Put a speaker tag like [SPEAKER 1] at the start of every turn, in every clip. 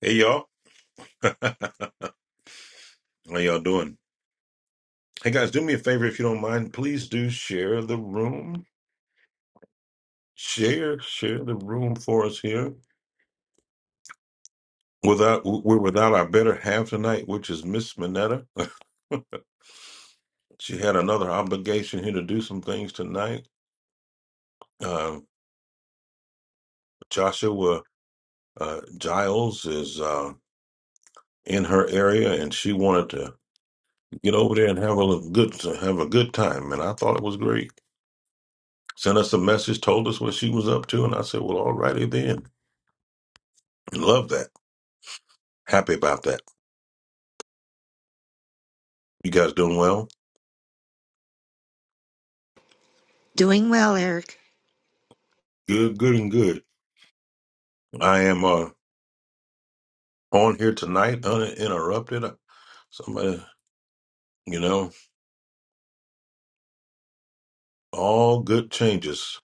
[SPEAKER 1] Hey y'all, how y'all doing? Hey guys, do me a favor if you don't mind. Please do share the room. Share, share the room for us here. Without we're without our better half tonight, which is Miss Minetta. she had another obligation here to do some things tonight. Uh, Joshua uh, Giles is uh, in her area, and she wanted to get over there and have a little good have a good time. And I thought it was great. Sent us a message, told us what she was up to, and I said, "Well, all righty then." Love that. Happy about that. You guys doing well?
[SPEAKER 2] Doing well, Eric.
[SPEAKER 1] Good, good, and good. I am uh, on here tonight, uninterrupted. Uh, Somebody, you know, all good changes,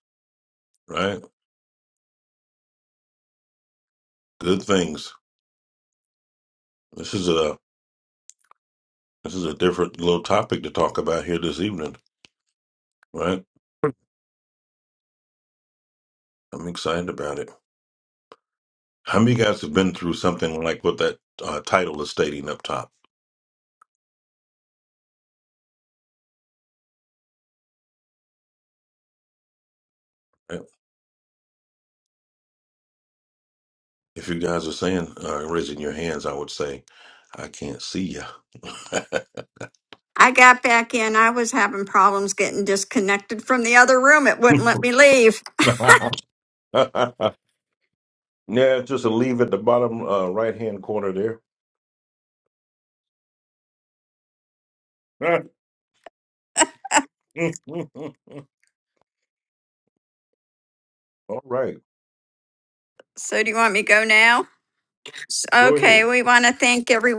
[SPEAKER 1] right? Good things. This is a this is a different little topic to talk about here this evening, right? I'm excited about it. How many of you guys have been through something like what that uh, title is stating up top? Right? If you guys are saying, uh, raising your hands, I would say, I can't see
[SPEAKER 3] I got back in. I was having problems getting disconnected from the other room. It wouldn't let
[SPEAKER 1] you.
[SPEAKER 3] me leave.
[SPEAKER 1] yeah, it's just a leave at the bottom uh, right hand corner there. All right,
[SPEAKER 3] So, do you want me to go now? S-
[SPEAKER 1] go
[SPEAKER 3] Okay,
[SPEAKER 1] ahead.
[SPEAKER 3] we want to thank every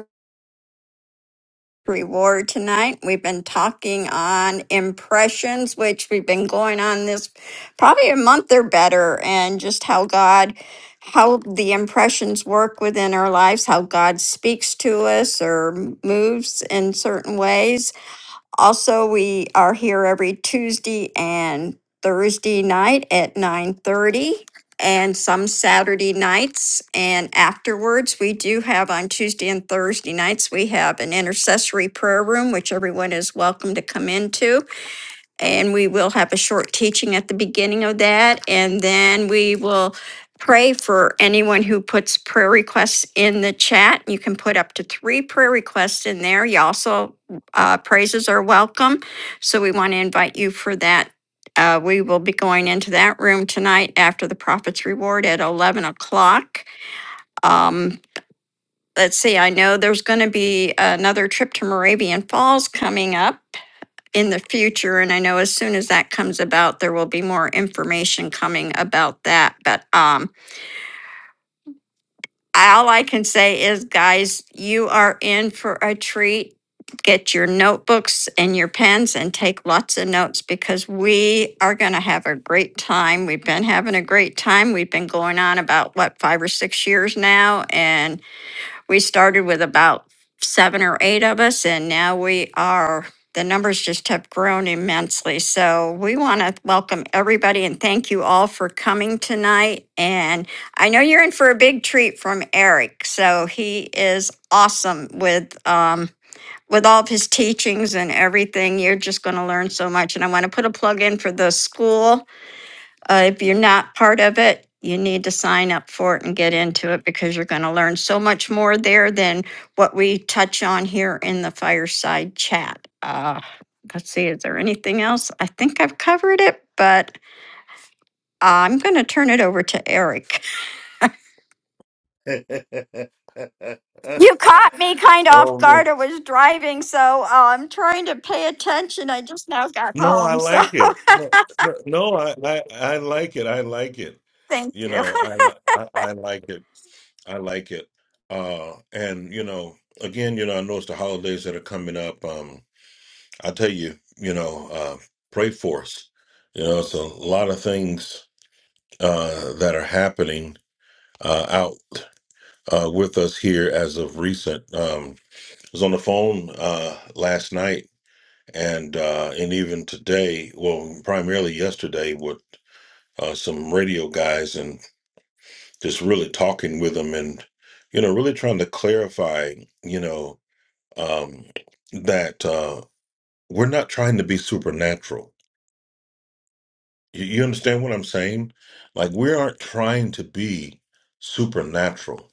[SPEAKER 3] reward tonight. We've been talking on impressions, which we've been going on this probably a month or better, and just how God, how the impressions work within our lives, how God speaks to us or moves in certain ways. Also, we are here every Tuesday and Thursday night at 9:30 and some Saturday nights and afterwards we do have on Tuesday and Thursday nights we have an intercessory prayer room which everyone is welcome to come into and we will have a short teaching at the beginning of that. And then we will pray for anyone who puts prayer requests in the chat. You can put up to three prayer requests in there. You also, uh, praises are welcome. So we want to invite you for that. Uh, we will be going into that room tonight after the Prophet's Reward at 11 o'clock. Um, let's see, I know there's going to be another trip to Moravian Falls coming up in the future. And I know as soon as that comes about, there will be more information coming about that. But um, all I can say is, guys, you are in for a treat. Get your notebooks and your pens and take lots of notes because we are going to have a great time. We've been having a great time. We've been going on about what, five or six years now. And we started with about seven or eight of us, and now we are, the numbers just have grown immensely. So we want to welcome everybody and thank you all for coming tonight. And I know you're in for a big treat from Eric. So he is awesome with, um, with all of his teachings and everything, you're just going to learn so much. And I want to put a plug in for the school uh, if you're not part of it, you need to sign up for it and get into it because you're going to learn so much more there than what we touch on here in the fireside chat. Uh, let's see, is there anything else? I think I've covered it, but I'm going to turn it over to Eric. You caught me kind of off
[SPEAKER 1] oh man.
[SPEAKER 3] guard. I was driving, so uh, I'm trying to pay attention. I just now got
[SPEAKER 1] No, I
[SPEAKER 3] home, so
[SPEAKER 1] like it. No, no, no, I, I, I like it. I like it.
[SPEAKER 3] thank
[SPEAKER 1] You
[SPEAKER 3] you.
[SPEAKER 1] know, I, li- I, I like it. I like it. Uh, and you know, again, you know, I know it's the holidays that are coming up. Um, I tell you, you know, uh, pray for us. You know, it's a lot of things uh, that are happening uh, out uh, with us here as of recent. Um, I was on the phone uh, last night and uh, and even today, well, primarily yesterday with uh, some radio guys and just really talking with them and you know really trying to clarify, you know, um, that uh, we're not trying to be supernatural You you understand what I'm saying? Like, we aren't trying to be supernatural.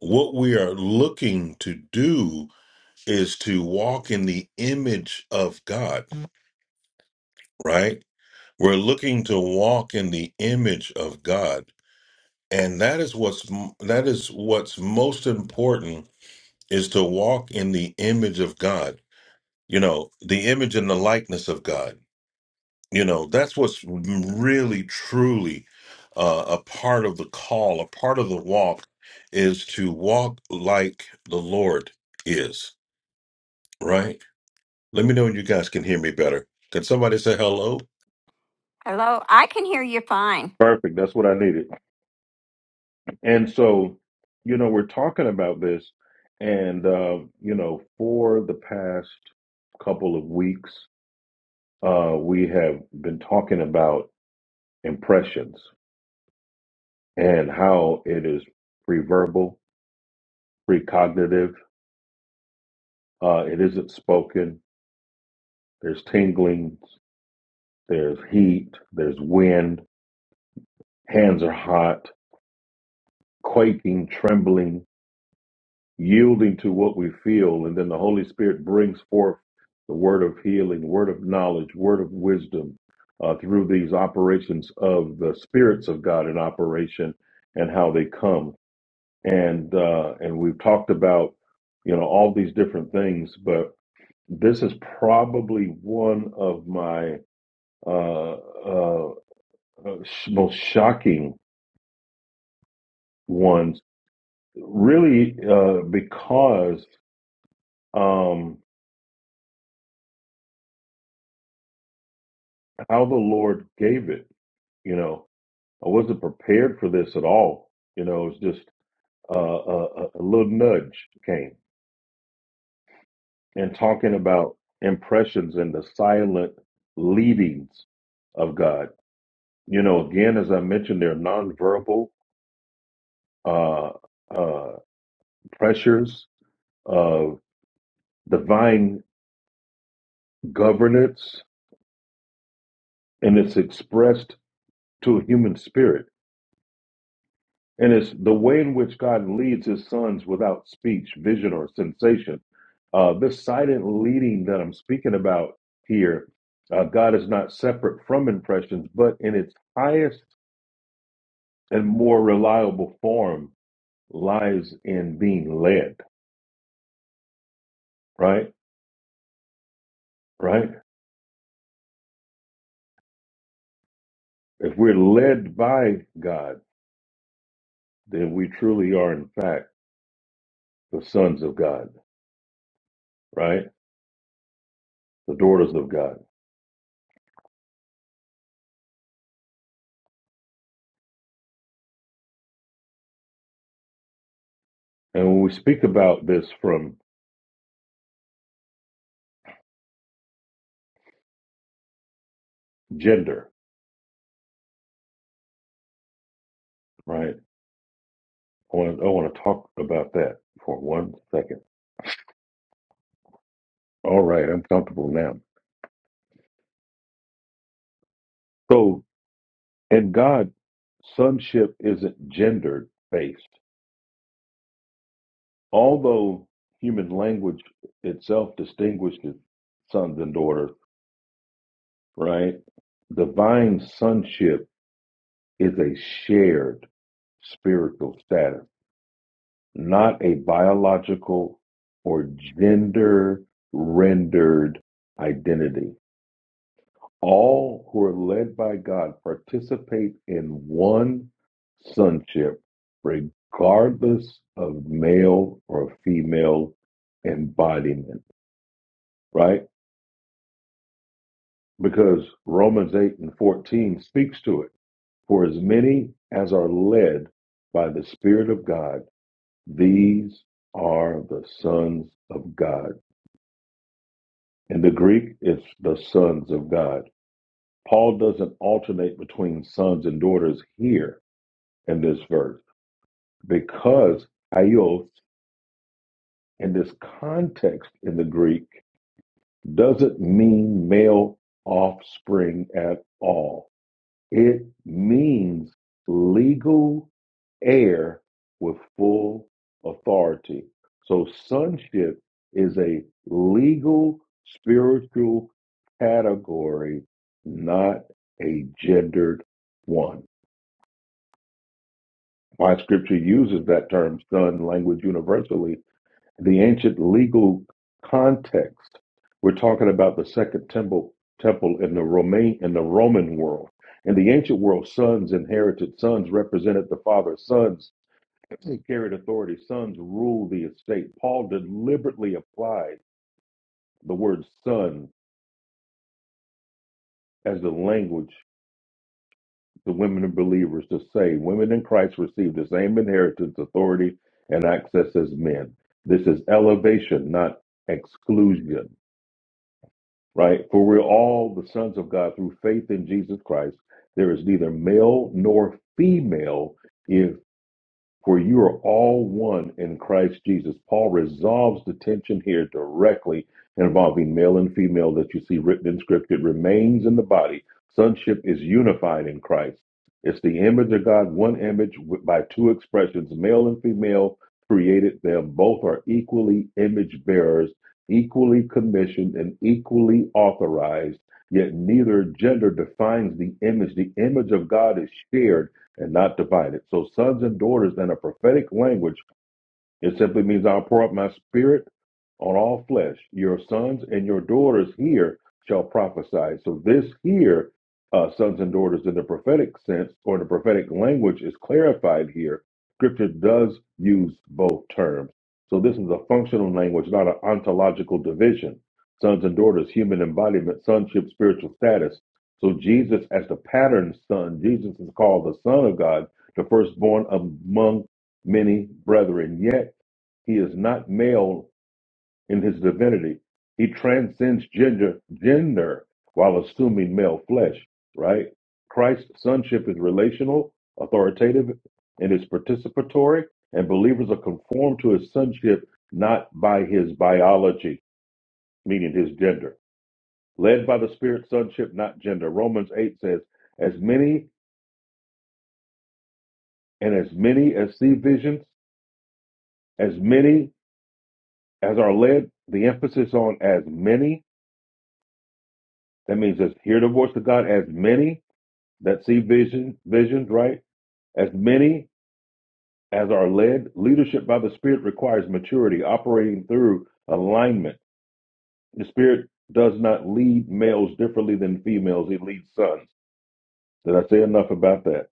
[SPEAKER 1] What we are looking to do is to walk in the image of God, right? We're looking to walk in the image of God. And that is what's that is what's most important is to walk in the image of God. You know, the image and the likeness of God You know, that's what's really, truly uh, a part of the call, a part of the walk is to walk like the Lord is, right? Let me know when you guys can hear me better. Can somebody say hello?
[SPEAKER 3] Hello, I can hear you fine.
[SPEAKER 1] Perfect. That's what I needed. And so, you know, we're talking about this, and, uh, you know, for the past couple of weeks, uh, we have been talking about impressions and how it is preverbal precognitive. Uh, it isn't spoken. There's tinglings. There's heat. There's wind. Hands are hot. Quaking, trembling, yielding to what we feel, and then the Holy Spirit brings forth the word of healing, word of knowledge, word of wisdom uh, through these operations of the spirits of God in operation and how they come. And uh, and we've talked about you know all these different things, but. this is probably one of my uh, uh, uh, most shocking ones, really, uh, because um, how the Lord gave it. You know, I wasn't prepared for this at all. You know, it was just uh, a, a little nudge came and talking about impressions and the silent leadings of God. You know, again, as I mentioned, they're nonverbal uh, uh, pressures of divine governance and it's expressed to a human spirit. And it's the way in which God leads his sons without speech, vision, or sensation. Uh, this silent leading that I'm speaking about here, uh, God is not separate from impressions, but in its highest and more reliable form lies in being led, right? Right? If we're led by God, then we truly are, in fact, the sons of God, right? the daughters of God. And when we speak about this from gender, right? I want to I want to talk about that for one second. All right, I'm comfortable now. So, in God, sonship isn't gendered based. Although human language itself distinguishes sons and daughters, right? Divine sonship is a shared spiritual status not a biological or gender rendered identity. All who are led by God participate in one sonship, regardless of male or female embodiment, right? Because Romans 8 and 14 speaks to it. For as many as are led by the Spirit of God, these are the sons of God. In the Greek, it's the sons of God. Paul doesn't alternate between sons and daughters here in this verse because aios in this context in the Greek doesn't mean male offspring at all. It means legal heir with full authority. So sonship is a legal spiritual category, not a gendered one. Why scripture uses that term son language universally the ancient legal context. We're talking about the second temple temple in the Roman in the Roman world. In the ancient world, sons inherited, sons represented the father, sons carried authority, sons ruled the estate. Paul deliberately applied the word son as the language to women and believers to say women in Christ receive the same inheritance, authority, and access as men. This is elevation, not exclusion. right? For we're all the sons of God through faith in Jesus Christ. There is neither male nor female. if. For you are all one in Christ Jesus. Paul resolves the tension here directly involving male and female that you see written in scripture. It remains in the body. Sonship is unified in Christ. It's the image of God, one image with- by two expressions, male and female created them. Both are equally image bearers, equally commissioned, and equally authorized. Yet neither gender defines the image. The image of God is shared and not divided. So sons and daughters in a prophetic language it simply means I'll pour out my spirit on all flesh. Your sons and your daughters here shall prophesy. So this here, uh, sons and daughters in the prophetic sense or in the prophetic language is clarified here. Scripture does use both terms. So this is a functional language, not an ontological division. Sons and daughters, human embodiment, sonship, spiritual status. So Jesus as the pattern son, Jesus is called the son of God, the firstborn among many brethren. Yet he is not male in his divinity. He transcends gender, gender while assuming male flesh, right? Christ's sonship is relational, authoritative, and is participatory, and believers are conformed to his sonship not by his biology, meaning his gender. Led by the Spirit, sonship, not gender. Romans 8 says, As many and as many as see visions, as many as are led, the emphasis on as many, that means just hear the voice of God, as many that see vision, visions, right? As many as are led, leadership by the Spirit requires maturity, operating through alignment. The Spirit does not lead males differently than females, it leads sons. Did I say enough about that?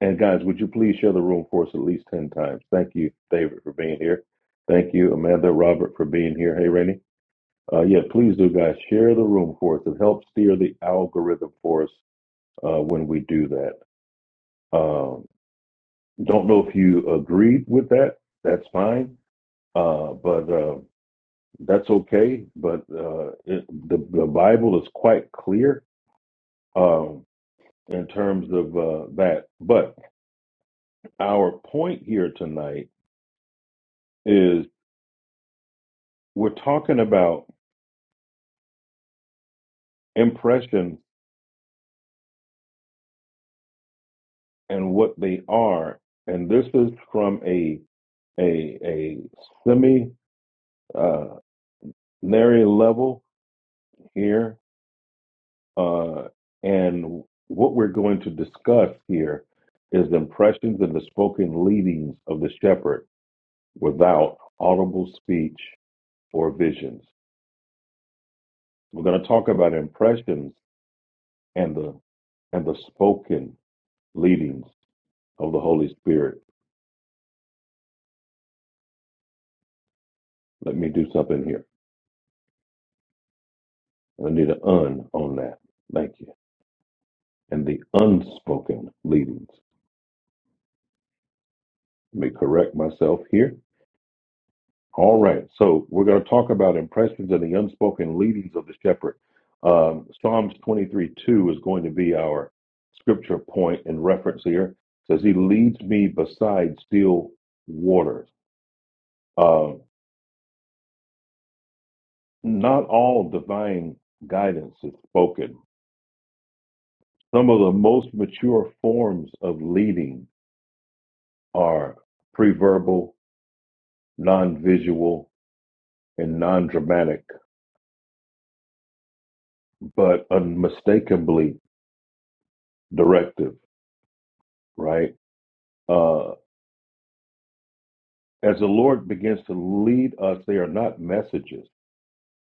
[SPEAKER 1] And guys, would you please share the room for us at least 10 times? Thank you, David, for being here. Thank you, Amanda, Robert, for being here. Hey, Rainey. Uh, yeah, please do, guys. Share the room for us. It helps steer the algorithm for us uh, when we do that. Um, don't know if you agreed with that. That's fine, uh, but uh, that's okay. But uh, it, the, the Bible is quite clear um, in terms of uh, that. But our point here tonight is we're talking about impressions and what they are, and this is from a a a semi uh, Larry Level here. Uh, and what we're going to discuss here is the impressions and the spoken leadings of the shepherd without audible speech or visions. We're going to talk about impressions and the and the spoken leadings of the Holy Spirit. Let me do something here. I need an un on that. Thank you. And the unspoken leadings. Let me correct myself here All right, so we're going to talk about impressions and the unspoken leadings of the shepherd. Um, Psalms 23 2 is going to be our scripture point in reference here. It says, He leads me beside still waters. Um, not all divine guidance is spoken. Some of the most mature forms of leading are preverbal, non visual, and non dramatic, but unmistakably directive, right? Uh, As the Lord begins to lead us, they are not messages,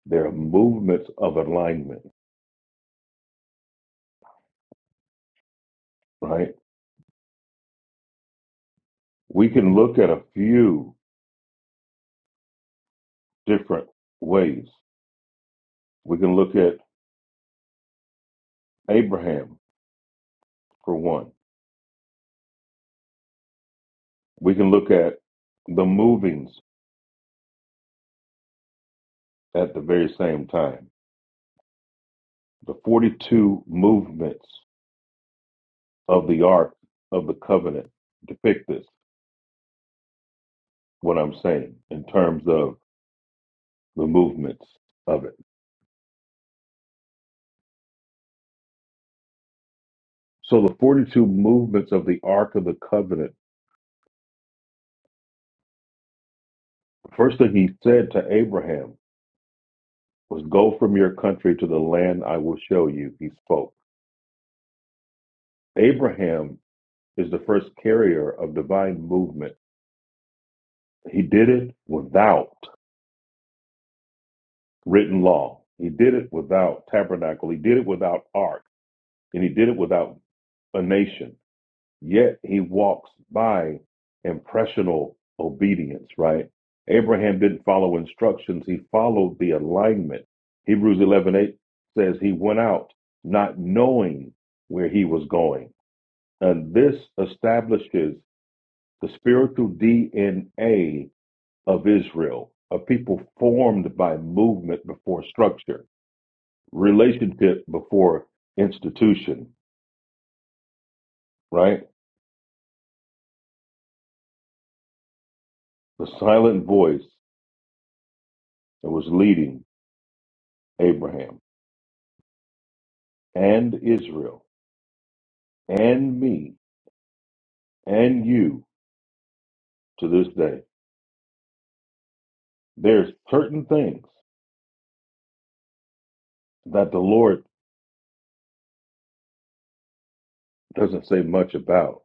[SPEAKER 1] they are movements of alignment, right? We can look at a few different ways. We can look at Abraham, for one. We can look at the movings at the very same time. The 42 movements of the Ark of the Covenant depict this, what I'm saying, in terms of the movements of it. So the 42 movements of the Ark of the Covenant First thing he said to Abraham was, Go from your country to the land I will show you. He spoke. Abraham is the first carrier of divine movement. He did it without written law, he did it without tabernacle, he did it without ark, and he did it without a nation. Yet he walks by impressional obedience, right? Abraham didn't follow instructions, he followed the alignment. Hebrews 11 8 says he went out not knowing where he was going. And this establishes the spiritual DNA of Israel, a people formed by movement before structure, relationship before institution, right? The silent voice that was leading Abraham. and Israel and me and you to this day. There's certain things that the Lord doesn't say much about.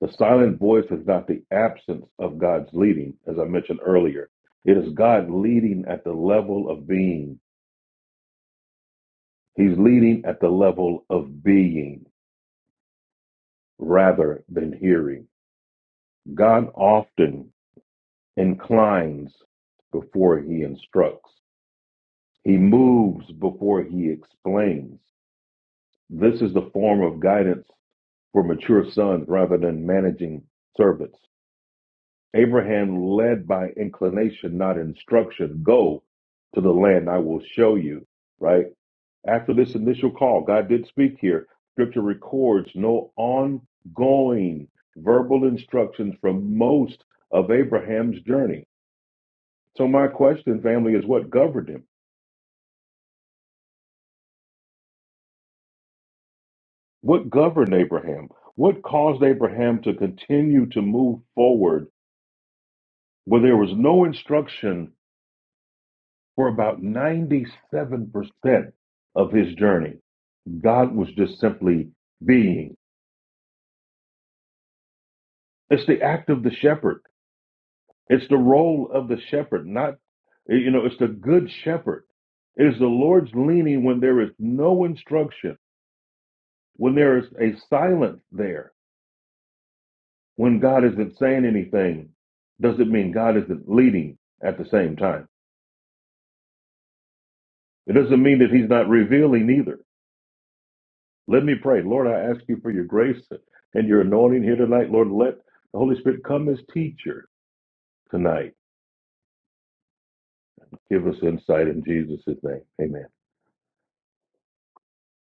[SPEAKER 1] The silent voice is not the absence of God's leading, as I mentioned earlier. It is God leading at the level of being. He's leading at the level of being rather than hearing. God often inclines before he instructs. He moves before he explains. This is the form of guidance for mature sons rather than managing servants. Abraham led by inclination, not instruction. Go to the land I will show you, right? After this initial call, God did speak here. Scripture records no ongoing verbal instructions from most of Abraham's journey. So, my question, family, is what governed him? What governed Abraham? What caused Abraham to continue to move forward where there was no instruction for about 97% of his journey. God was just simply being. It's the act of the shepherd. It's the role of the shepherd, not, you know, it's the good shepherd. It is the Lord's leaning when there is no instruction, when there is a silence there, when God isn't saying anything, doesn't mean God isn't leading at the same time. It doesn't mean that he's not revealing either. Let me pray. Lord, I ask you for your grace and your anointing here tonight. Lord, let the Holy Spirit come as teacher tonight. Give us insight in Jesus' name. Amen.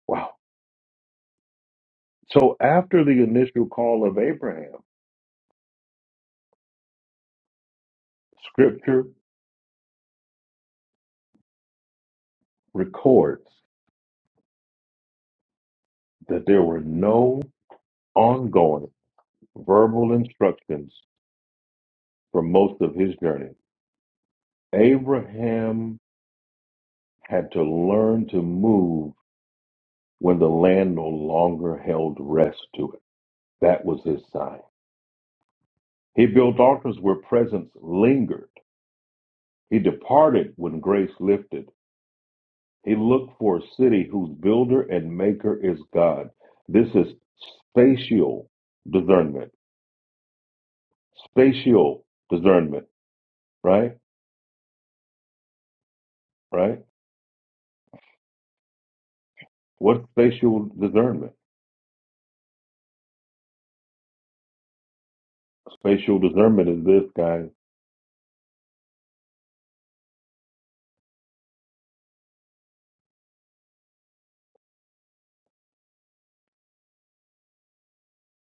[SPEAKER 1] Wow. So after the initial call of Abraham, scripture records that there were no ongoing verbal instructions for most of his journey. Abraham had to learn to move when the land no longer held rest to it. That was his sign. He built altars where presence lingered. He departed when grace lifted. He looked for a city whose builder and maker is God. This is spatial discernment. Spatial discernment, right? Right? What's spatial discernment? Spatial discernment is this, guys.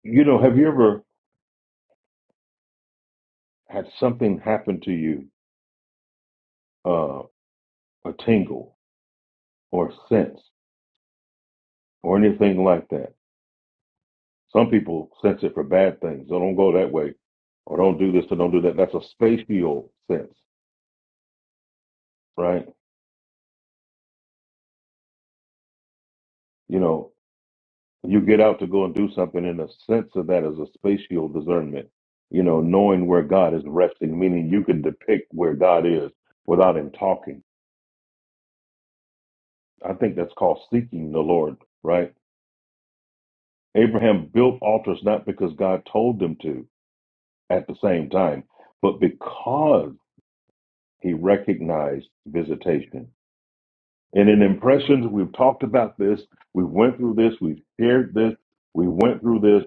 [SPEAKER 1] You know, have you ever had something happen to you, uh, a tingle or a sense or anything like that? Some people sense it for bad things. Oh, don't go that way, or don't do this, or don't do that. That's a spatial sense, right? You know, you get out to go and do something, and the sense of that is a spatial discernment. You know, knowing where God is resting, meaning you can depict where God is without Him talking. I think that's called seeking the Lord, right? Abraham built altars not because God told them to at the same time, but because he recognized visitation And in impressions, we've talked about this, we went through this, we've shared this, we went through this.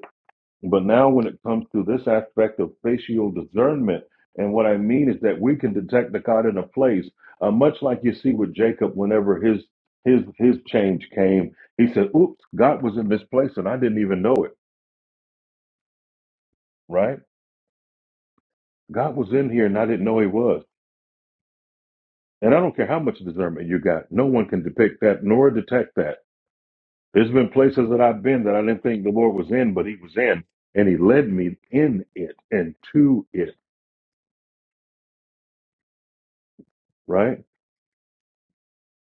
[SPEAKER 1] But now, when it comes to this aspect of facial discernment, and what I mean is that we can detect the God in a place, uh, much like you see with Jacob whenever his his his change came. He said, "Oops, God was in this place, and I didn't even know it." Right? God was in here, and I didn't know He was. And I don't care how much discernment you got, no one can depict that nor detect that There's been places that I've been that I didn't think the Lord was in, but He was in, and He led me in it and to it. Right?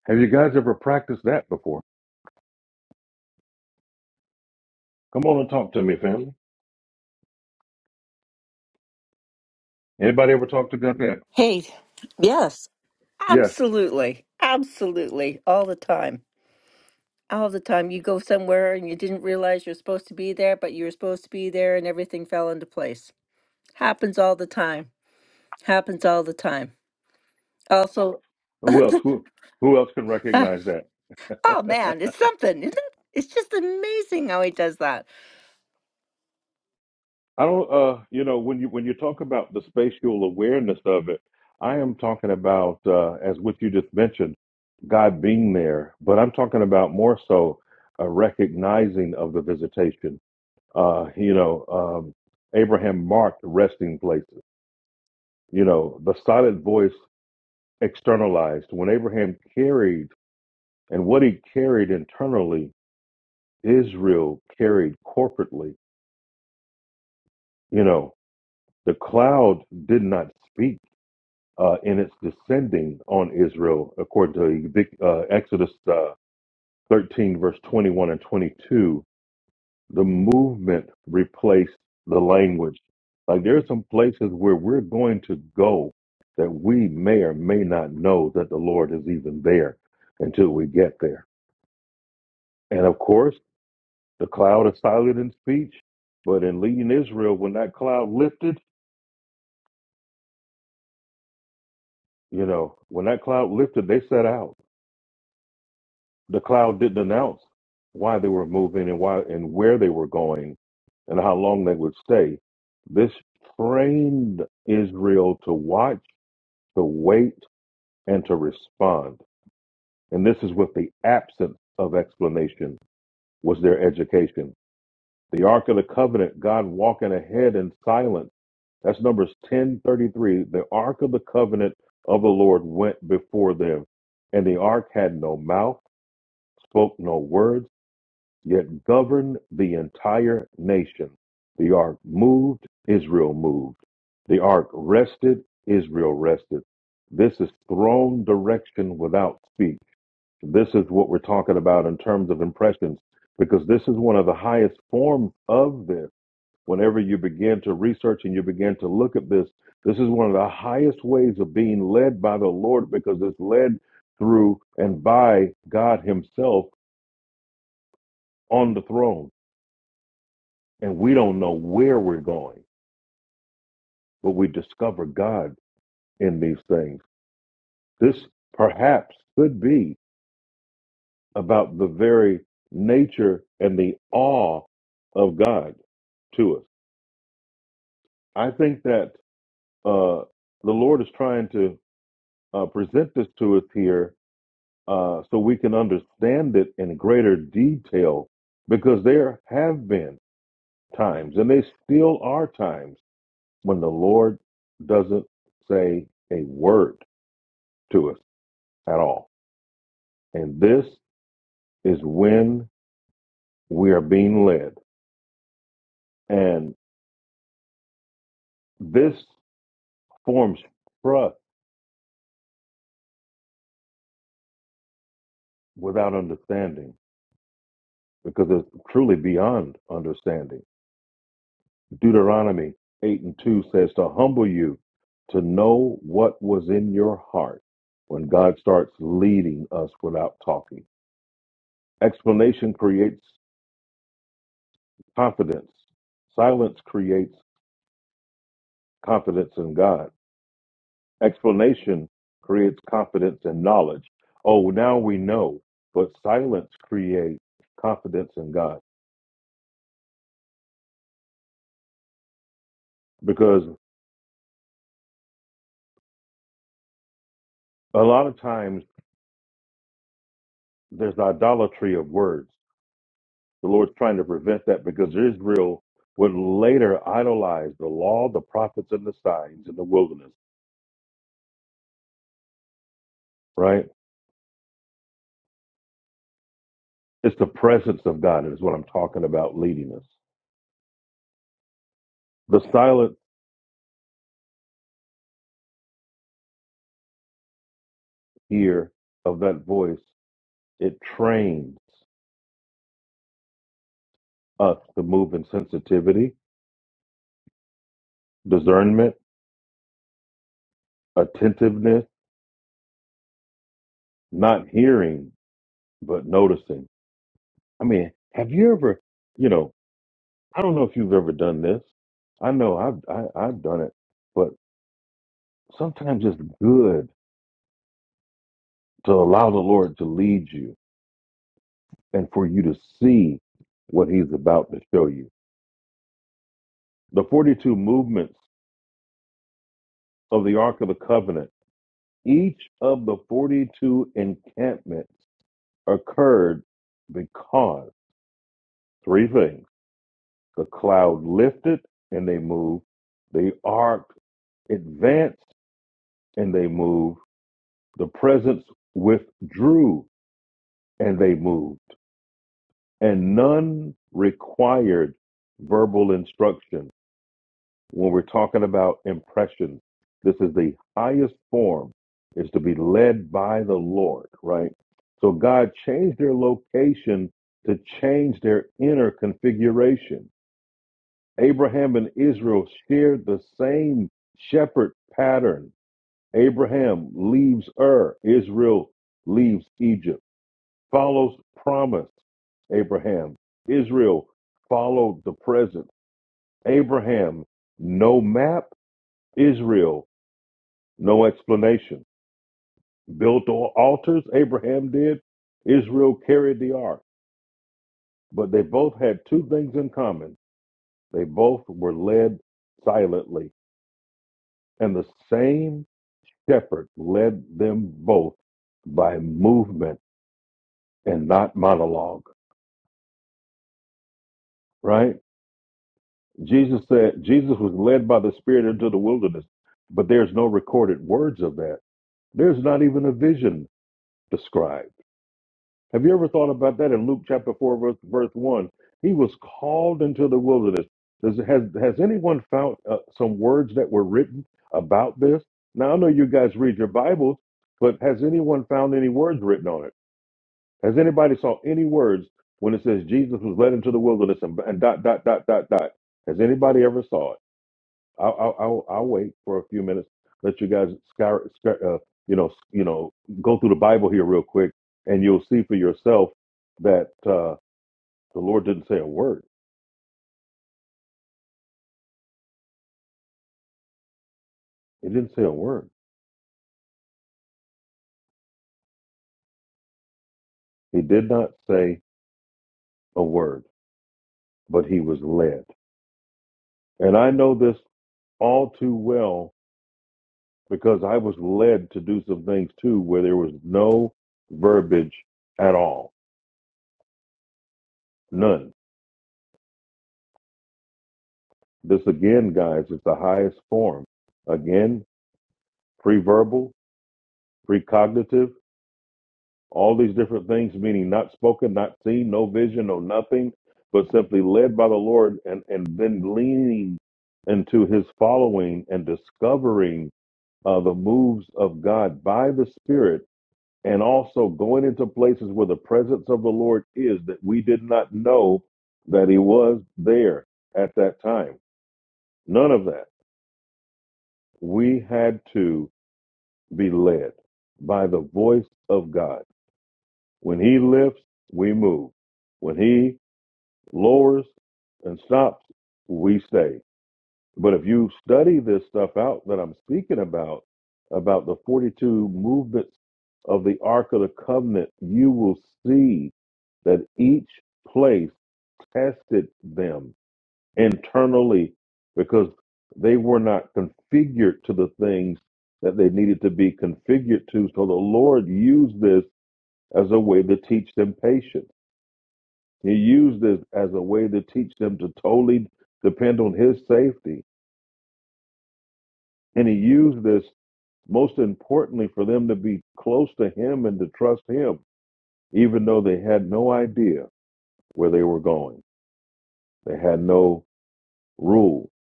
[SPEAKER 1] Have you guys ever practiced that before? Come on and talk to me, family. Anybody ever talk to God? Yeah.
[SPEAKER 4] Hey, yes,
[SPEAKER 1] yeah.
[SPEAKER 4] absolutely. Absolutely. All the time. All the time. You go somewhere and you didn't realize you're supposed to be there, but you were supposed to be there and everything fell into place. Happens all the time. Happens all the time. Also,
[SPEAKER 1] Who else? Who Who else can
[SPEAKER 4] ah,
[SPEAKER 1] recognize that?
[SPEAKER 4] oh man, it's something, isn't it? It's just amazing how he does that.
[SPEAKER 1] I don't. Uh, you know, when you when you talk about the spatial awareness of it, I am talking about uh, as what you just mentioned, God being there, but I'm talking about more so a recognizing of the visitation Uh, you know, um, Abraham marked resting places. You know, the silent voice externalized. When Abraham carried and what he carried internally, Israel carried corporately. You know, the cloud did not speak uh, in its descending on Israel, according to uh, Exodus uh, 13, verse 21 and 22 the movement replaced the language. Like there are some places where we're going to go that we may or may not know that the Lord is even there until we get there. And of course, the cloud is silent in speech, but in leading Israel, when that cloud lifted, you know, when that cloud lifted, they set out. The cloud didn't announce why they were moving and why and where they were going and how long they would stay. This trained Israel to watch to wait, and to respond. And this is with the absence of explanation was their education. The Ark of the Covenant, God walking ahead in silence. That's Numbers 1033. The Ark of the Covenant of the Lord went before them. And the Ark had no mouth, spoke no words yet governed the entire nation. The ark moved, Israel moved. The ark rested, Israel rested. This is throne direction without speech. This is what we're talking about in terms of impressions, because this is one of the highest forms of this. Whenever you begin to research and you begin to look at this, this is one of the highest ways of being led by the Lord because it's led through and by God Himself on the throne. and we don't know where we're going, but we discover God in these things. This perhaps could be about the very nature and the awe of God to us. I think that uh, the Lord is trying to uh, present this to us here uh, so we can understand it in greater detail because there have been times, and they still are times, when the Lord doesn't say a word to us at all. And this is when we are being led. And this forms trust without understanding because it's truly beyond understanding. Deuteronomy 8 and 2 says to humble you to know what was in your heart when God starts leading us without talking. Explanation creates confidence. Silence creates confidence in God Explanation creates confidence and knowledge. Oh, now we know. But silence creates confidence in God. Because a lot of times there's idolatry of words. The Lord's trying to prevent that because Israel would later idolize the law, the prophets, and the signs in the wilderness, right? It's the presence of God is what I'm talking about leading us. The silence here of that voice, it trains us to move in sensitivity, discernment, attentiveness, not hearing, but noticing. I mean, have you ever, you know, I don't know if you've ever done this. I know I've, I, I've done it, but sometimes it's good to allow the Lord to lead you and for you to see what he's about to show you. The 42 movements of the Ark of the Covenant, each of the 42 encampments occurred because three things. The cloud lifted and they moved. The ark advanced and they moved. The presence withdrew and they moved. And none required verbal instruction. When we're talking about impressions, this is the highest form is to be led by the Lord, right? So God changed their location to change their inner configuration Abraham and Israel shared the same shepherd pattern. Abraham leaves Ur, Israel leaves Egypt, follows promise. Abraham, Israel followed the present. Abraham, no map, Israel, no explanation. Built al- altars, Abraham did, Israel carried the ark. But they both had two things in common they both were led silently. And the same Shepherd led them both by movement and not monologue, right? Jesus said Jesus was led by the Spirit into the wilderness, but there's no recorded words of that. There's not even a vision described. Have you ever thought about that in Luke chapter 4, verse, verse 1? He was called into the wilderness. Does, has, has anyone found uh, some words that were written about this? Now, I know you guys read your Bibles, but has anyone found any words written on it? Has anybody saw any words when it says Jesus was led into the wilderness and, and dot dot dot dot dot? Has anybody ever saw it? I'll, I'll, I'll I'll wait for a few minutes. Let you guys scour, scour, uh, you know, s- you know, go through the Bible here real quick, and you'll see for yourself that uh, the Lord didn't say a word. He didn't say a word. He did not say a word, but he was led. And I know this all too well because I was led to do some things too where there was no verbiage at all. None. This again, guys, is the highest form. Again, pre preverbal, precognitive, all these different things, meaning not spoken, not seen, no vision, no nothing, but simply led by the Lord and, and then leaning into his following and discovering uh, the moves of God by the Spirit and also going into places where the presence of the Lord is that we did not know that He was there at that time. None of that. We had to be led by the voice of God. When He lifts, we move. When He lowers and stops, we stay. But if you study this stuff out that I'm speaking about, about the 42 movements of the Ark of the Covenant, you will see that each place tested them internally because they were not configured to the things that they needed to be configured to. So the Lord used this as a way to teach them patience. He used this as a way to teach them to totally depend on His safety. And He used this Most importantly, for them to be close to Him and to trust Him, even though they had no idea where they were going. They had no rule.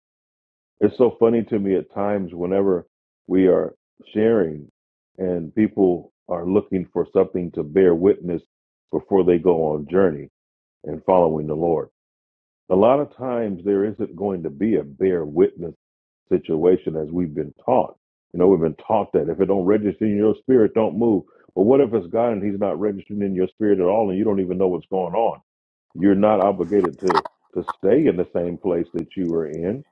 [SPEAKER 1] It's so funny to me at times whenever we are sharing and people are looking for something to bear witness before they go on journey and following the Lord. A lot of times there isn't going to be a bear witness situation as we've been taught. You know, we've been taught that if it don't register in your spirit, don't move. But what if it's God and He's not registering in your spirit at all, and you don't even know what's going on? You're not obligated to to stay in the same place that you were in.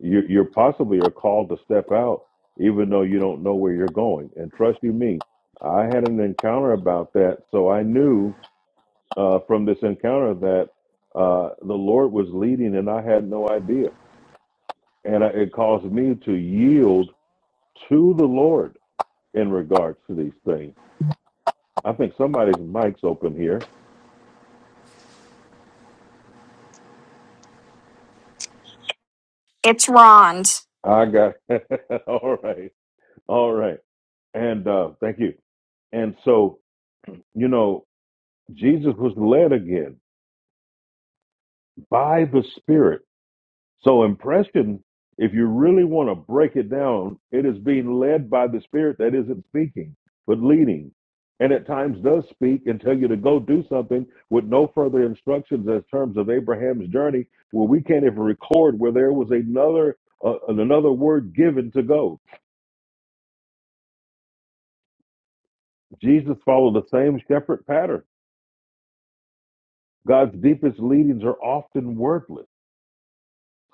[SPEAKER 1] You, you're possibly are called to step out, even though you don't know where you're going. And trust you me, I had an encounter about that, so I knew uh, from this encounter that uh, the Lord was leading, and I had no idea. And I, it caused me to yield to the Lord in regards to these things. I think somebody's mic's open here.
[SPEAKER 3] It's Ron's.
[SPEAKER 1] I got all right, all right, and uh, thank you. And so, you know, Jesus was led again by the Spirit So impression, if you really want to break it down, it is being led by the spirit that isn't speaking, but leading. And at times does speak and tell you to go do something with no further instructions as terms of Abraham's journey, where we can't even record where there was another uh, another word given to go. Jesus followed the same shepherd pattern. God's deepest leadings are often wordless.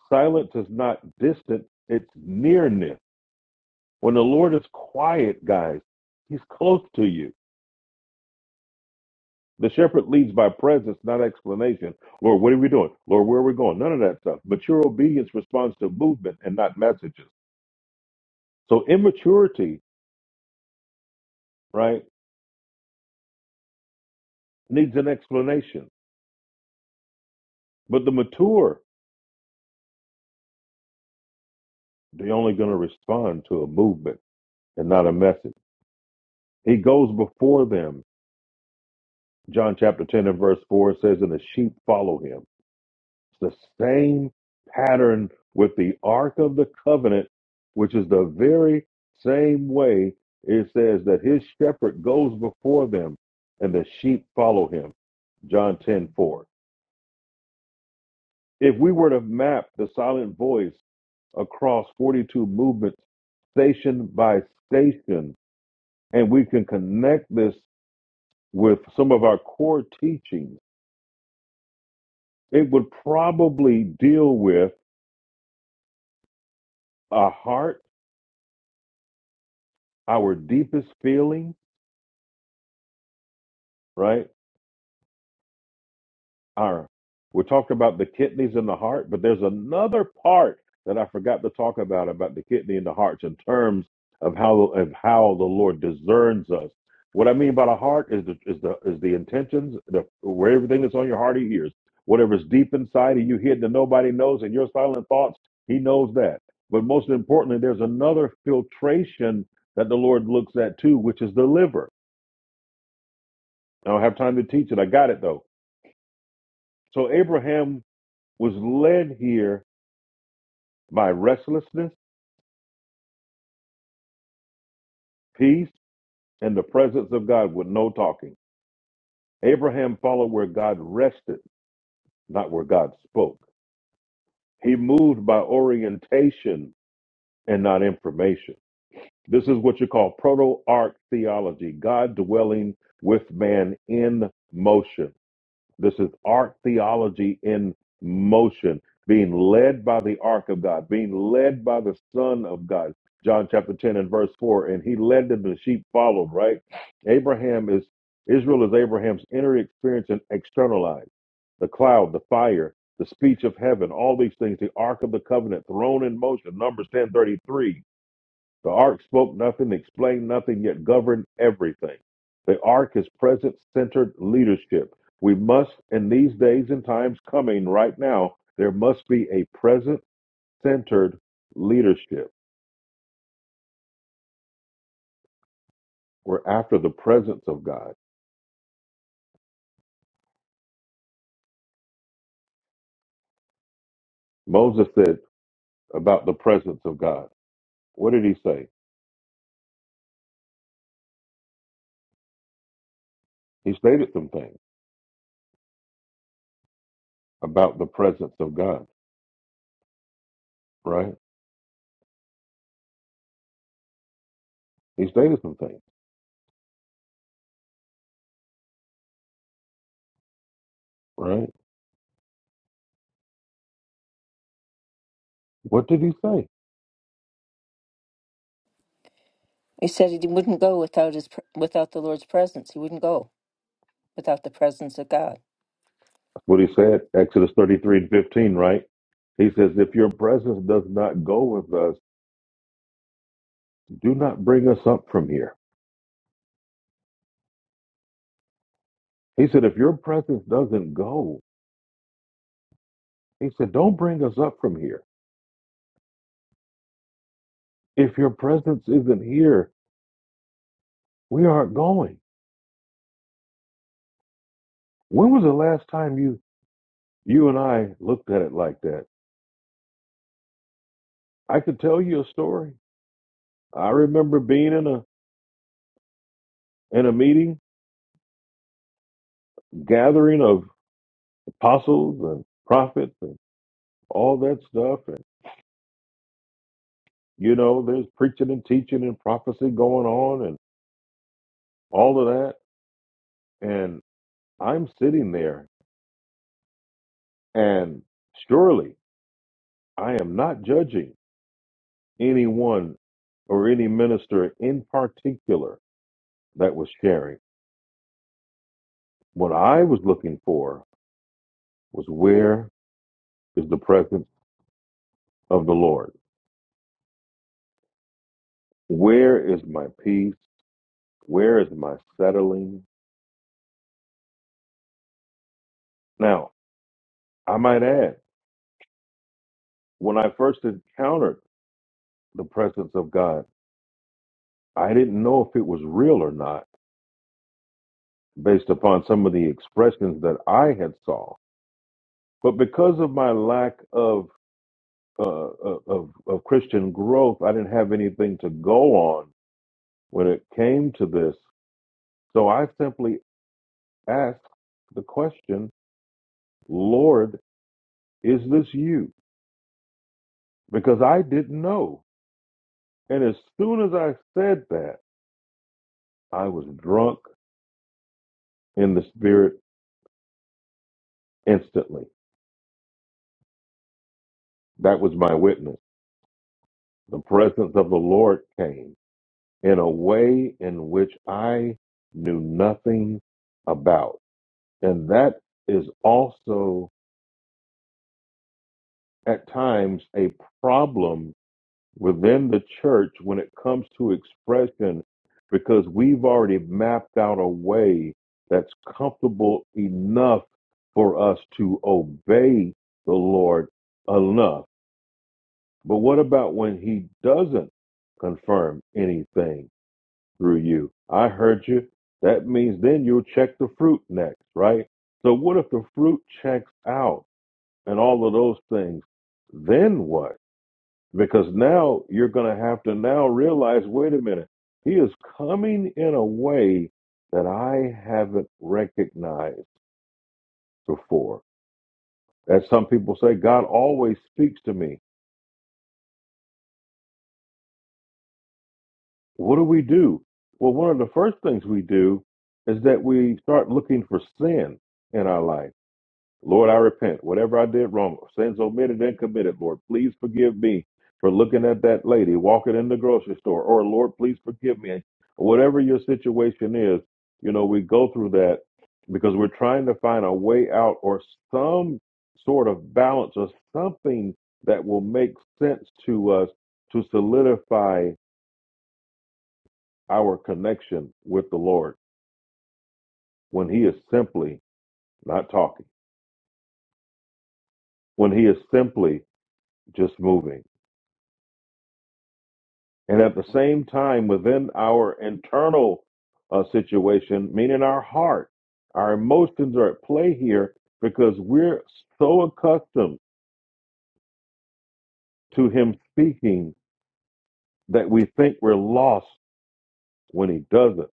[SPEAKER 1] Silence is not distant; it's nearness. When the Lord is quiet, guys, he's close to you. The shepherd leads by presence, not explanation. Lord, what are we doing? Lord, where are we going? None of that stuff. Mature obedience responds to movement and not messages. So immaturity, right, needs an explanation. But the mature, they're only going to respond to a movement and not a message. He goes before them. John chapter 10 and verse 4 says, And the sheep follow him It's the same pattern with the Ark of the Covenant, which is the very same way it says that his shepherd goes before them and the sheep follow him. John 10 4. If we were to map the silent voice across 42 movements, station by station, and we can connect this with some of our core teachings, it would probably deal with our heart, our deepest feelings, right? Ira. We talked about the kidneys and the heart, but there's another part that I forgot to talk about about the kidney and the hearts in terms of how of how the Lord discerns us. What I mean by the heart is the is the is the intentions, the where everything that's on your heart he hears. Whatever's deep inside of you hid that nobody knows and your silent thoughts, he knows that. But most importantly, there's another filtration that the Lord looks at too, which is the liver. I don't have time to teach it. I got it though. So Abraham was led here by restlessness, peace, and the presence of God with no talking. Abraham followed where God rested, not where God spoke. He moved by orientation and not information. This is what you call proto arc theology, God dwelling with man in motion. This is art theology in motion, being led by the ark of God, being led by the Son of God. John chapter 10 and verse 4, and he led them, the sheep followed, right? Abraham is, Israel is Abraham's inner experience and externalized. The cloud, the fire, the speech of heaven, all these things, the ark of the covenant, thrown in motion, Numbers 10:33. The ark spoke nothing, explained nothing, yet governed everything. The ark is present centered leadership. We must, in these days and times coming right now, there must be a present centered leadership. We're after the presence of God. Moses said about the presence of God. What did he say? He stated some things about the presence of God, right? He stated some things, right? What did he say?
[SPEAKER 4] He said he wouldn't go without his pr- without the Lord's presence. He wouldn't go without the presence of God.
[SPEAKER 1] What he said, Exodus 33 and 15, right? He says, If your presence does not go with us, do not bring us up from here. He said, If your presence doesn't go, he said, Don't bring us up from here. If your presence isn't here, we aren't going. When was the last time you you and I looked at it like that? I could tell you a story. I remember being in a in a meeting, gathering of apostles and prophets and all that stuff. And You know, there's preaching and teaching and prophecy going on and all of that. And I'm sitting there, and surely I am not judging anyone or any minister in particular that was sharing. What I was looking for was where is the presence of the Lord? Where is my peace? Where is my settling? Now, I might add, when I first encountered the presence of God, I didn't know if it was real or not based upon some of the expressions that I had saw. But because of my lack of uh, uh, of, of Christian growth, I didn't have anything to go on when it came to this. So I simply asked the question, Lord, is this you? Because I didn't know. And as soon as I said that, I was drunk in the spirit instantly. That was my witness. The presence of the Lord came in a way in which I knew nothing about. And that is also at times a problem within the church when it comes to expression because we've already mapped out a way that's comfortable enough for us to obey the Lord enough. But what about when he doesn't confirm anything? through you. I heard you. That means then you'll check the fruit next, right? So what if the fruit checks out and all of those things? Then what? Because now you're going to have to now realize, wait a minute, he is coming in a way that I haven't recognized before. As some people say, God always speaks to me. What do we do? Well, one of the first things we do is that we start looking for sin in our life Lord, I repent. Whatever I did wrong, sins omitted and committed, Lord, please forgive me for looking at that lady walking in the grocery store. Or, Lord, please forgive me. Whatever your situation is, you know, we go through that because we're trying to find a way out or some sort of balance or something that will make sense to us to solidify our connection with the Lord when He is simply not talking, when He is simply just moving And at the same time, within our internal uh, situation, meaning our heart, our emotions are at play here because we're so accustomed to Him speaking that we think we're lost when He doesn't.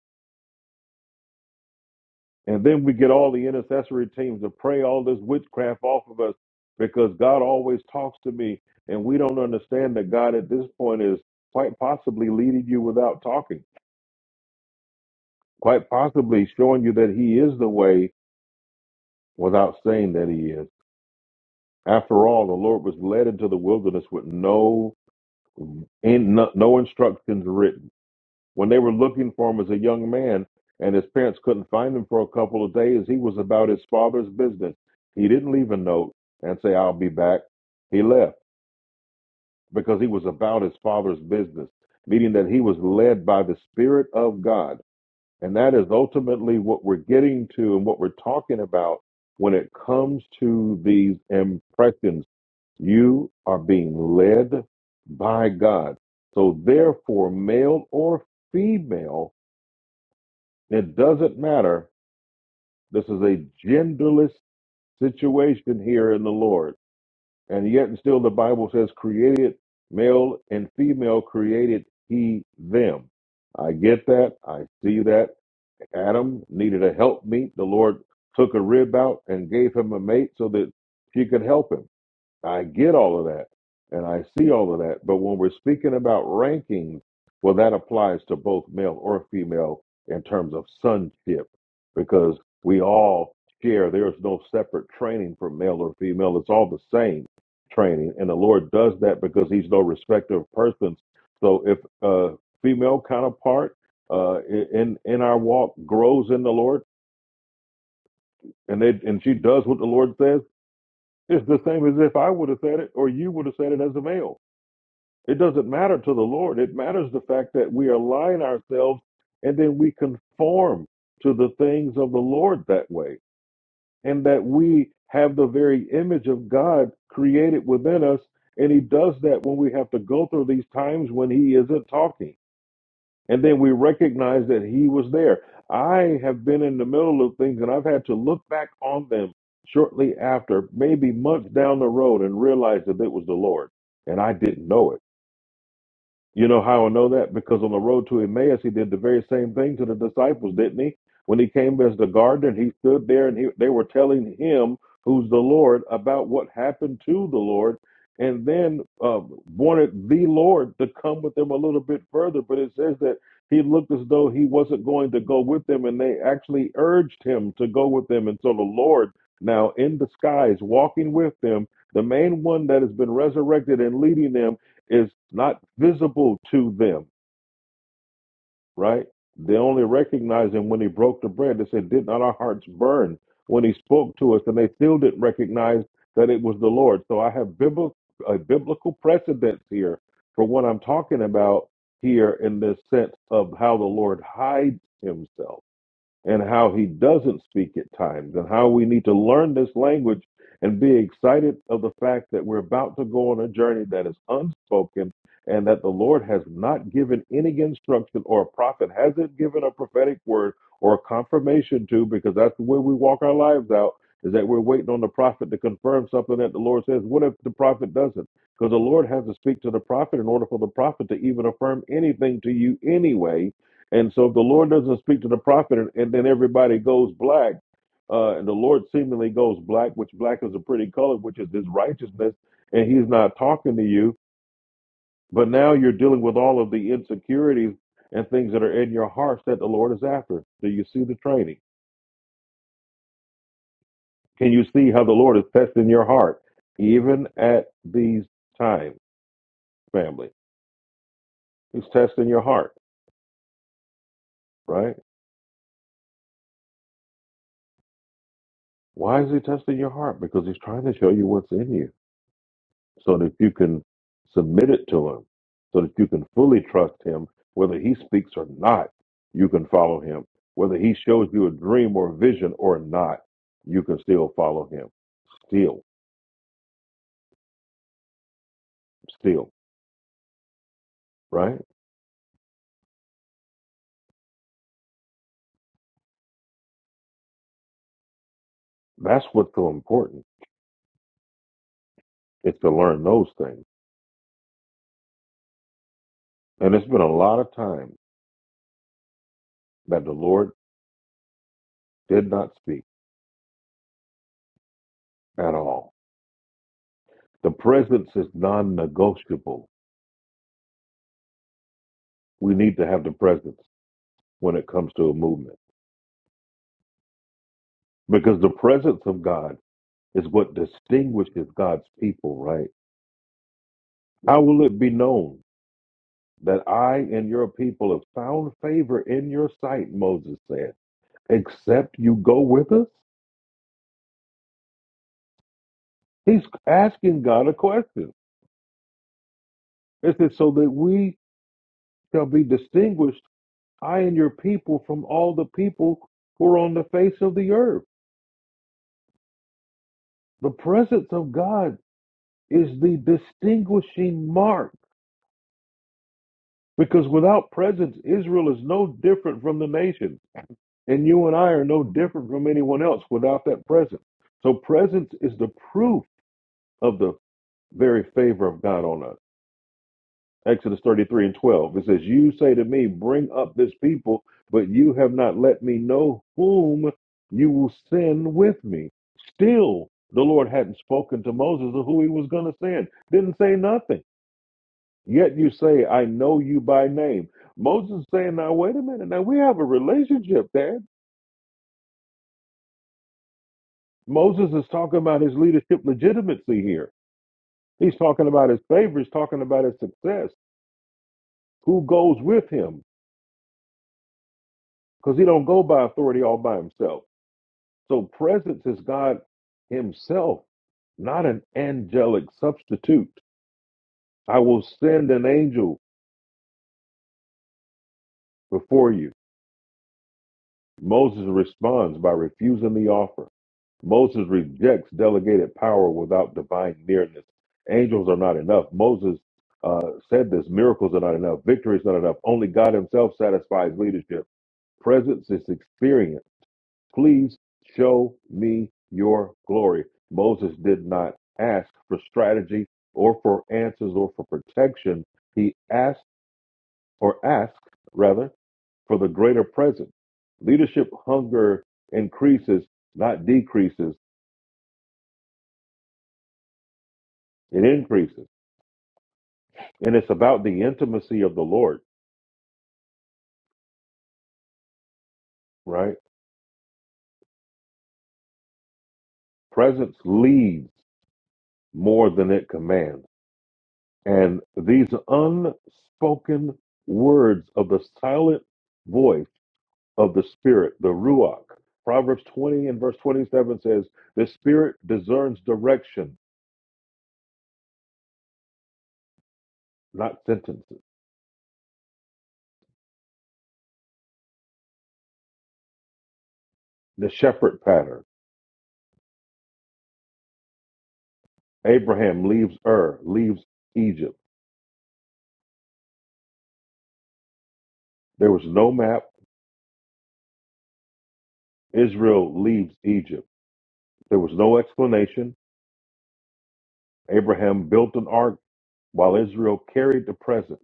[SPEAKER 1] And then we get all the intercessory teams to pray all this witchcraft off of us because God always talks to me. And we don't understand that God at this point is quite possibly leading you without talking, quite possibly showing you that He is the way without saying that he is. After all, the Lord was led into the wilderness with no in, no, no instructions written. When they were looking for him as a young man, and his parents couldn't find him for a couple of days, he was about his father's business. He didn't leave a note and say, "I'll be back." He left because he was about his father's business, meaning that he was led by the Spirit of God, and that is ultimately what we're getting to and what we're talking about when it comes to these impressions You are being led by God. So, therefore, male or female, it doesn't matter. This is a genderless situation here in the Lord. And yet, and still, the Bible says, created male and female, created he them. I get that. I see that. Adam needed a helpmeet. The Lord took a rib out and gave him a mate so that she could help him. I get all of that and I see all of that. But when we're speaking about rankings, well, that applies to both male or female in terms of sonship because we all share. There's no separate training for male or female, it's all the same training. And the Lord does that because He's no respecter of persons. So if a female counterpart uh, in, in our walk grows in the Lord and, they, and she does what the Lord says, it's the same as if I would have said it or you would have said it as a male it doesn't matter to the Lord. It matters the fact that we align ourselves and then we conform to the things of the Lord that way, and that we have the very image of God created within us. And He does that when we have to go through these times when He isn't talking. And then we recognize that He was there. I have been in the middle of things and I've had to look back on them shortly after, maybe months down the road, and realize that it was the Lord. And I didn't know it you know how I know that? Because on the road to Emmaus, he did the very same thing to the disciples, didn't he? When he came as the gardener, he stood there and he, they were telling him, who's the Lord, about what happened to the Lord, and then uh, wanted the Lord to come with them a little bit further. But it says that he looked as though he wasn't going to go with them, and they actually urged him to go with them. And so the Lord, now in disguise, walking with them, the main one that has been resurrected and leading them is not visible to them, right? They only recognized him when he broke the bread. They said, Did not our hearts burn when he spoke to us? And they still didn't recognize that it was the Lord. So I have bibl- a biblical precedence here for what I'm talking about here in this sense of how the Lord hides himself and how he doesn't speak at times, and how we need to learn this language and be excited of the fact that we're about to go on a journey that is unspoken and that the Lord has not given any instruction or a prophet hasn't given a prophetic word or a confirmation to, because that's the way we walk our lives out. Is that we're waiting on the prophet to confirm something that the Lord says? What if the prophet doesn't? Because the Lord has to speak to the prophet in order for the prophet to even affirm anything to you anyway and so if the Lord doesn't speak to the prophet and, and then everybody goes black, uh, and the Lord seemingly goes black, which black is a pretty color, which is his righteousness, and he's not talking to you, but now you're dealing with all of the insecurities and things that are in your hearts that the Lord is after. Do you see the training? Can you see how the Lord is testing your heart, even at these times, family? He's testing your heart, right? Why is he testing your heart? Because he's trying to show you what's in you. so that you can submit it to him, so that you can fully trust him, whether he speaks or not, you can follow him. Whether he shows you a dream or a vision or not, you can still follow him. Still, still, right? That's what's so important is to learn those things. And it's been a lot of time that the Lord did not speak at all. The presence is non negotiable. We need to have the presence when it comes to a movement because the presence of God is what distinguishes God's people, right? How will it be known that I and your people have found favor in your sight, Moses said, except you go with us? He's asking God a question. It says, so that we shall be distinguished, I and your people, from all the people who are on the face of the earth. The presence of God is the distinguishing mark because without presence, Israel is no different from the nations. And you and I are no different from anyone else without that presence. So presence is the proof of the very favor of God on us. Exodus 33 and 12. It says, You say to me, Bring up this people, but you have not let me know whom you will send with me. Still, the Lord hadn't spoken to Moses of who he was going to send. Didn't say nothing. Yet you say, I know you by name. Moses saying, Now, wait a minute. Now, we have a relationship there. Moses is talking about his leadership legitimacy here. He's talking about his favor, he's talking about his success, who goes with him, because he don't go by authority all by himself. So presence is God himself, not an angelic substitute. I will send an angel before you. Moses responds by refusing the offer. Moses rejects delegated power without divine nearness. Angels are not enough. Moses uh, said this miracles are not enough. Victory is not enough. Only God Himself satisfies leadership. Presence is experience. Please show me your glory. Moses did not ask for strategy or for answers or for protection. He asked, or asked rather, for the greater presence. Leadership hunger increases, not decreases, it increases. And it's about the intimacy of the Lord, right? Presence leads more than it commands. And these unspoken words of the silent voice of the Spirit, the Ruach, Proverbs 20 and verse 27 says, The Spirit discerns direction, not sentences. The shepherd pattern. Abraham leaves Ur, leaves Egypt. There was no map. Israel leaves Egypt. There was no explanation. Abraham built an ark While Israel carried the present,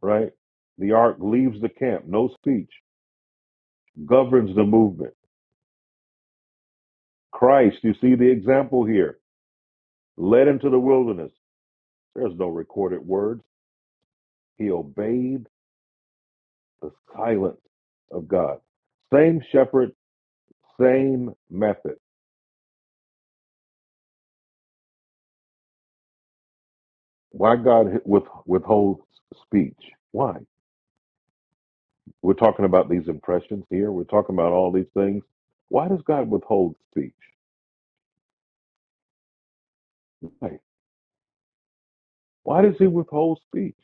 [SPEAKER 1] right? The ark leaves the camp, no speech, governs the movement. Christ, you see the example here, led into the wilderness. There's no recorded words. He obeyed the silence of God. Same shepherd, same method. Why God with, withholds speech? Why? We're talking about these impressions here. We're talking about all these things. Why does God withhold speech? Why? Why does he withhold speech?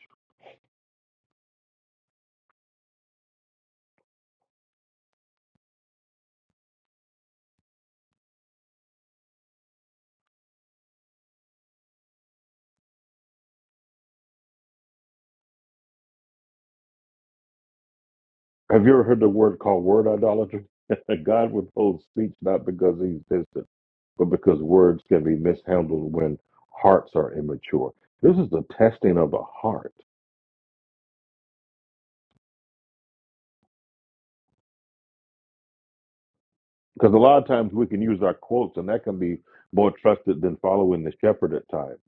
[SPEAKER 1] Have you ever heard the word called word idolatry? God withholds speech not because he's distant, but because words can be mishandled when hearts are immature. This is the testing of the heart. Because a lot of times we can use our quotes, and that can be more trusted than following the shepherd at times.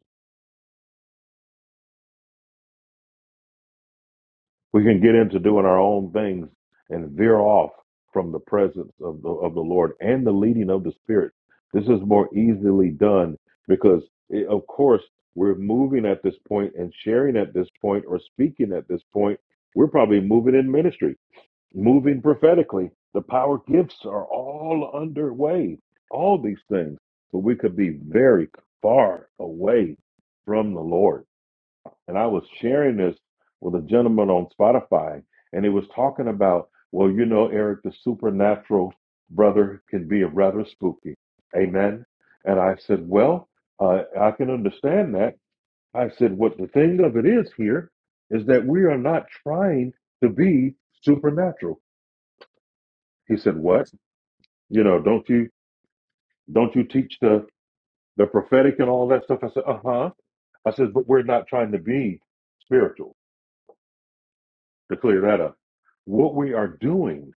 [SPEAKER 1] We can get into doing our own things and veer off from the presence of the of the Lord and the leading of the Spirit. This is more easily done because, eh, of course, we're moving at this point and sharing at this point or speaking at this point. We're probably moving in ministry, moving prophetically. The power gifts are all underway. All these things, but we could be very far away from the Lord and I was sharing this with a gentleman on Spotify, and he was talking about, well, you know, Eric, the supernatural brother can be rather spooky. Amen. And I said, well, uh, I can understand that. I said, what the thing of it is here is that we are not trying to be supernatural. He said, what? You know, don't you don't you teach the the prophetic and all that stuff? I said, uh huh. I said, but we're not trying to be spiritual. to clear that up. What we are doing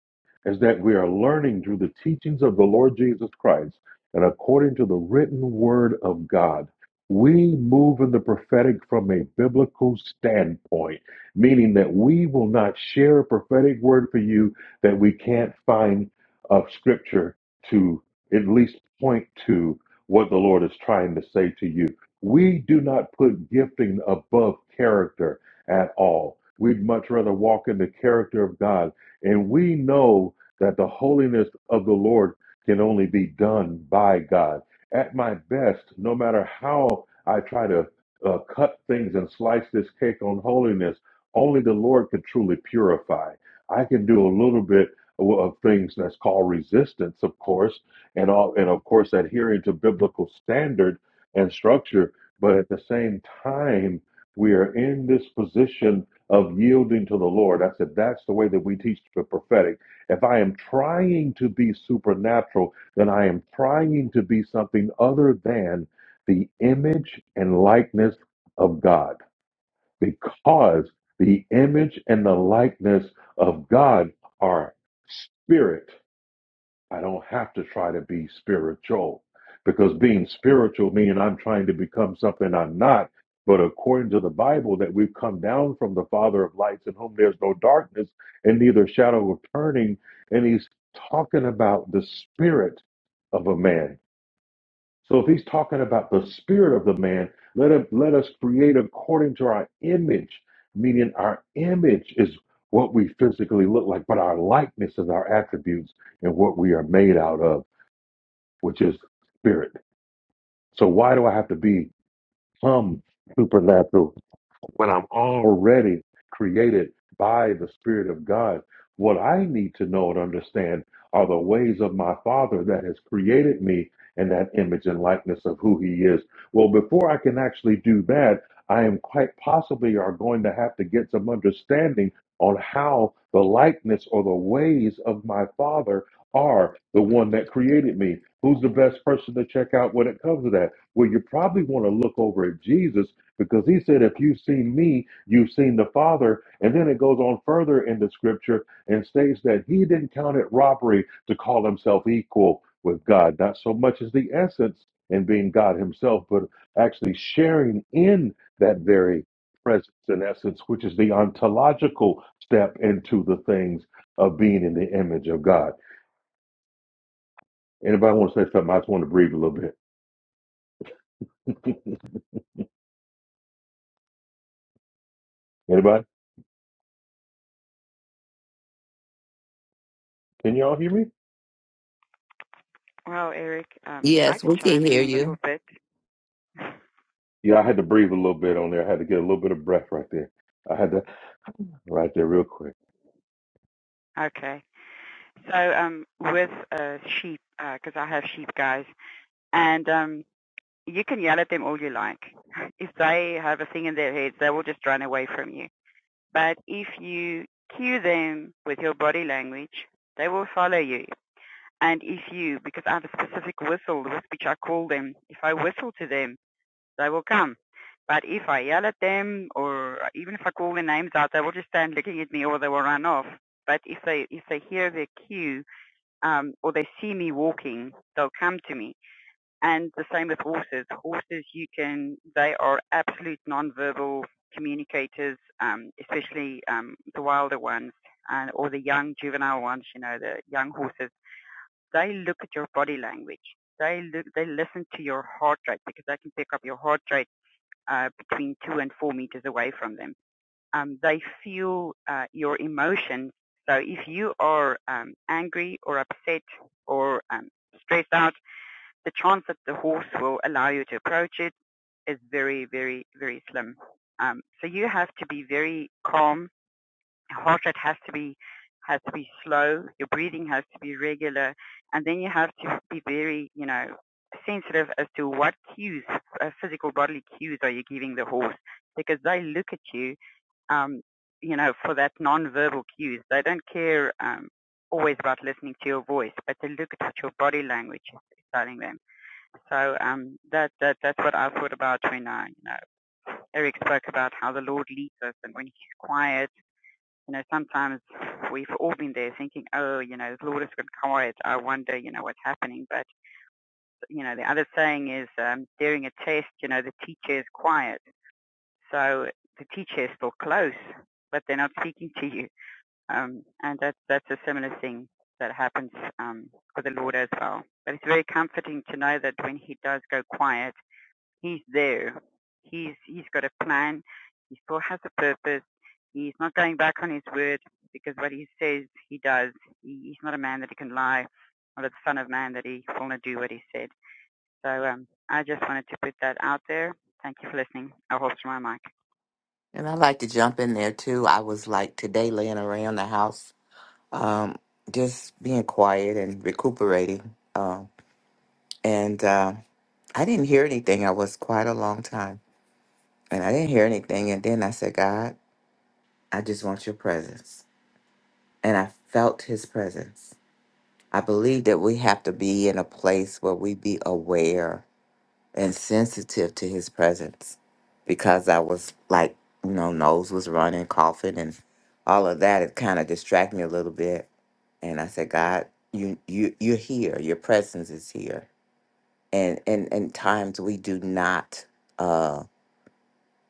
[SPEAKER 1] is that we are learning through the teachings of the Lord Jesus Christ and according to the written word of God. We move in the prophetic from a biblical standpoint, meaning that we will not share a prophetic word for you that we can't find of scripture to at least point to what the Lord is trying to say to you. We do not put gifting above character at all. We'd much rather walk in the character of God. And we know that the holiness of the Lord can only be done by God. At my best, no matter how I try to uh, cut things and slice this cake on holiness, only the Lord can truly purify. I can do a little bit of of things that's called resistance, of course, and all, and of course adhering to biblical standard and structure. But at the same time, we are in this position of yielding to the Lord. I said, that's the way that we teach the prophetic. If I am trying to be supernatural, then I am trying to be something other than the image and likeness of God, because the image and the likeness of God are spirit. I don't have to try to be spiritual because being spiritual means I'm trying to become something I'm not. But according to the Bible, that we've come down from the Father of lights in whom there's no darkness and neither shadow of turning. And he's talking about the spirit of a man. So if he's talking about the spirit of the man, let him let us create according to our image, meaning our image is what we physically look like, but our likeness is our attributes and what we are made out of, which is spirit. So why do I have to be some supernatural? when I'm already created by the Spirit of God. What I need to know and understand are the ways of my Father that has created me in that image and likeness of who He is. Well, before I can actually do that, I am quite possibly are going to have to get some understanding on how the likeness or the ways of my Father are the one that created me. Who's the best person to check out when it comes to that? Well, you probably want to look over at Jesus because he said, if you've seen me, you've seen the Father. And then it goes on further in the scripture and states that he didn't count it robbery to call himself equal with God, not so much as the essence in being God himself, but actually sharing in that very presence and essence, which is the ontological step into the things of being in the image of God. Anybody want to say something? I just want to breathe a little bit. Anybody? Can y'all hear me?
[SPEAKER 5] Well, Eric, um, I
[SPEAKER 6] Yes,
[SPEAKER 5] can
[SPEAKER 6] we can
[SPEAKER 5] chime
[SPEAKER 6] hear
[SPEAKER 5] in a little
[SPEAKER 6] you.
[SPEAKER 5] bit.
[SPEAKER 1] Yeah, I had to breathe a little bit
[SPEAKER 5] Like,
[SPEAKER 1] on there. I had to get a little bit of breath right there. I had to right there real quick.
[SPEAKER 5] Okay. So um, with uh, sheep, because uh, I have sheep guys, and um, you can yell at them all you like. If they have a thing in their heads, they will just run away from you. But if you cue them with your body language, they will follow you. And if you, because I have a specific whistle with which I call them, if I whistle to them, they will come. But if I yell at them or even if I call their names out, they will just stand looking at me or they will run off. But if they if they hear their cue um, or they see me walking, they'll come to me. And the same with horses. Horses, you can they are absolute nonverbal communicators, um, especially um, the wilder ones and or the young juvenile ones. You know, the young horses. They look at your body language. They look. They listen to your heart rate because they can pick up your heart rate uh, between two and four meters away from them. Um, they feel uh, your emotions. So if you are um, angry or upset or um, stressed out, the chance that the horse will allow you to approach it is very, very, very slim. Um, so you have to be very calm heart rate has to be has to be slow, your breathing has to be regular, and then you have to be very, you know, sensitive as to what cues, uh, physical bodily cues, are you giving the horse because they look at you, um, you know, for that non-verbal cues. They don't care um, always about listening to your voice, but they look at what your body language is telling them. So um, that that that's what I thought about when I, you know, Eric spoke about how the Lord leads us, and when He's quiet you know, sometimes we've all been there thinking, oh, you know, Lord is going quiet. I wonder, you know, what's happening. But, you know, the other saying is um, during a test, you know, the teacher is quiet. So the teacher is still close, but they're not speaking to you. Um, and that's, that's a similar thing that happens um, with the Lord as well. But it's very comforting to know that when he does go quiet, he's there. He's he's got a plan. He still has a purpose. He's not going back on his word because what he says he does. He, he's not a man that he can lie, or the son of man that he will not do what he said. So um, I just wanted to put that out there. Thank you for listening. I'll hold my mic.
[SPEAKER 6] And I like to jump in there too. I was like today laying around the house, um, just being quiet and recuperating. Um, and uh, I didn't hear anything. I was quiet a long time and I didn't hear anything. And then I said, God, I just want your presence. And I felt his presence. I believe that we have to be in a place where we be aware and sensitive to his presence because I was like, you know, nose was running, coughing, and all of that. It kind of distracted me a little bit. And I said, God, you you you're here. Your presence is here. And and and times we do not uh,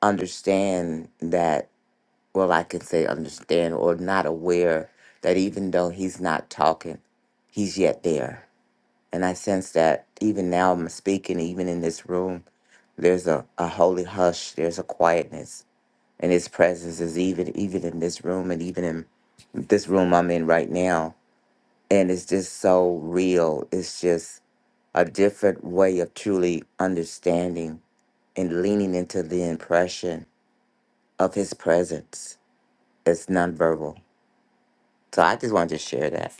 [SPEAKER 6] understand that. Well, I can say understand or not aware that even though he's not talking, he's yet there and I sense that even now I'm speaking, even in this room, there's a, a holy hush, there's a quietness. And his presence is even even in this room and even in this room I'm in right now. And it's just so real. It's just a different way of truly understanding and leaning into the impression of his presence. It's nonverbal. So I just wanted to share that.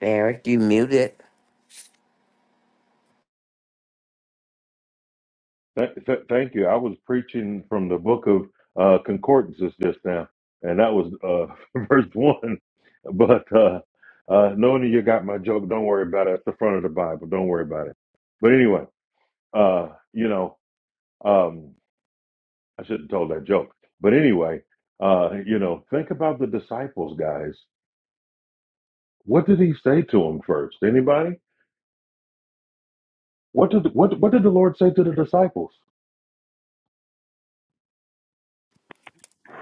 [SPEAKER 6] Eric, you muted.
[SPEAKER 1] Th- th- thank you. I was preaching from the book of uh, Concordances just now, and that was uh, verse one. But uh, uh, knowing that you got my joke, don't worry about it. It's the front of the Bible. Don't worry about it. But anyway, uh, you know, um, I shouldn't have told that joke. But anyway, uh, you know, think about the disciples, guys. What did he say to them first? Anybody? What did what what did the Lord say to the disciples?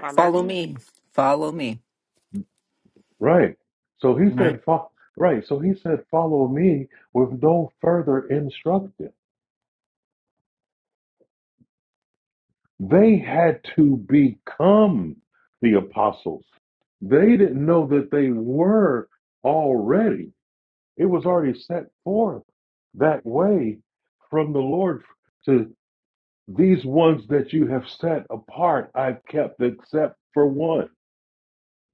[SPEAKER 5] Follow
[SPEAKER 4] Follow
[SPEAKER 5] me.
[SPEAKER 4] me. Follow me.
[SPEAKER 1] Right. So he
[SPEAKER 4] Right.
[SPEAKER 1] said, fo- right. So he said, follow me with no further instruction. They had to become the apostles. They didn't know that they were already. It was already set forth that way from the Lord to these ones that you have set apart. I've kept except for one.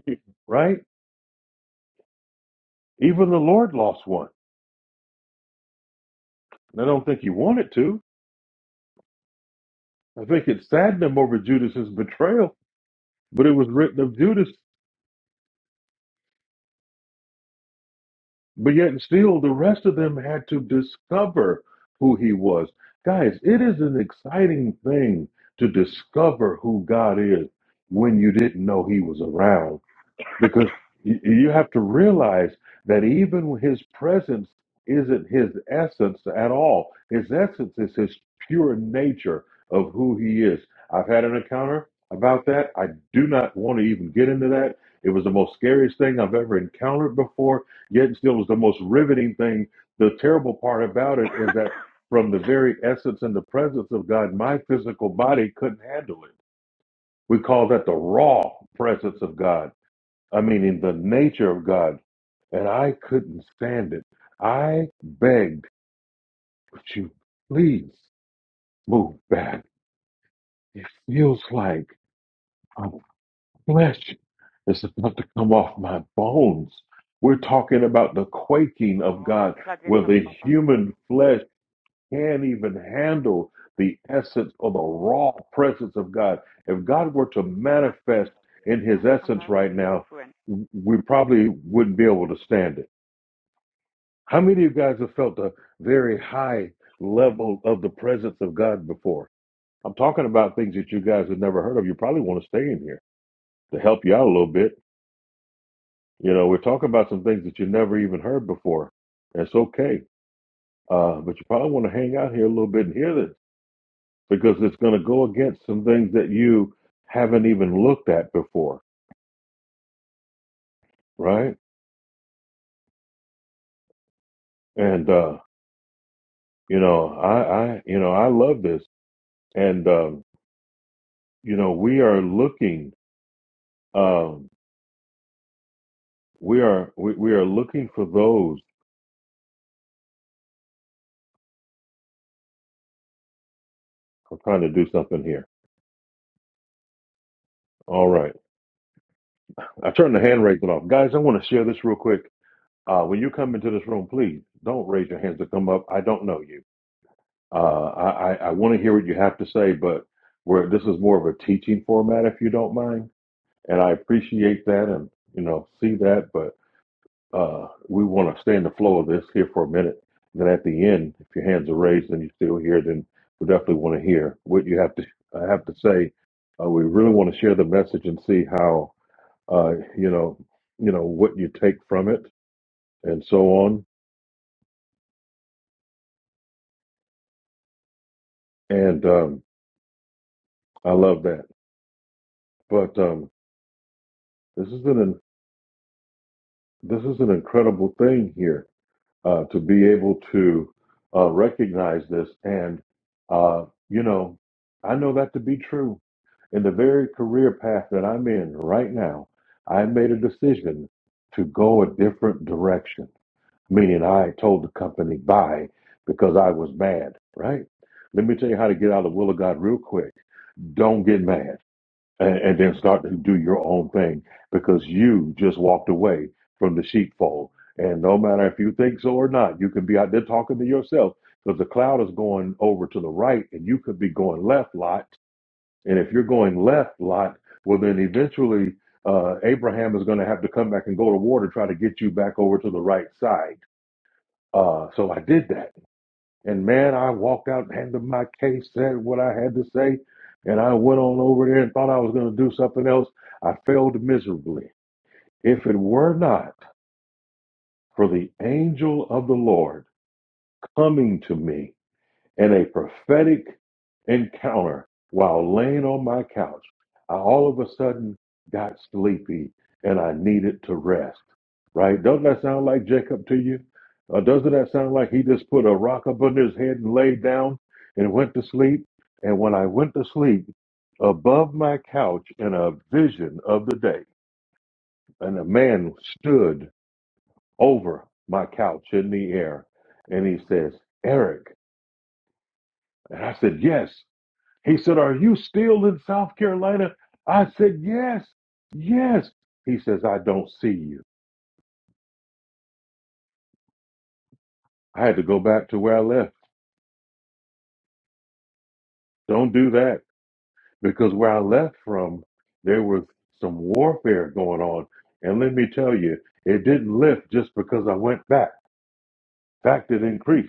[SPEAKER 1] Right. Even the Lord lost one I don't think he wanted to. I think it saddened him over Judas's betrayal, but it was written of Judas. But yet, and still, the rest of them had to discover who he was. Guys, it is an exciting thing to discover who God is when you didn't know he was around. because y- you have to realize that even his presence isn't his essence at all. His essence is his pure nature of who he is. I've had an encounter about that. I do not want to even get into that. It was the most scariest thing I've ever encountered before, yet and still was the most riveting thing. The terrible part about it is that from the very essence and the presence of God, my physical body couldn't handle it. We call that the raw presence of God I mean, in the nature of God, and I couldn't stand it. I begged, would you please move back? It feels like my flesh is about to come off my bones. We're talking about the quaking of God,
[SPEAKER 5] Ek laat weet
[SPEAKER 1] where
[SPEAKER 5] gou vir
[SPEAKER 1] the
[SPEAKER 5] pappa.
[SPEAKER 1] human flesh can't even handle the essence or the raw presence of God. If God were to manifest in
[SPEAKER 5] Ja,
[SPEAKER 1] his
[SPEAKER 5] ek gaan
[SPEAKER 1] essence
[SPEAKER 5] nou laat
[SPEAKER 1] right
[SPEAKER 5] weet op die
[SPEAKER 1] now, we probably wouldn't be able to stand it How many of you guys have felt a very high level of the presence of God before? I'm talking about things that you guys have never heard of. You probably want to stay in here to help you out a little bit. You know, we're talking about some things that you never even heard before. That's okay. Uh, but you probably want to hang out here a little bit and hear this because it's going to go against some things that you haven't even looked at before, right? And uh, you know, I, I, you know, I love this, and um, you know, we are looking. um, We are we, we are looking for those. I'm trying to do something here. All right. I turned the hand raising off. Guys, I want to share this real quick. Uh, when you come into this room, please don't raise your hands to come up. I don't know you. Uh, I, I, I want to hear what you have to say, but we're, this is more of a teaching format, if you don't mind. And I appreciate that and, you know, see that. but. Uh, we want to stay in the flow of this here for a minute. And Then at the end, if your hands are raised and you're still here, then we definitely want to hear what you have to I have to say. Uh, we really want to share the message and see how uh, you know you know what you take from it and so on. And um, I love that. But um, this is an this is an incredible thing here uh, to be able to uh, recognize this. And, uh, you know, I know that to be true. In the very career path that I'm in right now, I made a decision to go a different direction, meaning I told the company bye because I was mad, right? Let me tell you how to get out of the will of God real quick. Don't get mad and, and then start to do your own thing because you just walked away from the sheepfold. And no matter if you think so or not, you can be out there talking to yourself because the cloud is going over to the right and you could be going left lot. And if you're going left lot, well, then eventually uh, Abraham is going to have to come back and go to war to try to get you back over to the right side. Uh, so I did that. And man, I walked out, handed my case, said what I had to say, and I went on over there and thought I was going to do something else. I failed miserably. If it were not for the angel of the Lord coming to me and a prophetic encounter while laying on my couch. I all of a sudden got sleepy and I needed to rest. Right? Doesn't that sound like Jacob to you? Uh, doesn't that sound like he just put a rock up under his head and laid down and went to sleep? And when I went to sleep, above my couch in a vision of the day, and a man stood over my couch in the air and he says, Eric. And I said, Yes. He said, Are you still in South Carolina? I said, Yes, yes. He says, I don't see you. I had to go back to where I left. Don't do that because where I left from, there was some warfare going on. And let me tell you, it didn't lift just because I went back. In fact, it increased.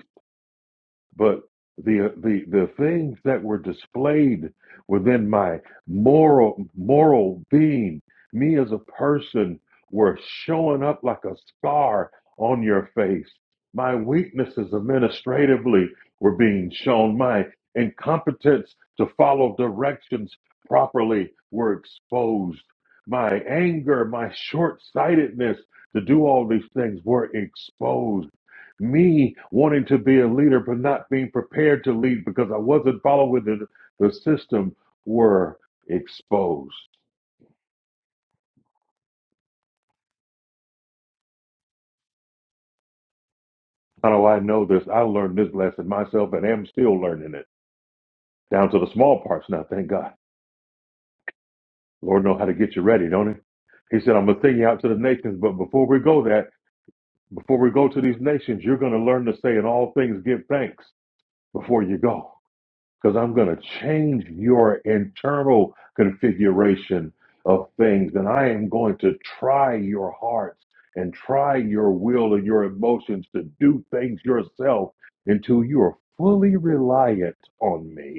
[SPEAKER 1] but the the the things that were displayed within my moral moral being me as a person were showing up like a scar on your face my weaknesses administratively were being shown my incompetence to follow directions properly were exposed my anger my short-sightedness to do all these things were exposed me wanting to be a leader but not being prepared to lead because I wasn't following the, the system were exposed. How do I know this? I learned this lesson myself and am still learning it down to the small parts now. Thank God. Lord knows how to get you ready, don't he? He said, I'm going to send you out to the nations, but before we go that, before we go to these nations, you're going to learn to say in all things give thanks before you go. because I'm going to change your internal configuration of things, and I am going to try your hearts and try your will and your emotions to do things yourself until you are fully reliant on me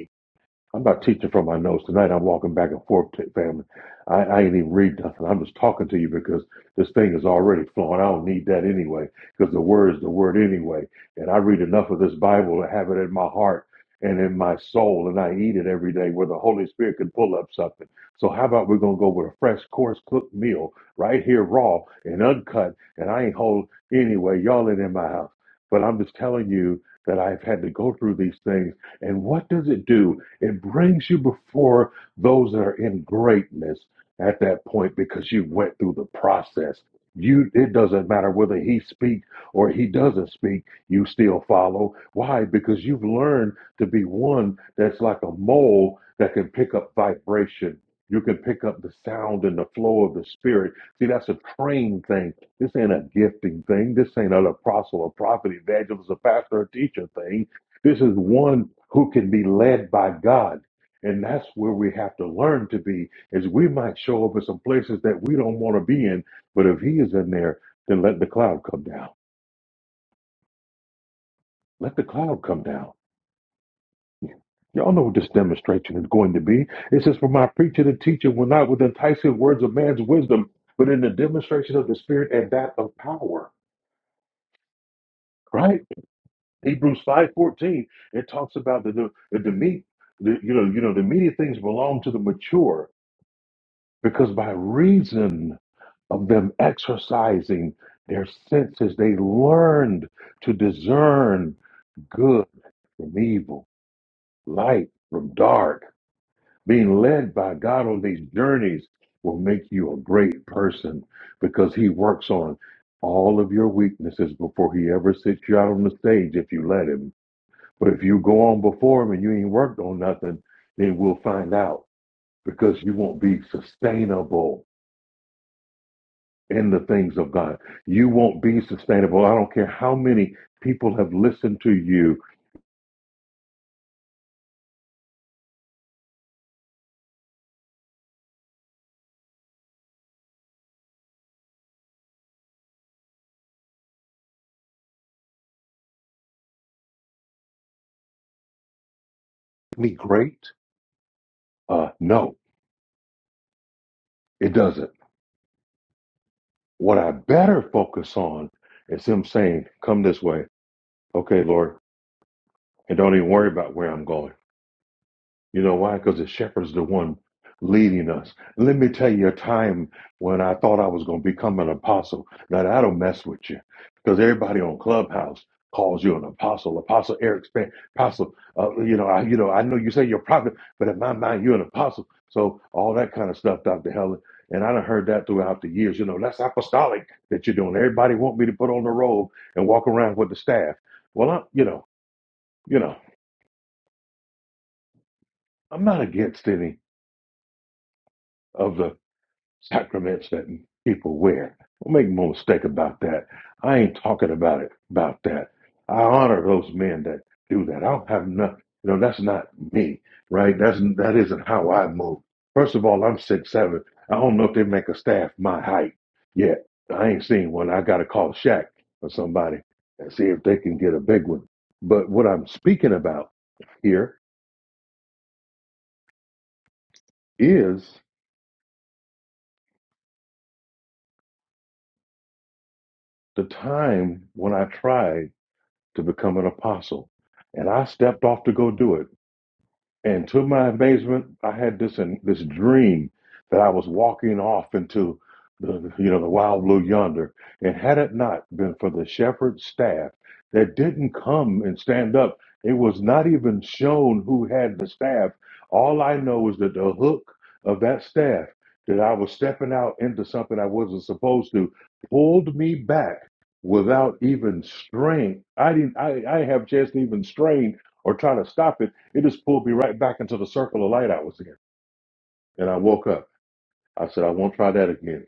[SPEAKER 1] I'm not teaching from my notes tonight. I'm walking back and forth, t- family. I, I ain't even read nothing. I'm just talking to you because this thing is already flowing. I don't need that anyway because the word is the word anyway. And I read enough of this Bible to have it in my heart and in my soul, and I eat it every day where the Holy Spirit can pull up something. So how about we're gonna go with a fresh, coarse cooked meal right here, raw and uncut. And I ain't hold anyway. Y'all ain't in my house, but I'm just telling you that I've had to go through these things. And what does it do? It brings you before those that are in greatness at that point because you went through the process. You it doesn't matter whether he speak or he doesn't speak, you still follow. Why? Because you've learned to be one that's like a mole that can pick up vibration. You can pick up the sound and the flow of the spirit. See, that's a trained thing. This ain't a gifting thing. This ain't an apostle, a prophet, evangelist, a pastor, a teacher thing this is one who can be led by God. And that's where we have to learn to be, is we might show up in some places that we don't want to be in, but if he is in there, then let the cloud come down. Let the cloud come down. Y'all know what this demonstration is going to be. It says, For my preacher and teacher will not with enticing words of man's wisdom, but in the demonstration of the spirit and that of power. Right? Hebrews five fourteen. It talks about the the, the meat, the, you know, you know, the meaty things belong to the mature because by reason of them exercising their senses, they learned to discern good from evil, light from dark. Being led by God on these journeys will make you a great person because He works on all of your weaknesses before He ever sits you out on the stage if you let Him. But if you go on before Him and you ain't worked on nothing, then we'll find out because you won't be sustainable in the things of God. You won't be sustainable. I don't care how many people have listened to you. Me great? Uh, no, it doesn't. What I better focus on is Him saying, Come this way. Okay, Lord. And don't even worry about where I'm going. You know why? Because the shepherd's the one leading us. Let me tell you a time when I thought I was going to become an apostle. Now, I don't mess with you because everybody on Clubhouse calls you an apostle, apostle Eric Span, apostle. Uh, you know, I, you know, I know you say you're a prophet, but in my mind, you're an apostle. So all that kind of stuff, Dr. Helen. And I done heard that throughout the years. You know, that's apostolic that you're doing. Everybody want me to put on the robe and walk around with the staff. Well, I'm, you know, you know, I'm not against any of the sacraments that people wear. Don't make no mistake about that. I ain't talking about it about that. I honor those men that do that. I don't have nothing. You know, that's not me, right? That's that isn't how I move. First of all, I'm six seven. I don't know if they make a staff my height yet. I ain't seen one. I gotta call Shaq or somebody and see if they can get a big one. But what I'm speaking about here is the time when I tried to become an apostle. And I stepped off to go do it. And to my amazement, I had this in, this dream that I was walking off into the you know the wild blue yonder. And had it not been for the shepherd staff that didn't come and stand up, it was not even shown who had the staff. All I know is that the hook of that staff that I was stepping out into something I wasn't supposed to pulled me back without even strain. I didn't I, I didn't have a chance to even strain or try to stop it it just pulled me right back into the circle of light I was in. And I woke up. I said, I won't try that again.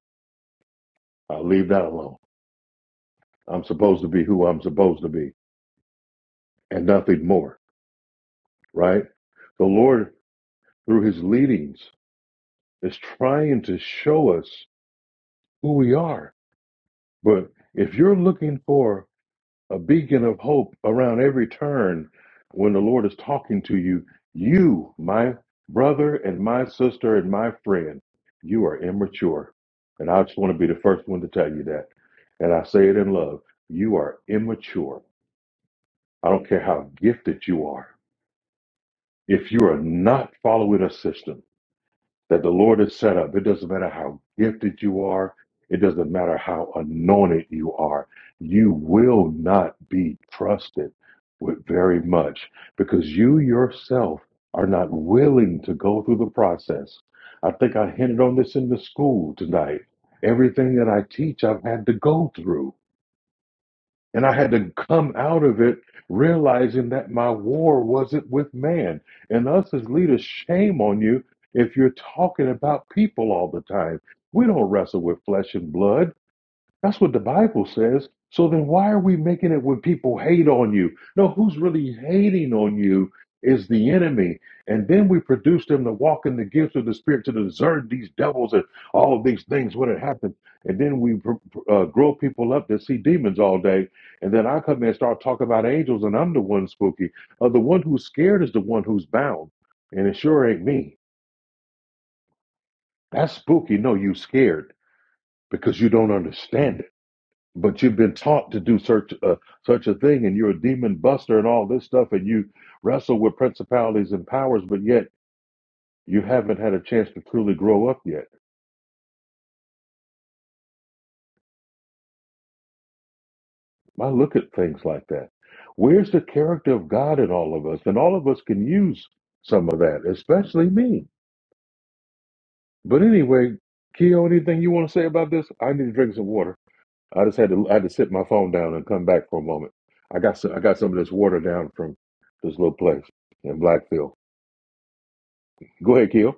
[SPEAKER 1] I'll leave that alone. I'm supposed to be who I'm supposed to be and nothing more, right? The Lord, through his leadings, is trying to show us who we are. But if you're looking for a beacon of hope around every turn when the Lord is talking to you. You, my brother and my sister and my friend, you are immature. And I just want to be the first one to tell you that. And I say it in love. You are immature. I don't care how gifted you are. If you are not following a system, that the Lord has set up. It doesn't matter how gifted you are, it doesn't matter how anointed you are, you will not be trusted with very much because you yourself are not willing to go through the process. I think I hinted on this in the school tonight. Everything that I teach, I've had to go through. And I had to come out of it realizing that my war wasn't with man. And us as leaders, shame on you if you're talking about people all the time. We don't wrestle with flesh and blood. That's what the Bible says. So then why are we making it when people hate on you? No, who's really hating on you is the enemy. And then we produce them to walk in the gifts of the Spirit to discern these devils and all of these things when it happens. And then we pr- pr- uh, grow people up that see demons all day. And then I come in and start talking about angels, and I'm the one spooky. Uh, the one who's scared is the one who's bound. And it sure ain't me. That's spooky. No, you scared because you don't understand it but you've been taught to do such a, such a thing and you're a demon buster and all this stuff and you wrestle with principalities and powers but yet you haven't had a chance to truly grow up yet i look at things like that where's the character of god in all of us and all of us can use some of that especially me but anyway Keo, anything you want to say about this? I need to drink some water. I just had to I had to sit my phone down and come back for a moment. I got some I got some of this water down from this little place in Blackfield. Go ahead, Keo.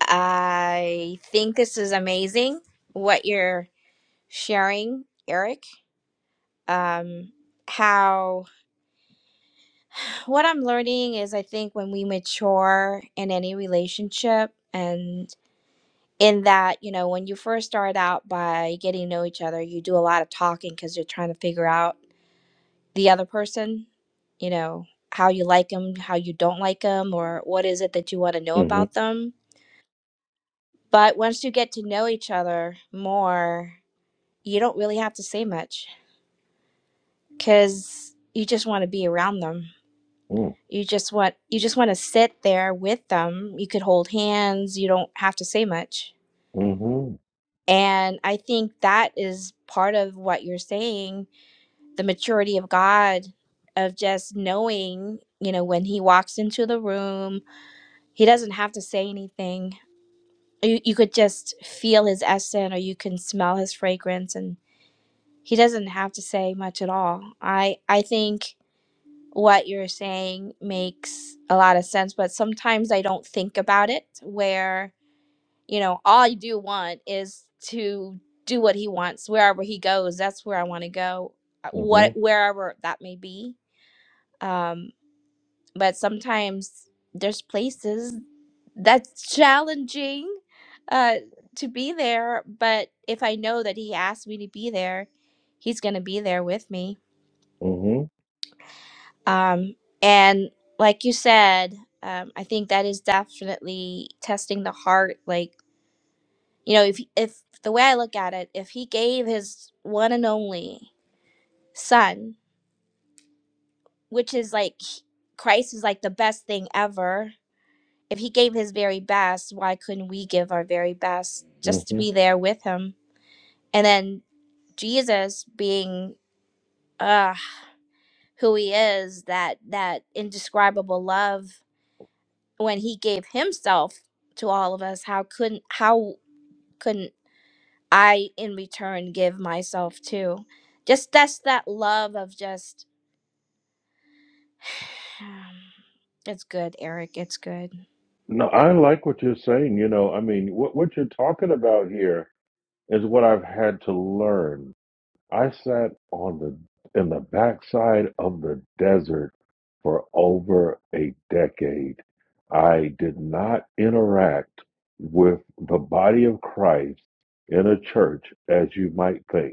[SPEAKER 7] I think this is amazing what you're sharing, Eric. Um, how what I'm learning is I think when we mature in any relationship and in that, you know, when you first start out by getting to know each other, you do a lot of talking because you're trying to figure out the other person, you know, how you like them, how you don't like them, or what is it that you want to know
[SPEAKER 1] mm
[SPEAKER 7] about them. But once you get to know each other more, you don't really have to say much because you just want to be around them
[SPEAKER 1] Mhm,
[SPEAKER 7] you just want you just want to sit there with them you could hold hands you don't have to say much
[SPEAKER 1] mm,
[SPEAKER 7] and i think that is part of what you're saying the maturity of god of just knowing you know when he walks into the room he doesn't have to say anything you, you could just feel his essence or you can smell his fragrance and he doesn't have to say much at all i i think what you're saying makes a lot of sense, but sometimes I don't think about it where, you know, all I do want is to do what he wants wherever he goes. That's where I want to go. uh,
[SPEAKER 1] mhm, mm
[SPEAKER 7] What
[SPEAKER 1] mhm,
[SPEAKER 7] wherever that may be. Um but sometimes there's places that's challenging uh to be there, but if I know that he asked me to be there, he's going to be there with me
[SPEAKER 1] mm mhm,
[SPEAKER 7] Um, and like you said, um, I think that is definitely testing the heart. Like you know, if if the way I look at it, if he gave his one and only son, which is like he- Christ is like the best thing ever. If he gave his very best, why couldn't we give our very best
[SPEAKER 1] mm
[SPEAKER 7] just to
[SPEAKER 1] mhm.
[SPEAKER 7] be there with him? And then Jesus being uh, who he is, that that indescribable love when he gave himself to all of us how couldn't how couldn't i in return give myself too just that's that love of just it's good eric it's good
[SPEAKER 1] No, I like what you're saying. You know, I mean, what what you're talking about here is what I've had to learn. I sat on the in the backside of the desert for over a decade. I did not interact with the body of Christ in a church as you might think.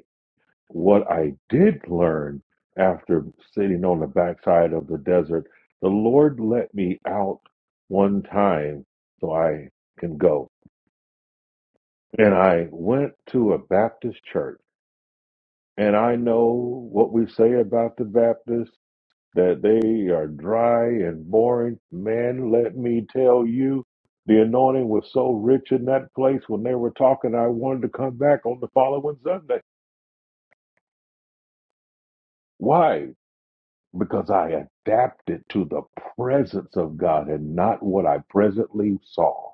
[SPEAKER 1] What I did learn after sitting on the backside of the desert, the Lord let me out one time so I can go. And I went to a Baptist church. And I know what we say about the Baptists that they are dry and boring. Man, let me tell you, the anointing was so rich in that place when they were talking, I wanted to come back on the following Sunday. Why? because I adapted to the presence of God and not what I presently saw.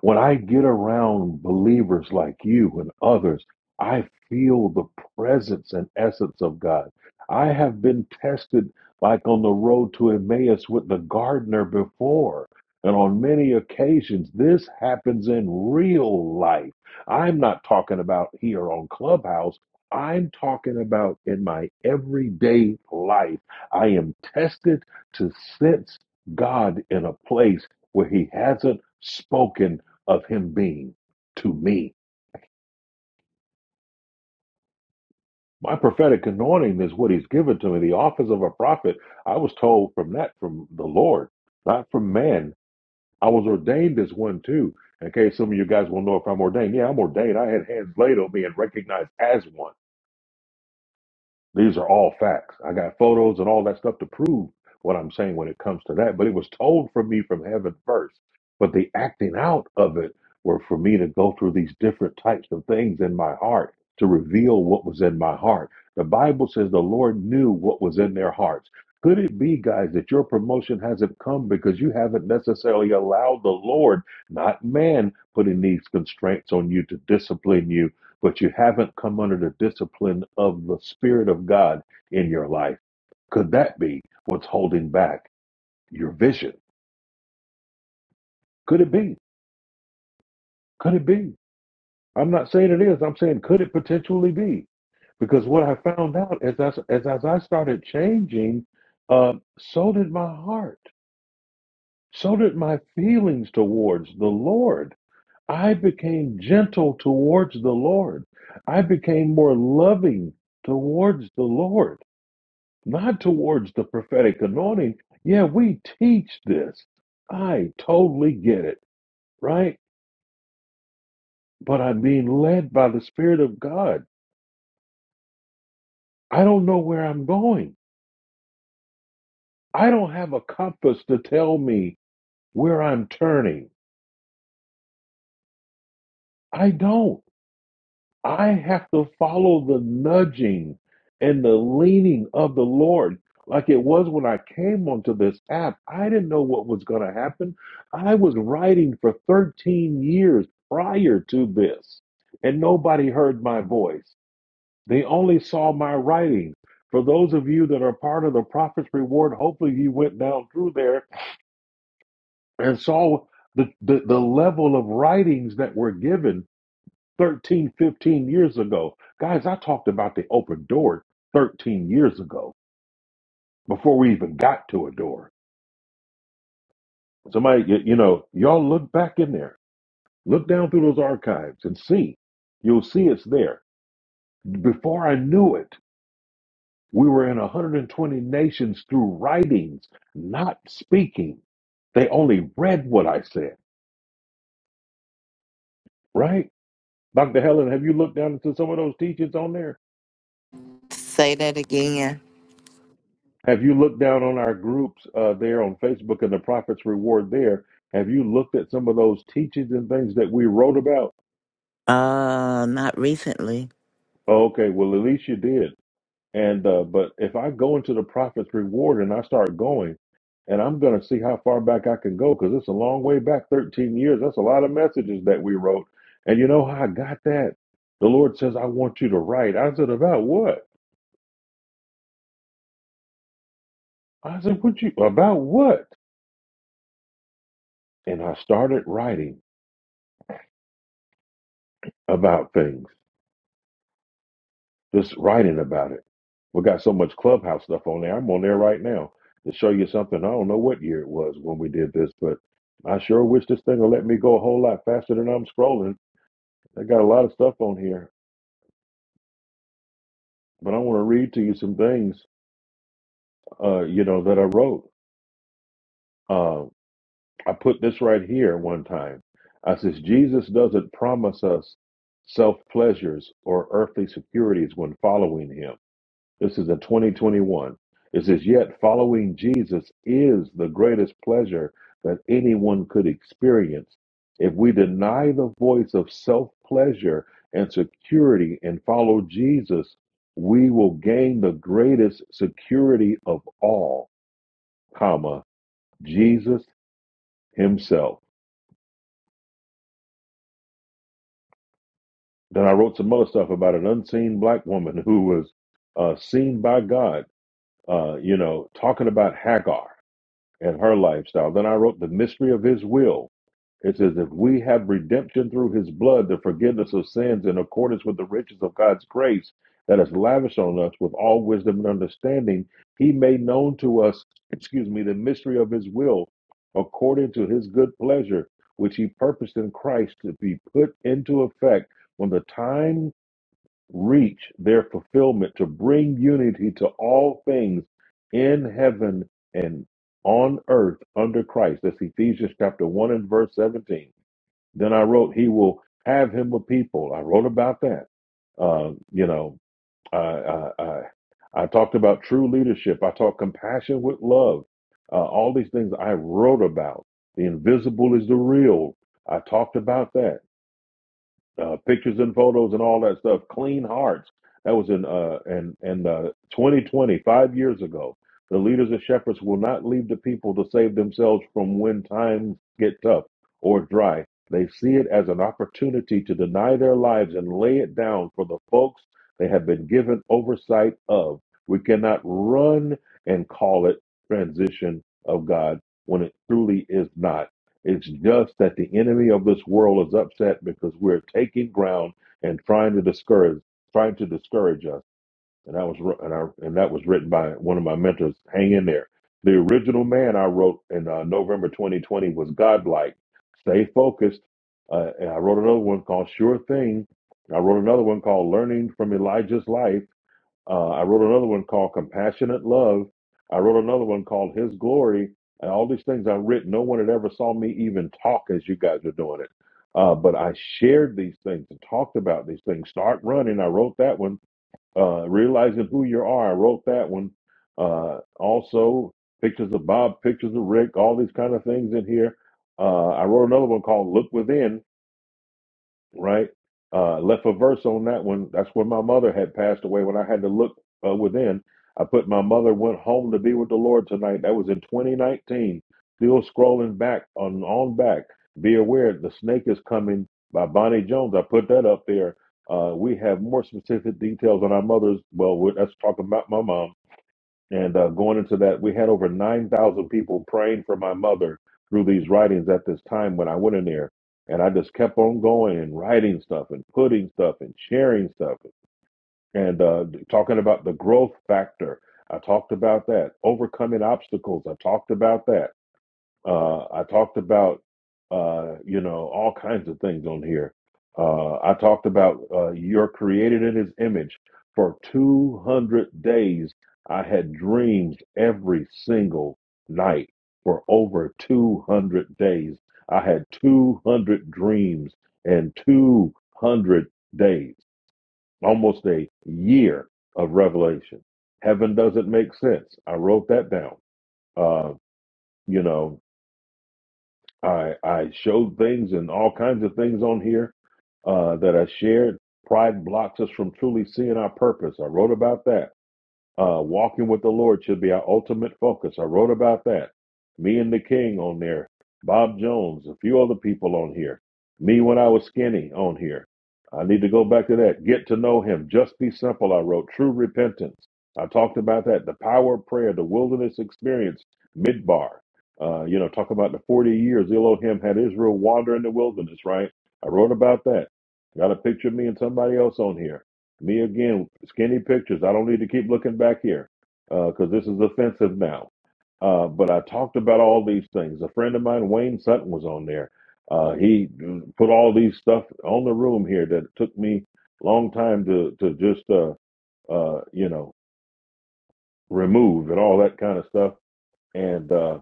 [SPEAKER 1] When I get around believers like you and others, I feel the presence and essence of God. I have been tested like on the road to Emmaus with the gardener before. And on many occasions, this happens in real life. I'm not talking about here on Clubhouse. I'm talking about in my everyday life. I am tested to sense God in a place where He hasn't spoken of him being to me. My prophetic anointing is what he's given to me. The office of a prophet, I was told from that from the Lord, not from man. I was ordained as one too. In case some of you guys will know if I'm ordained. Yeah, I'm ordained. I had hands laid on me and recognized as one. These are all facts. I got photos and all that stuff to prove what I'm saying when it comes to that. But it was told for me from heaven first. But the acting out of it were for me to go through these different types of things in my heart to reveal what was in my heart. The Bible says the Lord knew what was in their hearts. Could it be, guys, that your promotion hasn't come because you haven't necessarily allowed the Lord, not man, putting these constraints on you to discipline you? but you haven't come under the discipline of the Spirit of God in your life. Could that be what's holding back your vision? Could it be? Could it be? I'm not saying it is. I'm saying could it potentially be? Because what I found out as I, as, as I started changing, uh, so did my heart. So did my feelings towards the Lord. I became gentle towards the Lord. I became more loving towards the Lord not towards the prophetic anointing. Yeah, we teach this. I totally get it, right? But I'm being led by the Spirit of God. I don't know where I'm going. I don't have a compass to tell me where I'm turning. I don't. I have to follow the nudging and the leaning of the Lord. Like it was when I came onto this app, I didn't know what was going to happen. I was writing for 13 years prior to this, and nobody heard my voice. They only saw my writing. For those of you that are part of the Prophet's Reward, hopefully you went down through there and saw the, the, the level of writings that were given 13, 15 years ago. Guys, I talked about the open door 13 years ago before we even got to a door. Somebody, you, you know, y'all look back in there, look down through those archives and see. You'll see it's there. Before I knew it, we were in 120 nations through writings, not speaking. They only read what I said, right? Dr. Helen, have you looked down into some of those teachings on there?
[SPEAKER 6] Say that again.
[SPEAKER 1] Have you looked down on our groups uh, there on Facebook and the Prophet's Reward there? Have you looked at some of those teachings and things that we wrote about?
[SPEAKER 6] Uh, not recently.
[SPEAKER 1] Oh, okay, well at least you did. And uh, but if I go into the Prophet's Reward and I start going, and I'm going to see how far back I can go because it's a long way back, 13 years. That's a lot of messages that we wrote. And you know how I got that? The Lord says, "I want you to write." I said, "About what?" I said, "What you about what?" And I started writing about things. Just writing about it. We got so much clubhouse stuff on there. I'm on there right now to show you something. I don't know what year it was when we did this, but I sure wish this thing will let me go a whole lot faster than I'm scrolling. I got a lot of stuff on here, but I want to read to you some things, uh, you know, that I wrote. Uh, I put this right here one time. I says Jesus doesn't promise us self pleasures or earthly securities when following him. This is a 2021. It says, Yet following Jesus is the greatest pleasure that anyone could experience. If we deny the voice of self pleasure and security and follow Jesus, we will gain the greatest security of all, comma, Jesus himself. Then I wrote some other stuff about an unseen black woman who was uh, seen by God, uh, you know, talking about Hagar and her lifestyle. Then I wrote The Mystery of His Will. It says, If we have redemption through His blood, the forgiveness of sins in accordance with the riches of God's grace that is lavished on us with all wisdom and understanding, He made known to us, excuse me, the mystery of His will according to His good pleasure, which He purposed in Christ to be put into effect when the time reach their fulfillment to bring unity to all things in heaven and on earth under Christ. That's Ephesians chapter 1 and verse 17. Then I wrote, He will have him a people. I wrote about that. Uh, you know, I, I, I, I talked about true leadership. I taught compassion with love. Uh, all these things I wrote about. The invisible is the real. I talked about that uh, pictures and photos and all that stuff. Clean Hearts. That was in uh and in uh, 2020, five years ago. The leaders and shepherds will not leave the people to save themselves from when times get tough or dry. They see it as an opportunity to deny their lives and lay it down for the folks they have been given oversight of. We cannot run and call it transition of God when it truly is not. It's just that the enemy of this world is upset because we're taking ground and trying to discourage, trying to discourage us. And that was wr- and I, and that was written by one of my mentors. Hang in there. The original man I wrote in uh, November 2020 was Godlike. Stay focused. Uh, and I wrote another one called Sure Thing. I wrote another one called Learning from Elijah's Life. Uh, I wrote another one called Compassionate Love. I wrote another one called His Glory. And all these things I've written, no one had ever saw me even talk as you guys are doing it. Uh, but I shared these things and talked about these things. Start running. I wrote that one. Uh, Realizing who you are. I wrote that one. Uh, also, pictures of Bob, pictures of Rick, all these kind of things in here. Uh, I wrote another one called Look Within right? Uh, left a verse on that one. That's when my mother had passed away. When I had to look uh, within, I put my mother went home to be with the Lord tonight. That was in 2019. Still scrolling back on on back. Be aware, the snake is coming by Bonnie Jones. I put that up there. Uh, we have more specific details on our mother's. Well, we're- that's talking about my mom and uh, going into that, we had over 9,000 people praying for my mother through these writings at this time when I went in there. And I just kept on going and writing stuff and putting stuff and sharing stuff and uh, talking about the growth factor. I talked about that, overcoming obstacles. I talked about that. Uh, I talked about, uh, you know, all kinds of things on here. Uh, I talked about uh, you're created in His image. For 200 days, I had dreams every single night. For over 200 days, I had 200 dreams and 200 days, almost a year of revelation. Heaven doesn't make sense. I wrote that down. Uh, you know, I I showed things and all kinds of things on here uh, that I shared. Pride blocks us from truly seeing our purpose. I wrote about that. Uh, walking with the Lord should be our ultimate focus. I wrote about that. Me and the King on there, Bob Jones, a few other people on here. Me when I was skinny on here. I need to go back to that. Get to know Him. Just be simple. I wrote true repentance. I talked about that. The power of prayer, the wilderness experience, midbar. Uh, you know, talk about the 40 years Elohim had Israel wander in the wilderness, right? I wrote about that. Got a picture of me and somebody else on here. Me again, skinny pictures. I don't need to keep looking back here because this is offensive now. Uh, but I talked about all these things. A friend of mine, Wayne Sutton, was on there. Uh, he put all these stuff on the room here that took me a long time to to just uh, uh, you know remove and all that kind of stuff, and uh,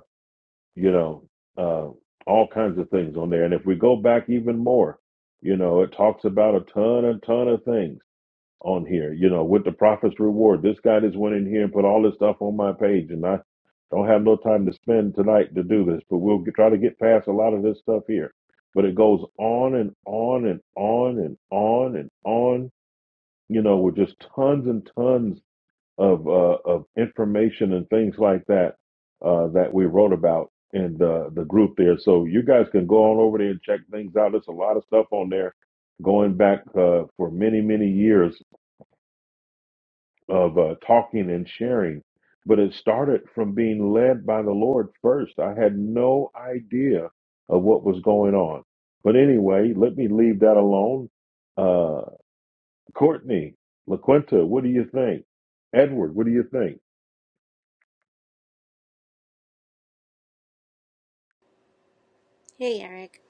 [SPEAKER 1] you know uh, all kinds of things on there. And if we go back even more, you know, it talks about a ton and ton of things on here, you know, with the prophet's reward. This guy just went in here and put all this stuff on my page, and I don't have no time to spend tonight to do this, but we'll get, try to get past a lot of this stuff here. But it goes on and on and on and on and on, you know, with just tons and tons of uh, of information and things like that uh, that we wrote about in the the group there. So you guys can go on over there and check things out. There's a lot of stuff on there going back uh, for many many years of uh, talking and sharing. But it started from being led by the Lord first. I had no idea of what was going on. But anyway, let me leave that alone. Uh, Courtney, LaQuinta, what do you think? Edward, what do you think?
[SPEAKER 8] Hey Eric,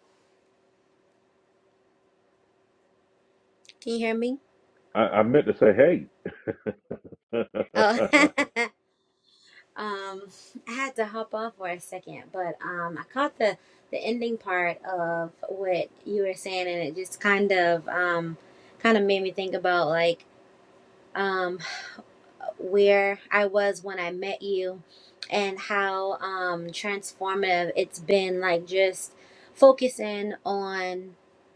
[SPEAKER 8] can you hear me?
[SPEAKER 1] I, I meant to say, hey.
[SPEAKER 8] Oh, um, I had to hop off for a second, but um, I caught the the ending part of what you were saying, and it just kind of um, kind of made me think about like um where I was when I met you and how um, transformative it's been, like just focusing on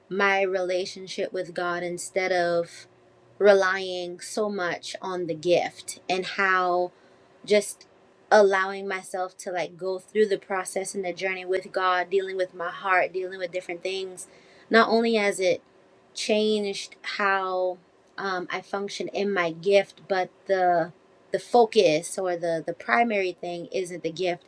[SPEAKER 8] my relationship with God instead of relying so much on the gift and how just allowing myself to like go through the process and the journey with God, dealing with my heart, dealing with different things. Not only has it changed how um, I function in my gift, but the the focus or the the primary thing isn't the gift,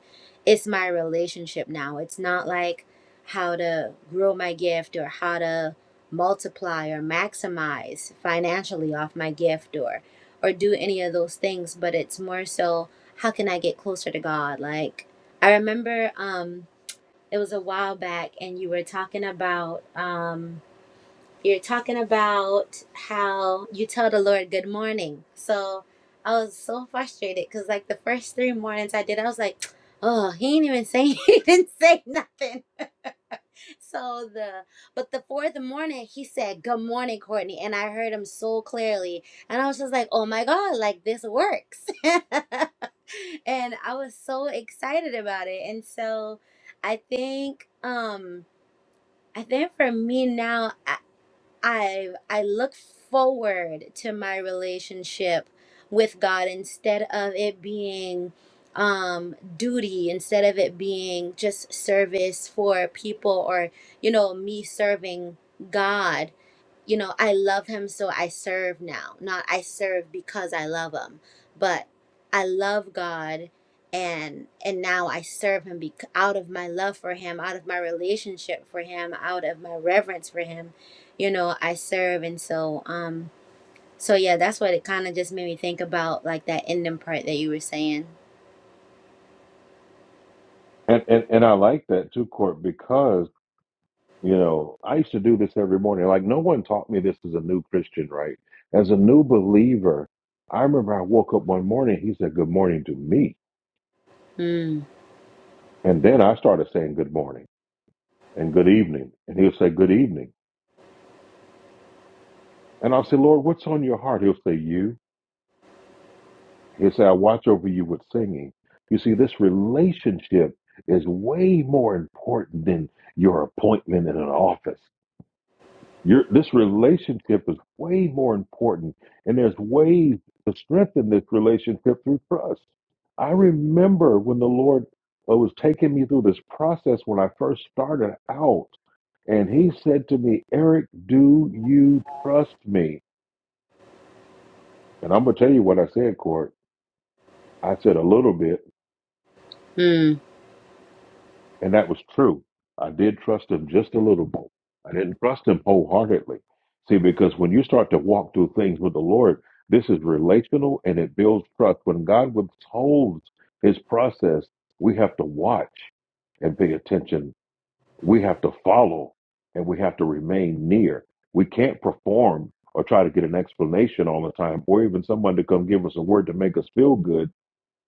[SPEAKER 8] it's my relationship now. It's not like how to grow my gift or how to multiply or maximize financially off my gift or or do any of those things, but it's more so how can I get closer to God? Like I remember um it was a while back and you were talking about um you're talking about how you tell the Lord good morning. So I was so frustrated because like the first three mornings I did, I was like, oh, he ain't even say he didn't say nothing. So the but the fourth morning he said, Good morning, Courtney. And I heard him so clearly. And I was just like, Oh my God, like this works. and I was so excited about it. And so I think um I think for me now I I look forward to my relationship with God instead of it being um duty instead of it being just service for people or you know me serving God you know I love him so I serve now not I serve because I love him but I love God and and now I serve him bec- out of my love for him out of my relationship for him out of my reverence for him you know i serve and so um so yeah that's what it kind of just made me think about like that ending part that you were saying
[SPEAKER 1] and, and, and I like that too, Court, because You know, I used to do this every morning. Like, no one taught me this as a new Christian, right? As a new believer, I remember I woke up one morning, he said, Good morning to me.
[SPEAKER 8] mm,
[SPEAKER 1] And then I started saying good morning and good evening. And he'll say, Good evening. And I'll say, Lord, what's on your heart? He'll say, You. He'll say, I watch over you with singing. You see, this relationship is way more important than your appointment in an office. Your this relationship is way more important, and there's ways to strengthen this relationship through trust. I remember when the Lord uh, was taking me through this process when I first started out, and He said to me, "Eric, do you trust me?" And I'm gonna tell you what I said, Court. I said a little bit.
[SPEAKER 8] mm,
[SPEAKER 1] And that was true. I did trust him just a little bit. I didn't trust him wholeheartedly. See, because when you start to walk through things with the Lord, this is relational and it builds trust. When God withholds his process, we have to watch and pay attention. We have to follow and we have to remain near. We can't perform or try to get an explanation all the time or even someone to come give us a word to make us feel good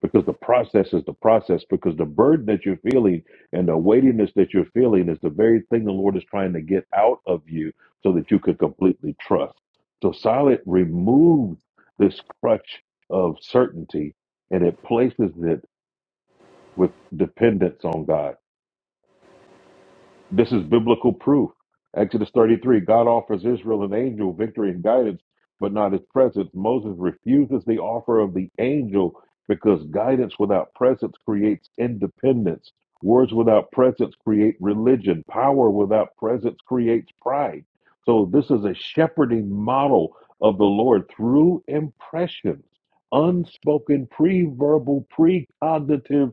[SPEAKER 1] because the process is the process because the burden that you're feeling and the weightiness that you're feeling is the very thing the lord is trying to get out of you so that you could completely trust so silent removes this crutch of certainty and it places it with dependence on god this is biblical proof. Exodus 33 God offers Israel an angel, victory, and guidance, but not his presence. Moses refuses the offer of the angel because guidance without presence creates independence. Words without presence create religion. Power without presence creates pride. So, this is a shepherding model of the Lord through impressions, unspoken, pre verbal, pre precognitive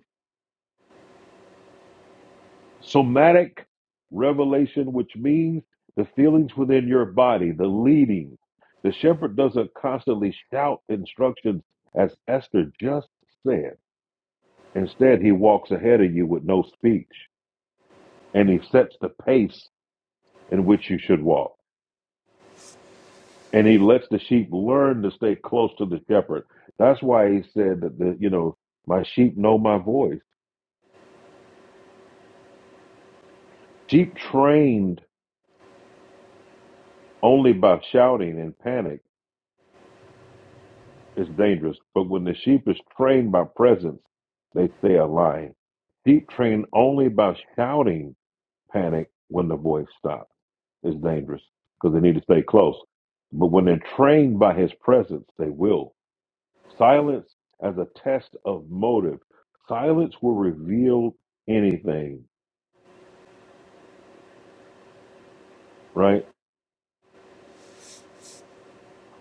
[SPEAKER 1] Somatic revelation, which means the feelings within your body, the leading. The shepherd doesn't constantly shout instructions as Esther just said. Instead, he walks ahead of you with no speech and he sets the pace in which you should walk. And he lets the sheep learn to stay close to the shepherd. That's why he said that, the, you know, my sheep know my voice. Sheep trained only by shouting and panic Is dangerous. But when the sheep is trained by presence, they stay aligned. Sheep trained only by shouting panic when the voice stops. is dangerous because they need to stay close. But when they're trained by his presence, they will. Silence as a test of motive. Silence will reveal anything, right?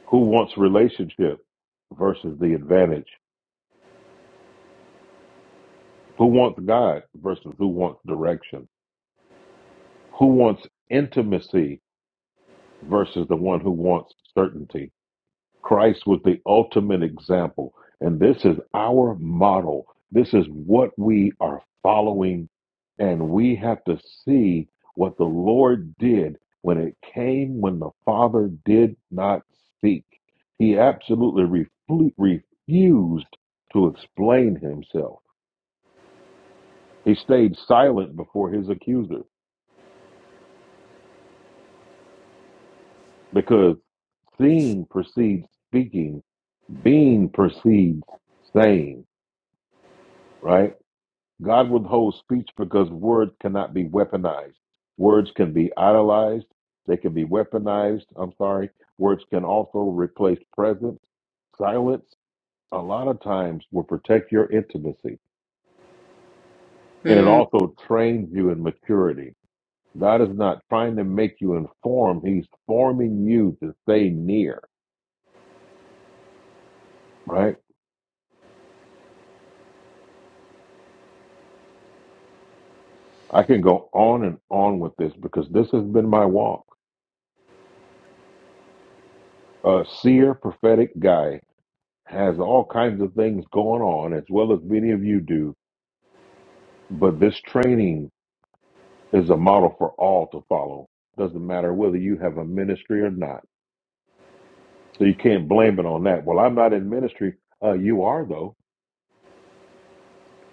[SPEAKER 1] Who wants relationship versus the advantage? Who wants God versus who wants direction? Who wants intimacy versus the one who wants certainty. Christ was the ultimate example, and this is our model. This is what we are following, and we have to see what the Lord did when it came when the Father did not speak. He absolutely refu- refused to explain himself. He stayed silent before his accuser because seeing precedes speaking Being precedes saying, right? God withholds speech because words cannot be weaponized. Words can be idolized, they can be weaponized. I'm sorry. Words can also replace presence. Silence, a lot of times, will protect your intimacy and it
[SPEAKER 8] mm.
[SPEAKER 1] also trains you in maturity. God is not trying to make you informed, He's forming you to stay near, right? I can go on and on with this because this has been my walk. a seer prophetic guy has all kinds of things going on as well as many of you do but this training is a model for all to follow doesn't matter whether you have a ministry or not so you can't blame it on that well i'm not in ministry uh, you are though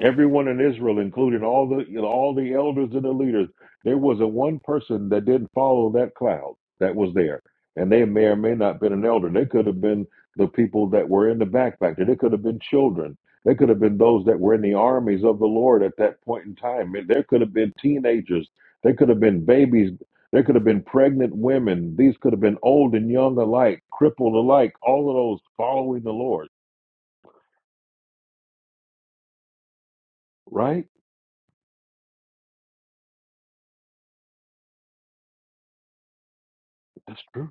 [SPEAKER 1] Everyone in Israel, including all the you know, all the elders and the leaders, there wasn't one person that didn't follow that cloud that was there. And they may or may not have been an elder. They could have been the people that were in the back factor. They could have been children. They could have been those that were in the armies of the Lord at that point in time. And there could have been teenagers. There could have been babies. There could have been pregnant women. These could have been old and young alike, crippled alike, all of those following the Lord. Right? That's true.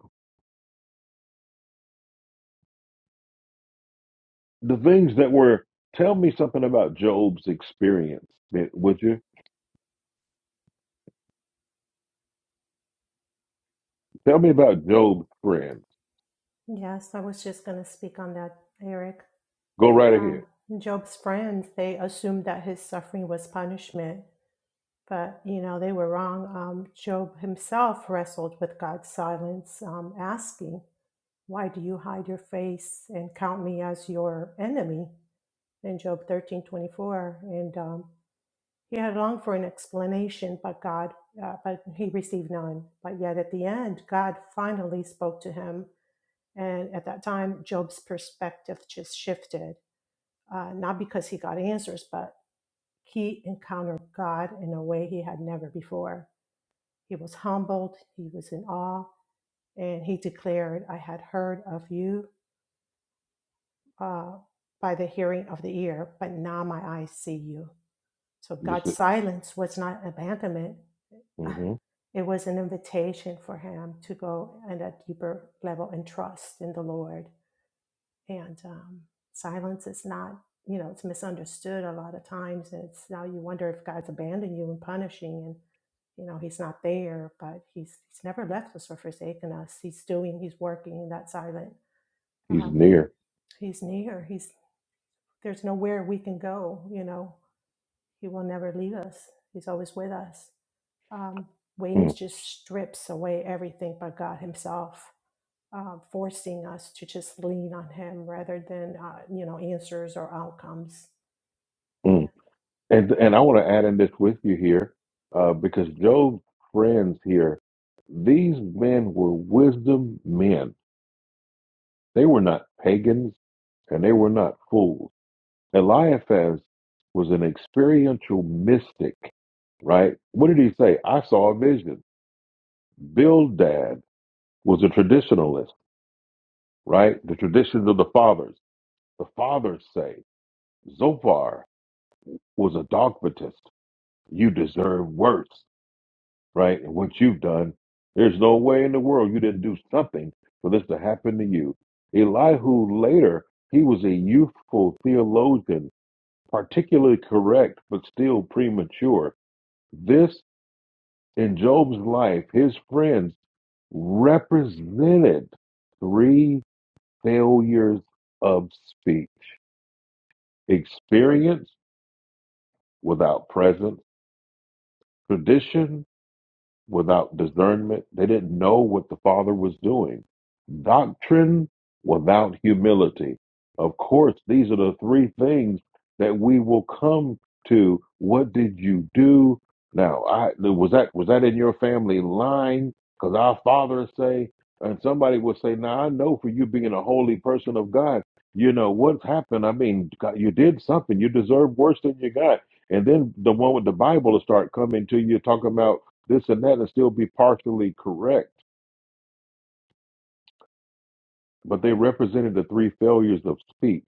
[SPEAKER 1] the things that were tell me something about job's experience eh, would you tell me about job's friends
[SPEAKER 9] Yes, I was just going to speak on that, Eric.
[SPEAKER 1] go right ahead
[SPEAKER 9] Um, Job's friends, they assumed that his suffering was punishment, but you know, they were wrong. Um, Job himself wrestled with God's silence, um, asking, Why do you hide your face and count me as your enemy? In Job thirteen twenty four, And um, he had longed for an explanation, but God, uh, but he received none. But yet at the end, God finally spoke to him and at that time, Job's perspective just shifted, uh, not because he got answers, but he encountered God in a way he had never before. He was humbled, he was in awe, and he declared, I had heard of you uh, by the hearing of the ear, but now my eyes see you. So
[SPEAKER 1] just
[SPEAKER 9] God's silence was not abandonment,
[SPEAKER 1] mm-hmm.
[SPEAKER 9] it was an invitation for him to go at a deeper level and trust in the Lord. and um, silence is not you know it's misunderstood a lot of times and it's now you wonder if god's abandoned you and punishing and you know he's not there but he's he's never left us or forsaken us he's doing he's working in that silent
[SPEAKER 1] he's
[SPEAKER 9] um,
[SPEAKER 1] near
[SPEAKER 9] he's near he's there's nowhere we can go you know he will never leave us he's always with us um, waiting
[SPEAKER 1] mm
[SPEAKER 9] just strips away everything but god himself uh, forcing us to just lean on him rather than uh, you know answers or outcomes yeah
[SPEAKER 1] mm. and and i want to add in this with you here uh, because job's friends here these men were wisdom men they were not pagans and they were not fools eliphaz was an experiential mystic right what did he say i saw a vision bildad was a traditionalist, right? The traditions of the fathers. The fathers say Zophar was a dogmatist. You deserve worse, right? And what you've done, there's no way in the world you didn't do something for this to happen to you. Elihu later, he was a youthful theologian, particularly correct, but still premature. This, in Job's life, his friends represented three failures of speech, experience without presence, tradition without discernment. They didn't know what the Father was doing. Doctrine without humility. Of course, these are the three things that we will come to. What did you do? Now, I was that was that in your family line? Because our fathers say, and somebody would say, "Now I know for you being a holy person of God, you know what's happened. I mean, God, you did something. You deserve worse than you got." And then the one with the Bible will start coming to you talking about this and that and still be partially correct, but they represented the three failures of speech.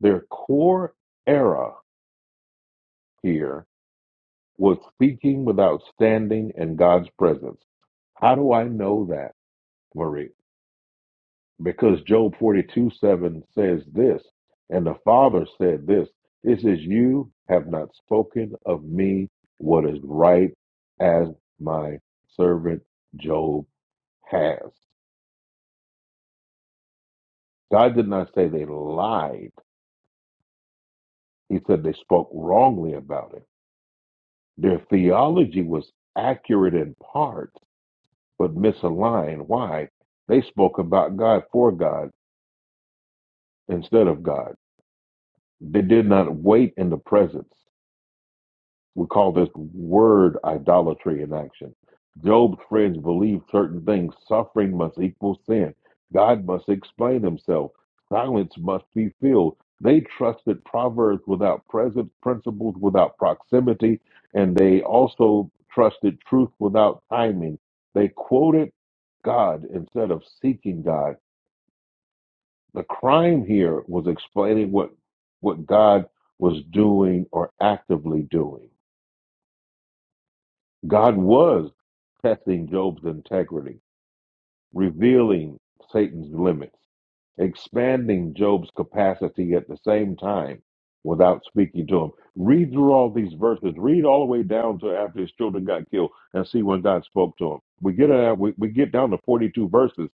[SPEAKER 1] Their core error here was speaking without standing in God's presence. How do I know that, Marie? Because Job 42 7 says this, and the Father said this. It says, You have not spoken of me what is right as my servant Job has. God did not say they lied. He said they spoke wrongly about him. Their theology was accurate in parts, but misaligned. Why? They spoke about God for God instead of God. They did not wait in the presence. We call this word idolatry in action. Job's friends believed certain things. Suffering must equal sin. God must explain himself. Silence must be filled. They trusted proverbs without presence, principles without proximity, and they also trusted truth without timing. They quoted God instead of seeking God. The crime here was explaining what what God was doing or actively doing. God was testing Job's integrity, revealing Satan's limits, expanding Job's capacity at the same time without speaking to him. Read through all these verses, read all the way down to after his children got killed and see when God spoke to him. We get uh, we, we get down to 42 verses,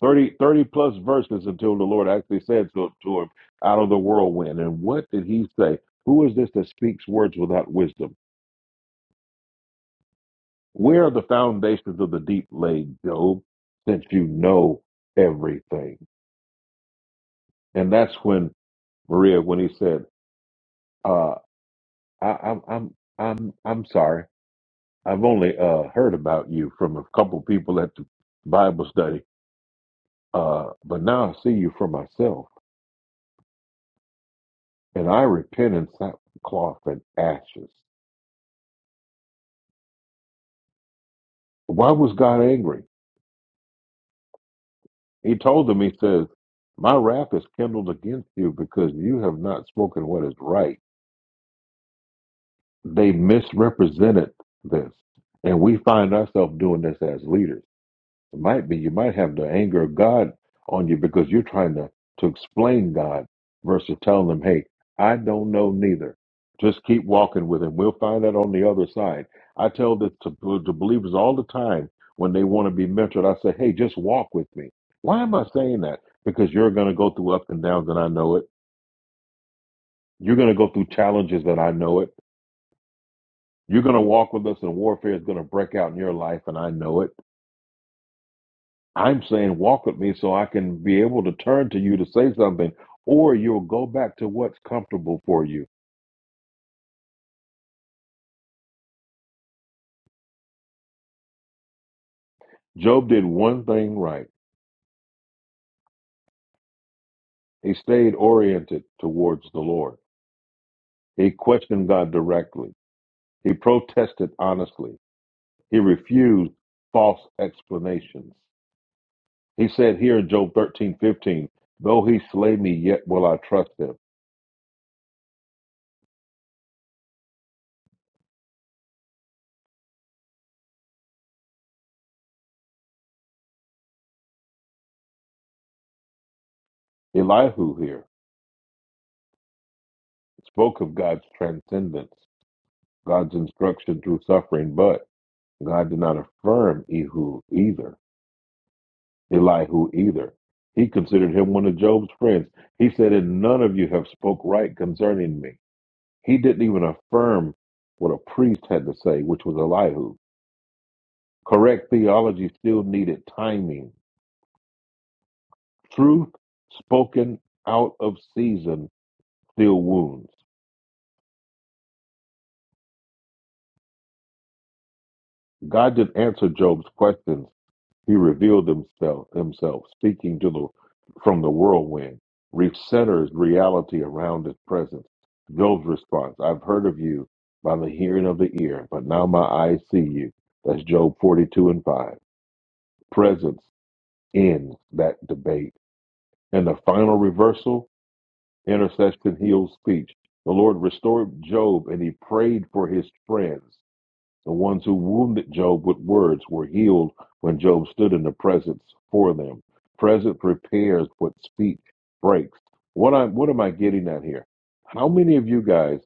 [SPEAKER 1] 30 30 plus verses until the Lord actually said to, to him, out of the whirlwind. And what did he say? Who is this that speaks words without wisdom? Where are the foundations of the deep laid, Job, since you know everything? And that's when Maria, when he said, uh, I, I'm, I'm, I'm, I'm sorry. I've only uh, heard about you from a couple people at the Bible study, uh, but now I see you for myself, and I repent in sackcloth and ashes. Why was God angry? He told them, He says, My wrath is kindled against you because you have not spoken what is right They misrepresented this. And we find ourselves doing this as leaders. It might be you might have the anger of God on you because you're trying to, to explain God versus telling them, hey, I don't know neither. Just keep walking with him. We'll find that on the other side. I tell this to, to believers all the time when they want to be mentored. I say, hey, just walk with me. Why am I saying that? Because you're going to go through ups and downs, and I know it. You're going to go through challenges, and I know it You're going to walk with us, and warfare is going to break out in your life, and I know it. I'm saying, walk with me so I can be able to turn to you to say something, or you'll go back to what's comfortable for you. Job did one thing right. He stayed oriented towards the Lord. He questioned God directly. He protested honestly. He refused false explanations. He said here in Job 13:15, though he slay me, yet will I trust him. Elihu here spoke of God's transcendence. God's instruction through suffering, but God did not affirm Ehud either, Elihu either. He considered him one of Job's friends. He said, And none of you have spoke right concerning me. He didn't even affirm what a priest had to say, which was Elihu. Correct theology still needed timing. Truth spoken out of season still wounds. God didn't answer Job's questions He revealed himself, himself speaking to the, from the whirlwind, recenters reality around his presence. Job's response, I've heard of you by the hearing of the ear, but now my eyes see you. That's Job 42 and 5. Presence ends that debate. And the final reversal, intercession heals speech. The Lord restored Job and he prayed for his friends. The ones who wounded Job with words were healed when Job stood in the presence for them. Presence repairs what speech breaks. What I what am I getting at here? How many of you guys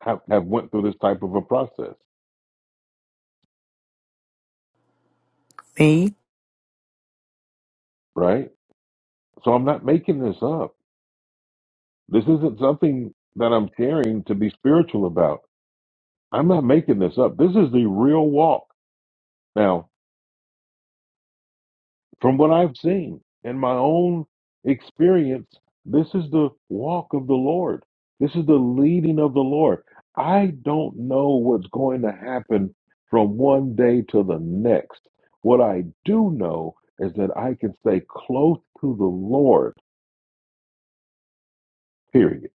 [SPEAKER 1] have, have went through this type of a process,
[SPEAKER 10] Me?
[SPEAKER 1] right? So I'm not making this up. This isn't something that I'm sharing to be spiritual about. I'm not making this up. This is the real walk. Now, From what I've seen in my own experience, this is the walk of the Lord. This is the leading of the Lord. I don't know what's going to happen from one day to the next. What I do know is that I can stay close to the Lord, period.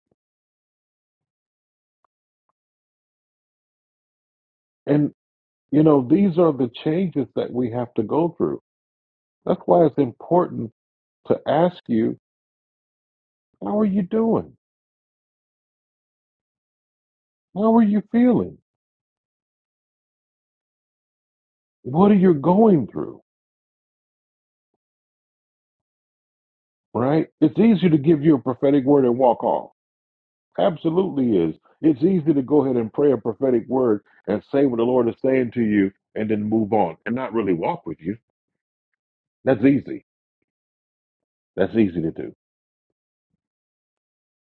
[SPEAKER 1] And, you know, these are the changes that we have to go through. That's why it's important to ask you, how are you doing? How are you feeling? What are you going through? right? It's easier to give you a prophetic word and walk off. Absolutely is. It's easy to go ahead and pray a prophetic word and say what the Lord is saying to you and then move on and not really walk with you. That's easy. That's easy to do.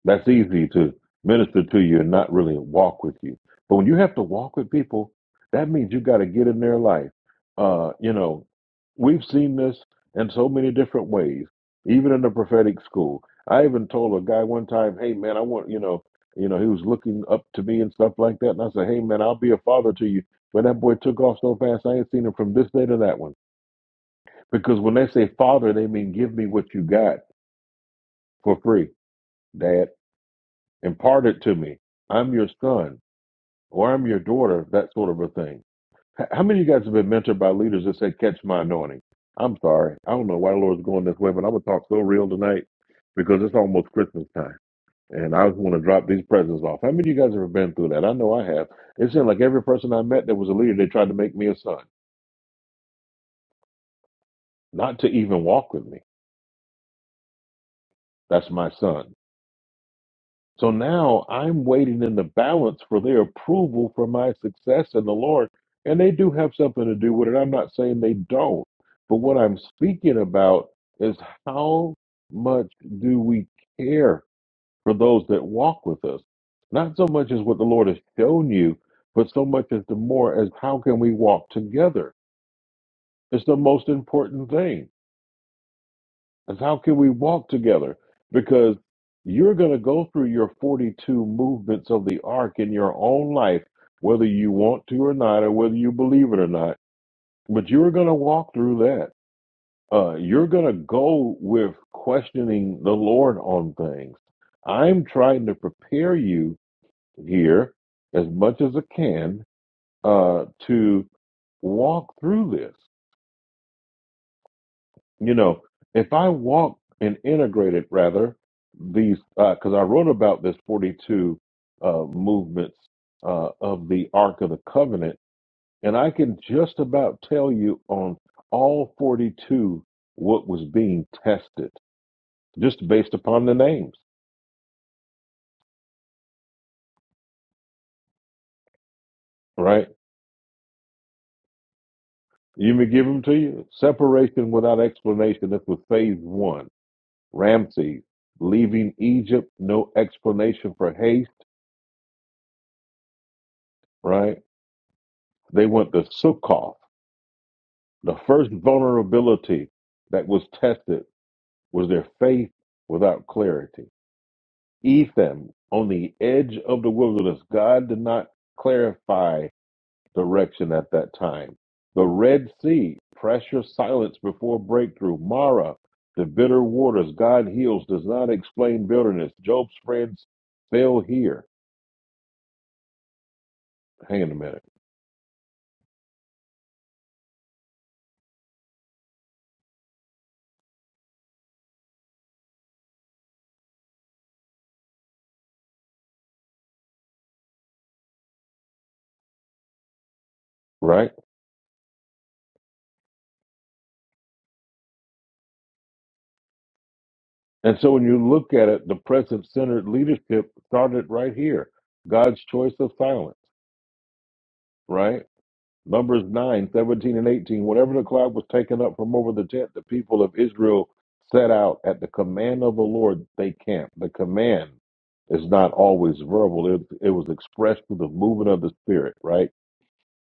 [SPEAKER 1] That's easy to minister to you and not really walk with you. But when you have to walk with people, that means you got to get in their life. Uh, you know, we've seen this in so many different ways, even in the prophetic school. I even told a guy one time, "Hey, man, I want you know, you know, he was looking up to me and stuff like that." And I said, "Hey, man, I'll be a father to you." But that boy took off so fast, I ain't seen him from this day to that one. Because when they say father, they mean give me what you got for free, dad. Impart it to me. I'm your son or I'm your daughter, that sort of a thing. H- How many of you guys have been mentored by leaders that say, catch my anointing? I'm sorry. I don't know why the Lord's going this way, but I'm going to talk so real tonight because it's almost Christmas time. And I just want to drop these presents off. How many of you guys have been through that? I know I have. It seemed like every person I met that was a leader, they tried to make me a son, not to even walk with me. That's my son. So now I'm waiting in the balance for their approval for my success in the Lord. And they do have something to do with it. I'm not saying they don't. But what I'm speaking about is how much do we care for those that walk with us? Not so much as what the Lord has shown you, but so much as the more as how can we walk together? It's the most important thing and how can we walk together? Because you're going to go through your 42 movements of the ark in your own life, whether you want to or not, or whether you believe it or not. But you're going to walk through that. Uh, you're going to go with questioning the Lord on things. I'm trying to prepare you here as much as I can uh, to walk through this you know, if I walk and integrated rather these, because I wrote about this 42 uh, movements uh, of the Ark of the Covenant, and I can just about tell you on all 42 what was being tested, just based upon the names, right? You may give them to you. Separation without explanation. This was phase one. Ramses leaving Egypt, no explanation for haste, right? They went to Sukkoth The first vulnerability that was tested was their faith without clarity. Ethan, on the edge of the wilderness, God did not clarify direction at that time. The Red Sea, pressure silence before breakthrough. Mara, the bitter waters, God heals, does not explain bitterness. Job's friends fail here. Hang on a minute, right? And so when you look at it, the present centered leadership started right here. God's choice of silence. right? Numbers 9, 17, and 18. Whenever the cloud was taken up from over the tent, the people of Israel set out at the command of the Lord, they camped. The command is not always verbal, it, it was expressed through the movement of the Spirit, right?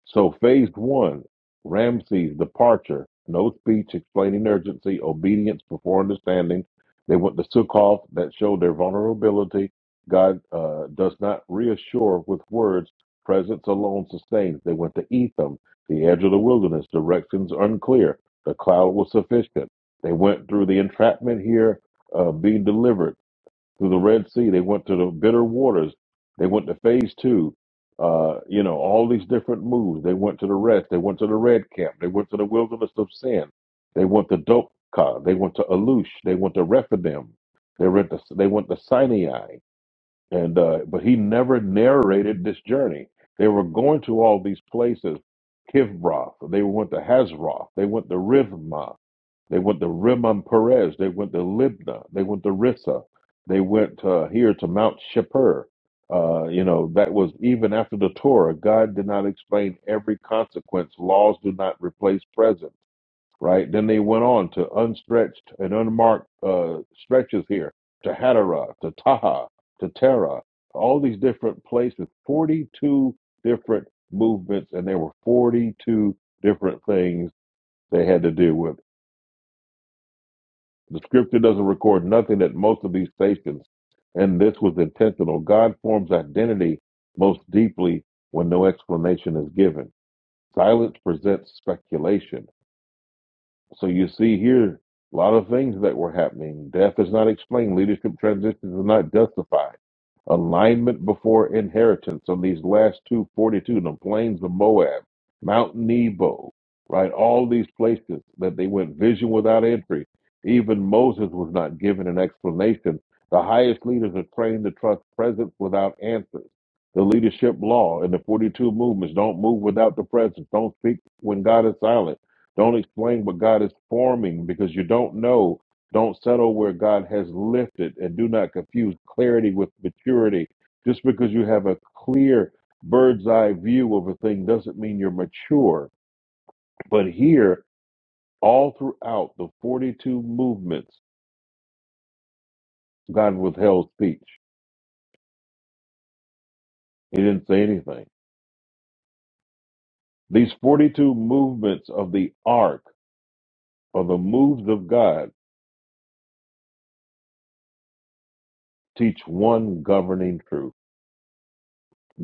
[SPEAKER 1] So phase one, Ramses' departure, no speech explaining urgency, obedience before understanding. They went to Sukkoth that showed their vulnerability. God uh, does not reassure with words. Presence alone sustains. They went to Etham, the edge of the wilderness, directions unclear. The cloud was sufficient. They went through the entrapment here, uh, being delivered through the Red Sea. They went to the bitter waters. They went to phase two. Uh, you know, all these different moves. They went to the rest. They went to the red camp. They went to the wilderness of sin. They went to Dopka. They went to Alush. They went to Rephidim. They went to, they went to Sinai. And uh, but he never narrated this journey. They were going to all these places. Kivroth. They went to Hazroth. They went to Rivma. They went to Rimon Perez. They went to Libna. They went to Rissa. They went uh, here to Mount Shapur. Uh, you know, that was even after the Torah. God did not explain every consequence. Laws do not replace present, right? Then they went on to unstretched and unmarked uh, stretches here to Hadara, to Taha, to Terra, all these different places, 42 different movements, and there were 42 different things they had to deal with. The scripture doesn't record nothing at most of these stations, and this was intentional. God forms identity most deeply when no explanation is given. Silence presents speculation. So you see here a lot of things that were happening. Death is not explained. Leadership transitions are not justified. Alignment before inheritance on these last two forty-two, the plains of Moab, Mount Nebo, right? All these places that they went vision without entry. Even Moses was not given an explanation. The highest leaders are trained to trust presence without answers. The leadership law in the 42 movements don't move without the presence. Don't speak when God is silent don't explain what God is forming because you don't know. Don't settle where God has lifted and do not confuse clarity with maturity. Just because you have a clear bird's eye view of a thing doesn't mean you're mature. But here, all throughout the 42 movements, God withheld speech. He didn't say anything. These 42 movements of the ark or the moves of God teach one governing truth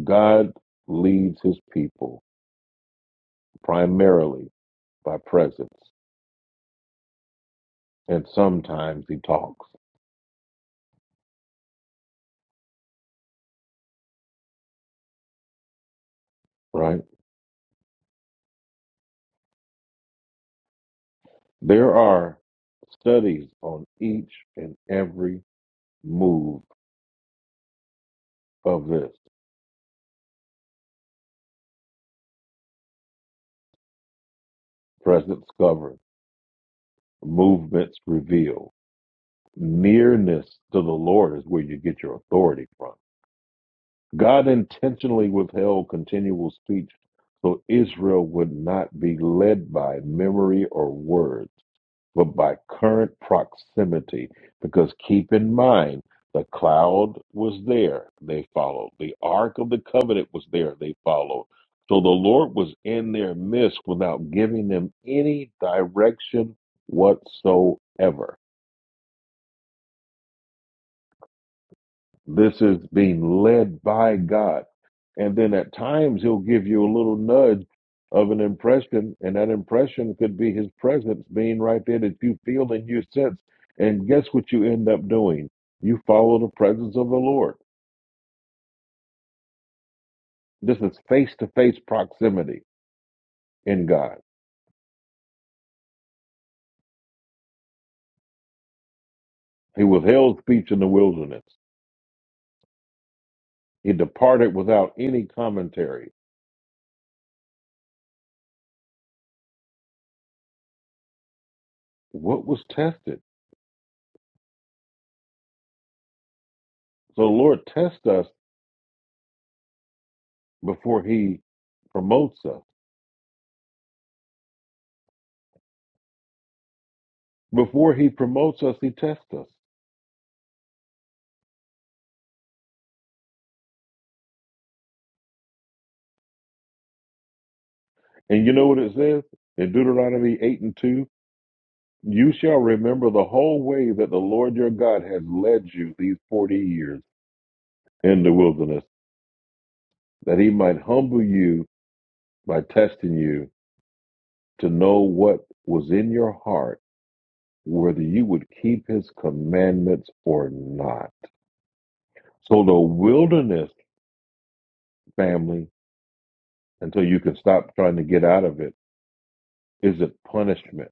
[SPEAKER 1] God leads his people. primarily by presence, and sometimes he talks, right? There are studies on each and every move of this presence covered, movements revealed. Nearness to the Lord is where you get your authority from. God intentionally withheld continual speech so Israel would not be led by memory or words. but by current proximity. Because keep in mind, the cloud was there, they followed. The Ark of the Covenant was there, they followed. So the Lord was in their midst without giving them any direction whatsoever. This is being led by God. And then at times he'll give you a little nudge of an impression, and that impression could be his presence being right there that you feel and you sense. And guess what you end up doing? You follow the presence of the Lord. This is face to face proximity in God. He withheld speech in the wilderness. He departed without any commentary. What was tested? So the Lord tests us before he promotes us. Before he promotes us, he tests us. And you know what it says in Deuteronomy 8 and 2? You shall remember the whole way that the Lord your God has led you these 40 years in the wilderness, that he might humble you by testing you to know what was in your heart, whether you would keep his commandments or not. So the wilderness, family, until you can stop trying to get out of it, isn't punishment.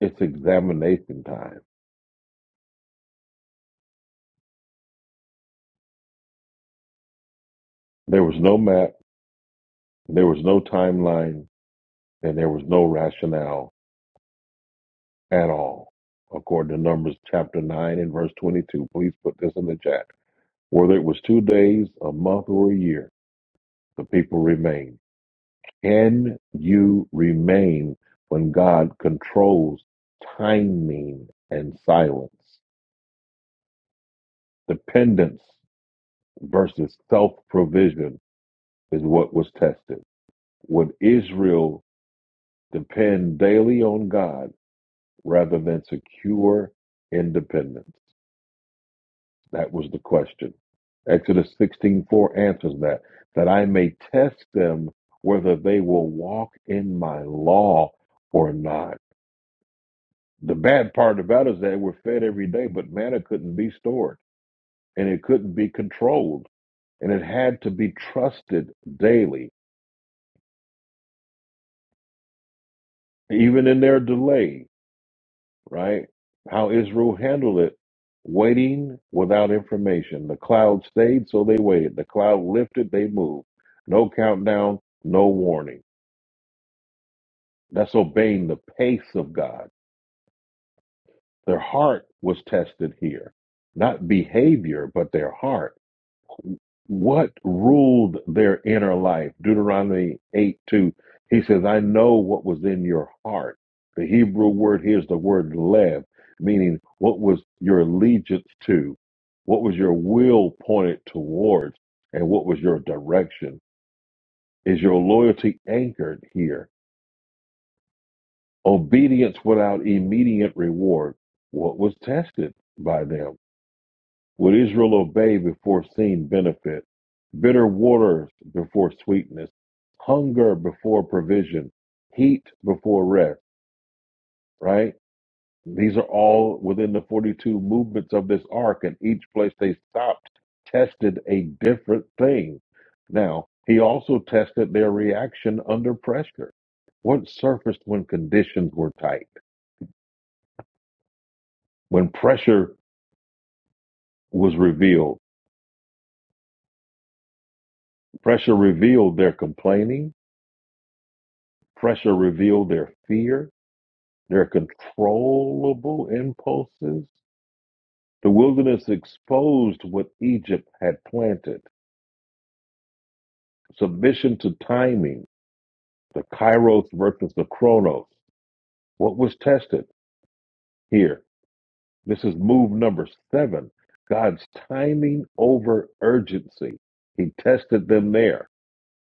[SPEAKER 1] It's examination time. There was no map. There was no timeline and there was no rationale at all. According to Numbers chapter 9 and verse 22, please put this in the chat. Whether it was two days, a month, or a year, the people remained. Can you remain when God controls timing and silence? Dependence versus self provision is what was tested. Would Israel depend daily on God? rather than secure independence? That was the question. Exodus 16:4 answers that, that I may test them whether they will walk in my law or not. The bad part about it is that we're fed every day, but manna couldn't be stored and it couldn't be controlled and it had to be trusted daily, even in their delay. right? How Israel handled it, waiting without information. The cloud stayed, so they waited. The cloud lifted, they moved. No countdown, no warning. That's obeying the pace of God. Their heart was tested here, not behavior, but their heart what ruled their inner life. Deuteronomy 8 2, he says, I know what was in your heart. The Hebrew word here is the word lev, meaning what was your allegiance to, what was your will pointed towards, and what was your direction. Is your loyalty anchored here? Obedience without immediate reward, what was tested by them? Would Israel obey before seen benefit, bitter waters before sweetness, hunger before provision, heat before rest, right? These are all within the 42 movements of this ark, and each place they stopped tested a different thing. Now, he also tested their reaction under pressure. What surfaced when conditions were tight? When pressure was revealed? Pressure revealed their complaining Pressure revealed their fear, their controllable impulses. The wilderness exposed what Egypt had planted. Submission to timing, the kairos versus the chronos. What was tested here? This is move number seven God's timing over urgency. He tested them there.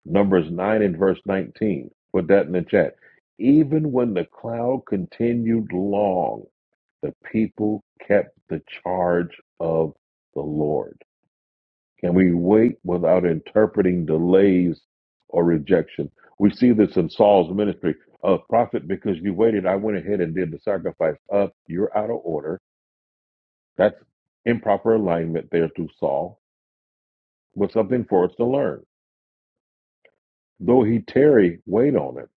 [SPEAKER 1] Numbers 9 and verse 19. Put that in the chat. Even when the cloud continued long. The people kept the charge of the Lord. Can we wait without interpreting delays or rejection? We see this in Saul's ministry. Uh, prophet, because you waited, I went ahead and did the sacrifice. Up, you're out of order. That's improper alignment there through Saul, but something for us to learn. Though he tarry, wait on it.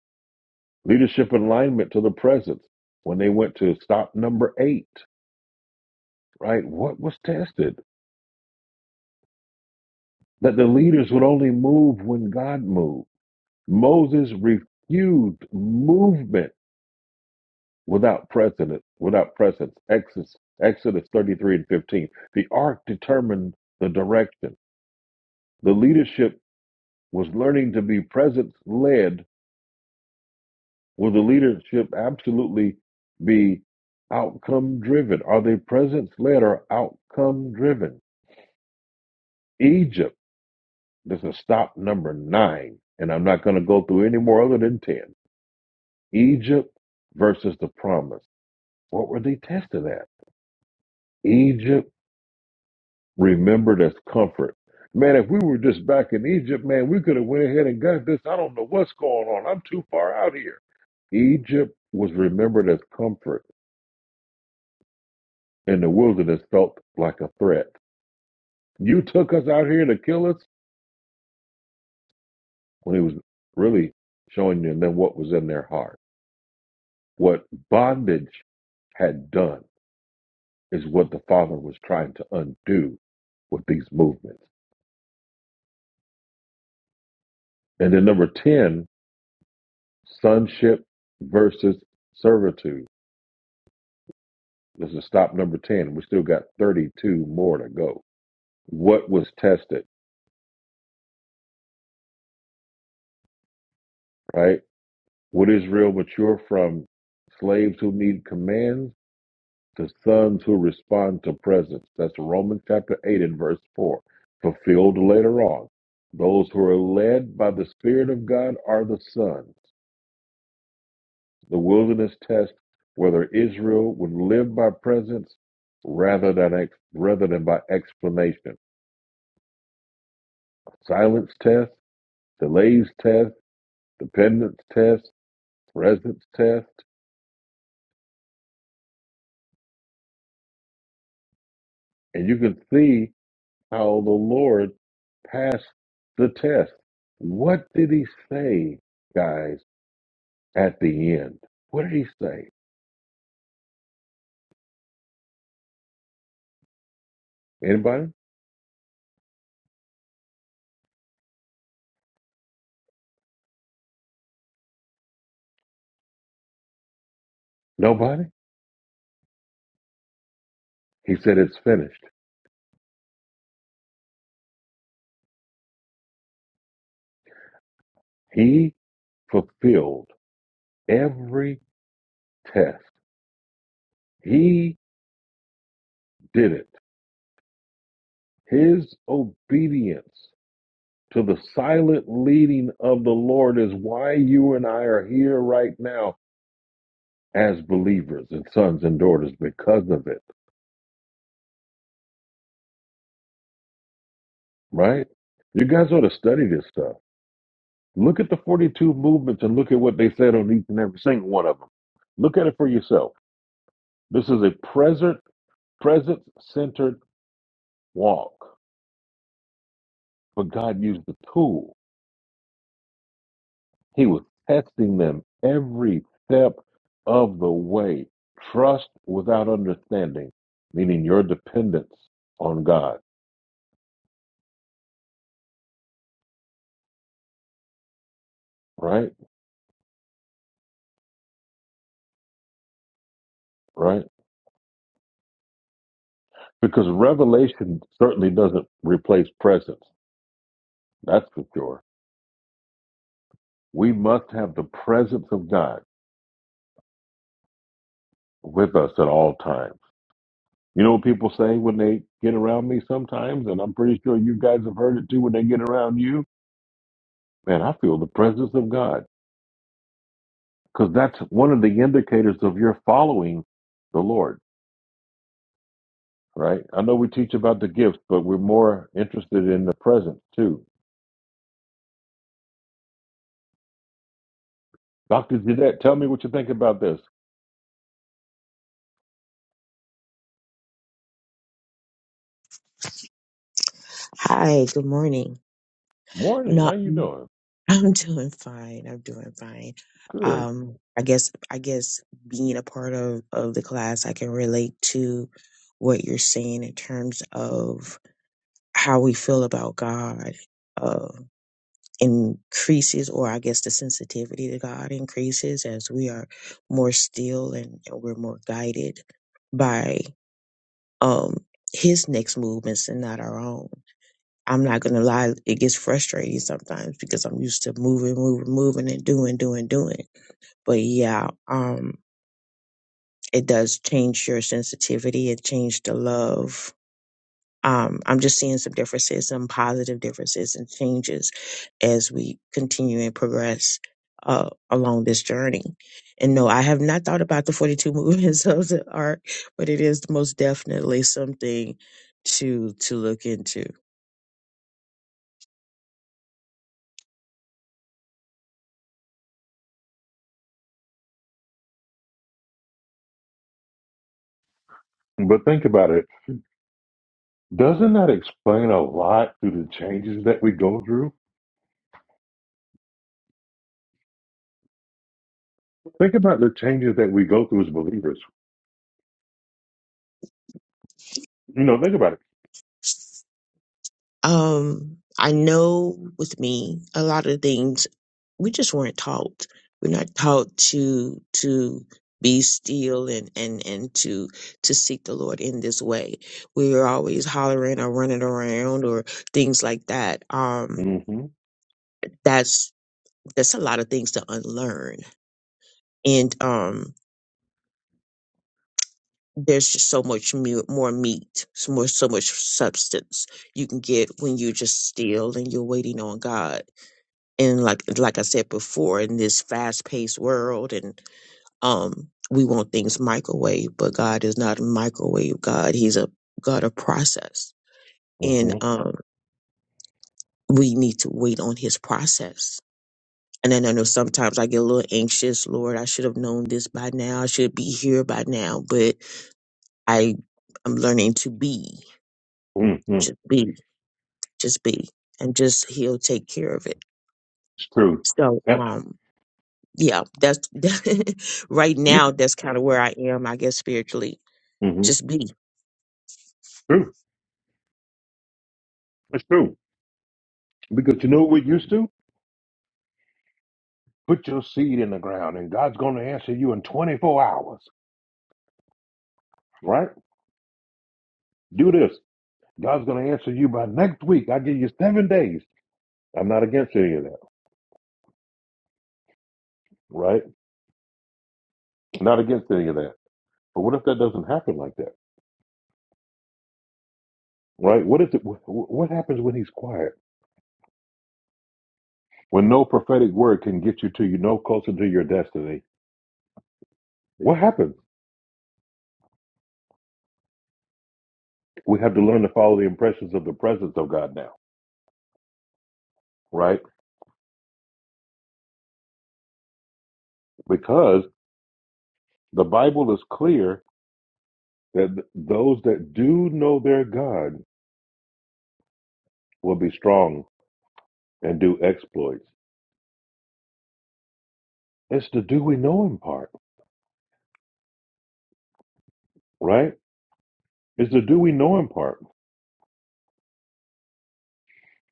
[SPEAKER 1] Leadership alignment to the presence. When they went to stop number eight, right? What was tested? that the leaders would only move when God moved. Moses refused movement without precedent, without precedence. Exodus, Exodus 33 and 15. The ark determined the direction. The leadership was learning to be presence led. Will the leadership absolutely be outcome driven? Are they presence led or outcome driven? Egypt, this is stop number nine, and I'm not going to go through any more other than 10 Egypt versus the promise. What were they tested at? Egypt remembered as comfort. Man, if we were just back in Egypt, man, we could have went ahead and got this. I don't know what's going on. I'm too far out here. Egypt was remembered as comfort, and the wilderness felt like a threat. You took us out here to kill us when he was really showing them what was in their heart. What bondage had done is what the father was trying to undo with these movements. And then number 10, sonship versus servitude. This is stop number 10. We still got 32 more to go. What was tested, right? Would Israel mature from slaves who need commands to sons who respond to presence? That's Romans chapter 8 and verse 4. Fulfilled later on. Those who are led by the Spirit of God are the sons. The wilderness test whether Israel would live by presence rather than ex- rather than by explanation. Silence test, delays test, dependence test, presence test, and you can see how the Lord passed the test. What did he say, guys, at the end? What did he say? Anybody? Nobody? He said it's finished. He fulfilled every test. He did it. His obedience to the silent leading of the Lord is why you and I are here right now as believers and sons and daughters because of it, right? You guys ought to study this stuff. Look at the 42 movements and look at what they said on each and every single one of them. Look at it for yourself. This is a present presence centered walk, but God used the tool. He was testing them every step of the way. Trust without understanding, meaning your dependence on God, right? Right? Because revelation certainly doesn't replace presence. That's for sure. We must have the presence of God with us at all times. You know what people say when they get around me sometimes, and I'm pretty sure you guys have heard it too when they get around you? Man, I feel the presence of God. because that's one of the indicators of your following the Lord, right? I know we teach about the gifts, but we're more interested in the present too. Dr. Jeanette, tell me what you think about this.
[SPEAKER 11] Hi, good morning.
[SPEAKER 1] Morning,
[SPEAKER 11] No,
[SPEAKER 1] how you doing?
[SPEAKER 11] I'm doing fine. I'm doing fine.
[SPEAKER 1] Good.
[SPEAKER 11] Um, I guess I guess being a part of of the class, I can relate to what you're saying in terms of how we feel about God uh, increases, or I guess the sensitivity to God increases as we are more still and, and we're more guided by um His next movements and not our own I'm not gonna lie, it gets frustrating sometimes because I'm used to moving, moving, moving and doing, doing, doing. But yeah, um, it does change your sensitivity, it changed the love. Um, I'm just seeing some differences, some positive differences and changes as we continue and progress uh, along this journey. And no, I have not thought about the 42 movements of the art, but it is most definitely something to to look into.
[SPEAKER 1] But think about it. Doesn't that explain a lot to the changes that we go through? Think about the changes that we go through as believers. You know, think about it.
[SPEAKER 11] Um, I know with me, a lot of things we just weren't taught. We're not taught to to be still and and and to to seek the Lord in this way. We were always hollering or running around or things like that. Um,
[SPEAKER 1] Mm-hmm.
[SPEAKER 11] that's that's a lot of things to unlearn, and um, there's just so much mu- more meat, so more so much substance you can get when you're just still and you're waiting on God and like like I said before, in this fast paced world, and um, we want things microwave, but God is not a microwave God. He's a God of process, and
[SPEAKER 1] Mm-hmm.
[SPEAKER 11] um, we need to wait on His process. And then I know sometimes I get a little anxious. Lord, I should have known this by now. I should be here by now. But I, I'm learning to be,
[SPEAKER 1] Mm-hmm.
[SPEAKER 11] just be, just be, and just He'll take care of it.
[SPEAKER 1] It's true.
[SPEAKER 11] So,
[SPEAKER 1] Yeah,
[SPEAKER 11] um, yeah, that's right
[SPEAKER 1] you,
[SPEAKER 11] now. That's kind of where I am, I guess, spiritually.
[SPEAKER 1] mm-hmm.
[SPEAKER 11] Just be.
[SPEAKER 1] True. It's true. Because you know what we're used to? Put your seed in the ground and God's going to answer you in 24 hours, right? Do this. God's going to answer you by next week. I give you seven days. I'm not against any of that, right? Not against any of that. But what if that doesn't happen like that, right? What if the, what happens when he's quiet? When no prophetic word can get you to you no closer to your destiny? What happens? We have to learn to follow the impressions of the presence of God now, right? Because the Bible is clear that those that do know their God will be strong and do exploits. It's the do we know him part, right? It's the do we know him part.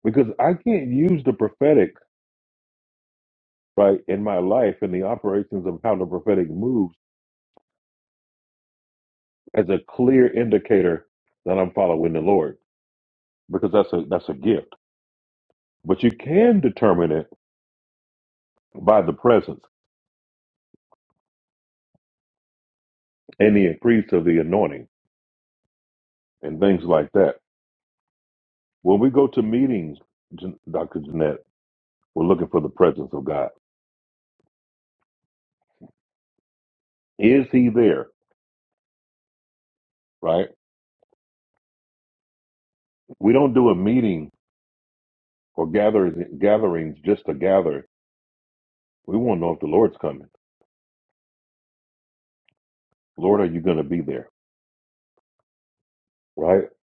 [SPEAKER 1] Because I can't use the prophetic, right, in my life and the operations of how the prophetic moves as a clear indicator that I'm following the Lord. Because that's a that's a gift. But you can determine it by the presence and the increase of the anointing and things like that. When we go to meetings, Jan- Dr. Jeanette, we're looking for the presence of God. Is he there? Right? We don't do a meeting or gatherings gatherings just to gather. We want to know if the Lord's coming. Lord, are you going to be there? Right? That's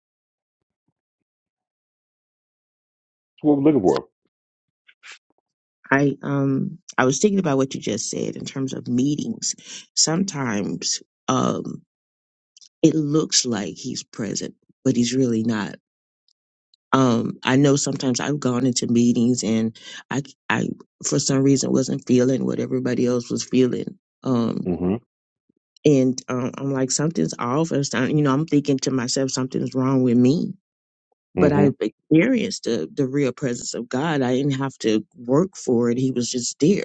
[SPEAKER 1] what we're looking for.
[SPEAKER 11] I um I was thinking about what you just said in terms of meetings. Sometimes um it looks like he's present, but he's really not. Um, I know sometimes I've gone into meetings and I I for some reason wasn't feeling what everybody else was feeling. Um,
[SPEAKER 1] Mm-hmm.
[SPEAKER 11] and um, I'm like something's off, and some- you know I'm thinking to myself something's wrong with me but I
[SPEAKER 1] Mm-hmm.
[SPEAKER 11] experienced the the real presence of God. I didn't have to work for it; He was just there.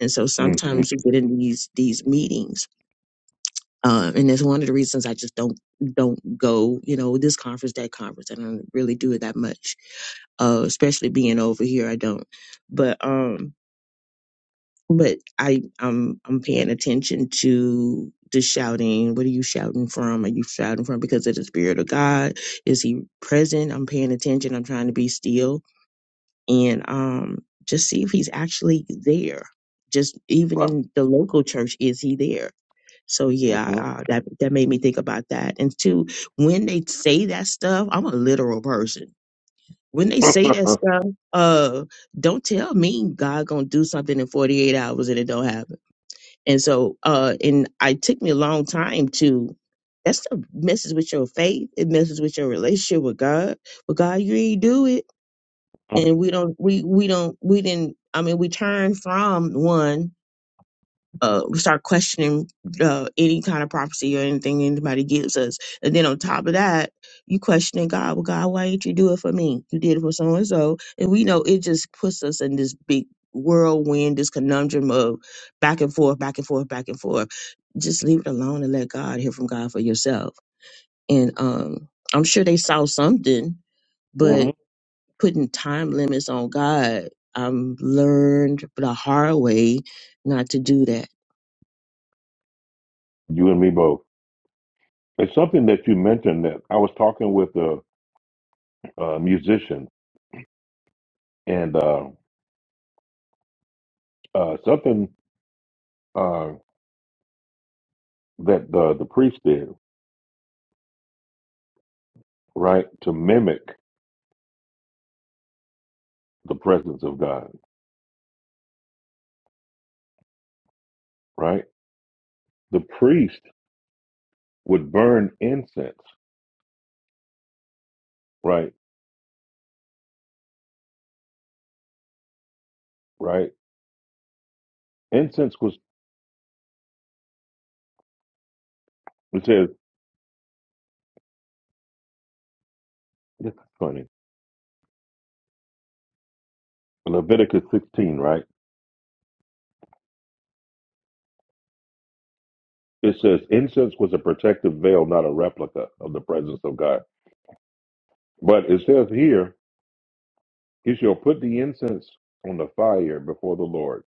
[SPEAKER 11] And so
[SPEAKER 1] Mm-hmm.
[SPEAKER 11] sometimes you get in these these meetings, um, and that's one of the reasons I just don't don't go. You know, this conference, that conference. I don't really do it that much, uh, especially being over here. I don't. But um, but I I'm I'm paying attention to the shouting. What are you shouting from? Are you shouting from because of the spirit of God? Is He present? I'm paying attention. I'm trying to be still and um, just see if he's actually there. Just even
[SPEAKER 1] Right.
[SPEAKER 11] in the local church, is he there? So yeah,
[SPEAKER 1] Mm-hmm.
[SPEAKER 11] uh, that that made me think about that. And two, when they say that stuff, I'm a literal person. When they say that stuff, uh, don't tell me God gonna do something in 48 hours and it don't happen. And so, uh, and it took me a long time to. That stuff messes with your faith. It messes with your relationship with God. But God, you ain't do it
[SPEAKER 1] mm
[SPEAKER 11] and we don't we we don't we didn't i mean we turn from one uh we start questioning uh any kind of prophecy or anything anybody gives us and then on top of that you questioning god well god why didn't you do it for me you did it for so and so and we know it just puts us in this big whirlwind this conundrum of back and forth back and forth back and forth just leave it alone and let god hear from god for yourself and um i'm sure they saw something
[SPEAKER 1] hmm
[SPEAKER 11] putting time limits on God. I've learned the hard way not to do that.
[SPEAKER 1] You and me both. It's something that you mentioned that I was talking with a, a musician and uh, uh, something uh, that the, the priest did, right, to mimic the presence of God, right? The priest would burn incense, right, right? Incense was, it says, this is funny. Leviticus 16, right? It says, incense was a protective veil, not a replica of the presence of God. But it says here, he shall put the incense on the fire before the Lord,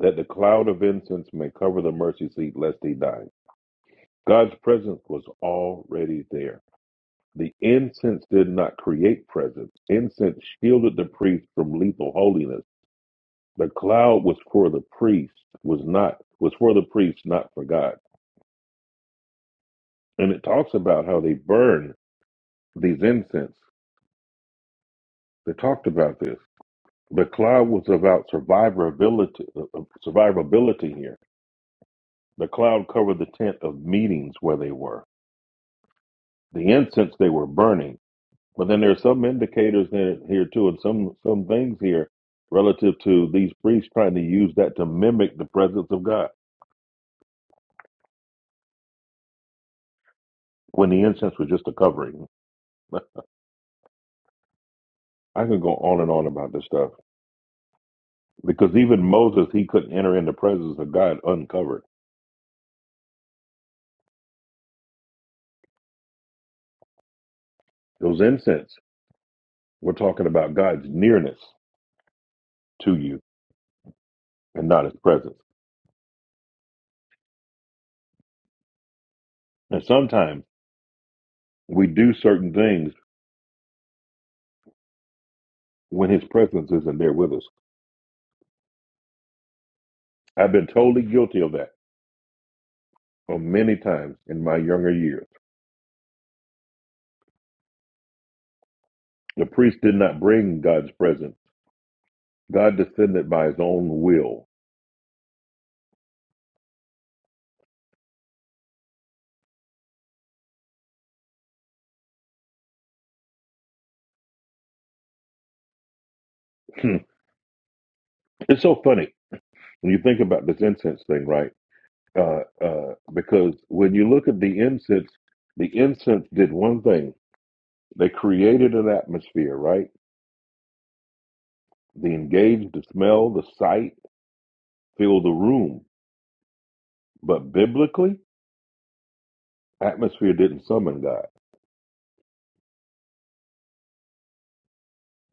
[SPEAKER 1] that the cloud of incense may cover the mercy seat, lest he die. God's presence was already there. The incense did not create presence. Incense shielded the priest from lethal holiness. The cloud was for the priest, was not was for the priest, not for God. And it talks about how they burn these incense. They talked about this. The cloud was about survivability, uh, uh, survivability here. The cloud covered the tent of meetings where they were, the incense they were burning. But then there are some indicators there, here too, and some, some things here relative to these priests trying to use that to mimic the presence of God when the incense was just a covering. I could go on and on about this stuff because even Moses, he couldn't enter in the presence of God uncovered. Those incense were talking about God's nearness to you and not his presence. And sometimes we do certain things when his presence isn't there with us. I've been totally guilty of that for many times in my younger years. The priest did not bring God's presence. God descended by his own will. it's so funny when you think about this incense thing, right? Uh, uh, because when you look at the incense, the incense did one thing. They created an atmosphere, right? The engaged the smell, the sight, fill the room. But biblically, atmosphere didn't summon God.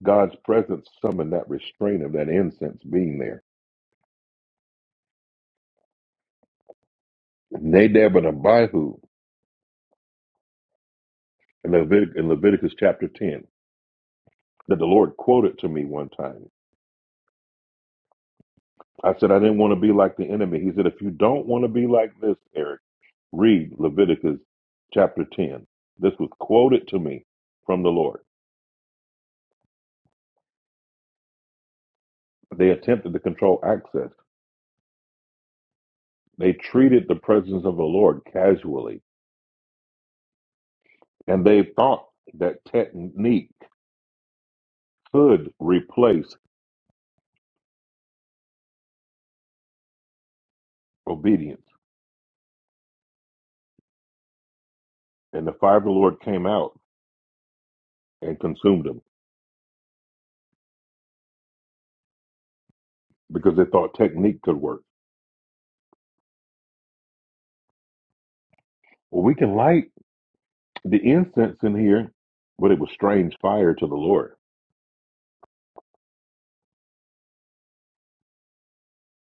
[SPEAKER 1] God's presence summoned that restraint of that incense being there. Nadab and Abihu in, Levit- in Leviticus chapter 10 that the Lord quoted to me one time. I said, I didn't want to be like the enemy. He said, if you don't want to be like this, Eric, read Leviticus chapter 10. This was quoted to me from the Lord. They attempted to control access They treated the presence of the Lord casually, and they thought that technique could replace obedience. And the fire of the Lord came out and consumed them because they thought technique could work. Well, we can light the incense in here, but it was strange fire to the Lord,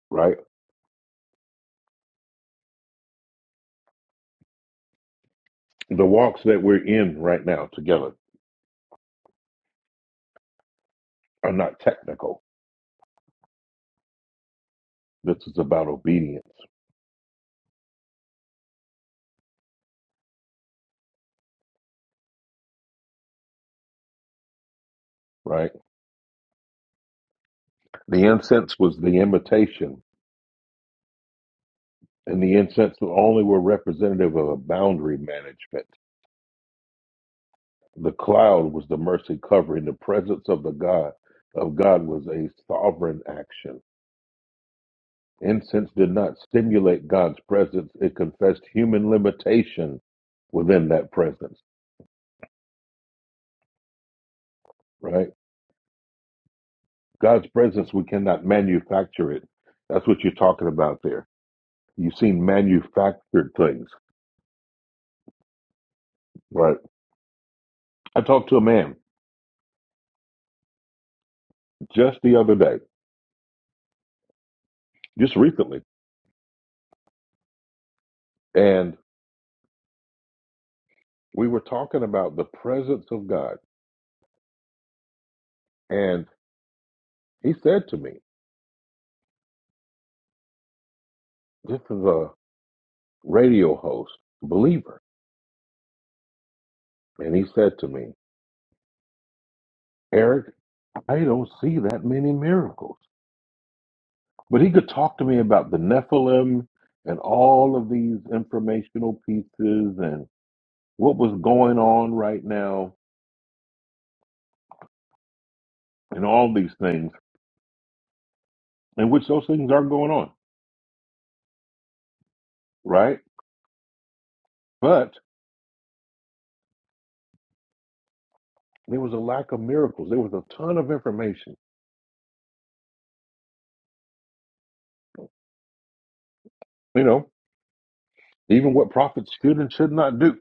[SPEAKER 1] right? The walks that we're in right now together are not technical. This is about obedience, right? The incense was the invitation, and the incense only were representative of a boundary management The cloud was the mercy covering. The presence of the God of God was a sovereign action. Incense did not stimulate God's presence. It confessed human limitation within that presence, right? God's presence, we cannot manufacture it. That's what you're talking about there. You've seen manufactured things, right? I talked to a man just the other day, just recently, and we were talking about the presence of God. And he said to me, This is a radio host, believer. And he said to me, Eric, I don't see that many miracles. But he could talk to me about the Nephilim and all of these informational pieces and what was going on right now and all these things, in which those things are going on, right? But there was a lack of miracles. There was a ton of information, you know, even what prophets should and should not do.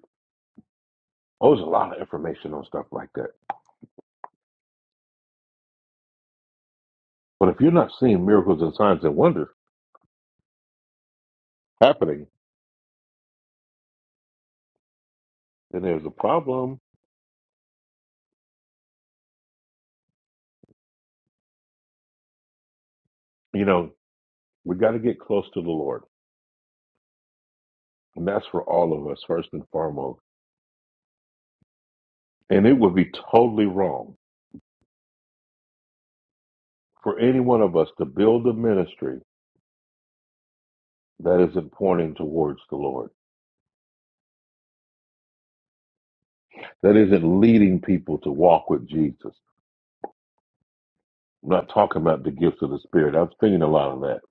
[SPEAKER 1] Oh, there's a lot of information on stuff like that. But if you're not seeing miracles and signs and wonders happening, then there's a problem. You know, we got to get close to the Lord. And that's for all of us, first and foremost. And it would be totally wrong for any one of us to build a ministry that isn't pointing towards the Lord, that isn't leading people to walk with Jesus. I'm not talking about the gifts of the Spirit. I've seen a lot of that.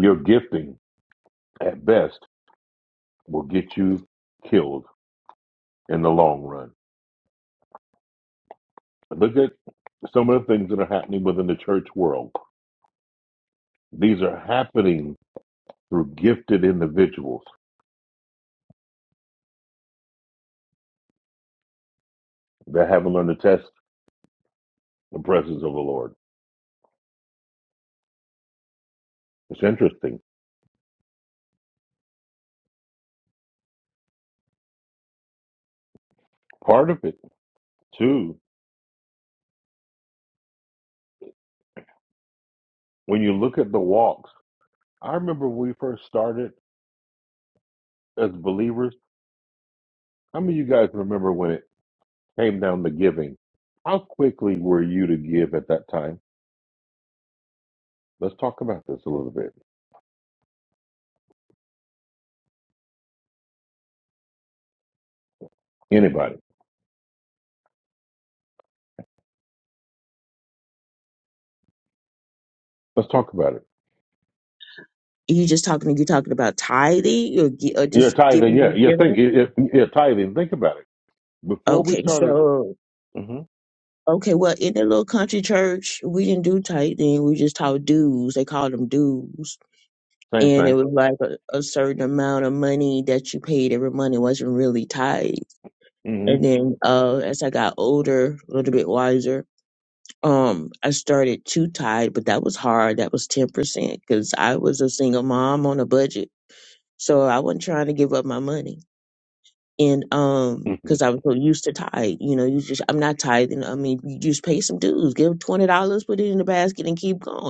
[SPEAKER 1] Your gifting, at best, will get you killed in the long run. Look at some of the things that are happening within the church world. These are happening. through gifted individuals that haven't learned to test the presence of the Lord. It's interesting. Part of it, too, when you look at the walks, I remember when we first started as believers. How many of you guys remember when it came down to giving? How quickly were you to give at that time? Let's talk about this a little bit. Anybody? Let's talk about it.
[SPEAKER 11] You just talking? You talking about tithing or, gi- or
[SPEAKER 1] Yeah,
[SPEAKER 11] just
[SPEAKER 1] tithing.
[SPEAKER 11] giving
[SPEAKER 1] Yeah,
[SPEAKER 11] in
[SPEAKER 1] yeah. Think,
[SPEAKER 11] general?
[SPEAKER 1] yeah, yeah, yeah, tithing. Think about it. Before we
[SPEAKER 11] Okay,
[SPEAKER 1] started,
[SPEAKER 11] so
[SPEAKER 1] hmm
[SPEAKER 11] okay, well, in the little country church, we didn't do tithing. We just taught dues. They called them dues,
[SPEAKER 1] same
[SPEAKER 11] and it was like a, a certain amount of money that you paid every month. It wasn't really tithe. And
[SPEAKER 1] thing.
[SPEAKER 11] then uh, as I got older, a little bit wiser, um i started too tied but that was hard that was 10% because i was a single mom on a budget so i wasn't trying to give up my money and um
[SPEAKER 1] hmm
[SPEAKER 11] because i was so used to tide you know you just i'm not tithing i mean you just pay some dues give $20 put it in the basket and keep going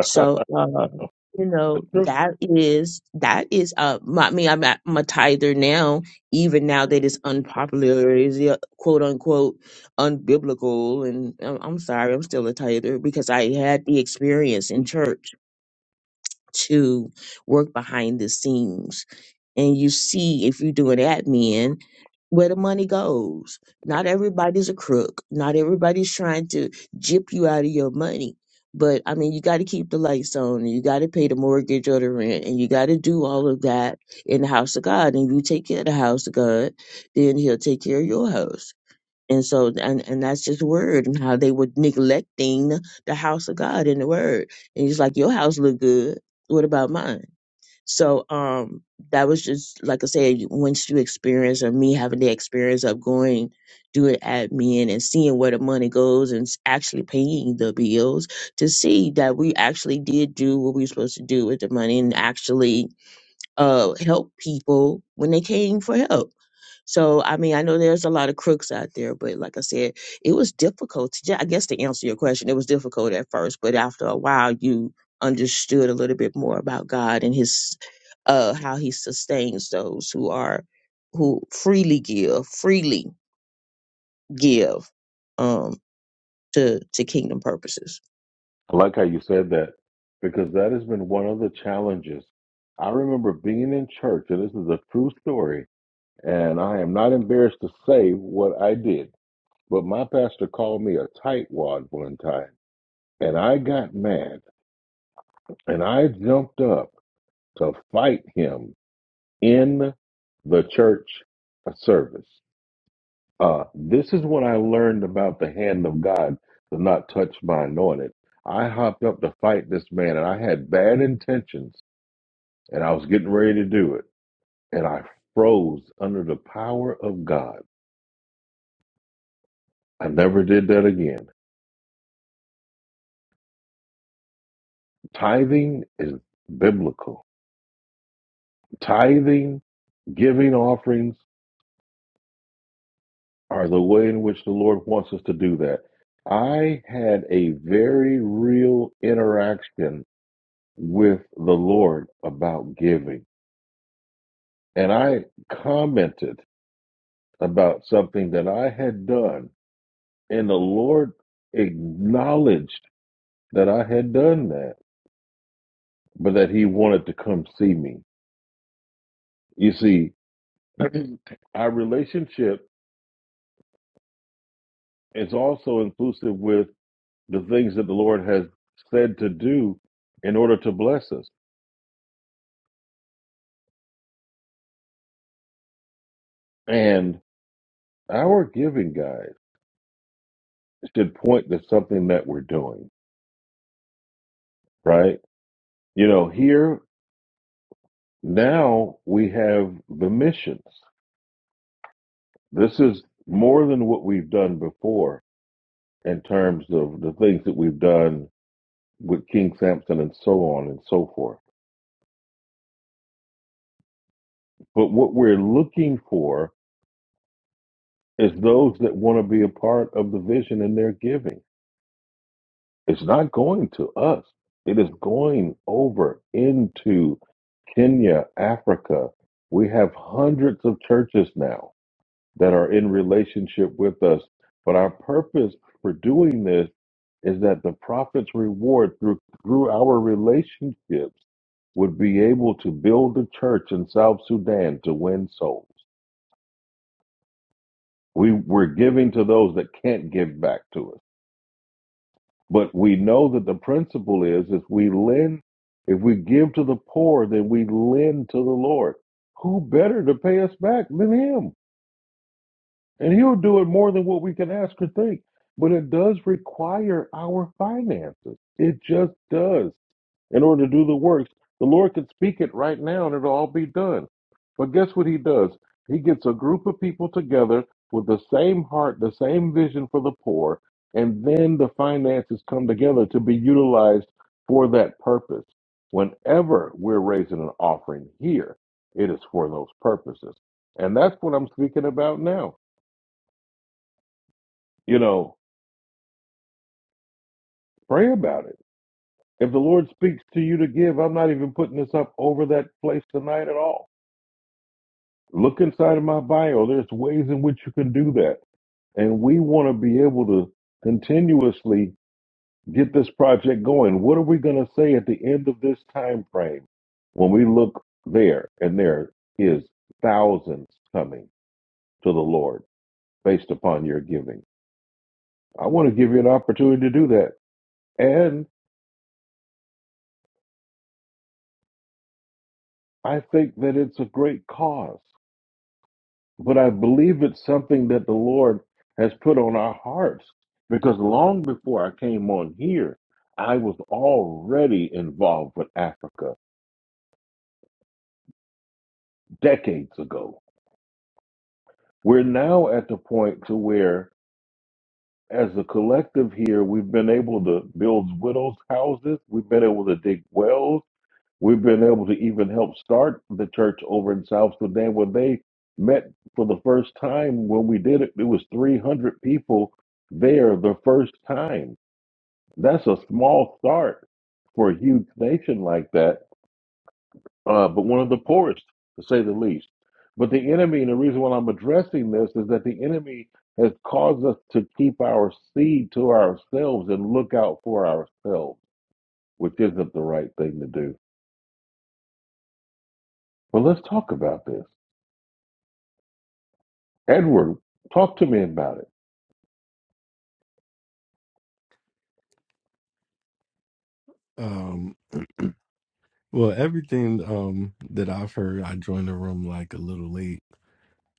[SPEAKER 11] so, um, you know,
[SPEAKER 1] True.
[SPEAKER 11] that is that is uh, my, I mean, I'm at my tither now. Even now that it's unpopular, is quote unquote unbiblical, and I'm, I'm sorry, I'm still a tither because I had the experience in church to work behind the scenes. And you see if you're doing admin where the money goes. Not everybody's a crook. Not everybody's trying to jip you out of your money. But I mean, you got to keep the lights on, and you got to pay the mortgage or the rent, and you got to do all of that in the house of God. And you take care of the house of God, then He'll take care of your house and so, and, and that's his word and how they were neglecting the house of God in the word. And he's like, your house look good. What about mine? So, um, that was just, like I said, once you experience or me having the experience of going, doing admin and seeing where the money goes and s- actually paying the bills to see that we actually did do what we were supposed to do with the money and actually uh, help people when they came for help. So, I mean, I know there's a lot of crooks out there, but like I said, it was difficult. To, ju- I guess to answer your question, it was difficult at first, but after a while, you understood a little bit more about God and His, uh, how He sustains those who are, who freely give, freely give, um, to to kingdom purposes.
[SPEAKER 1] I like how you said that because that has been one of the challenges. I remember being in church, and this is a true story, and I am not embarrassed to say what I did. But my pastor called me a tightwad one time, and I got mad, and I jumped up to fight him in the church service. Uh, this is when I learned about the hand of God to not touch my anointed. I hopped up to fight this man, and I had bad intentions and I was getting ready to do it, and I froze under the power of God. I never did that again. Tithing is biblical. Tithing, giving offerings are the way in which the Lord wants us to do that. I had a very real interaction with the Lord about giving, and I commented about something that I had done, and the Lord acknowledged that I had done that but that he wanted to come see me. You see, our relationship is also inclusive with the things that the Lord has said to do in order to bless us. And our giving guide should point to something that we're doing, right? You know, here now we have the missions. This is more than what we've done before in terms of the things that we've done with King Samson and so on and so forth But what we're looking for is those that want to be a part of the vision and their giving. It's not going to us, it is going over into Kenya, Africa. We have hundreds of churches now that are in relationship with us. But our purpose for doing this is that the prophet's reward through, through our relationships would be able to build a church in South Sudan to win souls. We we're giving to those that can't give back to us. But we know that the principle is if we lend if we give to the poor, then we lend to the Lord. Who better to pay us back than him? And he'll do it more than what we can ask or think. But it does require our finances. It just does in order to do the works. The Lord could speak it right now and it'll all be done. But guess what he does? He gets a group of people together with the same heart, the same vision for the poor, and then the finances come together to be utilized for that purpose. Whenever we're raising an offering here, it is for those purposes. And that's what I'm speaking about now. You know, pray about it. If the Lord speaks to you to give, I'm not even putting this up over that place tonight at all Look inside of my bio. There's ways in which you can do that. And we want to be able to continuously get this project going. What are we going to say at the end of this time frame when we look there and there is thousands coming to the Lord based upon your giving? I want to give you an opportunity to do that. And I think that it's a great cause. but I believe it's something that the Lord has put on our hearts because long before I came on here, I was already involved with Africa decades ago. We're now at the point to where as a collective here, we've been able to build widows' houses. We've been able to dig wells. We've been able to even help start the church over in South Sudan where they met for the first time. When we did it, it was 300 people there the first time. That's a small start for a huge nation like that, uh, but one of the poorest, to say the least. But the enemy, and the reason why I'm addressing this is that the enemy has caused us to keep our seed to ourselves and look out for ourselves, which isn't the right thing to do. But let's talk about this. Edward, talk to me about it.
[SPEAKER 12] Um, well, everything um that I've heard, I joined the room like a little late,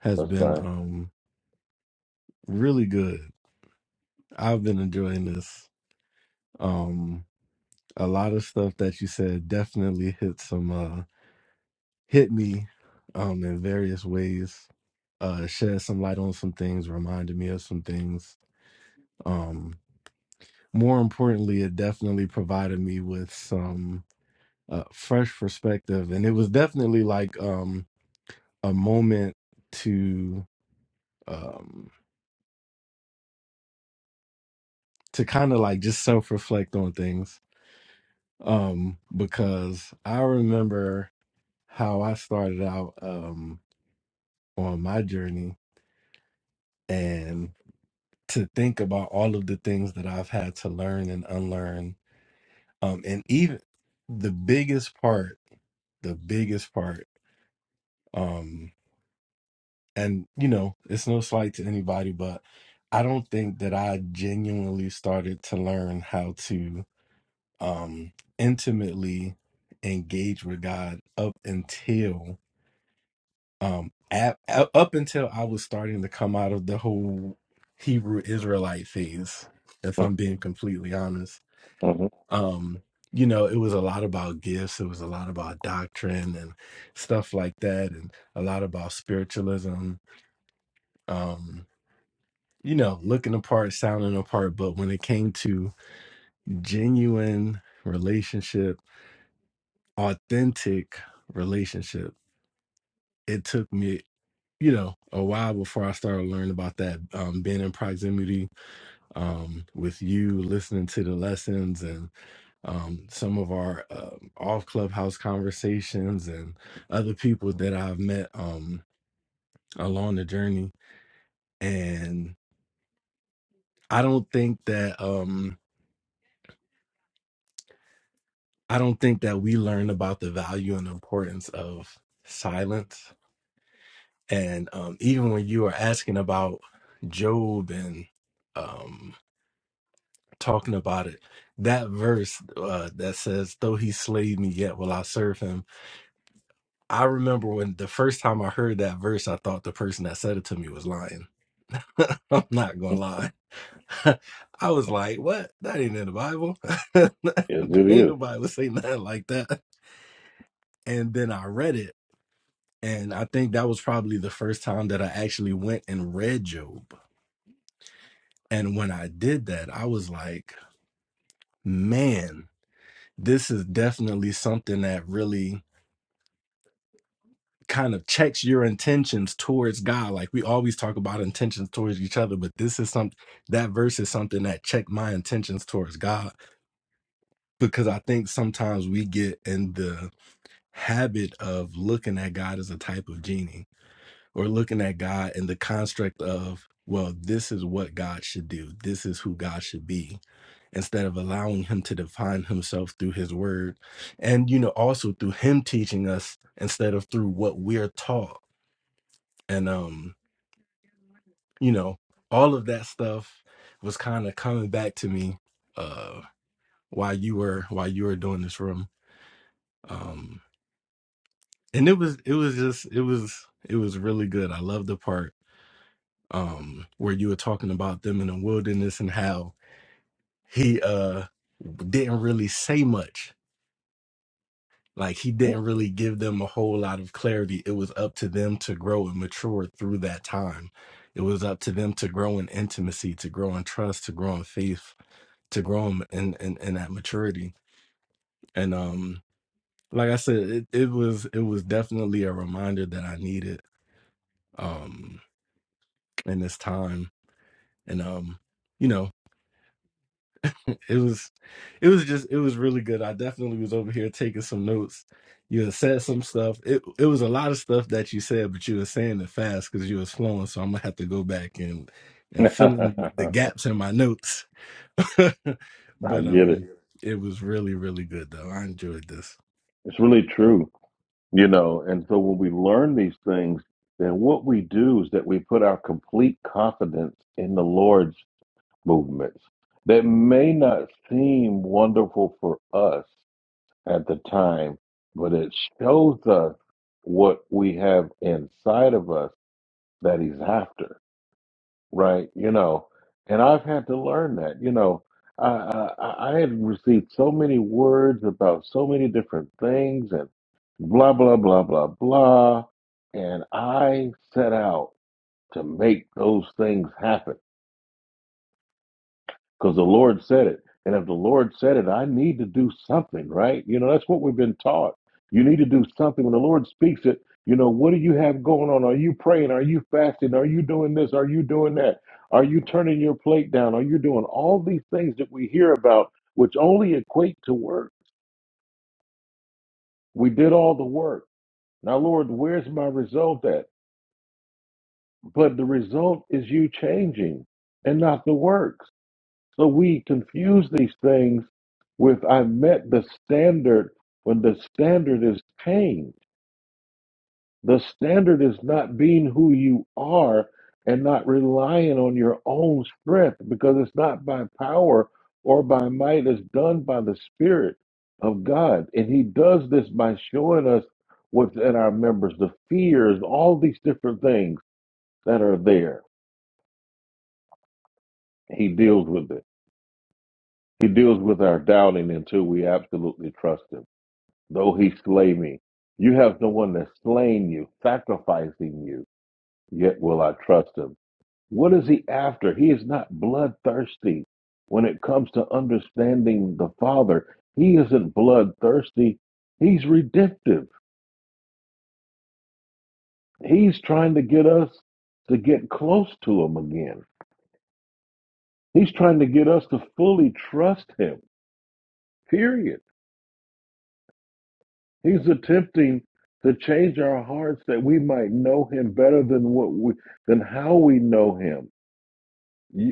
[SPEAKER 12] has
[SPEAKER 1] That's
[SPEAKER 12] been
[SPEAKER 1] fine.
[SPEAKER 12] um really good. I've been enjoying this. Um, a lot of stuff that you said definitely hit some uh hit me um in various ways. Uh shed some light on some things, reminded me of some things. Um, more importantly, it definitely provided me with some uh fresh perspective and it was definitely like um a moment to um to kind of like just self-reflect on things um because I remember how I started out um on my journey and to think about all of the things that I've had to learn and unlearn um and even the biggest part the biggest part um and you know it's no slight to anybody but I don't think that I genuinely started to learn how to um, intimately engage with God up until um, at, up until I was starting to come out of the whole Hebrew Israelite phase. If I'm being completely honest,
[SPEAKER 1] Mm-hmm.
[SPEAKER 12] um, you know, it was a lot about gifts. It was a lot about doctrine and stuff like that, and a lot about spiritualism. Um, you know, looking apart, sounding apart. But when it came to genuine relationship, authentic relationship. it took me you know a while before i started learning about that um, being in proximity um, with you listening to the lessons and um, some of our um off clubhouse conversations and other people that i've met um, along the journey and i don't think that um, i don't think that we learn about the value and importance of silence and um, even when you were asking about job and um, talking about it that verse uh, that says though he slayed me yet will i serve him i remember when the first time i heard that verse i thought the person that said it to me was lying i'm not gonna lie i was like what that ain't in the bible
[SPEAKER 1] Yes,
[SPEAKER 12] ain't
[SPEAKER 1] it
[SPEAKER 12] nobody would say nothing like that and then i read it and i think that was probably the first time that i actually went and read job and when i did that i was like man this is definitely something that really kind of checks your intentions towards God. Like we always talk about intentions towards each other, but this is something that verse is something that checked my intentions towards God because I think sometimes we get in the habit of looking at God as a type of genie or looking at God in the construct of, well, this is what God should do, this is who God should be, instead of allowing Him to define Himself through His word and, you know, also through Him teaching us instead of through what we're taught. And, um, you know, all of that stuff was kind of coming back to me uh while you were while you were doing this room. Um and it was it was just it was it was really good. I love the part um where you were talking about them in the wilderness and how he uh didn't really say much. Like he
[SPEAKER 1] is.
[SPEAKER 12] didn't really give them a whole lot of clarity. It was up to them to grow and mature through that time. It was up to them to grow in intimacy, to grow in trust, to grow in faith to grow in in, in, in that maturity. And um, like I said, it, it was it was definitely a reminder that I needed um in this time. And um, you know, it was it was just it was really good. I definitely was over here taking some notes. You had said some stuff. It it was a lot of stuff that you said, but you were saying it fast because you was flowing. So I'm gonna have to go back and and fill in the
[SPEAKER 1] I
[SPEAKER 12] gaps in my notes. but
[SPEAKER 1] get it.
[SPEAKER 12] um, it was really really good though. I enjoyed this.
[SPEAKER 1] It's really true. You know, and so when we learn these things, then what we do is that we put our complete confidence in the Lord's movements that may not seem wonderful for us at the time, but it shows us what we have inside of us that He's after right? You know, and I've had to learn that. You know, I I, I had received so many words about so many different things, and blah blah blah blah blah, and I set out to make those things happen because the Lord said it. And if the Lord said it, I need to do something, right? You know, that's what we've been taught. You need to do something. When the Lord speaks it, you know, what do you have going on? Are you praying? Are you fasting? Are you doing this? Are you doing that? Are you turning your plate down? Are you doing all these things that we hear about, which only equate to work? We did all the work. Now, Lord, where's my result at? But the result is you changing and not the works. So we confuse these things with I met the standard when the standard is pain. The standard is not being who you are and not relying on your own strength because it's not by power or by might, it's done by the Spirit of God. And He does this by showing us what's in our members, the fears, all these different things that are there. He deals with it. He deals with our doubting until we absolutely trust Him. though he slay me. You have no one that's slain you, sacrificing you, yet will I trust him. What is he after? He is not bloodthirsty. When it comes to understanding the Father, he isn't bloodthirsty. He's redemptive. He's trying to get us to get close to him again. He's trying to get us to fully trust him, period. He's attempting to change our hearts that we might know him better than what we than how we know him.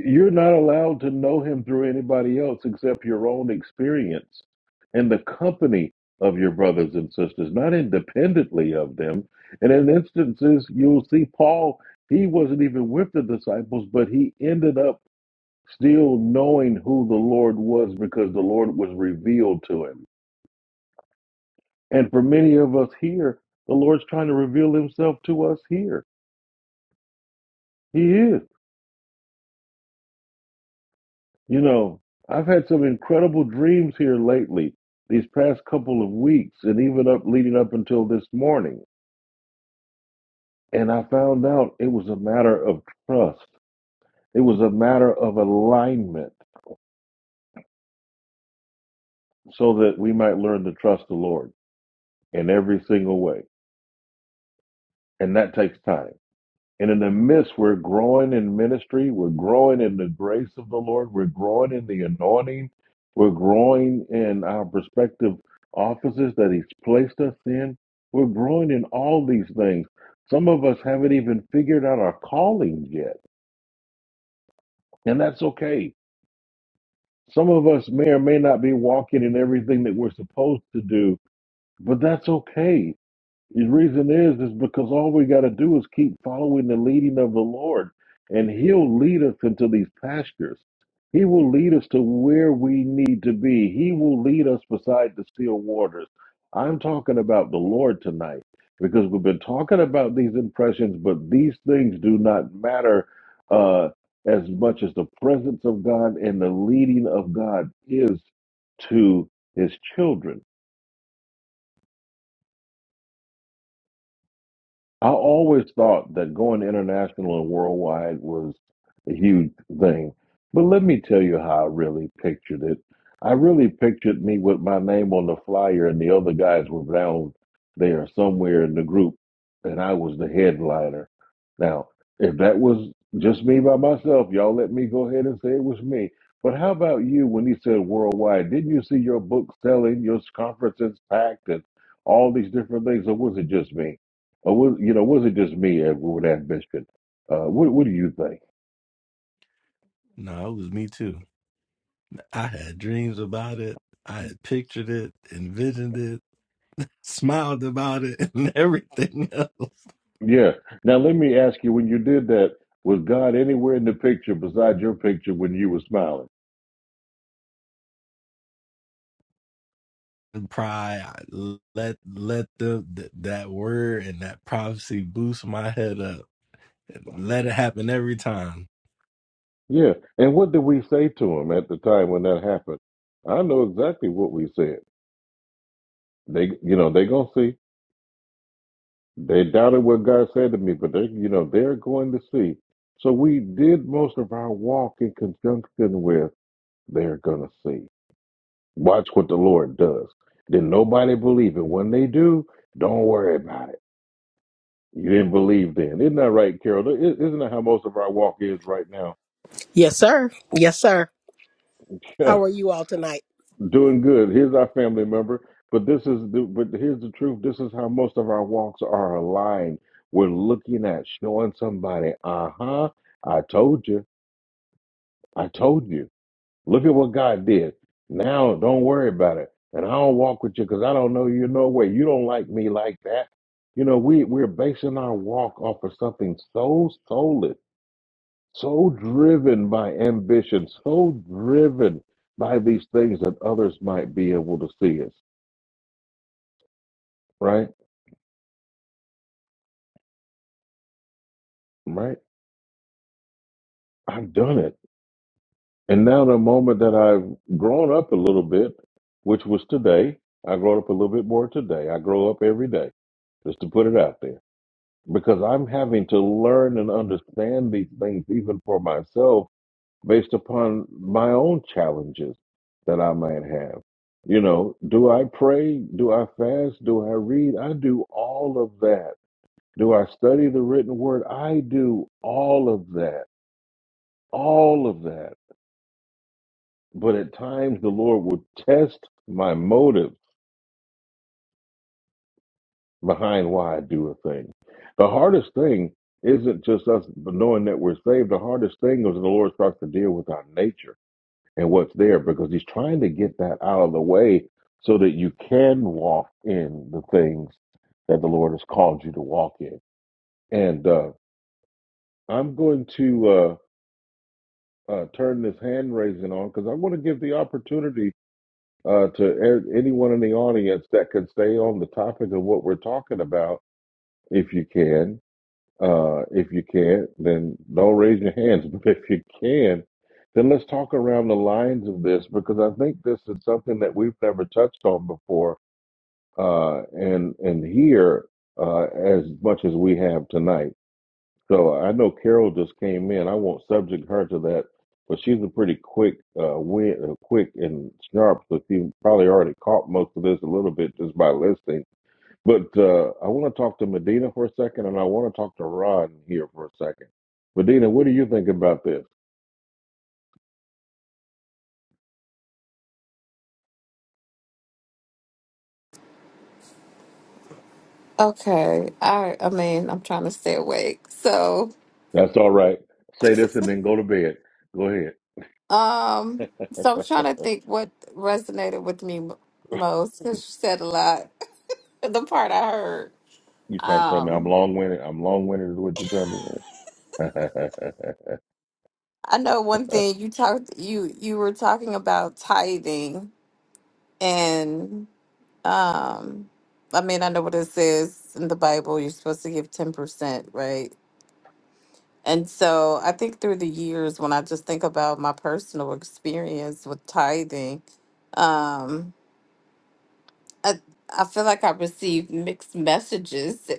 [SPEAKER 1] You're not allowed to know him through anybody else except your own experience and the company of your brothers and sisters, not independently of them. And in instances you'll see Paul, he wasn't even with the disciples, but he ended up still knowing who the Lord was because the Lord was revealed to him. And for many of us here, the Lord's trying to reveal himself to us here. He is. You know, I've had some incredible dreams here lately, these past couple of weeks, and even up leading up until this morning. And I found out it was a matter of trust. It was a matter of alignment so that we might learn to trust the Lord in every single way. And that takes time. And in the midst, we're growing in ministry. We're growing in the grace of the Lord. We're growing in the anointing. We're growing in our respective offices that He's placed us in. We're growing in all these things. Some of us haven't even figured out our calling yet, and that's okay. Some of us may or may not be walking in everything that we're supposed to do, but that's okay The reason is is because all we got to do is keep following the leading of the Lord, and He'll lead us into these pastures. He will lead us to where we need to be. He will lead us beside the still waters. I'm talking about the Lord tonight because we've been talking about these impressions, but these things do not matter uh, as much as the presence of God and the leading of God is to His children. I always thought that going international and worldwide was a huge thing. But let me tell you how I really pictured it. I really pictured me with my name on the flyer and the other guys were down there somewhere in the group and I was the headliner. Now, if that was just me by myself, y'all let me go ahead and say it was me. But how about you when he said worldwide? Didn't you see your book selling, your conferences packed and all these different things, or was it just me? Or was you know, was it just me uh, with ambition? Uh, what what do you think?
[SPEAKER 12] No, it was me too. I had dreams about it. I had pictured it, envisioned it, smiled about it, and everything else.
[SPEAKER 1] Yeah. Now let me ask you: When you did that, was God anywhere in the picture besides your picture when you were smiling?
[SPEAKER 12] And pride, I let let the th- that word and that prophecy boost my head up. And let it happen every time.
[SPEAKER 1] Yeah. And what did we say to him at the time when that happened? I know exactly what we said. They, you know, they gonna see. They doubted what God said to me, but they, you know, they're going to see. So we did most of our walk in conjunction with they're gonna see. Watch what the Lord does. Then nobody believe it. When they do, don't worry about it. You didn't believe then. Isn't that right, Carol? I- Isn't that how most of our walk is right now?
[SPEAKER 13] Yes, sir. Yes, sir.
[SPEAKER 1] Yeah,
[SPEAKER 13] How are you all tonight?
[SPEAKER 1] doing good. Here's our family member. But this is the, but here's the truth. This is how most of our walks are aligned. We're looking at showing somebody, uh-huh, I told you. I told you. Look at what God did. Now don't worry about it. And I don't walk with you because I don't know you no way. You don't like me like that. You know, we, we're basing our walk off of something so soulless, so driven by ambition, so driven by these things that others might be able to see us. Right? Right? I've done it. And now the moment that I've grown up a little bit, which was today, I grown up a little bit more today. I grow up every day, just to put it out there because I'm having to learn and understand these things even for myself based upon my own challenges that I might have. You know, do I pray? Do I fast? Do I read? I do all of that. Do I study the written word? I do all of that. All of that. But at times the Lord will test my motives behind why I do a thing. The hardest thing isn't just us knowing that we're saved. The hardest thing is when the Lord starts to deal with our nature and what's there because He's trying to get that out of the way so that you can walk in the things that the Lord has called you to walk in. And uh, I'm going to uh, uh, turn this hand raising on because I want to give the opportunity uh, to a- anyone in the audience that can stay on the topic of what we're talking about, if you can Uh, if you can't, then don't raise your hands. But if you can, then let's talk around the lines of this because I think this is something that we've never touched on before, uh, and and here uh, as much as we have tonight. So I know Carol just came in. I won't subject her to that, but she's a pretty quick, uh, win, uh, quick and sharp. So she probably already caught most of this a little bit just by listening but uh, I want to talk to Medina for a second, and I want to talk to Ron here for a second. Medina, what do you think about this?
[SPEAKER 14] Okay. I I mean, I'm trying to stay awake. So,
[SPEAKER 1] That's all right. Say this and then go to bed. Go ahead.
[SPEAKER 14] um, so I'm trying to think what resonated with me m- most because you said a lot. the part I heard.
[SPEAKER 1] You trying to tell me I'm
[SPEAKER 14] Um,
[SPEAKER 1] long winded? I'm long winded is what you trying to say.
[SPEAKER 14] I know one thing you talked you you were talking about tithing and um I mean, I know what it says in the Bible, you're supposed to give 10%, right? And so I think through the years, when I just think about my personal experience with tithing, um, I, I feel like I received mixed messages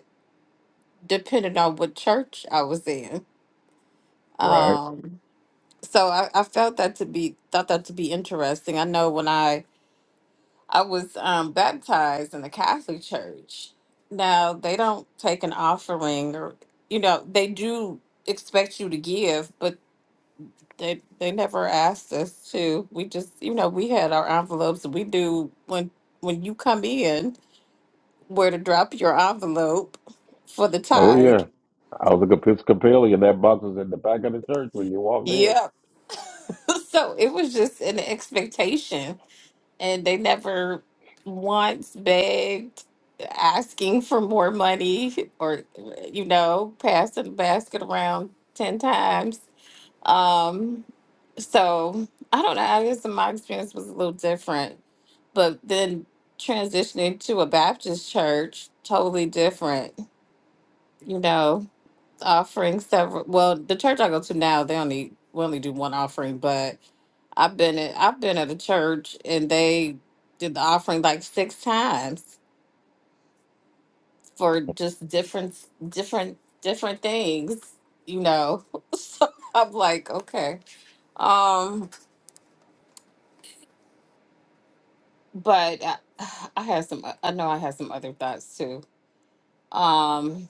[SPEAKER 14] depending on what church I was in.
[SPEAKER 1] right.
[SPEAKER 14] Um, so I, I felt that to be thought that to be interesting. I know when I I was um, baptized in the Catholic Church. Now they don't take an offering, or you know they do expect you to give, but They they never asked us to. We just, you know, we had our envelopes. We do when when you come in where to drop your envelope for the
[SPEAKER 1] Oh,
[SPEAKER 14] tithe.
[SPEAKER 1] yeah. I was like Episcopalian. That box is at the back of the church when you walked in.
[SPEAKER 14] Yep. So it was just an expectation, and they never once begged, asking for more money, or you know, passing the basket around ten times. Um, so I don't know. I guess my experience was a little different, but then transitioning to a Baptist church, totally different. You know, offering several. Well, the church I go to now, they only we only do one offering, but I've been at I've been at a church and they did the offering like six times for just different different different things, you know. So I'm like, okay. Um but I, I have some. I know I have some other thoughts too. Um.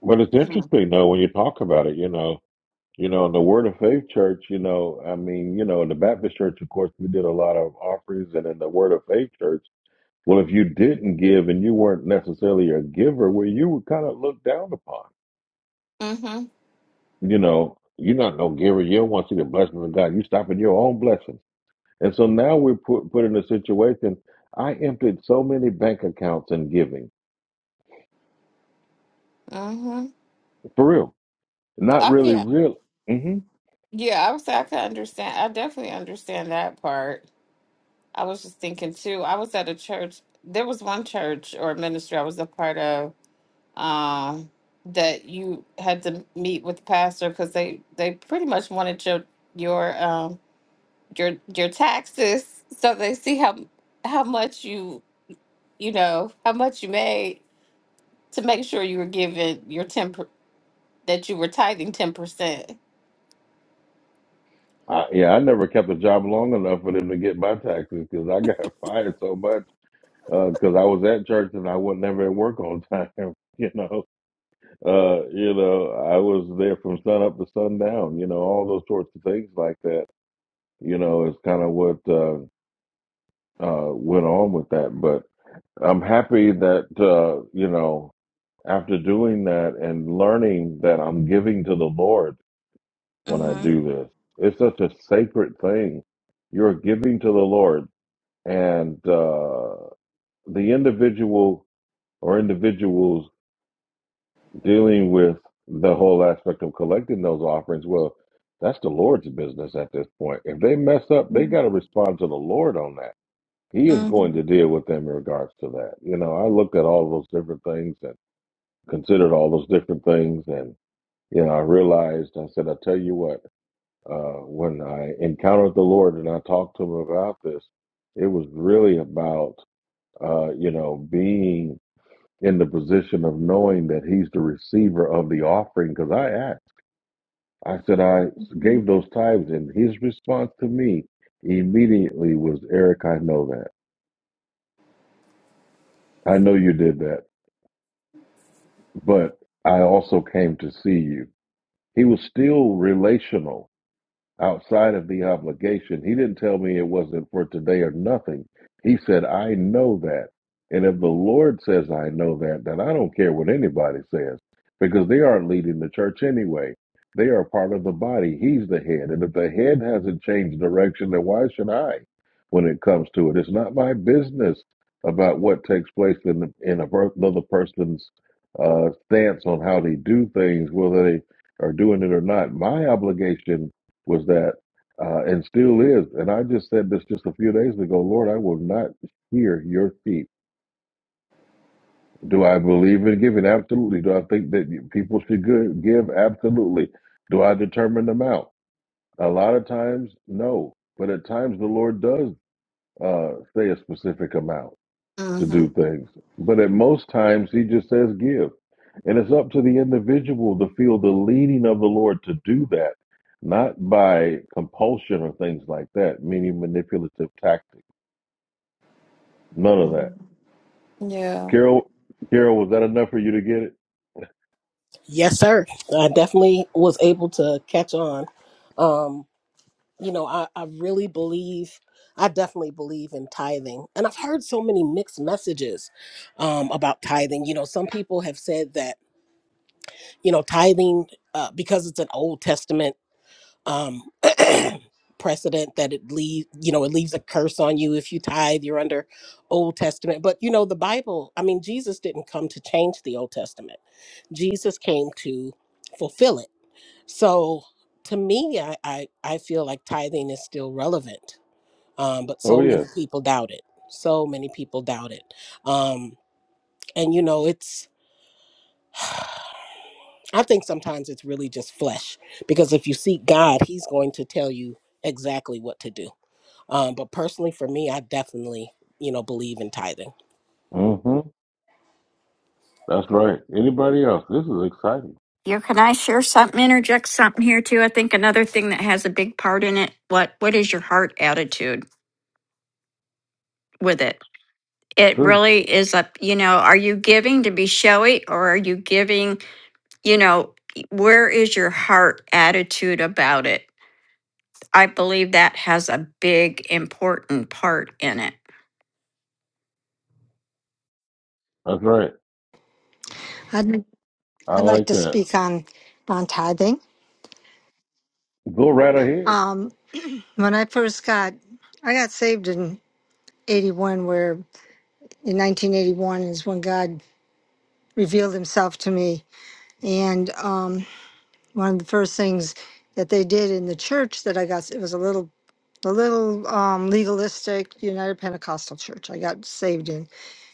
[SPEAKER 1] But it's
[SPEAKER 14] Hmm.
[SPEAKER 1] interesting, though, when you talk about it, you know, you know, in the Word of Faith Church, you know, I mean, you know, in the Baptist Church, of course, we did a lot of offerings, and in the Word of Faith Church, Well, if you didn't give and you weren't necessarily a giver, well, you were kind of looked down upon.
[SPEAKER 14] Mhm.
[SPEAKER 1] You know, you're not no giver. You don't want to see the blessings of God. You stop at your own blessings. And so now we're put, put in a situation. I emptied so many bank accounts in giving,
[SPEAKER 14] Mhm.
[SPEAKER 1] for real. Not
[SPEAKER 14] I
[SPEAKER 1] really
[SPEAKER 14] mean,
[SPEAKER 1] real. hmm
[SPEAKER 14] yeah. I would say I could understand. I definitely understand that part. I was just thinking too. I was at a church. There was one church or ministry I was a part of. Um. That you had to meet with the pastor because they they pretty much wanted your your um your your taxes so they see how how much you you know how much you made to make sure you were giving your 10 per, that you were tithing 10%.
[SPEAKER 1] I, yeah, I never kept a job long enough for them to get my taxes because I got fired so much because I was at church and I wasn't ever at work on time. You know, Uh, you know, I was there from sun up to sundown, you know, all those sorts of things like that, you know, is kind of what uh, uh, went on with that. But I'm happy that, uh, you know, after doing that and learning that I'm giving to the Lord when I
[SPEAKER 14] Mm-hmm.
[SPEAKER 1] do this, it's such a sacred thing. You're giving to the Lord, and uh, the individual or individuals dealing with the whole aspect of collecting those offerings, well, that's the Lord's business at this point. If they mess up, they
[SPEAKER 14] Mhm.
[SPEAKER 1] got to respond to the Lord on that. He is going to
[SPEAKER 14] Mm-hmm.
[SPEAKER 1] deal with them in regards to that. You know, I looked at all those different things and considered all those different things. And, you know, I realized, I said, I tell you what, uh, when I encountered the Lord and I talked to him about this, it was really about, uh, you know, being in the position of knowing that he's the receiver of the offering because I asked. I said, I gave those tithes, and his response to me immediately was, Eric, I know that. I know you did that, but I also came to see you. He was still relational outside of the obligation. He didn't tell me it wasn't for today or nothing. He said, I know that. And if the Lord says I know that, then I don't care what anybody says because they aren't leading the church anyway. They are part of the body. He's the head. And if the head hasn't changed direction, then why should I when it comes to it? It's not my business about what takes place in, the, in another person's uh, stance on how they do things, whether they are doing it or not. My obligation was that, uh, and still is. And I just said this just a few days ago Lord, I will not hear your sheep. Do I believe in giving? Absolutely. Do I think that people should go- give? Absolutely. Do I determine the amount? A lot of times, no. But at times, the Lord does uh, say a specific amount to do
[SPEAKER 14] Mhm.
[SPEAKER 1] things. But at most times, he just says give. And it's up to the individual to feel the leading of the Lord to do that, not by compulsion or things like that, meaning manipulative tactics. None of that.
[SPEAKER 14] Yeah.
[SPEAKER 1] Carol, Carol, was that enough for you to get it?
[SPEAKER 13] Yes, sir. I definitely was able to catch on. Um, you know, I, I really believe, I definitely believe in tithing. And I've heard so many mixed messages um, about tithing. You know, some people have said that, you know, tithing, uh, because it's an Old Testament. Um, precedent that it leaves you know it leaves a curse on you if you tithe you're under old testament but you know the bible i mean jesus didn't come to change the old testament jesus came to fulfill it so to me i i, I feel like tithing is still relevant um, but
[SPEAKER 1] Oh,
[SPEAKER 13] so many
[SPEAKER 1] yes.
[SPEAKER 13] people doubt it so many people doubt it um, and you know it's i think sometimes it's really just flesh because if you seek god he's going to tell you exactly what to do Um, but personally, for me, I definitely, you know, believe in tithing.
[SPEAKER 1] hmm That's right. Anybody else? This is exciting.
[SPEAKER 3] Here, can I share something, interject something here too? I think another thing that has a big part in it, what what is your heart attitude with it?
[SPEAKER 1] It's
[SPEAKER 3] It
[SPEAKER 1] true.
[SPEAKER 3] really is a, you know, are you giving to be showy or are you giving, you know, where is your heart attitude about it? I believe that has a big important part in it.
[SPEAKER 1] That's right.
[SPEAKER 2] I'd,
[SPEAKER 1] I
[SPEAKER 2] I'd like
[SPEAKER 1] like
[SPEAKER 2] to
[SPEAKER 1] that.
[SPEAKER 2] speak on on tithing.
[SPEAKER 1] Go right ahead.
[SPEAKER 2] Um, when I first got I got saved in 81 where in 1981 is when God revealed himself to me and um, one of the first things that they did in the church that I got it was a little a little um, legalistic United Pentecostal church I got saved in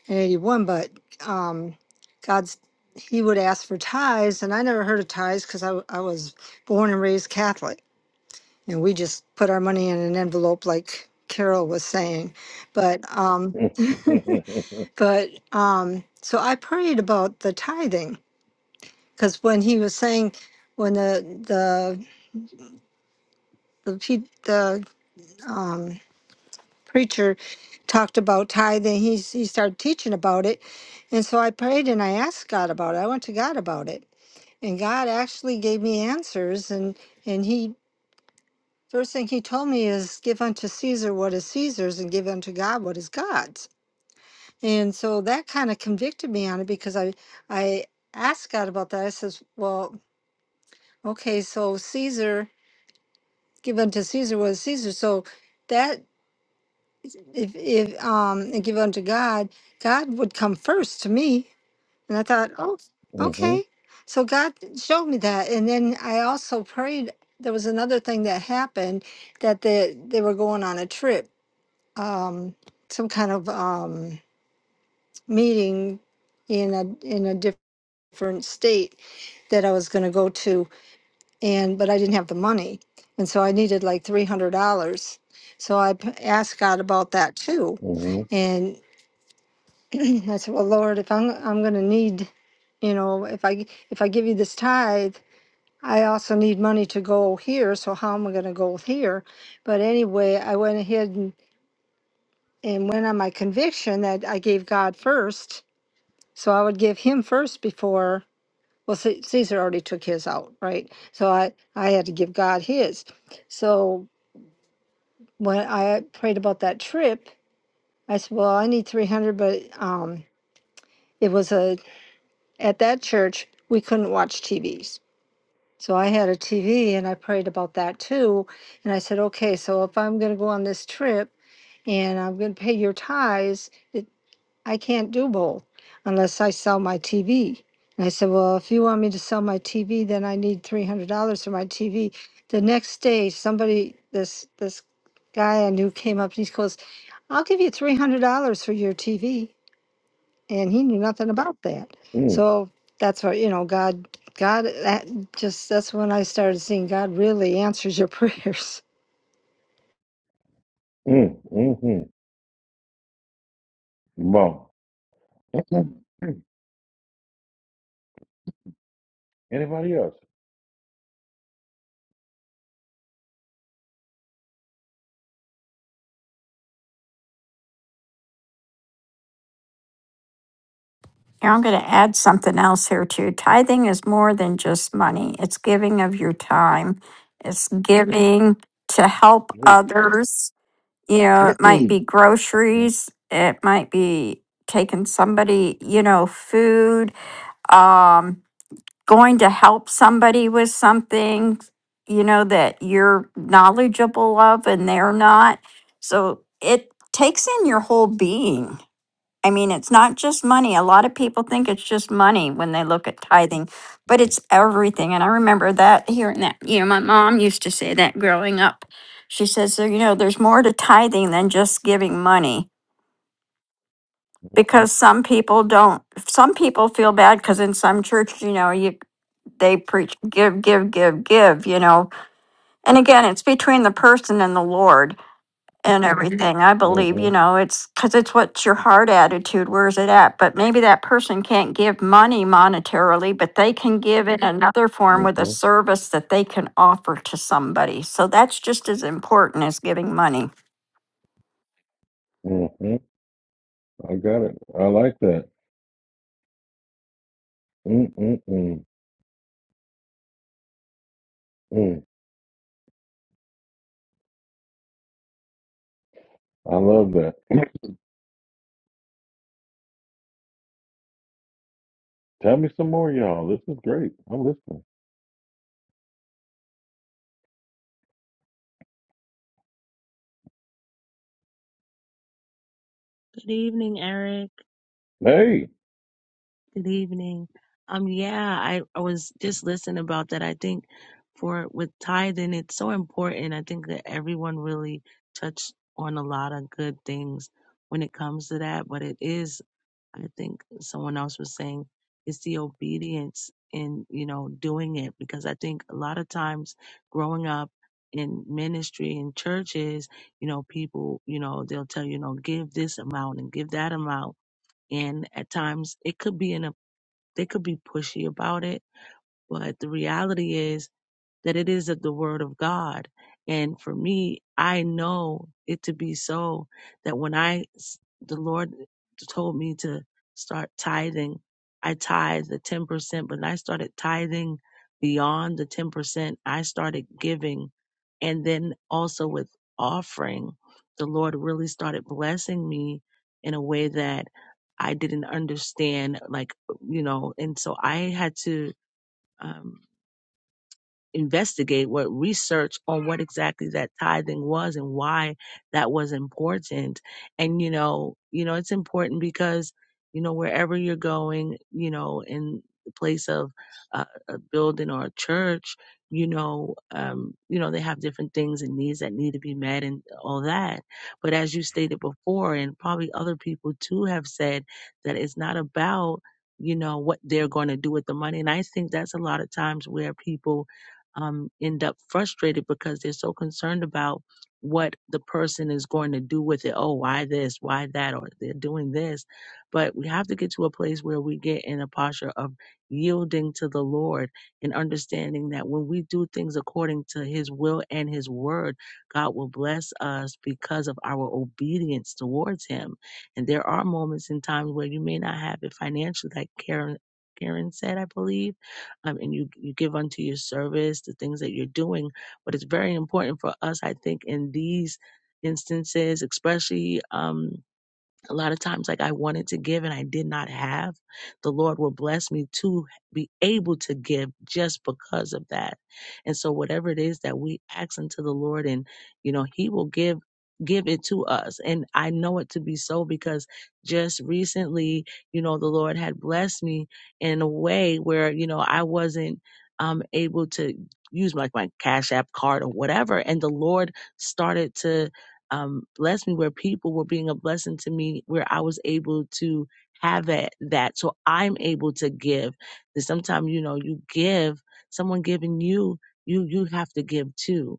[SPEAKER 2] 81, but um, God's, he would ask for tithes, and I never heard of tithes because I, w- I was born and raised Catholic, and we just put our money in an envelope, like Carol was saying. But, um, but, um, so I prayed about the tithing because when he was saying, when the, the, the, pe- the, um, preacher talked about tithing, he, s- he started teaching about it. And so I prayed and I asked God about it. I went to God about it. and God actually gave me answers and and he first thing he told me is give unto Caesar what is Caesar's and give unto God what is God's. And so that kind of convicted me on it because I I asked God about that. I says, well, okay, so Caesar give unto Caesar what is Caesar. So that if if um and give unto God, God would come first to me. And I thought, oh,
[SPEAKER 1] hmm
[SPEAKER 2] okay. So God showed me that. And then I also prayed. There was another thing that happened that they, they were going on a trip, um, some kind of um, meeting in a in a different state that I was going to go to, and but I didn't have the money, and so I needed like three hundred dollars. So I p- asked God about that too,
[SPEAKER 1] hmm
[SPEAKER 2] I said, "Well, Lord, if I'm I'm going to need, you know, if I if I give you this tithe, I also need money to go here. So how am I going to go here?" But anyway, I went ahead and, and went on my conviction that I gave God first, so I would give Him first before. Well, C- Caesar already took his out, right? So I I had to give God his. So when I prayed about that trip, I said, "Well, I need three hundred, but um, it was a at that church, we couldn't watch TVs. So I had a TV and I prayed about that too. And I said, okay, so if I'm going to go on this trip and I'm going to pay your tithes, it, I can't do both unless I sell my TV. And I said, well, if you want me to sell my TV, then I need $300 for my TV. The next day, somebody, this, this guy I knew came up and he goes, I'll give you $300 for your TV and he knew nothing about that.
[SPEAKER 1] hmm mm
[SPEAKER 2] So that's what you know, God, God, that just that's when I started seeing God really answers your prayers.
[SPEAKER 1] mm mm Come Anybody else?
[SPEAKER 3] Here, I'm going to add something else here too. Tithing is more than just money. It's giving of your time. It's giving to help
[SPEAKER 1] Who?
[SPEAKER 3] others you know, it might be groceries, it might be taking somebody, you know, food, um, going to help somebody with something, you know, that you're knowledgeable of and they're not. So it takes in your whole being. I mean, it's not just money. A lot of people think it's just money when they look at tithing, but it's everything. And I remember that hearing that. You know, my mom used to say that growing up. She says, so, you know, there's more to tithing than just giving money because some people don't, some people feel bad because in some church, you know, you, they preach give, give, give, give, you know. And again, it's between the person and the Lord and everything. I believe, you
[SPEAKER 1] Mhm,
[SPEAKER 3] know, it's because it's what's your heart attitude, where's it at? But maybe that person can't give money monetarily, but they can give in another form with a
[SPEAKER 1] mhm, mhm,
[SPEAKER 3] service that they can offer to somebody. So that's just as important as giving money.
[SPEAKER 1] mhm. I got it. I like that. Mm, mm, mm, mm. I love that. Tell me some more, y'all. This is great. I'm listening.
[SPEAKER 15] Good evening, Eric.
[SPEAKER 1] Hey.
[SPEAKER 15] Good evening. Um, yeah, I, I was just listening about that. I think for with tithing, it's so important. I think that everyone really touched on a lot of good things when it comes to that. But it is, I think someone else was saying, it's the obedience in, you know, doing it because I think a lot of times growing up in ministry in churches, you know, people, you know, they'll tell you, you know, give this amount and give that amount and at times it could be in a, they could be pushy about it. But the reality is that it is of the word of God. And for me, I know it to be so that when I, the Lord told me to start tithing, I tithe the 10%, but I started tithing beyond the 10%. I started giving. And then also with offering, the Lord really started blessing me in a way that I didn't understand, like, you know, and so I had to, um, investigate what research on what exactly that tithing was and why that was important and you know you know it's important because you know wherever you're going you know in the place of uh, a building or a church you know um you know they have different things and needs that need to be met and all that but as you stated before and probably other people too have said that it's not about you know what they're going to do with the money and i think that's a lot of times where people um, end up frustrated because they're so concerned about what the person is going to do with it. Oh, why this? Why that? Or they're doing this. But we have to get to a place where we get in a posture of yielding to the Lord and understanding that when we do things according to His will and His word, God will bless us because of our obedience towards Him. And there are moments and times where you may not have it financially, like Karen. Karen said, I believe, um, and you you give unto your service the things that you're doing. But it's very important for us, I think, in these instances, especially. Um, a lot of times like i wanted to give and i did not have the lord will bless me to be able to give just because of that and so whatever it is that we ask unto the lord and you know he will give give it to us and i know it to be so because just recently you know the lord had blessed me in a way where you know i wasn't um able to use like my cash app card or whatever and the lord started to um, blessed me, where people were being a blessing to me, where I was able to have that, that. So I'm able to give. And sometimes, you know, you give, someone giving you, you, you have to give too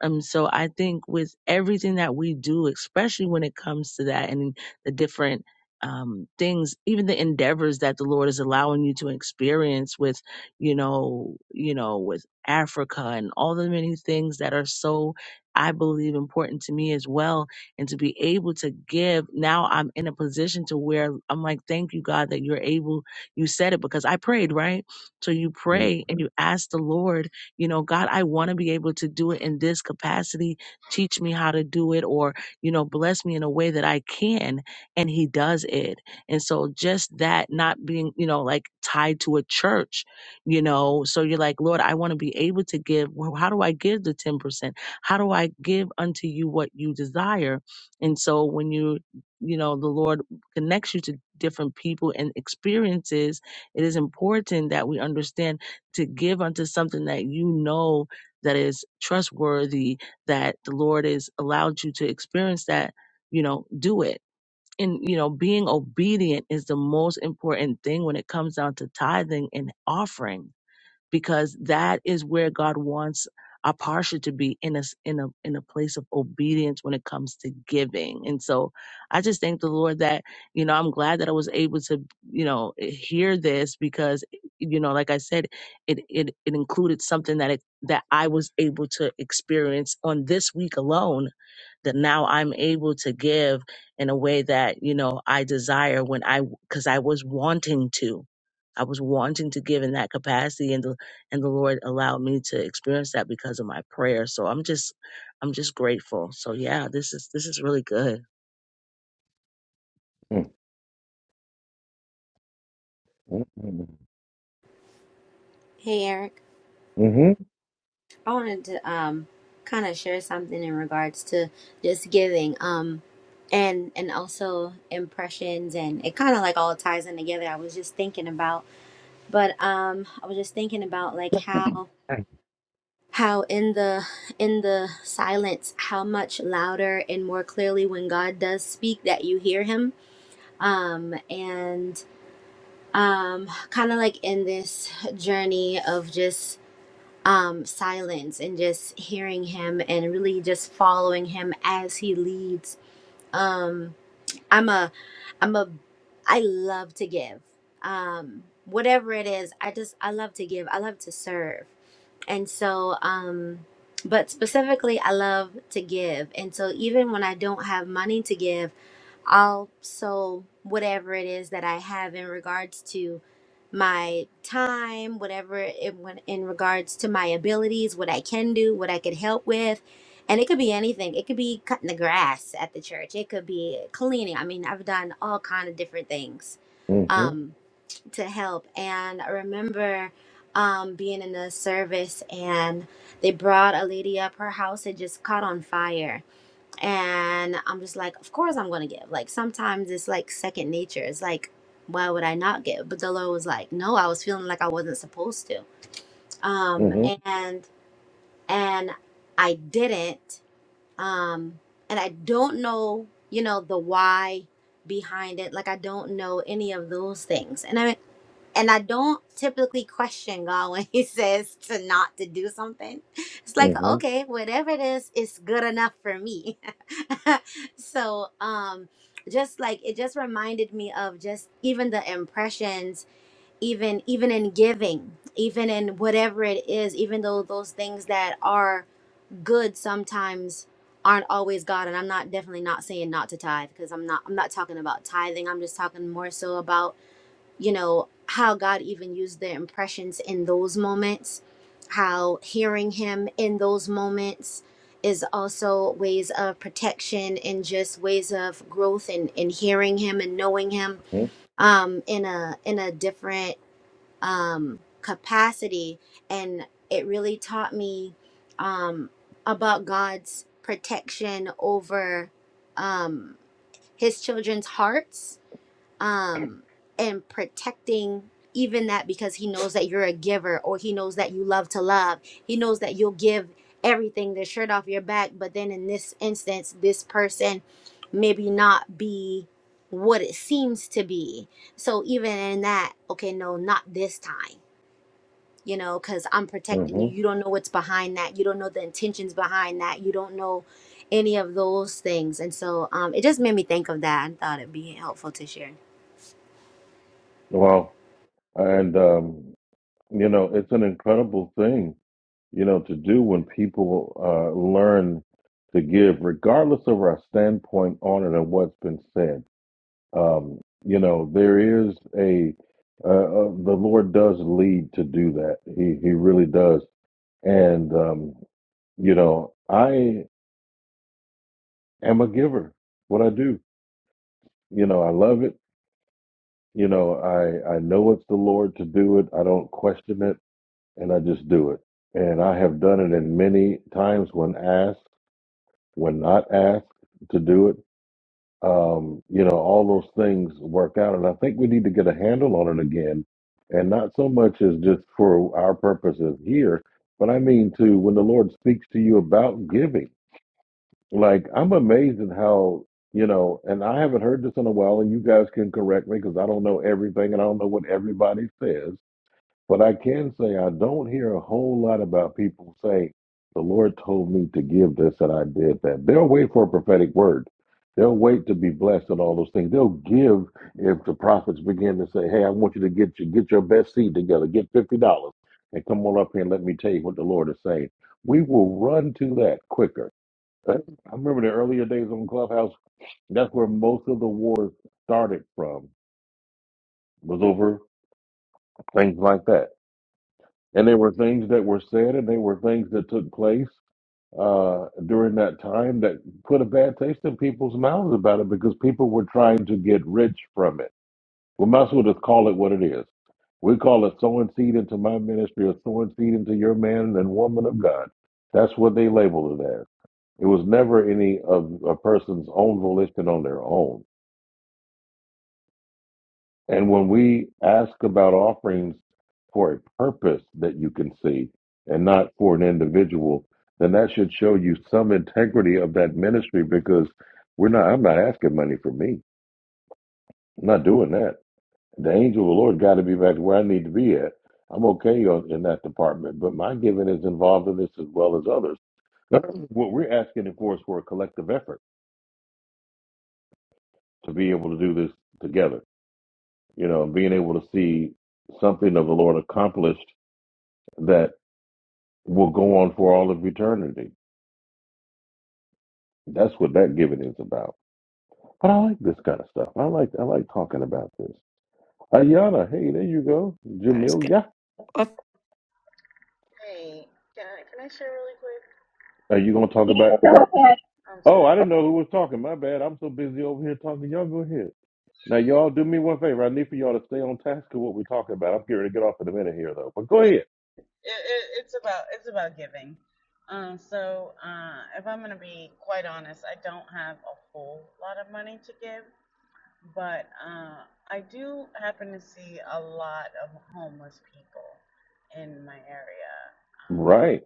[SPEAKER 15] um, so I think with everything that we do, especially when it comes to that and the different um, things, even the endeavors that the Lord is allowing you to experience with, you know, you know, with Africa and all the many things that are so, I believe, important to me as well, and to be able to give. Now I'm in a position to where I'm like, thank you, God, that you're able. You said it because I prayed, right? So you
[SPEAKER 1] Mm,
[SPEAKER 15] pray and you ask the Lord you know, God, I want to be able to do it in this capacity. Teach me how to do it or, you know, bless me in a way that I can. And he does it. And so just that not being, you know, like tied to a church, you know, so you're like, Lord, I want to be able to give. Well, how do I give the 10%? How do I give unto you what you desire? And so when you, you know, the Lord connects you to different people and experiences, it is important that we understand to give unto something that you know that is trustworthy, that the Lord has allowed you to experience that, you know, do it. And, you know, being obedient is the most important thing when it comes down to tithing and offering because that is where God wants our posture to be in a s- in a in a place of obedience when it comes to giving. And so I just thank the Lord that you know I'm glad that I was able to you know eh, hear this because you know like I said it it it included something that it that I was able to experience on this week alone that now I'm able to give in a way that you know I desire when I because I was wanting to. I was wanting to give in that capacity and the and the Lord allowed me to experience that because of my prayer. So I'm just I'm just grateful. So yeah, this is this is really good.
[SPEAKER 1] mm, mm, mm.
[SPEAKER 8] hey eric
[SPEAKER 1] Mhm,
[SPEAKER 8] i wanted to um kind of share something in regards to just giving um and and also impressions and it kind of like all ties in together i was just thinking about but um i was just thinking about like how how in the in the silence how much louder and more clearly when god does speak that you hear him um and um kind of like in this journey of just um silence and just hearing him and really just following him as he leads um i'm a i'm a i love to give um whatever it is i just i love to give i love to serve and so, um, but specifically, I love to give. And so, even when I don't have money to give, I'll sow whatever it is that I have in regards to my time, whatever it when in regards to my abilities, what I can do, what I could help with. And it could be anything. It could be cutting the grass at the church. It could be cleaning. I mean, I've done all kind of different things.
[SPEAKER 1] mhm,
[SPEAKER 8] Um, to help. And I remember um, being in the service, and they brought a lady up. Her house had just caught on fire, and I'm just like, of course I'm gonna give. Like sometimes it's like second nature. It's like, why would I not give? But the Lord was like, no, I was feeling like I wasn't supposed to. Um,
[SPEAKER 1] mhm,
[SPEAKER 8] and and I didn't. Um, and I don't know, you know, the why behind it. Like I don't know any of those things. And I mean and I don't typically question God when He says to not to do something. It's like,
[SPEAKER 1] mhm,
[SPEAKER 8] okay, whatever it is, it's good enough for me. so, um, just like it just reminded me of just even the impressions, even even in giving, even in whatever it is, even though those things that are good sometimes aren't always God. And I'm not definitely not saying not to tithe because I'm not I'm not talking about tithing. I'm just talking more so about you know, how God even used their impressions in those moments, how hearing Him in those moments is also ways of protection and just ways of growth and, and hearing Him and knowing Him
[SPEAKER 1] mhm,
[SPEAKER 8] um, in a in a different um, capacity. And it really taught me um, about God's protection over um, His children's hearts um, and protecting even that because he knows that you're a giver or he knows that you love to love. He knows that you'll give everything, the shirt off your back. But then in this instance, this person maybe not be what it seems to be. So even in that, okay, no, not this time. You know, because I'm protecting you.
[SPEAKER 1] mhm.
[SPEAKER 8] You don't know what's behind that. You don't know the intentions behind that. You don't know any of those things. And so um, it just made me think of that and thought it'd be helpful to share.
[SPEAKER 1] Wow. And um, you know, it's an incredible thing, you know, to do when people uh, learn to give, regardless of our standpoint on it and what's been said Um, you know, there is a uh, uh, the Lord does lead to do that. He he really does. And um, you know, I am a giver. What I do, you know, I love it. You know, I I know it's the Lord to do it. I don't question it, and I just do it. And I have done it in many times when asked, when not asked to do it um, you know, all those things work out. And I think we need to get a handle on it again. And not so much as just for our purposes here, but I mean to when the Lord speaks to you about giving. Like, I'm amazed at how, you know, and I haven't heard this in a while, and you guys can correct me because I don't know everything and I don't know what everybody says. But I can say I don't hear a whole lot about people saying, the Lord told me to give this and I did that. They'll wait for a prophetic word. They'll wait to be blessed and all those things. They'll give if the prophets begin to say, Hey, I want you to get your get your best seed together, get fifty dollars and come on up here and let me tell you what the Lord is saying. We will run to that quicker. Uh, I remember the earlier days on Clubhouse, that's where most of the wars started from, was over things like that And there were things that were said and there were things that took place uh, during that time that put a bad taste in people's mouths about it because people were trying to get rich from it. We might as well just call it what it is. We call it sowing seed into my ministry or sowing seed into your man and woman of God. That's what they labeled it as. It was never any of a person's own volition on their own. And when we ask about offerings for a purpose that you can see and not for an individual, then that should show you some integrity of that ministry because we're not, I'm not asking money for me. I'm not doing that. The angel of the Lord got to be back where I need to be at. I'm okay on, in that department, but my giving is involved in this as well as others. What we're asking, of course, for a collective effort to be able to do this together, you know, and being able to see something of the Lord accomplished that. will go on for all of eternity. That's what that giving is about. But I like this kind of stuff. I like I like talking about this. Ayana, hey, there you go. Jamil, yeah.
[SPEAKER 16] Hey, can I can I share really quick?
[SPEAKER 1] Are you gonna talk about
[SPEAKER 16] I'm
[SPEAKER 1] oh
[SPEAKER 16] sorry.
[SPEAKER 1] I didn't know who was talking. My bad. I'm so busy over here talking. Y'all go ahead. Now y'all do me one favor. I need for y'all to stay on task of what we're talking about. I'm getting ready to get off in a minute here though. But go
[SPEAKER 16] Yeah,
[SPEAKER 1] ahead.
[SPEAKER 16] it, it, it's about it's about giving. Um, so uh, if I'm gonna be quite honest, I don't have a whole lot of money to give, but uh, I do happen to see a lot of homeless people in my area,
[SPEAKER 1] Right.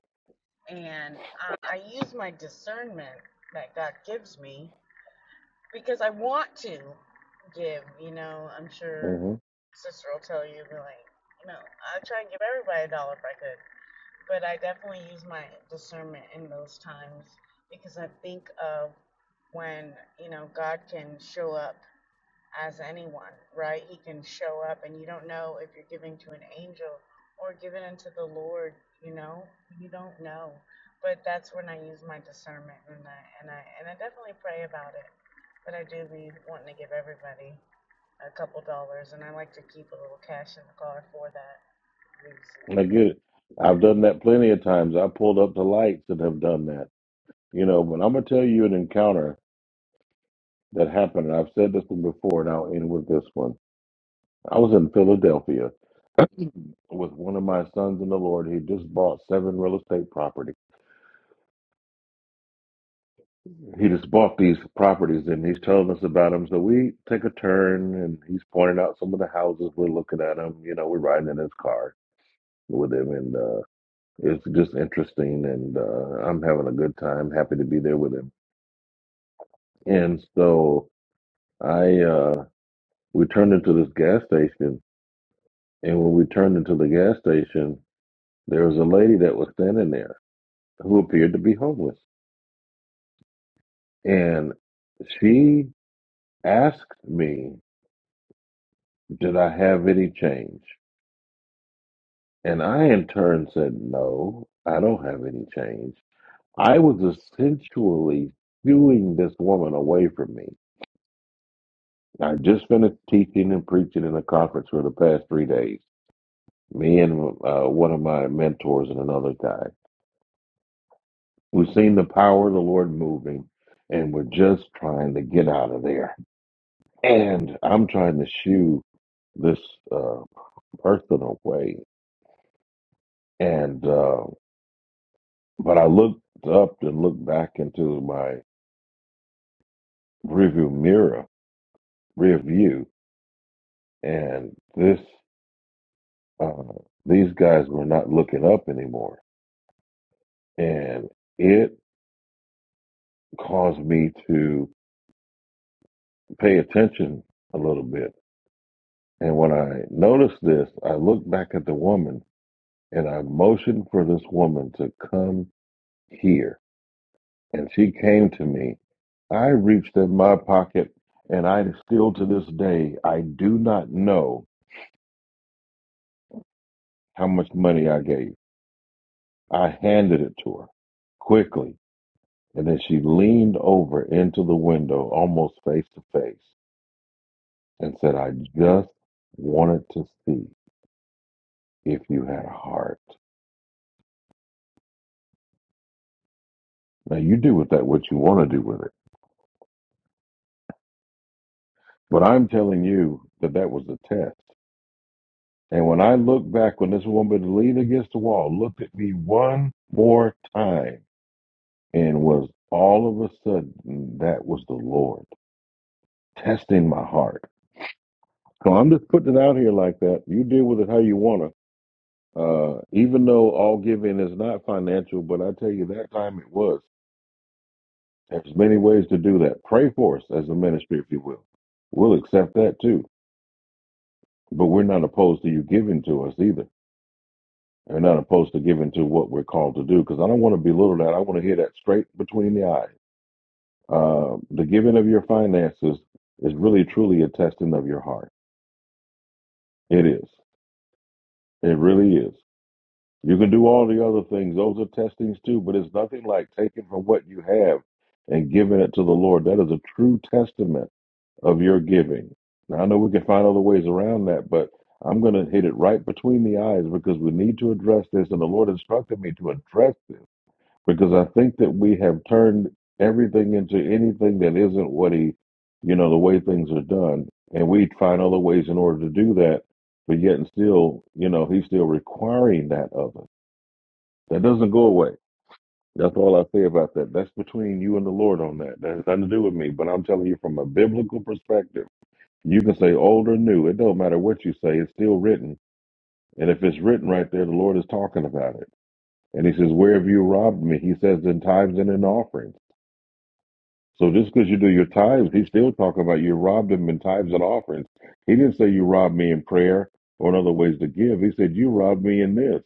[SPEAKER 16] um, and I, I use my discernment that God gives me because I want to give. You know, I'm sure
[SPEAKER 1] hmm
[SPEAKER 16] sister will tell you, be like, you know, I try and give everybody a dollar if I could, but I definitely use my discernment in those times because I think of when you know God can show up as anyone, right? He can show up, and you don't know if you're giving to an angel or giving unto the Lord. You know, you don't know. But that's when I use my discernment, and I and I and I definitely pray about it. But I do be wanting to give everybody a couple dollars, and I like to keep a little cash in the car for that
[SPEAKER 1] I
[SPEAKER 16] reason.
[SPEAKER 1] get it. I've done that plenty of times. I pulled up the lights and have done that. You know, but I'm gonna tell you an encounter that happened, and I've said this one before, and I'll end with this one. I was in Philadelphia with one of my sons in the Lord. He just bought seven real estate property. He just bought these properties, and he's telling us about them. So we take a turn, and he's pointing out some of the houses. We're looking at them. You know, we're riding in his car with him, and uh, it's just interesting. And uh, I'm having a good time. Happy to be there with him. And so I, uh, we turned into this gas station, and when we turned into the gas station, There was a lady that was standing there who appeared to be homeless. And she asked me, Did I have any change? And I, in turn, said, No, I don't have any change. I was essentially shooing this woman away from me. I just finished teaching and preaching in a conference for the past three days. Me and uh, one of my mentors and another guy. We've seen the power of the Lord moving, and we're just trying to get out of there and I'm trying to shoe this uh, person away. And uh, but I looked up and looked back into my rearview mirror, rear view, and this uh, these guys were not looking up anymore, and it caused me to pay attention a little bit. And when I noticed this, I looked back at the woman and I motioned for this woman to come here and she came to me. I reached in my pocket, and I still to this day, I do not know how much money I gave. I handed it to her quickly, and then she leaned over into the window, almost face to face, and said, I just wanted to see if you had a heart. Now, you do with that what you want to do with it, but I'm telling you that that was a test. And when I looked back, when this woman leaned against the wall, looked at me one more time, and was all of a sudden, that was the Lord testing my heart. So I'm just putting it out here like that. You deal with it how you want to. Uh, even though all giving is not financial, but I tell you, that time it was. There's many ways to do that. Pray for us as a ministry, if you will. We'll accept that too. But we're not opposed to you giving to us either They're not opposed to giving to what we're called to do because I don't want to belittle that. I want to hear that straight between the eyes. Uh, the giving of your finances is really truly a testing of your heart. It is. It really is. You can do all the other things. Those are testings too, but it's nothing like taking from what you have and giving it to the Lord. That is a true testament of your giving. Now, I know we can find other ways around that, but I'm going to hit it right between the eyes because we need to address this. And the Lord instructed me to address this because I think that we have turned everything into anything that isn't what he, you know, the way things are done, and we find other ways in order to do that. But yet and still, you know, he's still requiring that of us. That doesn't go away. That's all I say about that. That's between you and the Lord on that. That has nothing to do with me. But I'm telling you from a biblical perspective, you can say old or new. It don't matter what you say. It's still written. And if it's written right there, the Lord is talking about it. And he says, where have you robbed me? He says, in tithes and in offerings. So just because you do your tithes, he's still talking about you robbed him in tithes and offerings. He didn't say you robbed me in prayer or in other ways to give. He said you robbed me in this.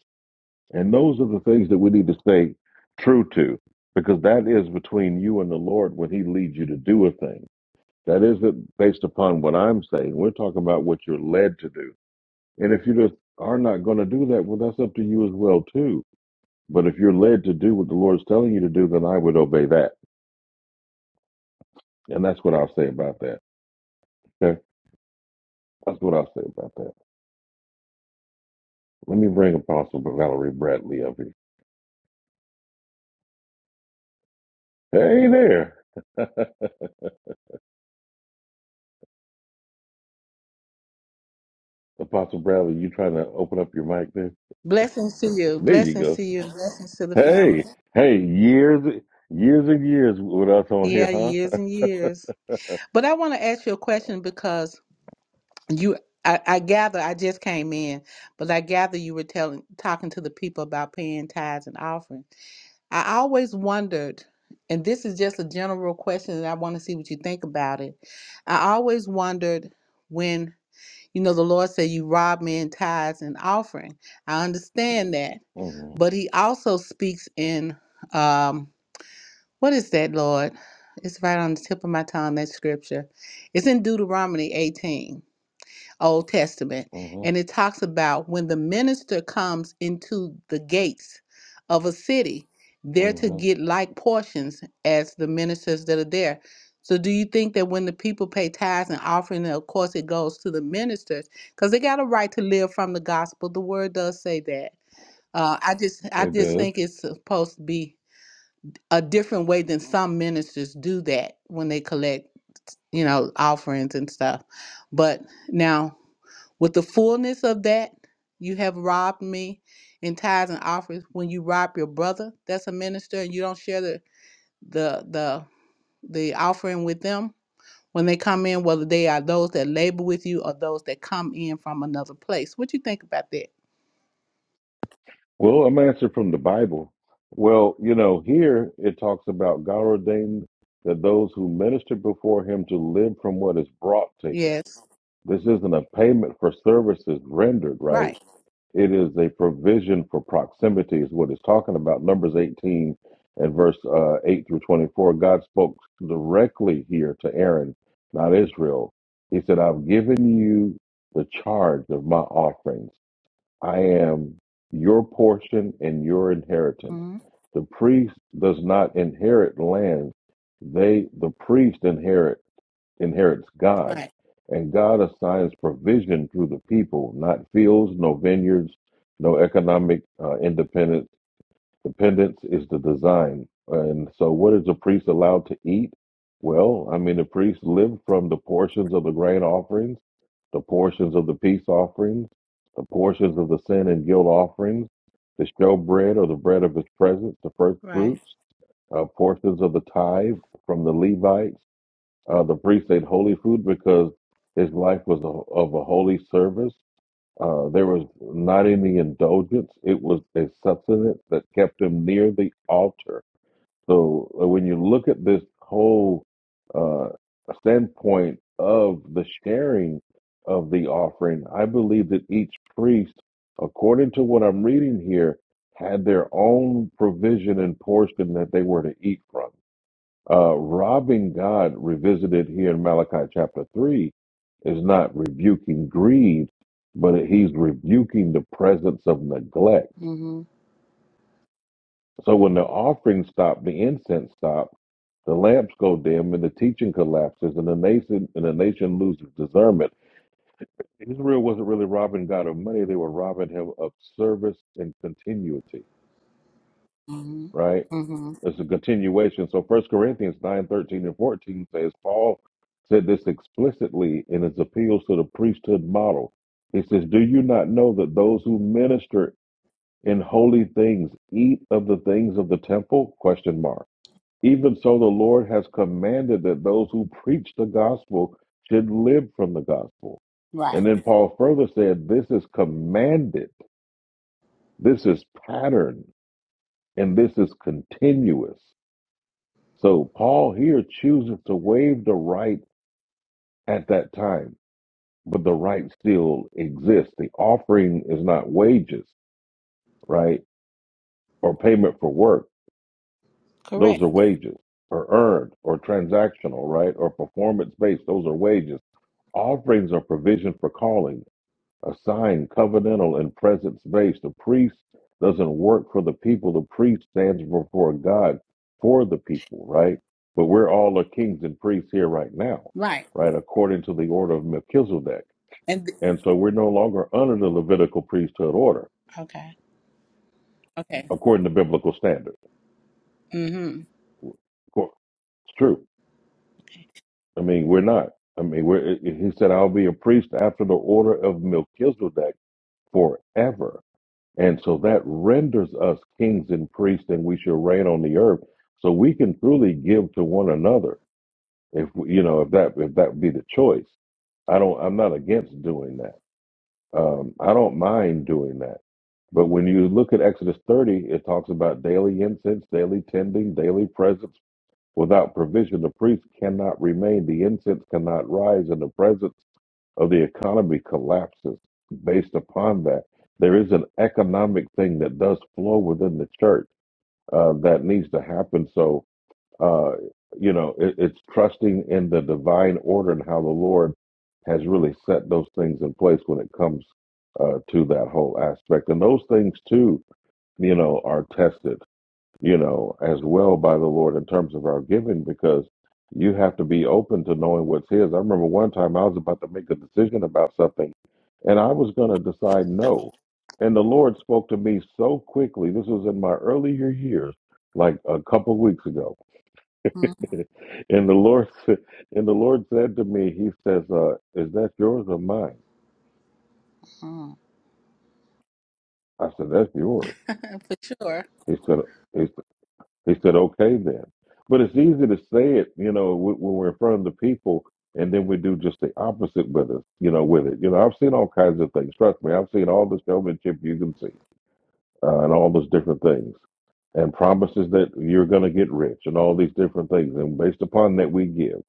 [SPEAKER 1] And those are the things that we need to stay true to because that is between you and the Lord when he leads you to do a thing. That isn't based upon what I'm saying. We're talking about what you're led to do. And if you just are not going to do that, well, that's up to you as well, too. But if you're led to do what the Lord's telling you to do, then I would obey that. And that's what I'll say about that. Okay. That's what I'll say about that. Let me bring Apostle Valerie Bradley up here. Hey there. Apostle Bradley, you trying to open up your mic there?
[SPEAKER 17] Blessings to you.
[SPEAKER 1] There you
[SPEAKER 17] Blessings
[SPEAKER 1] go.
[SPEAKER 17] to you. Blessings to the family.
[SPEAKER 1] Hey, hey, years, years and years with us on here,
[SPEAKER 17] Yeah,
[SPEAKER 1] huh?
[SPEAKER 17] years and years. But I want to ask you a question because you, I, I gather, I just came in, but I gather you were telling, talking to the people about paying tithes and offering. I always wondered, and this is just a general question, and I want to see what you think about it. I always wondered when, you know, the Lord said you rob me in tithes and offering. I understand that,
[SPEAKER 1] hmm
[SPEAKER 17] but He also speaks in. Um, What is that, Lord? It's right on the tip of my tongue, that scripture. It's in Deuteronomy 18, Old Testament.
[SPEAKER 1] hmm
[SPEAKER 17] And it talks about when the minister comes into the gates of a city, they're to
[SPEAKER 1] hmm
[SPEAKER 17] get like portions as the ministers that are there. So, do you think that when the people pay tithes and offering, of course, it goes to the ministers because they got a right to live from the gospel? The word does say that. Uh, I just, I
[SPEAKER 1] It
[SPEAKER 17] just
[SPEAKER 1] does.
[SPEAKER 17] think it's supposed to be a different way than some ministers do that when they collect, you know, offerings and stuff. But now, with the fullness of that, you have robbed me in tithes and offerings. When you rob your brother, that's a minister, and you don't share the the the the offering with them when they come in, whether they are those that labor with you or those that come in from another place. What you think about that?
[SPEAKER 1] Well, I'm answered from the Bible. Well, you know, here it talks about God ordained that those who minister before him to live from what is brought to him.
[SPEAKER 17] Yes,
[SPEAKER 1] This isn't a payment for services rendered, right?
[SPEAKER 17] right,
[SPEAKER 1] It is a provision for proximity, is what it's talking about. Numbers 18 and verse uh, 8 through 24. God spoke directly here to Aaron, not Israel. He said, I've given you the charge of my offerings. I am your portion and your inheritance.
[SPEAKER 17] mm-hmm.
[SPEAKER 1] The priest does not inherit land, they the priest inherit inherits God,
[SPEAKER 17] right,
[SPEAKER 1] and God assigns provision through the people, not fields, no vineyards, no economic uh, independence. Dependence is the design. And so, what is a priest allowed to eat? Well, I mean, the priests live from the portions of the grain offerings, the portions of the peace offerings, the portions of the sin and guilt offerings, the showbread or the bread of his presence, the first
[SPEAKER 17] right,
[SPEAKER 1] fruits, uh, portions of the tithe from the Levites uh, the priest ate holy food because his life was a, of a holy service. Uh, there was not any indulgence. It was a sustenance that kept him near the altar. So uh, when you look at this whole uh, standpoint of the sharing of the offering, I believe that each priest, according to what I'm reading here, had their own provision and portion that they were to eat from. Uh, robbing God, revisited here in Malachi chapter 3, is not rebuking greed, but he's rebuking the presence of neglect.
[SPEAKER 17] mm-hmm.
[SPEAKER 1] So when the offering stopped, the incense stopped, the lamps go dim, and the teaching collapses, and the nation and the nation loses discernment. Israel wasn't really robbing God of money; they were robbing Him of service and continuity.
[SPEAKER 17] Mm-hmm.
[SPEAKER 1] Right?
[SPEAKER 17] Mm-hmm.
[SPEAKER 1] It's a continuation. So First Corinthians 9, 13, and 14 says, Paul said this explicitly in his appeals to the priesthood model. He says, Do you not know that those who minister in holy things eat of the things of the temple? Question mark. Even so the Lord has commanded that those who preach the gospel should live from the gospel.
[SPEAKER 17] right,
[SPEAKER 1] And then Paul further said, This is commanded, this is pattern, and this is continuous. So Paul here chooses to waive the right at that time, but the right still exists. The offering is not wages, right? Or payment for work.
[SPEAKER 17] correct.
[SPEAKER 1] Those are wages or earned or transactional, right? Or performance based. Those are wages. Offerings are provision for callings. A sign, covenantal and presence based. The priest doesn't work for the people. The priest stands before God for the people, right? But we're all the kings and priests here right now,
[SPEAKER 17] Right.
[SPEAKER 1] right? According to the order of Melchizedek.
[SPEAKER 17] And th-
[SPEAKER 1] And so we're no longer under the Levitical priesthood order,
[SPEAKER 17] okay. Okay.
[SPEAKER 1] according to biblical standard.
[SPEAKER 17] Mm-hmm.
[SPEAKER 1] It's true.
[SPEAKER 17] Okay.
[SPEAKER 1] I mean, we're not. I mean, we're, he said, I'll be a priest after the order of Melchizedek forever And so that renders us kings and priests, and we shall reign on the earth. So we can truly give to one another, if we- you know, if that if that be the choice. I don't. I'm not against doing that. Um, I don't mind doing that. But when you look at Exodus 30, it talks about daily incense, daily tending, daily presence. Without provision, the priest cannot remain. The incense cannot rise, and the presence of the economy collapses based upon that. There is an economic thing that does flow within the church uh, that needs to happen. So, uh, you know, it, it's trusting in the divine order and how the Lord has really set those things in place when it comes uh, to that whole aspect. And those things, too, you know, are tested you know, as well by the Lord in terms of our giving because you have to be open to knowing what's His. I remember one time I was about to make a decision about something and I was going to decide no. And the Lord spoke to me so quickly. This was in my earlier years, like a couple of weeks ago. and the Lord said, and the Lord said to me, He says, uh, "Is that yours or mine?"
[SPEAKER 17] hmm
[SPEAKER 1] I said, "That's yours."
[SPEAKER 17] For sure.
[SPEAKER 1] He said. "He said He said, okay then. But it's easy to say it, you know, wh- when we're in front of the people and then we do just the opposite with us, you know, with it. You know, I've seen all kinds of things. Trust me, I've seen all the showmanship you can see uh, and all those different things and promises that you're going to get rich and all these different things. And based upon that, we give.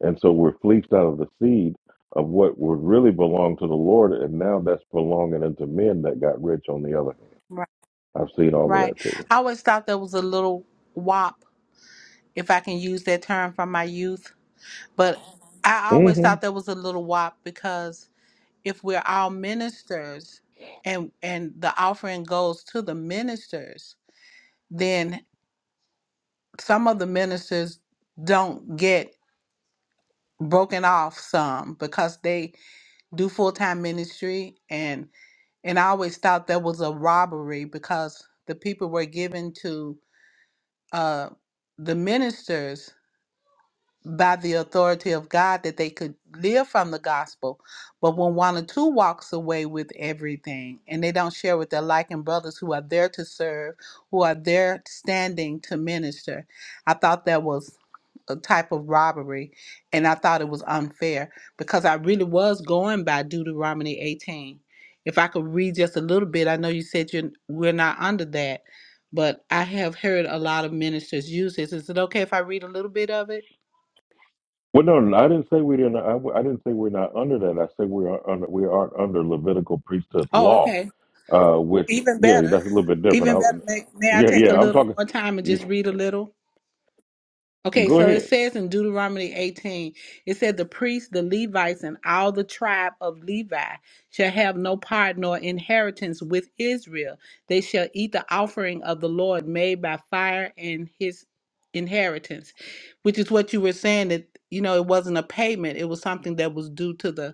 [SPEAKER 1] And so we're fleeced out of the seed of what would really belong to the Lord. And now that's belonging unto men that got rich on the other hand.
[SPEAKER 17] Right.
[SPEAKER 1] I've seen all of
[SPEAKER 17] Right.
[SPEAKER 1] that
[SPEAKER 17] I always thought there was a little wop, if I can use that term from my youth. But I always
[SPEAKER 1] too.
[SPEAKER 17] thought there was a little wop because if we're all ministers and and the offering goes to the ministers, then some of the ministers don't get broken off some because they do full-time ministry and. and I always thought that was a robbery because the people were given to uh, the ministers by the authority of God that they could live from the gospel. But when one or two walks away with everything and they don't share with their like and brothers who are there to serve, who are there standing to minister, I thought that was a type of robbery and I thought it was unfair because I really was going by Deuteronomy 18. If I could read just a little bit, I know you said you're we're not under that, but I have heard a lot of ministers use this. Is it okay if I read a little bit of it?
[SPEAKER 1] Well, no, no, I didn't say we didn't. I, w- I didn't say we're not under that. I said we are under. We are under Levitical priesthood
[SPEAKER 17] Oh,
[SPEAKER 1] law.
[SPEAKER 17] okay.
[SPEAKER 1] Uh, which
[SPEAKER 17] Even
[SPEAKER 1] yeah,
[SPEAKER 17] better.
[SPEAKER 1] that's a little bit different.
[SPEAKER 17] Even
[SPEAKER 1] I,
[SPEAKER 17] better. May, may I
[SPEAKER 1] yeah,
[SPEAKER 17] take a
[SPEAKER 1] yeah. I'm
[SPEAKER 17] little
[SPEAKER 1] talking.
[SPEAKER 17] more time and
[SPEAKER 1] yeah,
[SPEAKER 17] just read a little? Okay,
[SPEAKER 1] Go
[SPEAKER 17] so it
[SPEAKER 1] ahead.
[SPEAKER 17] says in Deuteronomy 18, it said, The priests, the Levites, and all the tribe of Levi shall have no part nor inheritance with Israel. They shall eat the offering of the Lord made by fire and his inheritance, which is what you were saying that, you know, it wasn't a payment, it was something that was due to the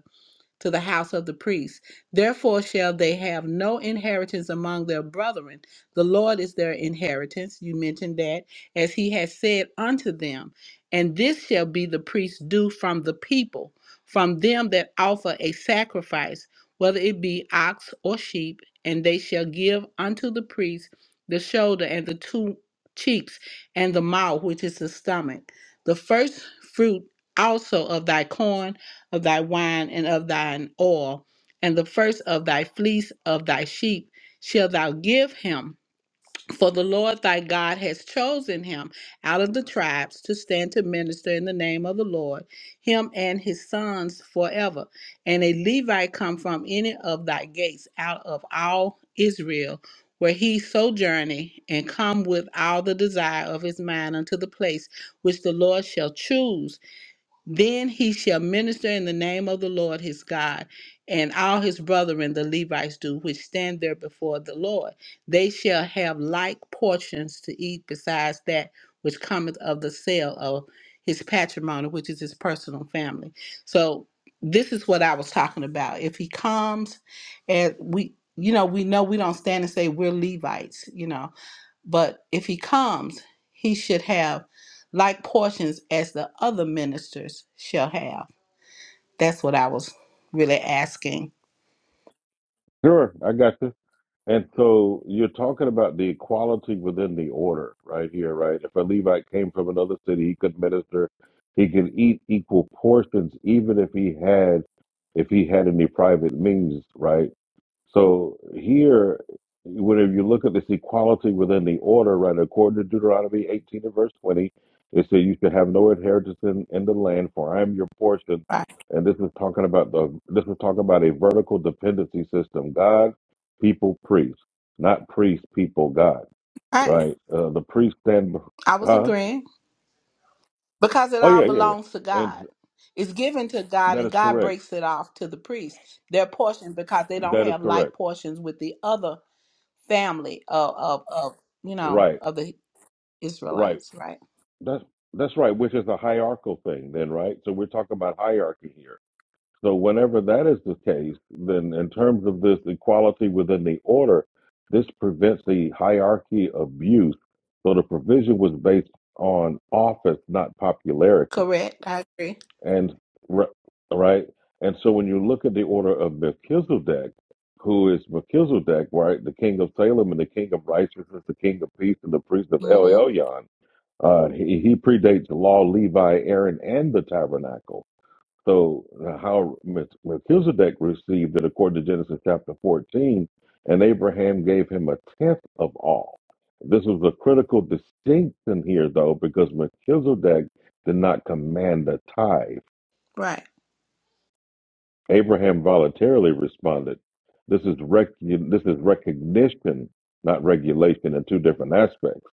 [SPEAKER 17] to the house of the priest. Therefore shall they have no inheritance among their brethren. The Lord is their inheritance. You mentioned that, as he has said unto them. And this shall be the priest's due from the people, from them that offer a sacrifice, whether it be ox or sheep, and they shall give unto the priest the shoulder and the two cheeks and the mouth, which is the stomach. The first fruit also of thy corn of thy wine and of thine oil, and the first of thy fleece of thy sheep shall thou give him. For the Lord thy God has chosen him out of the tribes to stand to minister in the name of the Lord, him and his sons forever. And a Levite come from any of thy gates out of all Israel, where he sojourney, and come with all the desire of his mind unto the place which the Lord shall choose then he shall minister in the name of the Lord his God, and all his brethren the Levites do, which stand there before the Lord. They shall have like portions to eat besides that which cometh of the sale of his patrimony, which is his personal family. So this is what I was talking about. If he comes and we you know, we know we don't stand and say we're Levites, you know but if he comes, he should have like portions as the other ministers shall have. That's what I was really asking.
[SPEAKER 1] Sure, I got you. And so you're talking about the equality within the order, right here, right? If a Levite came from another city, he could minister. He could eat equal portions, even if he had, if he had any private means, right? So here, whenever you look at this equality within the order, right, according to Deuteronomy 18 and verse 20, it said you should have no inheritance in, in the land, for I am your portion.
[SPEAKER 17] Right.
[SPEAKER 1] And this is talking about the this is talking about a vertical dependency system: God, people, priest, not priest, people, God.
[SPEAKER 17] Right.
[SPEAKER 1] Right? Uh, the priest stand,
[SPEAKER 17] I was
[SPEAKER 1] huh?
[SPEAKER 17] agreeing because it
[SPEAKER 1] Oh
[SPEAKER 17] all
[SPEAKER 1] yeah, yeah, yeah.
[SPEAKER 17] belongs to
[SPEAKER 1] And
[SPEAKER 17] God. It's given to God,
[SPEAKER 1] that
[SPEAKER 17] and
[SPEAKER 1] is
[SPEAKER 17] God
[SPEAKER 1] correct.
[SPEAKER 17] breaks it off to the priest their portion because they don't
[SPEAKER 1] That is
[SPEAKER 17] have
[SPEAKER 1] correct.
[SPEAKER 17] like portions with the other family of of, of you know
[SPEAKER 1] Right,
[SPEAKER 17] of the
[SPEAKER 1] right.
[SPEAKER 17] Israelites. Right.
[SPEAKER 1] That's that's right, which is a hierarchical thing then, right? So we're talking about hierarchy here. So whenever that is the case, then in terms of this equality within the order, this prevents the hierarchy abuse. So the provision was based on office, not popularity.
[SPEAKER 17] Correct. I agree.
[SPEAKER 1] And right, and so when you look at the order of Melchizedek, who is Melchizedek, right, the king of Salem and the king of righteousness, the king of peace, and the priest of El
[SPEAKER 17] Mm-hmm.
[SPEAKER 1] Elyon, uh, he, he predates the law, Levi, Aaron, and the tabernacle. So uh, how Meth- Melchizedek received it according to Genesis chapter 14, and Abraham gave him a tenth of all. This was a critical distinction here, though, because Melchizedek did not command a tithe.
[SPEAKER 17] Right.
[SPEAKER 1] Abraham voluntarily responded. This is rec- this is recognition, not regulation, in two different aspects.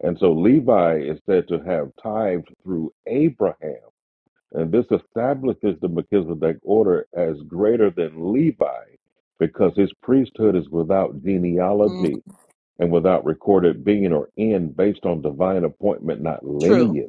[SPEAKER 1] And so Levi is said to have tithed through Abraham And this establishes the Melchizedek order as greater than Levi because his priesthood is without
[SPEAKER 17] hmm
[SPEAKER 1] genealogy and without recorded being or end based on divine appointment, not
[SPEAKER 17] True.
[SPEAKER 1] lineage.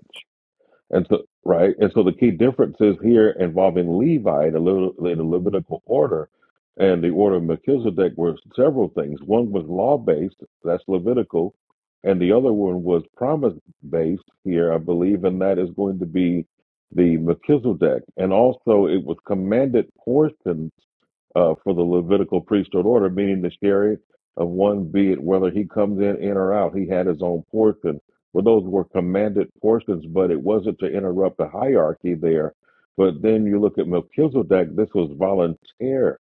[SPEAKER 1] And so, right. And so the key differences here involving Levi, the, Levit- the Levitical order, and the order of Melchizedek were several things. One was law based, that's Levitical, and the other one was promise based here, I believe, and that is going to be the Melchizedek. And also, it was commanded portion uh, for the Levitical priesthood order, meaning the chariot of one be it whether he comes in, in or out. He had his own portion. Well, those were commanded portions, but it wasn't to interrupt the hierarchy there. But then you look at Melchizedek, this was volunteer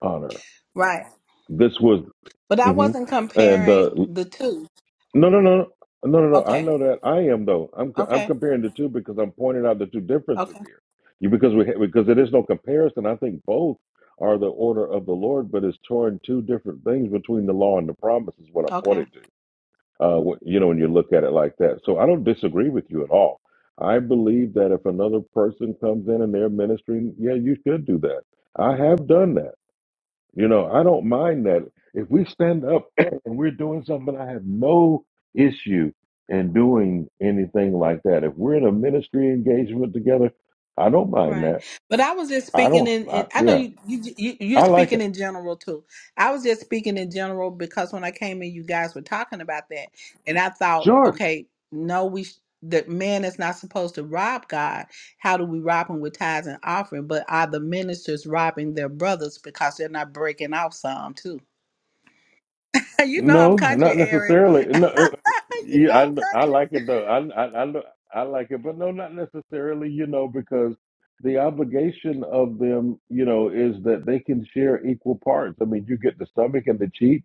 [SPEAKER 1] honor.
[SPEAKER 17] Right.
[SPEAKER 1] This was,
[SPEAKER 17] But I
[SPEAKER 1] mhm.
[SPEAKER 17] wasn't
[SPEAKER 1] and
[SPEAKER 17] comparing
[SPEAKER 1] uh,
[SPEAKER 17] the two.
[SPEAKER 1] No, no, no, no, no, no. I
[SPEAKER 17] Okay.
[SPEAKER 1] know that I am though. I'm co- I'm
[SPEAKER 17] Okay.
[SPEAKER 1] comparing the two because I'm pointing out the two differences
[SPEAKER 17] Okay.
[SPEAKER 1] here. You because we ha- because there is no comparison. I think both are the order of the Lord, but it's torn two different things between the law and the promise is what I'm
[SPEAKER 17] Okay.
[SPEAKER 1] pointing to. Uh, wh- you know, when you look at it like that. So I don't disagree with you at all. I believe that if another person comes in and they're ministering, yeah, you should do that. I have done that. You know, I don't mind that. If we stand up and we're doing something, I have no issue in doing anything like that. If we're in a ministry engagement together, I don't mind
[SPEAKER 17] Right.
[SPEAKER 1] that.
[SPEAKER 17] But I was just
[SPEAKER 1] I
[SPEAKER 17] speaking
[SPEAKER 1] don't,
[SPEAKER 17] in, in
[SPEAKER 1] I,
[SPEAKER 17] I know
[SPEAKER 1] yeah,
[SPEAKER 17] you, you you you're
[SPEAKER 1] I like
[SPEAKER 17] speaking
[SPEAKER 1] it.
[SPEAKER 17] in general too. I was just speaking in general because when I came in you guys were talking about that and I thought,
[SPEAKER 1] Sure.
[SPEAKER 17] okay, no we sh- that man is not supposed to rob God. How do we rob him with tithes and offering? But are the ministers robbing their brothers because they're not breaking off some too? you know I'm
[SPEAKER 1] No,
[SPEAKER 17] country,
[SPEAKER 1] not
[SPEAKER 17] Eric. you
[SPEAKER 1] necessarily.
[SPEAKER 17] know
[SPEAKER 1] No, uh, yeah, I,
[SPEAKER 17] I'm
[SPEAKER 1] kn- I
[SPEAKER 17] country.
[SPEAKER 1] like it though. I, I, I, kn- I like it, but no, not necessarily, you know, because the obligation of them, you know, is that they can share equal parts. I mean, you get the stomach and the cheek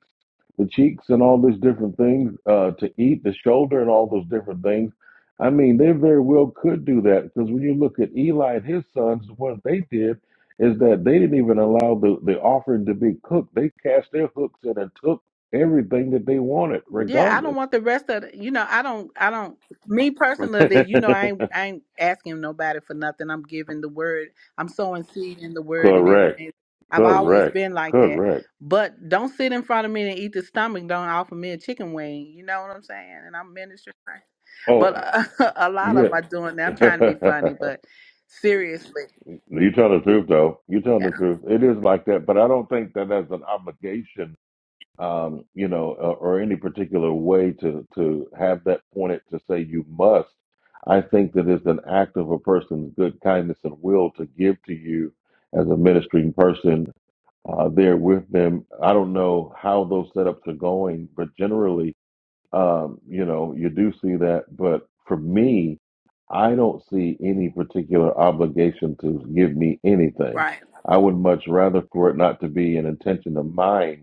[SPEAKER 1] the cheeks and all these different things uh, to eat, the shoulder and all those different things. I mean, they very well could do that because when you look at Eli and his sons, what they did is that they didn't even allow the, the offering to be cooked. They cast their hooks in and took everything that they wanted,
[SPEAKER 17] Yeah, I
[SPEAKER 1] regardless.
[SPEAKER 17] don't want the rest of the, you know, I don't I don't me personally, you know, I ain't I ain't asking nobody for nothing. I'm giving the word. I'm sowing seed in the word and
[SPEAKER 1] correct,
[SPEAKER 17] everything. I've always
[SPEAKER 1] correct,
[SPEAKER 17] been like that.
[SPEAKER 1] correct.
[SPEAKER 17] But don't sit in front of me and eat the stomach. Don't offer me a chicken wing. You know what I'm saying? And I'm ministering. But
[SPEAKER 1] Oh,
[SPEAKER 17] uh, a lot of them
[SPEAKER 1] yeah.
[SPEAKER 17] are doing that. I'm trying to be funny, but seriously,
[SPEAKER 1] you tell the truth, though. You tell
[SPEAKER 17] yeah,
[SPEAKER 1] the truth. It is like that, but I don't think that that's an obligation um, you know, or, or any particular way to to have that pointed to say you must. I think that it's an act of a person's good kindness and will to give to you as a ministering person uh, there with them. I don't know how those setups are going, but generally, um, you know, you do see that. But for me, I don't see any particular obligation to give me anything.
[SPEAKER 17] right.
[SPEAKER 1] I would much rather for it not to be an intention of mine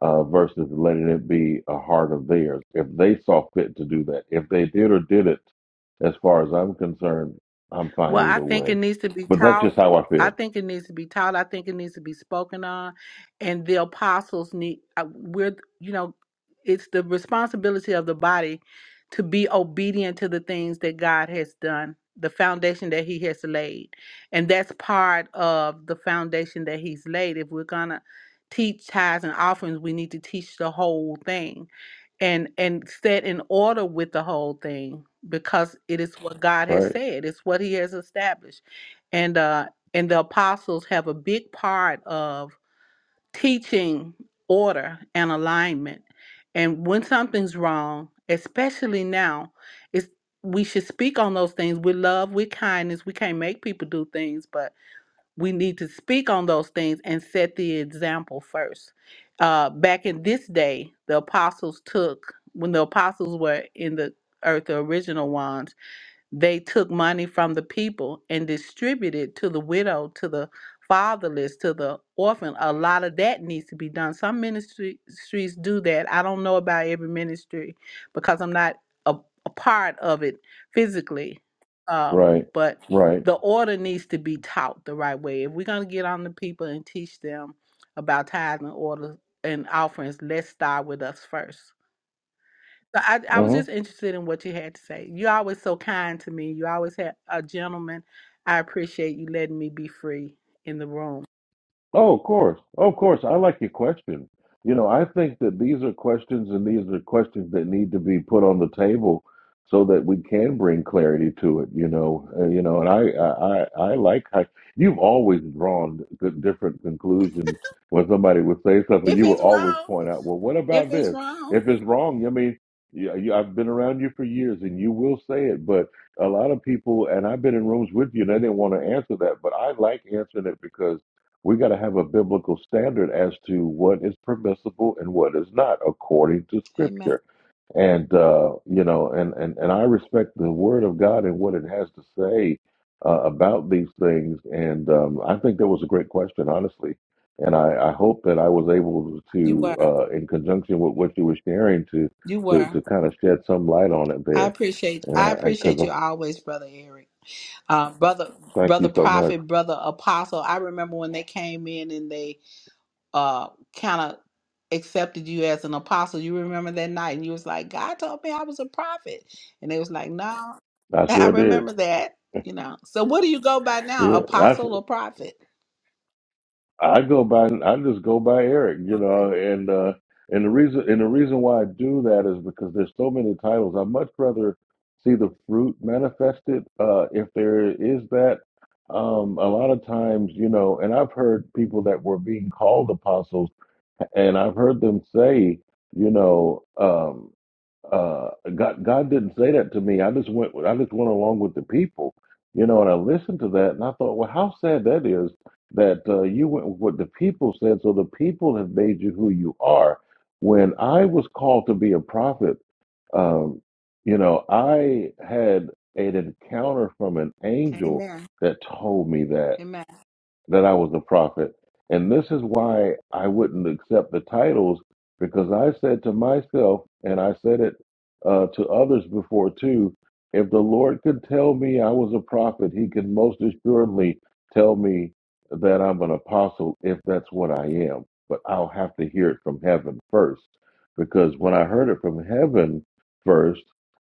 [SPEAKER 1] uh, versus letting it be a heart of theirs. If they saw fit to do that, if they did or did it, as far as I'm concerned, I'm fine
[SPEAKER 17] Well, I
[SPEAKER 1] either
[SPEAKER 17] think it
[SPEAKER 1] way.
[SPEAKER 17] needs to be
[SPEAKER 1] But that's
[SPEAKER 17] taught.
[SPEAKER 1] just how I
[SPEAKER 17] I
[SPEAKER 1] feel.
[SPEAKER 17] think it needs to be taught. I think it needs to be spoken on, and the apostles need. uh, We're, you know, it's the responsibility of the body to be obedient to the things that God has done, the foundation that He has laid, and that's part of the foundation that He's laid. If we're gonna teach tithes and offerings, we need to teach the whole thing and and set in order with the whole thing because it is what God has
[SPEAKER 1] Right,
[SPEAKER 17] said. It's what He has established, and uh, and the apostles have a big part of teaching order and alignment. And when something's wrong, especially now, it's we should speak on those things with love, with kindness. We can't make people do things, but we need to speak on those things and set the example first. Uh, back in this day, the apostles took, when the apostles were in the earth, the original ones, they took money from the people and distributed to the widow, to the fatherless, to the orphan. A lot of that needs to be done. Some ministries do that. I don't know about every ministry because I'm not a, a part of it physically. Um,
[SPEAKER 1] right,
[SPEAKER 17] but
[SPEAKER 1] right.
[SPEAKER 17] the order needs to be taught the right way. If we're going to get on the people and teach them about tithing order and offerings, let's start with us first. So I, I was
[SPEAKER 1] Hmm.
[SPEAKER 17] just interested in what you had to say. You're always so kind to me. You always had a gentleman. I appreciate you letting me be free in the room.
[SPEAKER 1] Oh, of course. Oh, of course. I like your question. You know, I think that these are questions and these are questions that need to be put on the table so that we can bring clarity to it, you know. Uh, you know, and I, I, I I like how you've always drawn the different conclusions when somebody would say something, you would always point out, well, what
[SPEAKER 17] If
[SPEAKER 1] about this? If it's wrong, I mean, you, you, I've been around you for years and you will say it, but a lot of people, and I've been in rooms with you and they didn't want to answer that, but I like answering it because we got to have a biblical standard as to what is permissible and what is not according to scripture and uh you know and and, and i respect the word of god and what it has to say uh, about these things and um i think that was a great question honestly and i i hope that i was able
[SPEAKER 17] you
[SPEAKER 1] to
[SPEAKER 17] were,
[SPEAKER 1] uh in conjunction with what you were sharing to
[SPEAKER 17] you
[SPEAKER 1] to
[SPEAKER 17] were.
[SPEAKER 1] to kind of shed some light on it
[SPEAKER 17] I
[SPEAKER 1] there
[SPEAKER 17] appreciate
[SPEAKER 1] and
[SPEAKER 17] I
[SPEAKER 1] i
[SPEAKER 17] appreciate
[SPEAKER 1] because
[SPEAKER 17] you always, brother Eric. Uh, brother
[SPEAKER 1] thank
[SPEAKER 17] brother
[SPEAKER 1] you so much
[SPEAKER 17] prophet, brother apostle. I remember when they came in and they uh kind of accepted you as an apostle. You remember that night and you was like, God told me I was a prophet. And they was like, No,
[SPEAKER 1] i
[SPEAKER 17] I
[SPEAKER 1] sure did
[SPEAKER 17] remember that, you know. So what do you go by now?
[SPEAKER 1] yeah
[SPEAKER 17] Apostle or prophet?
[SPEAKER 1] I go by I just go by Eric, you
[SPEAKER 17] Okay.
[SPEAKER 1] know, and uh and the reason and the reason why I do that is because there's so many titles. I'd much rather see the fruit manifested, uh, if there is that. Um, a lot of times, you know, and I've heard people that were being called apostles and I've heard them say, you know, um uh God God didn't say that to me. I just went with I just went along with the people, you know, and I listened to that and I thought, well, how sad that is that uh, you went with what the people said, so the people have made you who you are. When I was called to be a prophet, um, you know, I had an encounter from an angel
[SPEAKER 17] Amen.
[SPEAKER 1] that told me that
[SPEAKER 17] Amen.
[SPEAKER 1] that I was a prophet. And this is why I wouldn't accept the titles because I said to myself, and I said it uh, to others before too, if the Lord could tell me I was a prophet, he could most assuredly tell me that I'm an apostle if that's what I am. But I'll have to hear it from heaven first because when I heard it from heaven first,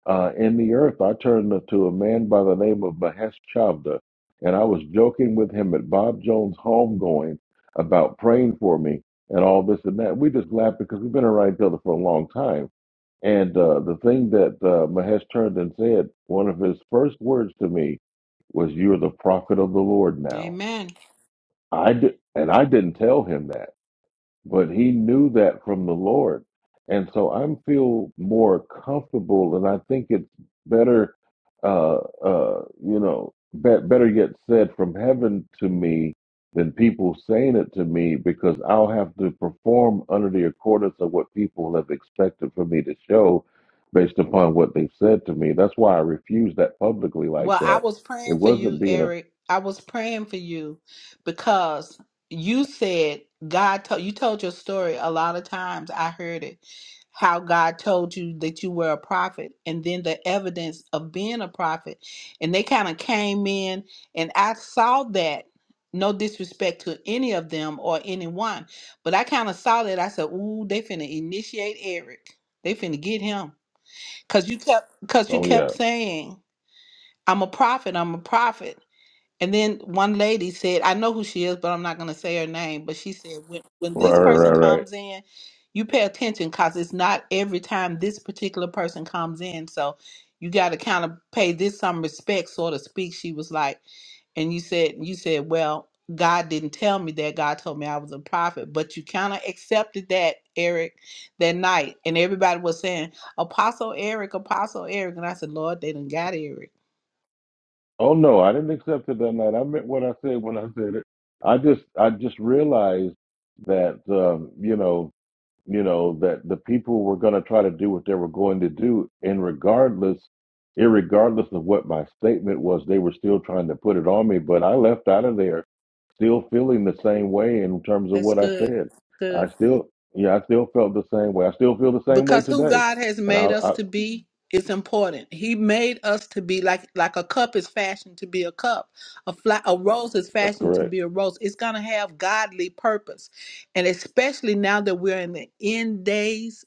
[SPEAKER 1] uh, in the earth, I turned to a man by the name of Mahesh Chavda, and I was joking with him at Bob Jones' home, going about praying for me and all this and that. We just laughed because we've been around each other for a long time. And uh, the thing that uh, Mahesh turned and said, one of his first words to me was, You're the prophet of the Lord now.
[SPEAKER 17] Amen.
[SPEAKER 1] I did, and I didn't tell him that but he knew that from the Lord. And so I am feel more comfortable, and I think it's better, uh, uh, you know, be- better yet said from heaven to me than people saying it to me because I'll have to perform under the accordance of what people have expected for me to show based upon what they've said to me. That's why I refused that publicly like
[SPEAKER 17] Well, I
[SPEAKER 1] that.
[SPEAKER 17] was
[SPEAKER 1] It
[SPEAKER 17] praying for you,
[SPEAKER 1] wasn't being a,
[SPEAKER 17] Eric. I was praying for you because you said God told you told your story a lot of times. I heard it. How God told you that you were a prophet and then the evidence of being a prophet. And they kind of came in and I saw that. No disrespect to any of them or anyone, but I kind of saw that. I said, "Ooh, they finna initiate Eric. They finna get him." Cause you kept, cause you
[SPEAKER 1] oh yeah,
[SPEAKER 17] kept saying I'm a prophet. I'm a prophet. And then one lady said, I know who she is, but I'm not going to say her name. But she said, when, when
[SPEAKER 1] right,
[SPEAKER 17] this
[SPEAKER 1] right,
[SPEAKER 17] person
[SPEAKER 1] right, right.
[SPEAKER 17] comes in, you pay attention because it's not every time this particular person comes in. So you got to kind of pay this some respect, so to speak. She was like, and you said, you said, well, God didn't tell me that. God told me I was a prophet, but you kind of accepted that, Eric, that night. And everybody was saying, Apostle Eric, Apostle Eric. And I said, Lord, they done got Eric.
[SPEAKER 1] Oh no, I didn't accept it that night. I meant what I said when I said it. I just I just realized that um, you know you know that the people were going to try to do what they were going to do, and regardless, irregardless of what my statement was, they were still trying to put it on me. But I left out of there still feeling the same way in terms of
[SPEAKER 17] That's
[SPEAKER 1] what I
[SPEAKER 17] good.
[SPEAKER 1] said. I
[SPEAKER 17] Good
[SPEAKER 1] still yeah, I still felt the same way. I still feel the same way
[SPEAKER 17] because who
[SPEAKER 1] today,
[SPEAKER 17] God has
[SPEAKER 1] and
[SPEAKER 17] made
[SPEAKER 1] I,
[SPEAKER 17] us
[SPEAKER 1] I
[SPEAKER 17] to be is important. He made us to be like like a cup is fashioned to be a cup, a fla- a rose is
[SPEAKER 1] that's
[SPEAKER 17] fashioned to
[SPEAKER 1] correct,
[SPEAKER 17] be a rose. It's gonna have godly purpose, and especially now that we're in the end days.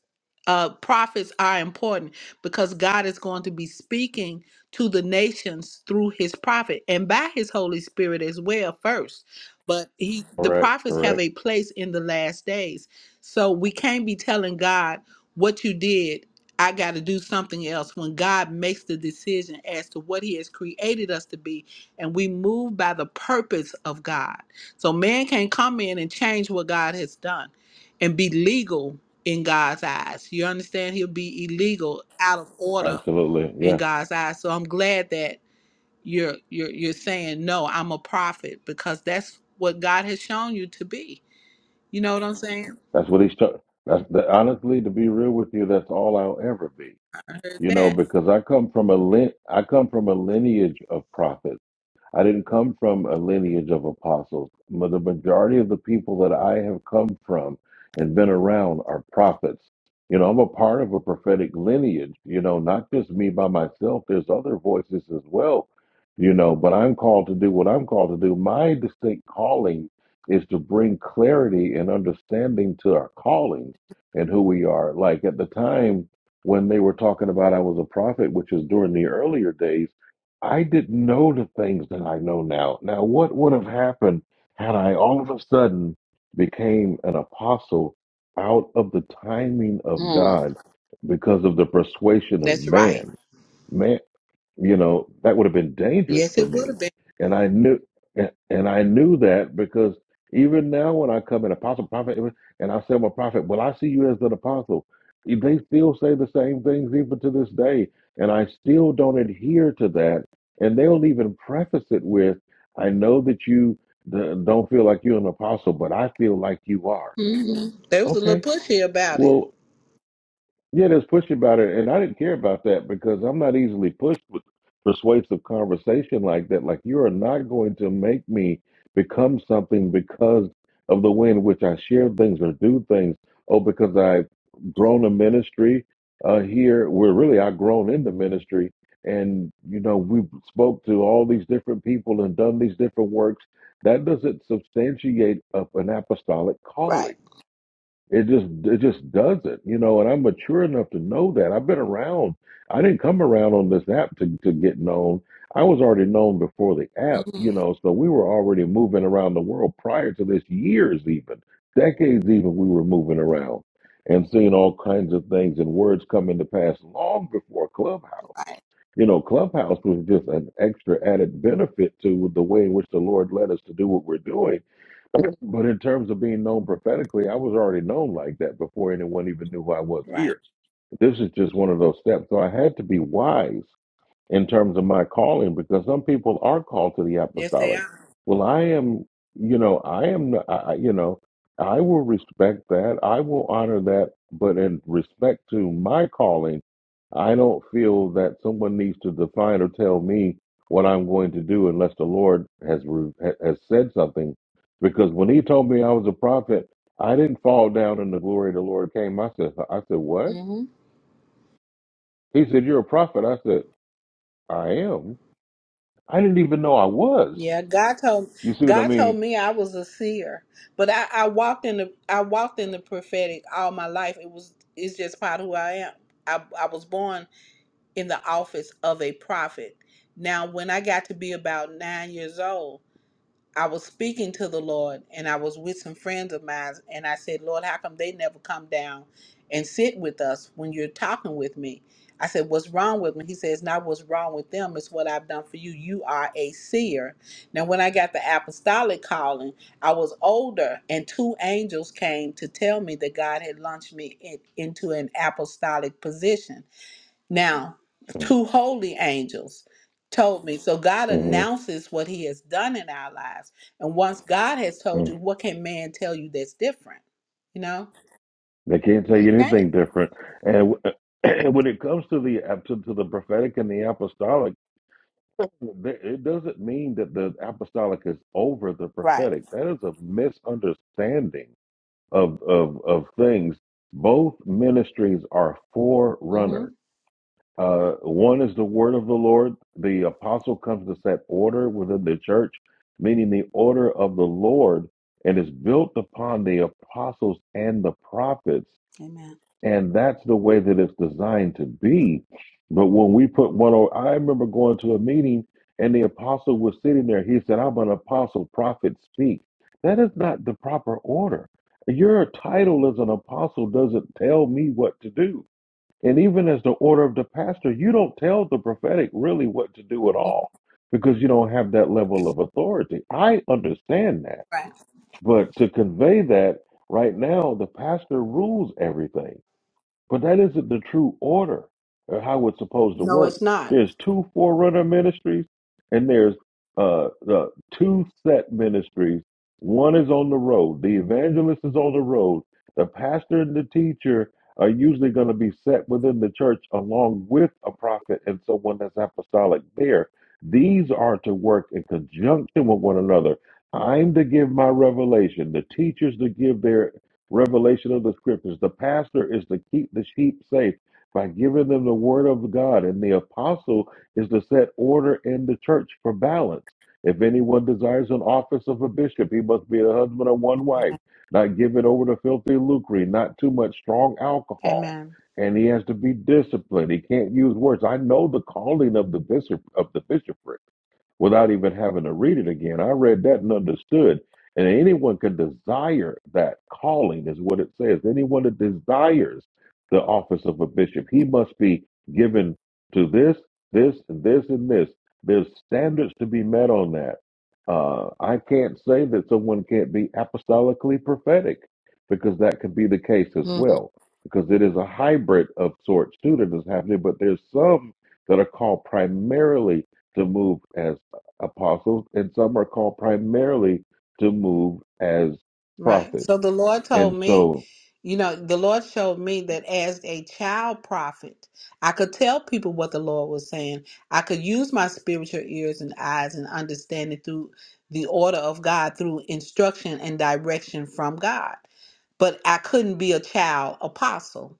[SPEAKER 17] Uh, prophets are important because God is going to be speaking to the nations through His prophet and by His Holy Spirit as well. First, but He the
[SPEAKER 1] correct,
[SPEAKER 17] prophets have
[SPEAKER 1] correct,
[SPEAKER 17] a place in the last days, so we can't be telling God what you did, I got to do something else. When God makes the decision as to what He has created us to be, and we move by the purpose of God. So man can't come in and change what God has done and be legal in God's eyes. You understand? He'll be illegal, out of order
[SPEAKER 1] absolutely,
[SPEAKER 17] in
[SPEAKER 1] yeah.
[SPEAKER 17] God's eyes. So I'm glad that you're you're you're saying no, I'm a prophet because that's what God has shown you to be. You know what I'm saying?
[SPEAKER 1] That's what he's talking. That's the, honestly, to be real with you, that's all I'll ever be.
[SPEAKER 17] I heard
[SPEAKER 1] You know,
[SPEAKER 17] that.
[SPEAKER 1] because I come from a lin- I come from a lineage of prophets. I didn't come from a lineage of apostles. Ma- The majority of the people that I have come from and been around are prophets. You know, I'm a part of a prophetic lineage, you know, not just me by myself. There's other voices as well, you know, but I'm called to do what I'm called to do. My distinct calling is to bring clarity and understanding to our callings and who we are. Like at the time when they were talking about I was a prophet, which is during the earlier days I didn't know the things that I know now. Now, what would have happened had I all of a sudden became an apostle out of the timing of
[SPEAKER 17] Hmm.
[SPEAKER 1] God because of the persuasion of
[SPEAKER 17] That's right.
[SPEAKER 1] man? Man, you know that would have been dangerous
[SPEAKER 17] Yes,
[SPEAKER 1] for
[SPEAKER 17] it would
[SPEAKER 1] me
[SPEAKER 17] have been.
[SPEAKER 1] and i knew and and i knew that because even now when i come in apostle prophet and i say i'm a prophet well i see you as an apostle they still say the same things even to this day and i still don't adhere to that and they'll even preface it with i know that you uh, don't feel like you're an apostle but i feel like you are
[SPEAKER 17] hmm They was a little
[SPEAKER 1] okay
[SPEAKER 17] pushy about it.
[SPEAKER 1] well yeah, there's push about it, and I didn't care about that because I'm not easily pushed with persuasive conversation like that. Like you are not going to make me become something because of the way in which I share things or do things. Oh, because I've grown a ministry uh, here. We're really I've grown in the ministry, and you know we spoke to all these different people and done these different works. That doesn't substantiate up an apostolic
[SPEAKER 17] Right.
[SPEAKER 1] calling it just it just doesn't, you know. And I'm mature enough to know that. I've been around. I didn't come around on this app to to get known. I was already known before the app, you
[SPEAKER 17] Mhm.
[SPEAKER 1] know. So we were already moving around the world prior to this. Years even, decades even, we were moving around and seeing all kinds of things and words coming to pass long before Clubhouse.
[SPEAKER 17] Right.
[SPEAKER 1] You know, Clubhouse was just an extra added benefit to the way in which the Lord led us to do what we're doing but in terms of being known prophetically, I was already known like that before anyone even knew who I was
[SPEAKER 17] Right.
[SPEAKER 1] here. This is just one of those steps. So I had to be wise in terms of my calling because some people are called to the
[SPEAKER 17] Yes, they
[SPEAKER 1] apostolic.
[SPEAKER 17] are.
[SPEAKER 1] Well, I am, you know, I am, I, you know, I will respect that. I will honor that. But in respect to my calling, I don't feel that someone needs to define or tell me what I'm going to do unless the Lord has re- ha- has said something. Because when He told me I was a prophet, I didn't fall down and the glory of the Lord came. I said, I said, what?
[SPEAKER 17] hmm
[SPEAKER 1] He said, you're a prophet. I said, I am. I didn't even know I was.
[SPEAKER 17] Yeah, God told
[SPEAKER 1] You see what I
[SPEAKER 17] God told
[SPEAKER 1] mean?
[SPEAKER 17] me I was a seer, but I, I walked in the I walked in the prophetic all my life. It was it's just part of who I am. I I was born in the office of a prophet. Now, when I got to be about nine years old. I was speaking to the Lord and I was with some friends of mine and I said, Lord, how come they never come down and sit with us when you're talking with me? I said, What's wrong with me? He says, Not what's wrong with them, it's what I've done for you. You are a seer. Now, when I got the apostolic calling, I was older, and two angels came to tell me that God had launched me in, into an apostolic position. Now, two holy angels told me. So God
[SPEAKER 1] Mm-hmm.
[SPEAKER 17] announces what he has done in our lives. And once God has told you, what can man tell you that's different? You know?
[SPEAKER 1] They can't tell
[SPEAKER 17] They
[SPEAKER 1] you
[SPEAKER 17] can't.
[SPEAKER 1] anything different. And w- and when it comes to the uh, to, to the prophetic and the apostolic, th- it doesn't mean that the apostolic is over the
[SPEAKER 17] Right.
[SPEAKER 1] prophetic. That is a misunderstanding of of of things. Both ministries are forerunners.
[SPEAKER 17] Mm-hmm.
[SPEAKER 1] Uh, one is the word of the Lord. The apostle comes to set order within the church, meaning the order of the Lord, and is built upon the apostles and the prophets.
[SPEAKER 17] Amen.
[SPEAKER 1] And that's the way that it's designed to be. But when we put one over, I remember going to a meeting and the apostle was sitting there. He said, I'm an apostle, prophet, speak. That is not the proper order. Your title as an apostle doesn't tell me what to do and even as the order of the pastor, you don't tell the prophetic really what to do at all because you don't have that level of authority. I understand that.
[SPEAKER 17] Right.
[SPEAKER 1] But to convey that, right now, the pastor rules everything. But that isn't the true order or how it's supposed to
[SPEAKER 17] No,
[SPEAKER 1] work.
[SPEAKER 17] it's not.
[SPEAKER 1] There's two forerunner ministries, and there's uh, the two set ministries. One is on the road. The evangelist is on the road. The pastor and the teacher are usually going to be set within the church along with a prophet and someone that's apostolic there. These are to work in conjunction with one another. I'm to give my revelation. The teacher's to give their revelation of the scriptures. The pastor is to keep the sheep safe by giving them the word of God, and the apostle is to set order in the church for balance. If anyone desires an office of a bishop, he must be a husband of one wife, not given over to filthy lucre, not too much strong alcohol.
[SPEAKER 17] Amen.
[SPEAKER 1] And he has to be disciplined. He can't use words. I know the calling of the bishop of the bishopric without even having to read it again. I read that and understood. And anyone can desire that calling, is what it says. Anyone that desires the office of a bishop, he must be given to this, this, and this, and this. There's standards to be met on that. Uh, I can't say that someone can't be apostolically prophetic because that could be the case as well, because it is a hybrid of sorts too that is happening. But there's some that are called primarily to move as apostles, and some are called primarily to move as
[SPEAKER 17] Right.
[SPEAKER 1] prophets.
[SPEAKER 17] So the Lord told
[SPEAKER 1] And
[SPEAKER 17] me,
[SPEAKER 1] so
[SPEAKER 17] you know, the Lord showed me that as a child prophet, I could tell people what the Lord was saying. I could use my spiritual ears and eyes and understanding through the order of God, through instruction and direction from God. But I couldn't be a child apostle.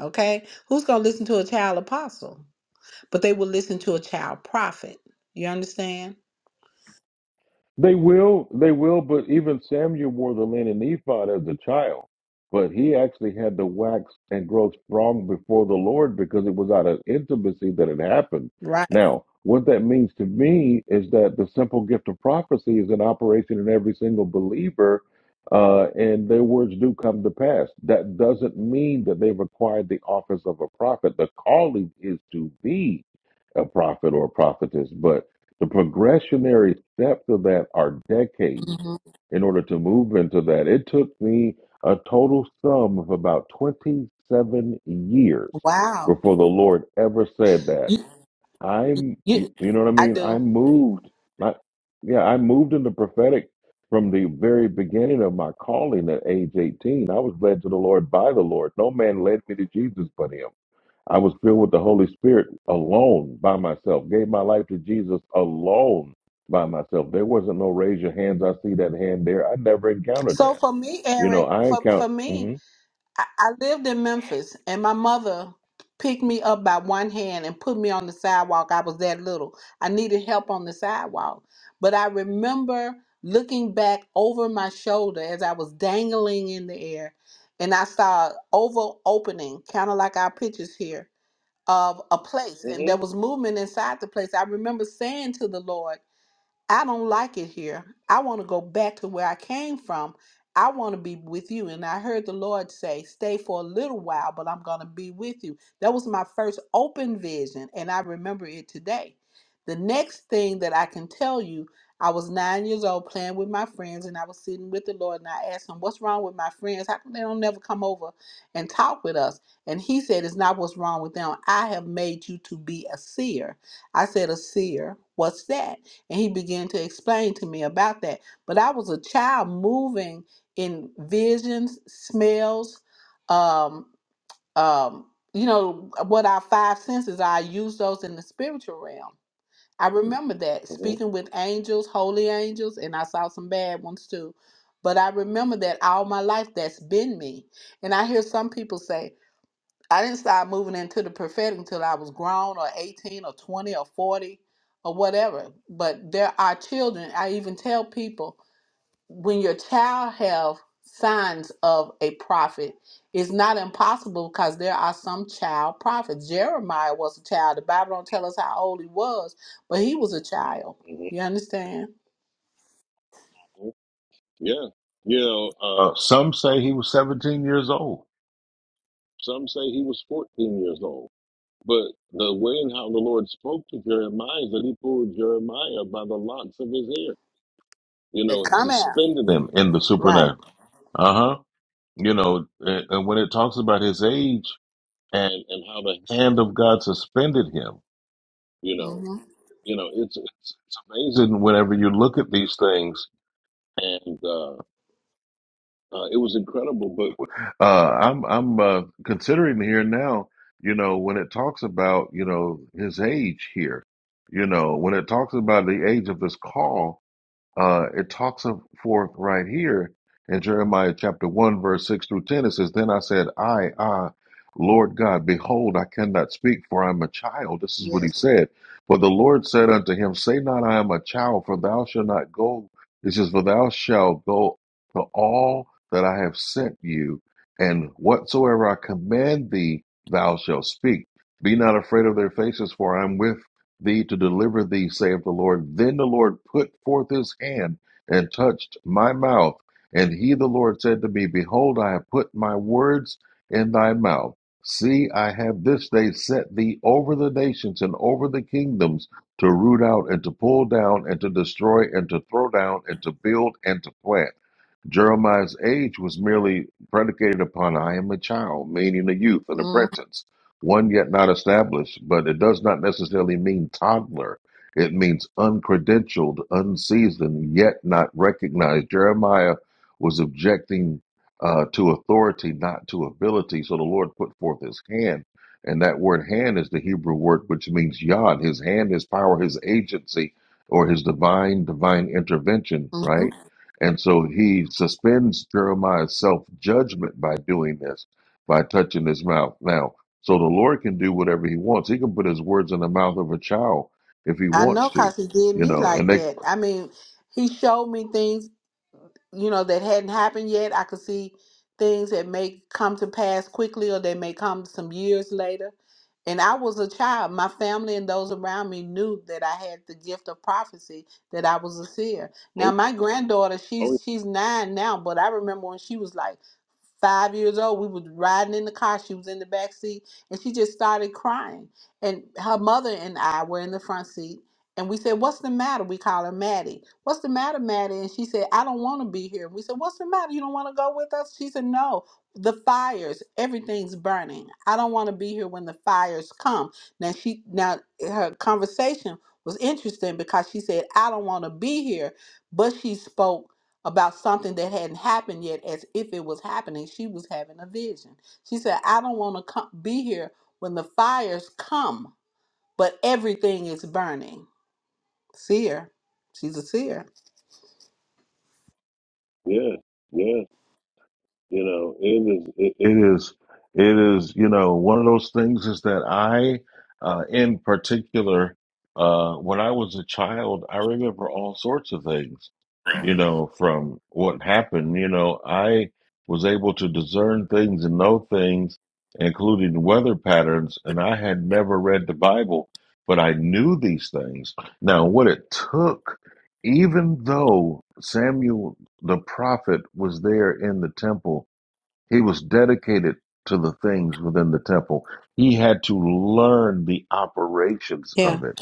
[SPEAKER 17] Okay? Who's going to listen to a child apostle? But they will listen to a child prophet. You understand?
[SPEAKER 1] They will, they will, but even Samuel wore the linen ephod as a child. But he actually had to wax and grow strong before the Lord because it was out of intimacy that it happened.
[SPEAKER 17] Right.
[SPEAKER 1] Now, what that means to me is that the simple gift of prophecy is in operation in every single believer, uh, and their words do come to pass. That doesn't mean that they've acquired the office of a prophet. The calling is to be a prophet or a prophetess, but the progressionary steps of that are decades.
[SPEAKER 17] hmm
[SPEAKER 1] In order to move into that, it took me a total sum of about 27 years
[SPEAKER 17] Wow.
[SPEAKER 1] before the Lord ever said that.
[SPEAKER 17] You,
[SPEAKER 1] I'm,
[SPEAKER 17] you,
[SPEAKER 1] you know what I
[SPEAKER 17] I
[SPEAKER 1] mean? I
[SPEAKER 17] do.
[SPEAKER 1] moved, I, yeah, I moved into prophetic from the very beginning of my calling at age 18. I was led to the Lord by the Lord. No man led me to Jesus but Him. I was filled with the Holy Spirit alone by myself, gave my life to Jesus alone by myself. There wasn't no raise your hands, I see that hand there. I never encountered
[SPEAKER 17] So
[SPEAKER 1] that.
[SPEAKER 17] for me,
[SPEAKER 1] You know,
[SPEAKER 17] Eric,
[SPEAKER 1] I
[SPEAKER 17] for,
[SPEAKER 1] encountered.
[SPEAKER 17] for
[SPEAKER 1] hmm
[SPEAKER 17] me, I, I lived in Memphis and my mother picked me up by one hand and put me on the sidewalk. I was that little. I needed help on the sidewalk. But I remember looking back over my shoulder as I was dangling in the air and I saw an oval opening, kind of like our pictures here, of a place. And
[SPEAKER 1] hmm
[SPEAKER 17] there was movement inside the place. I remember saying to the Lord, I don't like it here. I want to go back to where I came from. I want to be with you. And I heard the Lord say, Stay for a little while, but I'm going to be with you. That was my first open vision, and I remember it today. The next thing that I can tell you, I was nine years old playing with my friends, and I was sitting with the Lord, and I asked him, What's wrong with my friends? How come they don't never come over and talk with us? And he said, It's not what's wrong with them. I have made you to be a seer. I said, A seer? What's that? And he began to explain to me about that. But I was a child moving in visions, smells, um, um, you know, what our five senses are. I use those in the spiritual realm. I remember that
[SPEAKER 1] hmm
[SPEAKER 17] speaking with angels, holy angels, and I saw some bad ones too. But I remember that all my life that's been me. And I hear some people say, I didn't start moving into the prophetic until I was grown or 18 or 20 or 40 or whatever. But there are children, I even tell people, when your child have signs of a prophet, it's not impossible because there are some child prophets. Jeremiah was a child. The Bible don't tell us how old he was, but he was a child.
[SPEAKER 1] hmm
[SPEAKER 17] You understand?
[SPEAKER 1] Yeah. You know, uh, uh, some say he was 17 years old, some say he was 14 years old. But the way and how the Lord spoke to Jeremiah is that he pulled Jeremiah by the locks of his hair, you
[SPEAKER 17] It
[SPEAKER 1] know,
[SPEAKER 17] Come out.
[SPEAKER 1] suspended him in the
[SPEAKER 17] Right.
[SPEAKER 1] supernatural. Uh huh. you know, and and when it talks about his age and and how the hand of God suspended him, you know,
[SPEAKER 17] hmm
[SPEAKER 1] you know, it's it's, it's amazing whenever you look at these things, and uh, uh, it was incredible. But uh, I'm I'm uh, considering here now, you know, when it talks about you know his age here, you know, when it talks about the age of this call. uh, it talks of forth right here in Jeremiah chapter 1, verse 6 through 10. It says, Then I said, I, ah, Lord God, behold, I cannot speak, for I am a child. This is what
[SPEAKER 17] Yes.
[SPEAKER 1] he said. But the Lord said unto him, Say not, I am a child, for thou shalt not go. It says, For thou shalt go to all that I have sent you, and whatsoever I command thee, thou shalt speak. Be not afraid of their faces, for I am with thee to deliver thee, saith the Lord. Then the Lord put forth his hand and touched my mouth. And he, the Lord, said to me, Behold, I have put my words in thy mouth. See, I have this day set thee over the nations and over the kingdoms to root out and to pull down and to destroy and to throw down and to build and to plant. Jeremiah's age was merely predicated upon I am a child, meaning a youth, an apprentice, one yet not established, but it does not necessarily mean toddler. It means uncredentialed, unseasoned, yet not recognized. Jeremiah was objecting uh, to authority, not to ability. So the Lord put forth his hand. And that word hand is the Hebrew word which means yod, his hand, his power, his agency, or his divine, divine intervention,
[SPEAKER 17] Mm-hmm.
[SPEAKER 1] right? And so he suspends Jeremiah's self judgment by doing this, by touching his mouth. Now, so the Lord can do whatever he wants. He can put his words in the mouth of a child if he
[SPEAKER 17] I know
[SPEAKER 1] wants to,
[SPEAKER 17] because he did
[SPEAKER 1] you
[SPEAKER 17] me
[SPEAKER 1] know,
[SPEAKER 17] like
[SPEAKER 1] and they,
[SPEAKER 17] that. I mean, he showed me things, you know, that hadn't happened yet. I could see things that may come to pass quickly or they may come some years later. And I was a child. My family and those around me knew that I had the gift of prophecy, that I was a seer. Now
[SPEAKER 1] Oh,
[SPEAKER 17] my granddaughter,
[SPEAKER 1] oh,
[SPEAKER 17] she's she's nine now, but I remember when she was like five years old, we was riding in the car, she was in the back seat, and she just started crying. And her mother and I were in the front seat and we said, What's the matter? We call her Maddie. What's the matter, Maddie? And she said, I don't want to be here. We said, What's the matter? You don't want to go with us? She said, No, the fires, everything's burning. I don't want to be here when the fires come. Now she now her conversation was interesting because she said, I don't want to be here, but she spoke about something that hadn't happened yet as if it was happening. She was having a vision. She said, I don't want to come, be here when the fires come, but everything is burning. Seer. She's a seer.
[SPEAKER 1] yeah, yeah. You know, it is, it, it is, it is, you know, one of those things is that I, uh, in particular, uh, when I was a child, I remember all sorts of things, you know, from what happened. You know, I was able to discern things and know things, including weather patterns, and I had never read the Bible, but I knew these things. Now, what it took, even though Samuel the prophet was there in the temple. He was dedicated to the things within the temple. He had to learn the operations
[SPEAKER 17] Yeah.
[SPEAKER 1] of it.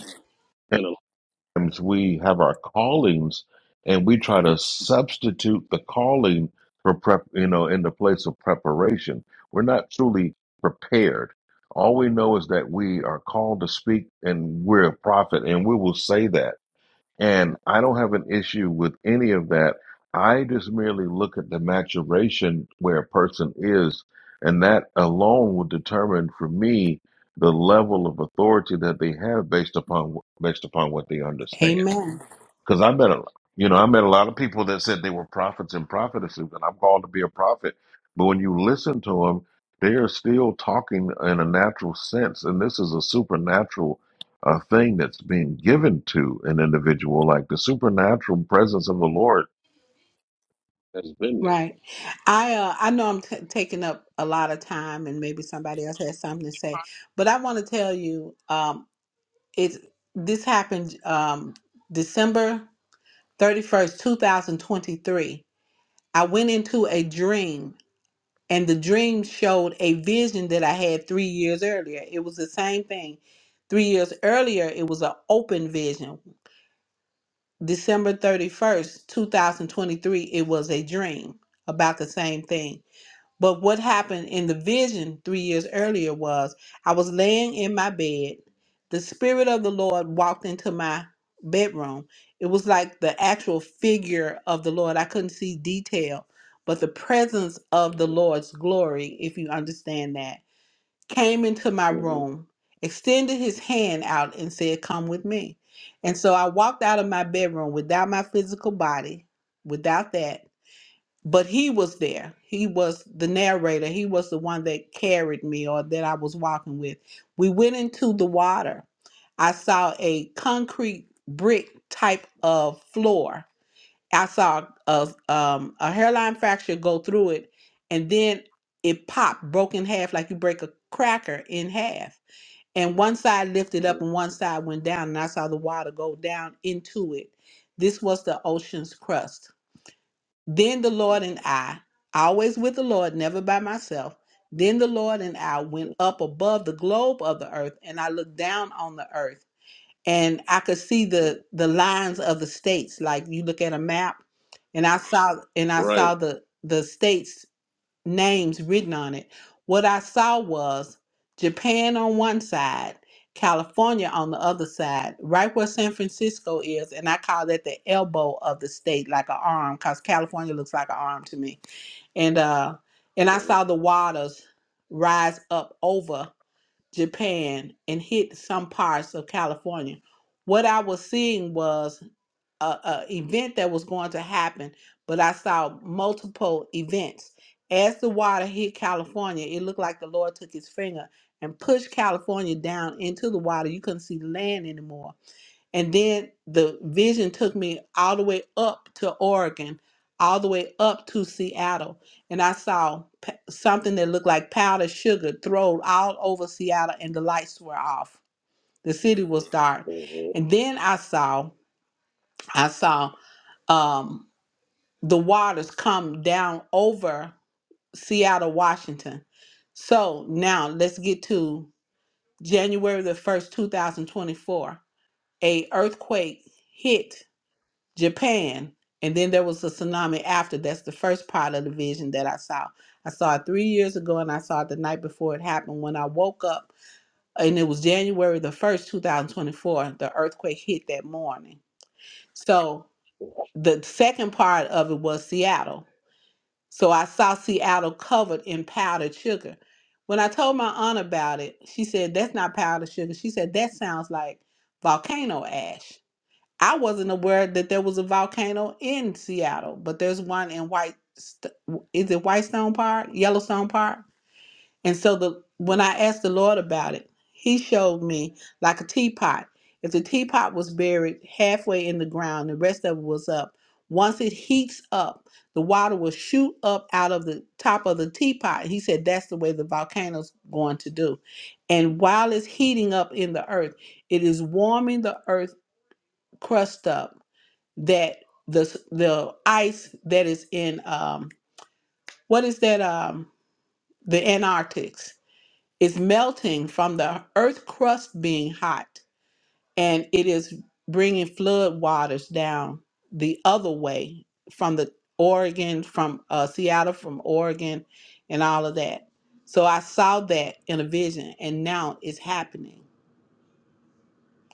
[SPEAKER 1] And sometimes we have our callings and we try to substitute the calling for prep, you know, in the place of preparation. We're not truly prepared. All we know is that we are called to speak and we're a prophet and we will say that and I don't have an issue with any of that. I just merely look at the maturation where a person is, and that alone will determine for me the level of authority that they have based upon based upon what they understand.
[SPEAKER 17] Amen.
[SPEAKER 1] Because I met a, lot, you know, I met a lot of people that said they were prophets and prophetesses, and I'm called to be a prophet. But when you listen to them, they are still talking in a natural sense, and this is a supernatural uh, thing that's being given to an individual. Like the supernatural presence of the Lord has been there.
[SPEAKER 17] Right. I uh, I know I'm t- taking up a lot of time, and maybe somebody else has something to say, but I want to tell you, um, it this happened um, December thirty first, two thousand twenty three. I went into a dream, and the dream showed a vision that I had three years earlier. It was the same thing. Three years earlier, it was an open vision December 31st, 2023, it was a dream about the same thing. But what happened in the vision three years earlier was I was laying in my bed. The Spirit of the Lord walked into my bedroom. It was like the actual figure of the Lord. I couldn't see detail, but the presence of the Lord's glory, if you understand that came into my
[SPEAKER 1] hmm
[SPEAKER 17] room, extended his hand out, and said, Come with me. And so I walked out of my bedroom without my physical body, without that. But he was there. He was the narrator. He was the one that carried me or that I was walking with. We went into the water. I saw a concrete brick type of floor I saw a um, a hairline fracture go through it, and then it popped, broke in half like you break a cracker in half. And one side lifted
[SPEAKER 1] hmm
[SPEAKER 17] up and one side went down, and I saw the water go down into it. This was the ocean's crust. Then the Lord and I, always with the Lord, never by myself. Then the Lord and I went up above the globe of the earth, and I looked down on the earth and I could see
[SPEAKER 1] hmm
[SPEAKER 17] the the lines of the states. Like you look at a map, and I saw and I
[SPEAKER 1] Right.
[SPEAKER 17] saw the the states names written on it. What I saw was Japan on one side, California on the other side, right where San Francisco is, and I call that the elbow of the state, like an arm, because California looks like an arm to me. And uh, and I
[SPEAKER 1] Mhm,
[SPEAKER 17] saw the waters rise up over. Japan and hit some parts of California. What I was seeing was a, a event that was going to happen, but I saw multiple events. As the water hit California, it looked like the Lord took his finger and pushed California down into the water. You couldn't see land anymore. And then the vision took me all the way up to Oregon, all the way up to Seattle. And I saw p- something that looked like powdered sugar thrown all over Seattle, and the lights were off. The city was dark.
[SPEAKER 1] mhm,
[SPEAKER 17] And then I saw, I saw um, the waters come down over Seattle, Washington. So now let's get to January the 1st, 2024. A earthquake hit Japan, and then there was a tsunami after. That's the first part of the vision that I saw. I saw it three years ago, and I saw it the night before it happened. When I woke up, and it was January the first, two thousand twenty-four, the earthquake hit that morning. So the second part of it was Seattle. So I saw Seattle covered in powdered sugar. When I told my aunt about it, she said, "That's not powdered sugar." She said, "That sounds like volcano ash." I wasn't aware that there was a volcano in Seattle, but there's one in White. St- Is it Whitestone Park, Yellowstone Park? And so the when
[SPEAKER 1] mhm.
[SPEAKER 17] I asked the Lord about it, He showed me like a teapot. If the teapot was buried halfway in the ground, the rest of it was up. Once it heats up, the water will shoot up out of the top of the teapot. He said that's the way the volcano's going to do. And while it's heating up in the earth, it is warming the earth crust up that the the ice that is in um what is that um the Antarctics is melting from the earth crust being hot and it is bringing flood waters down the other way from the Oregon from uh Seattle from Oregon and all of that. So I saw that in a vision and now it's happening.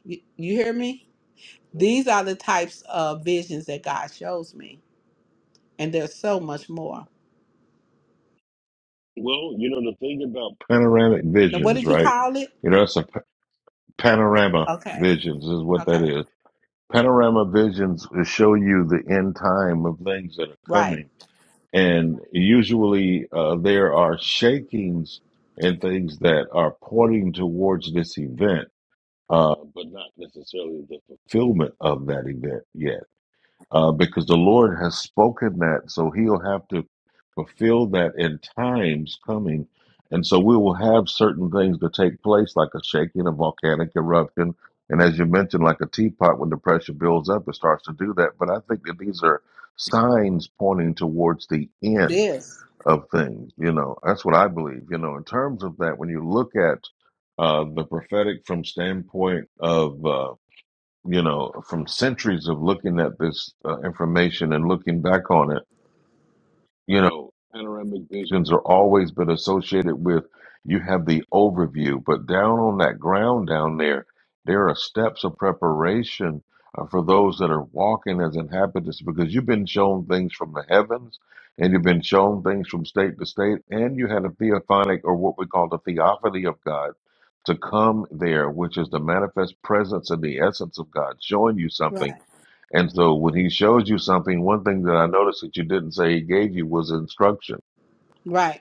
[SPEAKER 17] You, you hear me? These are the types of visions that God shows me and there's so much more.
[SPEAKER 1] Well, you know the thing about panoramic
[SPEAKER 17] Now, what
[SPEAKER 1] visions,
[SPEAKER 17] did you
[SPEAKER 1] right?
[SPEAKER 17] call it?
[SPEAKER 1] You know, it's a p- panorama
[SPEAKER 17] Okay.
[SPEAKER 1] visions is what that
[SPEAKER 17] Okay.
[SPEAKER 1] is Panorama visions will show you the end time of things that are
[SPEAKER 17] Right.
[SPEAKER 1] coming. And usually uh, there are shakings and things that are pointing towards this event, uh, but not necessarily the fulfillment of that event yet uh, because the Lord has spoken that, so He'll have to fulfill that in times coming. And so we will have certain things to take place, like a shaking, a volcanic eruption, and as you mentioned, like a teapot, when the pressure builds up, it starts to do that. But I think that these are signs pointing towards the end
[SPEAKER 17] This.
[SPEAKER 1] of things. You know, that's what I believe. You know, in terms of that, when you look at uh, the prophetic from standpoint of uh, you know, from centuries of looking at this uh, information and looking back on it you know, panoramic visions are always been associated with you have the overview, but down on that ground down there, there are steps of preparation uh, for those that are walking as inhabitants because you've been shown things from the heavens and you've been shown things from state to state, and you had a theophanic or what we call the theophany of God to come there, which is the manifest presence and the essence of God showing you something
[SPEAKER 17] Right.
[SPEAKER 1] and so when he shows you something, one thing that I noticed that you didn't say he gave you was instruction.
[SPEAKER 17] Right.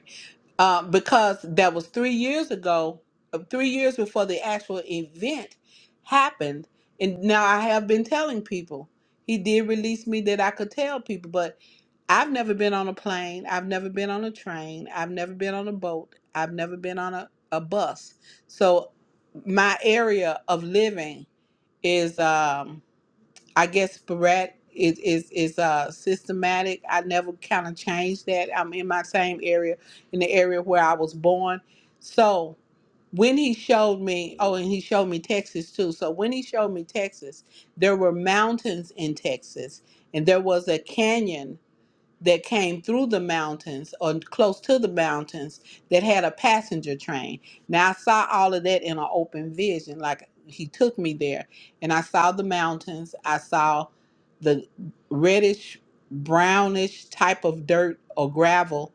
[SPEAKER 17] Um, because that was three years ago, uh, three years before the actual event happened. And now I have been telling people. He did release me that I could tell people, but I've never been on a plane. I've never been on a train. I've never been on a boat. I've never been on a, a bus. So my area of living is. um, I guess Barrett is is is uh systematic. I never kind of changed that. I'm in my same area, in the area where I was born. So when he showed me,
[SPEAKER 1] Mhm.
[SPEAKER 17] oh, and he showed me Texas too. So when he showed me Texas, there were mountains in Texas, and there was a canyon that came through the mountains or close to the mountains that had a passenger train. Now I saw all of that in an open vision. Like he took me there and I saw the mountains. I saw the reddish, brownish type of dirt or gravel.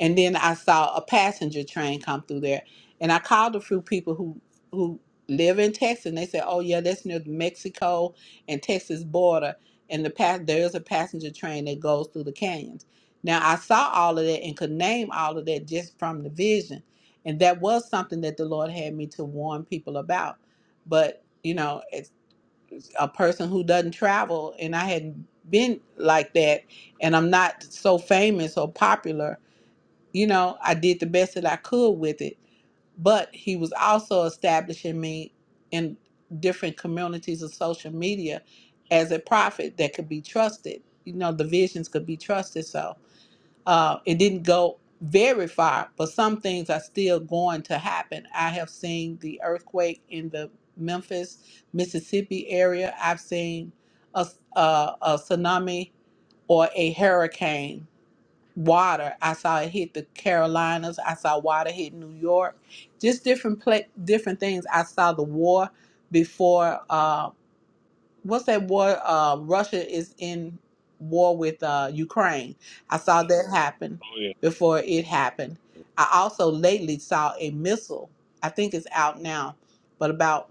[SPEAKER 17] And then I saw a passenger train come through there. And I called a few people who who live in Texas and they said, Oh yeah, that's near the Mexico and Texas border and the pass there is a passenger train that goes through the canyons. Now I saw all of that and could name all of that just from the vision, and that was something that the Lord had me to warn people about. But you know, it's a person who doesn't travel, and I hadn't been like that, and I'm not so famous or popular. You know, I did the best that I could with it but he was also establishing me in different communities of social media as a prophet that could be trusted you know the visions could be trusted so uh, it didn't go very far but some things are still going to happen i have seen the earthquake in the memphis mississippi area i've seen a, a, a tsunami or a hurricane water. I saw it hit the Carolinas. I saw water hit New York. Just different pla- different things. I saw the war before. uh, what's that war? Uh, Russia is in war with uh, Ukraine. I saw that happen
[SPEAKER 1] Oh yeah.
[SPEAKER 17] before it happened. I also lately saw a missile. I think it's out now, but about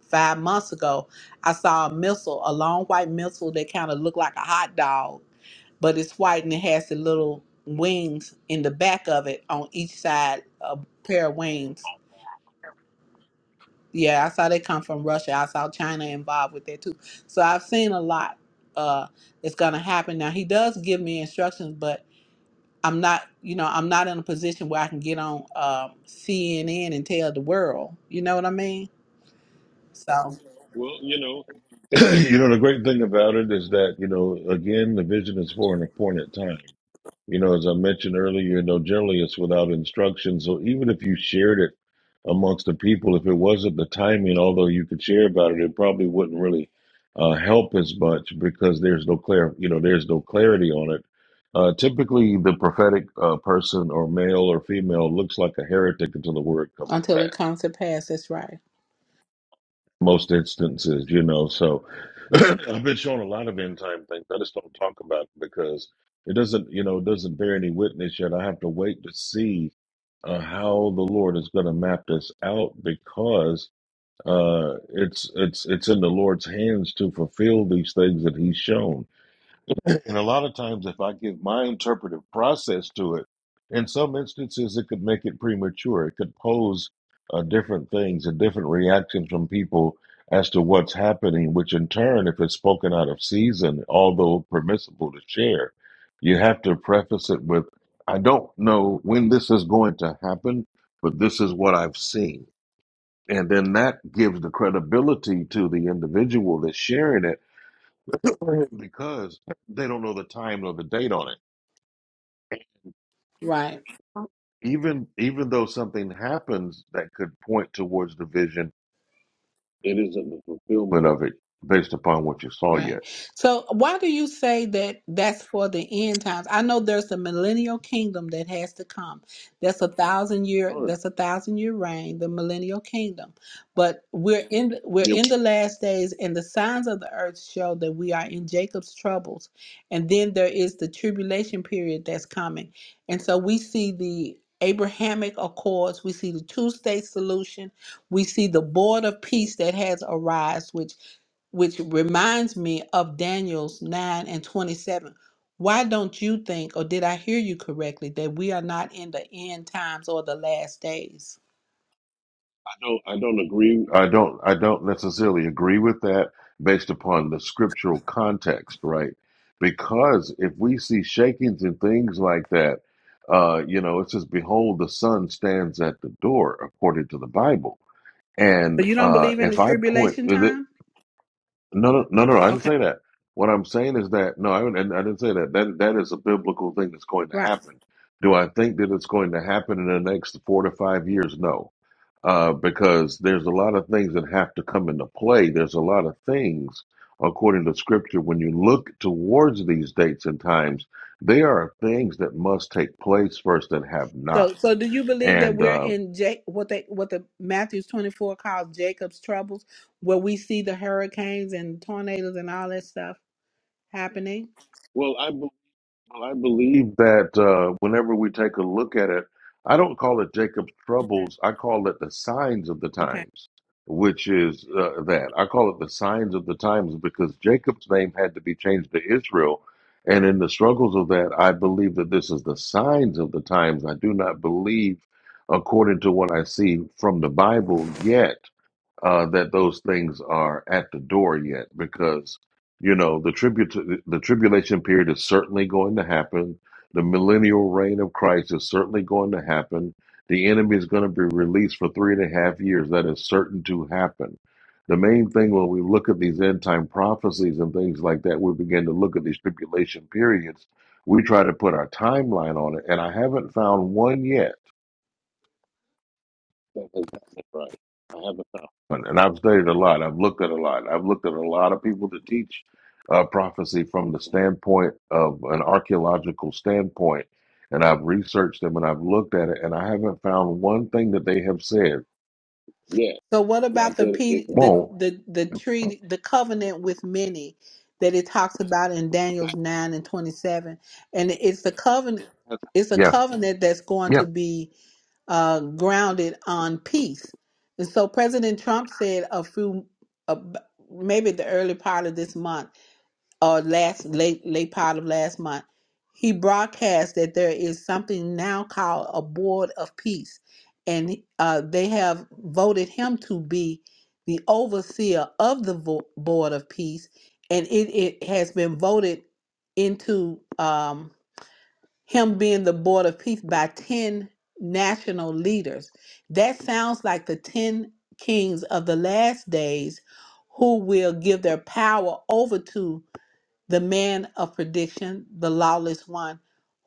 [SPEAKER 17] five months ago, I saw a missile, a long white missile that kind of looked like a hot dog, but it's white and it has the little wings in the back of it on each side, a pair of wings yeah, I saw they come from Russia. I saw China involved with that too. So I've seen a lot uh that's gonna happen. Now he does give me instructions, but I'm not, you know, I'm not in a position where I can get on um, CNN and tell the world. You know what I mean? So
[SPEAKER 1] Well, you know, you know the great thing about it is that you know again the vision is for an appointed time. You know, as I mentioned earlier, you know, generally it's without instruction. So even if you shared it amongst the people, if it wasn't the timing, although you could share about it, it probably wouldn't really uh, help as much because there's no clear, you know, there's no clarity on it. Uh, typically, the prophetic uh, person or male or female looks like a heretic until the word comes to
[SPEAKER 17] until it
[SPEAKER 1] pass
[SPEAKER 17] comes to pass, that's right.
[SPEAKER 1] most instances, you know. So I've been showing a lot of end time things. I just don't talk about it because it doesn't, you know, it doesn't bear any witness yet. I have to wait to see uh, how the Lord is going to map this out because uh, it's it's it's in the Lord's hands to fulfill these things that He's shown. And a lot of times, if I give my interpretive process to it, in some instances, it could make it premature. It could pose uh, different things and different reactions from people as to what's happening, which in turn, if it's spoken out of season, although permissible to share, you have to preface it with, I don't know when this is going to happen, but this is what I've seen. And then that gives the credibility to the individual that's sharing it because they don't know the time or the date on it.
[SPEAKER 17] Right.
[SPEAKER 1] Even even though something happens that could point towards division, it isn't the fulfillment of it based upon what you saw
[SPEAKER 17] Right.
[SPEAKER 1] yet.
[SPEAKER 17] So, why do you say that that's for the end times? I know there's a millennial kingdom that has to come. That's a thousand year.
[SPEAKER 1] Sure.
[SPEAKER 17] That's a thousand year reign, the millennial kingdom. But we're in we're
[SPEAKER 1] Yeah,
[SPEAKER 17] in the last days, and the signs of the earth show that we are in Jacob's troubles. And then there is the tribulation period that's coming. And so we see the Abrahamic Accords. We see the two state solution. We see the board of peace that has arise, which which reminds me of Daniel's 9 and 27. Why don't you think, or did I hear you correctly, that we are not in the end times or the last days?
[SPEAKER 1] I don't I don't agree I don't I don't necessarily agree with that based upon the scriptural context, right? Because if we see shakings and things like that, uh, you know, it says, Behold, the sun stands at the door, according to the Bible And
[SPEAKER 17] So you don't
[SPEAKER 1] uh,
[SPEAKER 17] believe in
[SPEAKER 1] if
[SPEAKER 17] the
[SPEAKER 1] I point,
[SPEAKER 17] tribulation
[SPEAKER 1] is it,
[SPEAKER 17] time?
[SPEAKER 1] no, no, no, no, I didn't
[SPEAKER 17] Okay,
[SPEAKER 1] say that. What I'm saying is that no, I, didn't- I didn't say that. That that is a biblical thing that's going to
[SPEAKER 17] right.
[SPEAKER 1] happen. Do I think that it's going to happen in the next four to five years? No, uh, because there's a lot of things that have to come into play. There's a lot of things, according to Scripture, when you look towards these dates and times, they are things that must take place first that have not.
[SPEAKER 17] So, so do you believe that
[SPEAKER 1] And
[SPEAKER 17] we're
[SPEAKER 1] uh,
[SPEAKER 17] in Ja- what they what the Matthew's twenty four calls Jacob's troubles, where we see the hurricanes and tornadoes and all that stuff happening?
[SPEAKER 1] well, Well, I believe that uh, whenever we take a look at it, I don't call it Jacob's
[SPEAKER 17] Okay,
[SPEAKER 1] troubles. I call it the signs of the
[SPEAKER 17] okay.
[SPEAKER 1] times, which is uh, that. I call it the signs of the times because Jacob's name had to be changed to Israel. And in the struggles of that, I believe that this is the signs of the times. I do not believe, according to what I see from the Bible yet, uh, that those things are at the door yet, because you know the tribute the tribulation period is certainly going to happen. The millennial reign of Christ is certainly going to happen. The enemy is going to be released for three and a half years. That is certain to happen. The main thing when we look at these end time prophecies and things like that, we begin to look at these tribulation periods. We try to put our timeline on it, and I haven't found one yet that is not right. I haven't found. And and I've studied a lot. I've looked at a lot. I've looked at a lot of people that teach uh, prophecy from the standpoint of an archaeological standpoint. And I've researched them and I've looked at it, and I haven't found one thing that they have said Yeah,
[SPEAKER 17] So what
[SPEAKER 1] not
[SPEAKER 17] about the
[SPEAKER 1] that it
[SPEAKER 17] pe- the the the treaty the covenant with many that it talks about in Daniel's 9 and 27 and it's the covenant
[SPEAKER 1] won't.
[SPEAKER 17] it's a
[SPEAKER 1] Yeah,
[SPEAKER 17] covenant that's going
[SPEAKER 1] yeah.
[SPEAKER 17] to be uh, grounded on peace. And so President Trump said a few, uh, maybe the early part of this month, or last late late part of last month he broadcast that there is something now called a board of peace and uh, they have voted him to be the overseer of the vo- board of peace and it, it has been voted into um, him being the board of peace by 10 national leaders that sounds like the 10 kings of the last days who will give their power over to the man of prediction, the lawless one,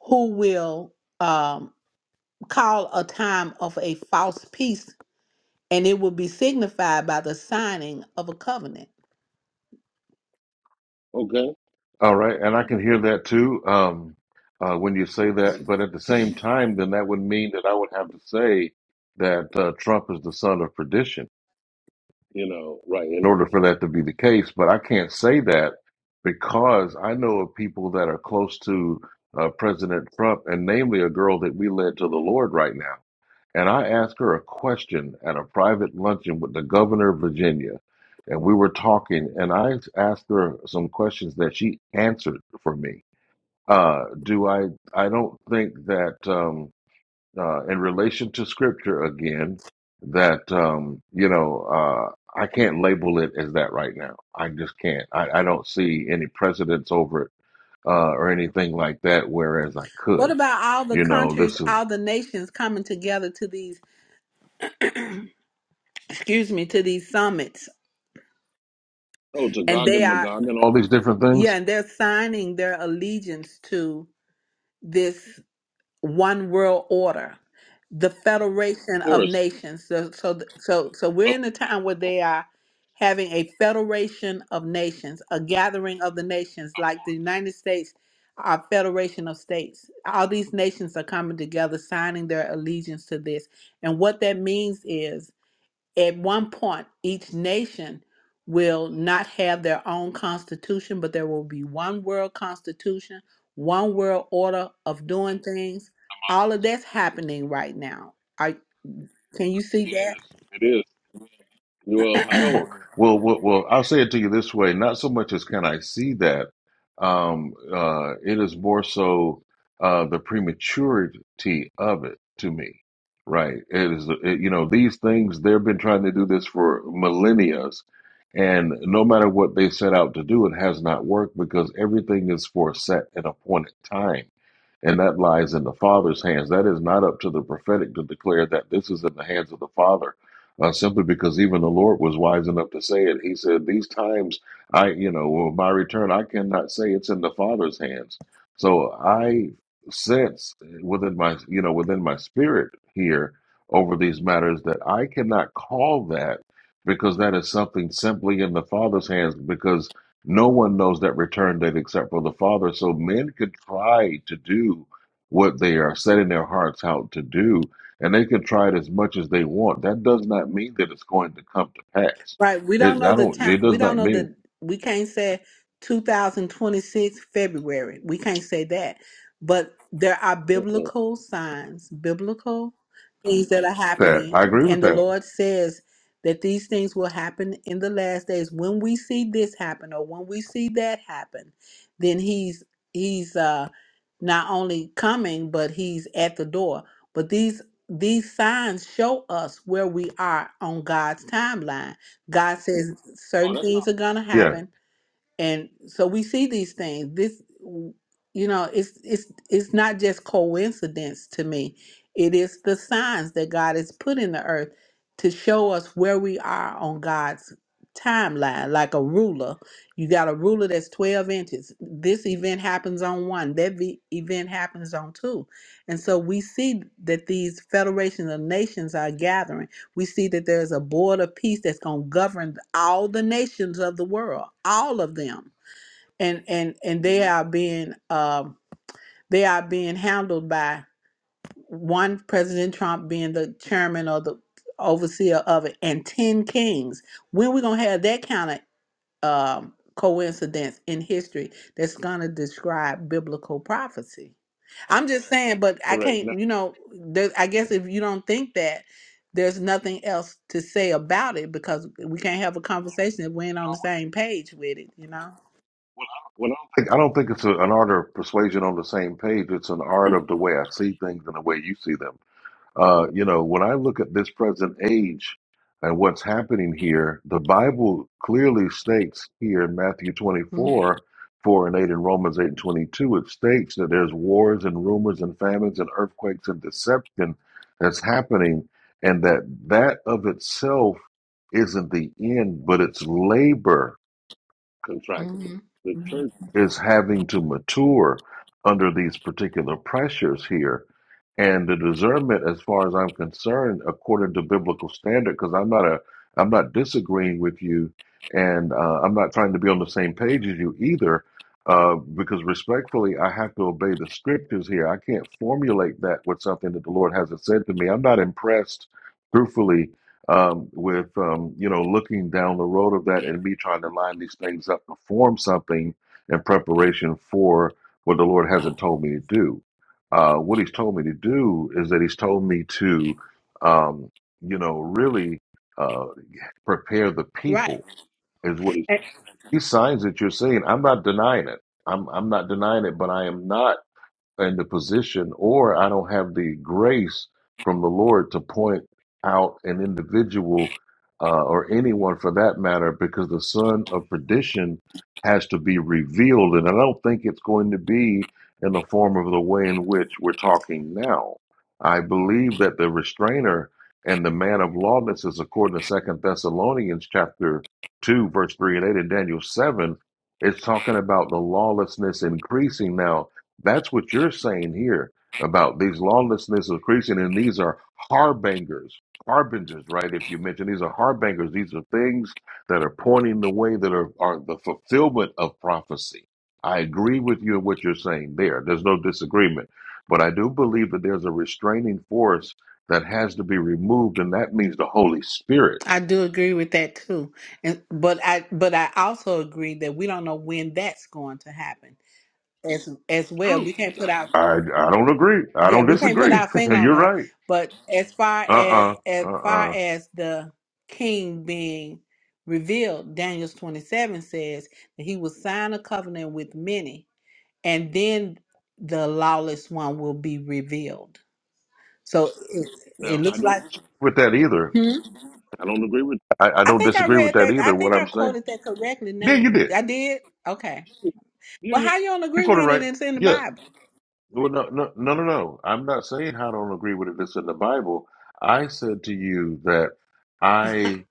[SPEAKER 17] who will um, call a time of a false peace, and it will be signified by the signing of a covenant.
[SPEAKER 1] Okay. All right, and I can hear that too um, uh, when you say that. But at the same time, then that would mean that I would have to say that uh, Trump is the son of perdition. you know, right, in order for that to be the case. But I can't say that because I know of people that are close to uh, President Trump, and namely a girl that we led to the Lord right now. And I asked her a question at a private luncheon with the governor of Virginia. And we were talking, and I asked her some questions that she answered for me. Uh, do I? I don't think that. Um, uh, in relation to scripture again that um, you know uh, I can't label it as that right now. I just can't. I, I don't see any precedence over it uh, or anything like that. Whereas I
[SPEAKER 17] What
[SPEAKER 1] could,
[SPEAKER 17] about all the
[SPEAKER 1] you know,
[SPEAKER 17] countries,
[SPEAKER 1] this is
[SPEAKER 17] all the nations coming together to these, excuse me, to these summits,
[SPEAKER 1] oh
[SPEAKER 17] and
[SPEAKER 1] Gog
[SPEAKER 17] they
[SPEAKER 1] and
[SPEAKER 17] are,
[SPEAKER 1] Magog and all these different
[SPEAKER 17] yeah,
[SPEAKER 1] things.
[SPEAKER 17] and they're signing their allegiance to this one world order, the federation
[SPEAKER 1] Of
[SPEAKER 17] of
[SPEAKER 1] course,
[SPEAKER 17] nations. So, so, so, so we're
[SPEAKER 1] of
[SPEAKER 17] in a time where they are having a federation of nations, a gathering of the nations, like the United States, our federation of states. All these nations are coming together, signing their allegiance to this, and what that means is at one point, each nation will not have their own constitution, but there will be one world constitution, one world order of doing things. All of
[SPEAKER 1] course,
[SPEAKER 17] that's happening right now. I can you see that?
[SPEAKER 1] it is. Well, I don't. Well, well, well. I'll say it to you this way: not so much as can I see that. Um, uh, it is more so uh, the prematurity of it to me, right? It is, it, you know, these things they've been trying to do this for millennia, and no matter what they set out to do, it has not worked because everything is for a set and appointed time and that lies in the Father's hands. That is not up to the prophetic to declare that this is in the hands of the Father, uh, simply because even the Lord was wise enough to say it. He said, "These times, I, you know, well, my return, I cannot say it's in the Father's hands." So I sense within my, you know, within my spirit here over these matters that I cannot call that because that is something simply in the Father's hands. Because no one knows that return date except for the Father. So men could try to do what they are setting their hearts out to do, and they could try it as much as they want. That does not mean that it's going to come to pass.
[SPEAKER 17] Right. We don't
[SPEAKER 1] It
[SPEAKER 17] know
[SPEAKER 1] I
[SPEAKER 17] the
[SPEAKER 1] don't.
[SPEAKER 17] time.
[SPEAKER 1] It
[SPEAKER 17] We
[SPEAKER 1] does
[SPEAKER 17] don't
[SPEAKER 1] not
[SPEAKER 17] know
[SPEAKER 1] mean
[SPEAKER 17] the. We can't say 2026 February. We can't say that. But there are
[SPEAKER 1] Mm-mm.
[SPEAKER 17] biblical signs, biblical things that are
[SPEAKER 1] that.
[SPEAKER 17] happening,
[SPEAKER 1] I agree with
[SPEAKER 17] and the
[SPEAKER 1] that.
[SPEAKER 17] Lord says that these things will happen in the last days. When we see this happen, or when we see that happen, then He's He's uh, not only coming, but He's at the door. But these these signs show us where we are on God's timeline God says
[SPEAKER 1] Oh,
[SPEAKER 17] certain
[SPEAKER 1] that's not
[SPEAKER 17] things are gonna
[SPEAKER 1] Yeah.
[SPEAKER 17] happen, and so we see these things. This, you know, it's it's it's not just coincidence to me. It is the signs that God has put in the earth to show us where we are on God's timeline, like a ruler. You got a ruler that's twelve inches. This event happens on one. That ve- event happens on two, and so we see that these federations of nations are gathering we see that there's a board of peace that's going to govern all the nations of the world, all of them, and and and they
[SPEAKER 1] hmm
[SPEAKER 17] are being um, they are being handled by one President Trump being the chairman or the overseer of it, and ten kings. When we gonna have that kind of um, coincidence in history that's going to describe biblical prophecy. I'm just saying, but I
[SPEAKER 1] correct.
[SPEAKER 17] can't,
[SPEAKER 1] No, no,
[SPEAKER 17] you know, there, I guess if you don't think that, there's nothing else to say about it because we can't have a conversation if we ain't on
[SPEAKER 1] I
[SPEAKER 17] the
[SPEAKER 1] wouldn't.
[SPEAKER 17] same page with it, you know?
[SPEAKER 1] Well, I don't, well, I don't think- I don't think it's a, an art of persuasion on the same page. It's an art of the way I see things and the way you see them. Uh, you know, when I look at this present age and what's happening here, the Bible clearly states here in Matthew 24, 4 and 8, and Romans 8 and 22, it states that there's wars and rumors and famines and earthquakes and deception that's happening, and that that of itself isn't the end, but it's labor contract.
[SPEAKER 17] hmm
[SPEAKER 1] The church is having to mature under these particular pressures here. And the discernment, as far as I'm concerned, according to biblical standard, because I'm not a, I'm not disagreeing with you, and uh, I'm not trying to be on the same page as you either, uh, because respectfully, I have to obey the scriptures here. I can't formulate that with something that the Lord hasn't said to me. I'm not impressed, truthfully, um, with um, you know looking down the road of that and me trying to line these things up to form something in preparation for what the Lord hasn't told me to do. Uh, what He's told me to do is that He's told me to um, you know really uh, prepare the
[SPEAKER 17] Right.
[SPEAKER 1] people is what He's.
[SPEAKER 17] And
[SPEAKER 1] These signs that you're seeing, I'm not denying it. I'm I'm not denying it, but I am not in the position or I don't have the grace from the Lord to point out an individual uh, or anyone for that matter because the son of perdition has to be revealed. And I don't think it's going to be in the form of the way in which we're talking now. I believe that the restrainer and the man of lawlessness, according to Second Thessalonians chapter 2, verse 3 and 8, and Daniel 7, it's talking about the lawlessness increasing now that's what you're saying here about these lawlessness increasing, and these are harbingers, harbingers, right? If you mention these are harbingers, these are things that are pointing the way that are, are the fulfillment of prophecy. I agree with you in what you're saying there. There's no disagreement. But I do believe that there's a restraining force that has to be removed, and that means the Holy Spirit.
[SPEAKER 17] I do agree with that too. And but I but I also agree that we don't know when that's going to happen as as well.
[SPEAKER 1] True.
[SPEAKER 17] We can't put our
[SPEAKER 1] I, I don't agree. I
[SPEAKER 17] yeah,
[SPEAKER 1] don't
[SPEAKER 17] we can't put
[SPEAKER 1] disagree.
[SPEAKER 17] our finger on
[SPEAKER 1] you're
[SPEAKER 17] that.
[SPEAKER 1] right.
[SPEAKER 17] But as far
[SPEAKER 1] Uh
[SPEAKER 17] as
[SPEAKER 1] uh-uh, uh.
[SPEAKER 17] as far
[SPEAKER 1] Uh uh.
[SPEAKER 17] as the king being revealed, Daniel twenty seven says that he will sign a covenant with many, and then the lawless one will be revealed. So it,
[SPEAKER 1] No,
[SPEAKER 17] it
[SPEAKER 1] I
[SPEAKER 17] looks
[SPEAKER 1] don't
[SPEAKER 17] like.
[SPEAKER 1] with that either.
[SPEAKER 17] Hmm?
[SPEAKER 1] I don't agree with. I, I
[SPEAKER 17] I
[SPEAKER 1] don't
[SPEAKER 17] think I
[SPEAKER 1] disagree with
[SPEAKER 17] read
[SPEAKER 1] that
[SPEAKER 17] that. I
[SPEAKER 1] either. What
[SPEAKER 17] think I
[SPEAKER 1] I'm saying.
[SPEAKER 17] quoted that correctly. Now
[SPEAKER 1] Yeah, you did.
[SPEAKER 17] I did. Okay.
[SPEAKER 1] Yeah,
[SPEAKER 17] Well,
[SPEAKER 1] yeah.
[SPEAKER 17] how you don't
[SPEAKER 1] You
[SPEAKER 17] agree
[SPEAKER 1] quoted
[SPEAKER 17] with
[SPEAKER 1] right.
[SPEAKER 17] it? It's in the
[SPEAKER 1] Yeah.
[SPEAKER 17] Bible.
[SPEAKER 1] Well, no, no, no, no, no. I'm not saying I don't agree with it. It's in the Bible. I said to you that I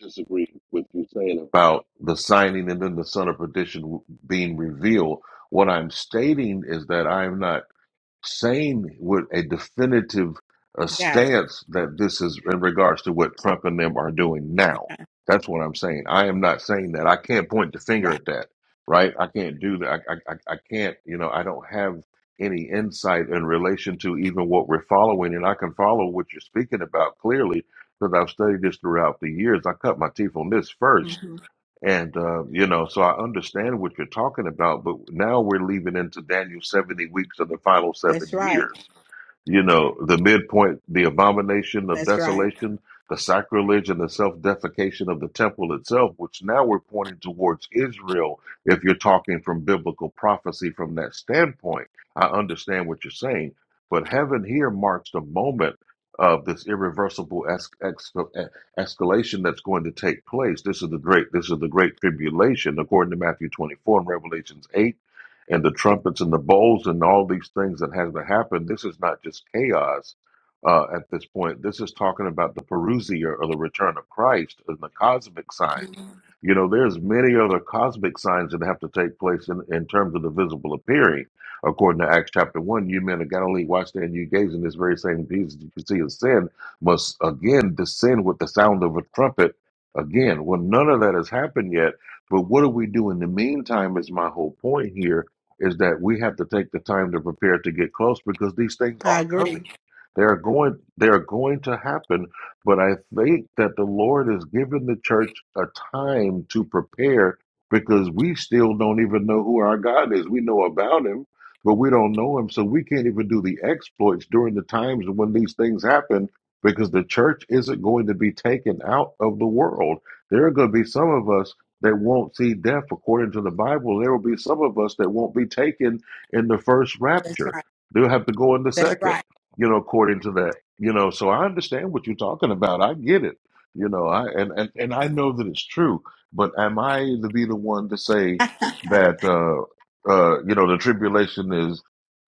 [SPEAKER 1] disagree with you saying about the signing and then the son of perdition being revealed. What I'm stating is that I'm not. Saying with a definitive uh,
[SPEAKER 17] Got it.
[SPEAKER 1] stance that this is in regards to what Trump and them are doing now.
[SPEAKER 17] Okay.
[SPEAKER 1] That's what I'm saying. I am not saying that. I can't point the finger
[SPEAKER 17] Right.
[SPEAKER 1] at that, right? I can't do that. I, I, I I can't, you know, I don't have any insight in relation to even what we're following. And I can follow what you're speaking about clearly because I've studied this throughout the years. I cut my teeth on this first
[SPEAKER 17] hmm
[SPEAKER 1] and, uh, you know, so I understand what you're talking about, but now we're leaving into Daniel's 70 weeks of the final seven
[SPEAKER 17] That's right.
[SPEAKER 1] years you know, the midpoint, the abomination of
[SPEAKER 17] That's right.
[SPEAKER 1] desolation, the sacrilege and the self defecation of the temple itself, which now we're pointing towards Israel. If you're talking from biblical prophecy from that standpoint, I understand what you're saying. But heaven here marks the moment of this irreversible es- ex- eh, escalation that's going to take place. This is the great, this is the great tribulation, according to Matthew 24 and Revelations 8 and the trumpets and the bowls and all these things that has to happen. This is not just chaos uh, at this point. This is talking about the parousia or the return of Christ and the cosmic signs. You know, there's many other cosmic signs that have to take place in, in terms of the visible appearing. According to Acts chapter 1, you men of Galilee, watch there and you gaze in this very same Jesus that you can see his sin, must again descend with the sound of a trumpet again. Well, none of that has happened yet. But what do we do in the meantime is my whole point here is that we have to take the time to prepare to get close because these things
[SPEAKER 17] I
[SPEAKER 1] are
[SPEAKER 17] agree.
[SPEAKER 1] coming. They are going they are going to happen, but I think that the Lord has given the church a time to prepare because we still don't even know who our God is. We know about him, but we don't know him, so we can't even do the exploits during the times when these things happen because the church isn't going to be taken out of the world. There are going to be some of us that won't see death according to the Bible. There will be some of us that won't be taken in the first
[SPEAKER 17] That's
[SPEAKER 1] rapture.
[SPEAKER 17] right.
[SPEAKER 1] They'll have to go in the
[SPEAKER 17] That's
[SPEAKER 1] second,
[SPEAKER 17] right.
[SPEAKER 1] you know, according to that. You know, so I understand what you're talking about. I get it. You know, I and, and, and I know that it's true, but am I to be the one to say that uh uh you know the tribulation is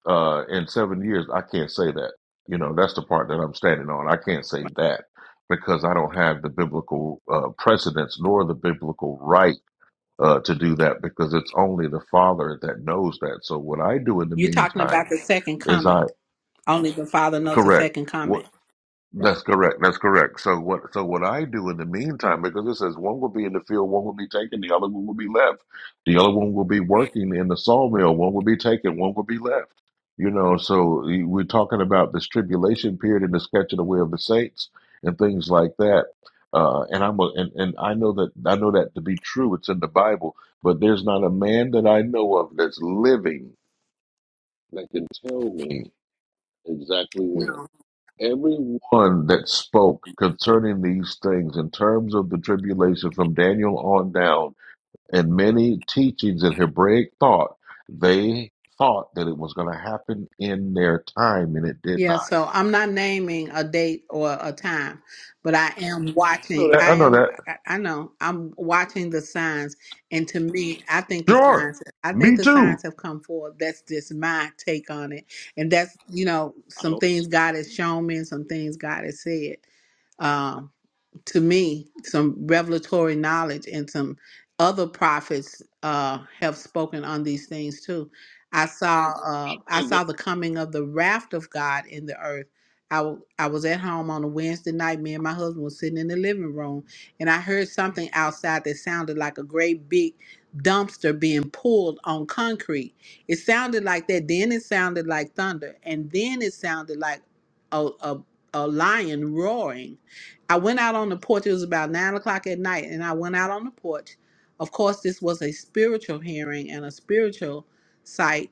[SPEAKER 1] uh in seven years? I can't say that. You know, that's the part that I'm standing on. I can't say that because I don't have the biblical uh, precedence nor the biblical right uh, to do that because it's only the Father that knows that. So what I do in the
[SPEAKER 17] You're talking
[SPEAKER 1] meantime
[SPEAKER 17] about the second
[SPEAKER 1] is I
[SPEAKER 17] coming. Only the Father knows the
[SPEAKER 1] correct.
[SPEAKER 17] second coming.
[SPEAKER 1] What
[SPEAKER 17] Right.
[SPEAKER 1] that's correct. That's correct. So what? So what I do in the meantime, because it says one will be in the field, one will be taken, the other one will be left. The other one will be working in the sawmill, one will be taken, one will be left. You know, so y- we're talking about this tribulation period and the sketch of the way of the saints and things like that. Uh, and I'm a, and, and I know that I know that to be true. It's in the Bible, but there's not a man that I know of that's living that can tell me exactly when.
[SPEAKER 17] No.
[SPEAKER 1] Everyone that spoke concerning these things in terms of the tribulation from Daniel on down, and many teachings in Hebraic thought, they thought that it was going to happen in their time, and it did
[SPEAKER 17] Yeah,
[SPEAKER 1] not.
[SPEAKER 17] so I'm not naming a date or a time, but I am
[SPEAKER 1] I know
[SPEAKER 17] watching.
[SPEAKER 1] that.
[SPEAKER 17] I
[SPEAKER 1] I know
[SPEAKER 17] am,
[SPEAKER 1] that.
[SPEAKER 17] I I know, I'm watching the signs. And to me, I think the
[SPEAKER 1] Sure.
[SPEAKER 17] signs, I
[SPEAKER 1] Me
[SPEAKER 17] think the
[SPEAKER 1] too.
[SPEAKER 17] signs have come forward. That's just my take on it. And that's, you know,
[SPEAKER 1] I
[SPEAKER 17] some
[SPEAKER 1] don't
[SPEAKER 17] things God has shown me and some things God has said. Um, to me some revelatory knowledge and some other prophets uh, have spoken on these things too. I saw uh, I
[SPEAKER 1] think they did.
[SPEAKER 17] saw the coming of the raft of God in the earth. I w- I was at home on a Wednesday night. Me and my husband was sitting in the living room, and I heard something outside that sounded like a great big dumpster being pulled on concrete. It sounded like that. Then it sounded like thunder, and then it sounded like a a, a lion roaring I went out on the porch. It was about nine o'clock at night, and I went out on the porch. Of course, this was a spiritual hearing and a spiritual sight.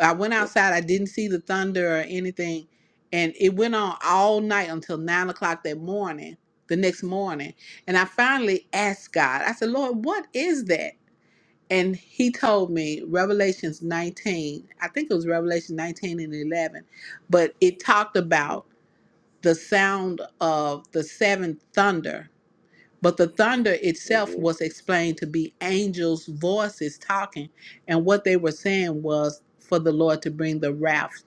[SPEAKER 17] I went outside. I didn't see the thunder or anything, and it went on all night until nine o'clock that morning. The next morning, and I finally asked God. I said, "Lord, what is that?" And He told me Revelations 19. I think it was Revelation 19 and 11, but it talked about the sound of the seven thunder. But the thunder itself
[SPEAKER 1] Mhm,
[SPEAKER 17] was explained to be angels' voices talking. And what they were saying was for the Lord to bring the wrath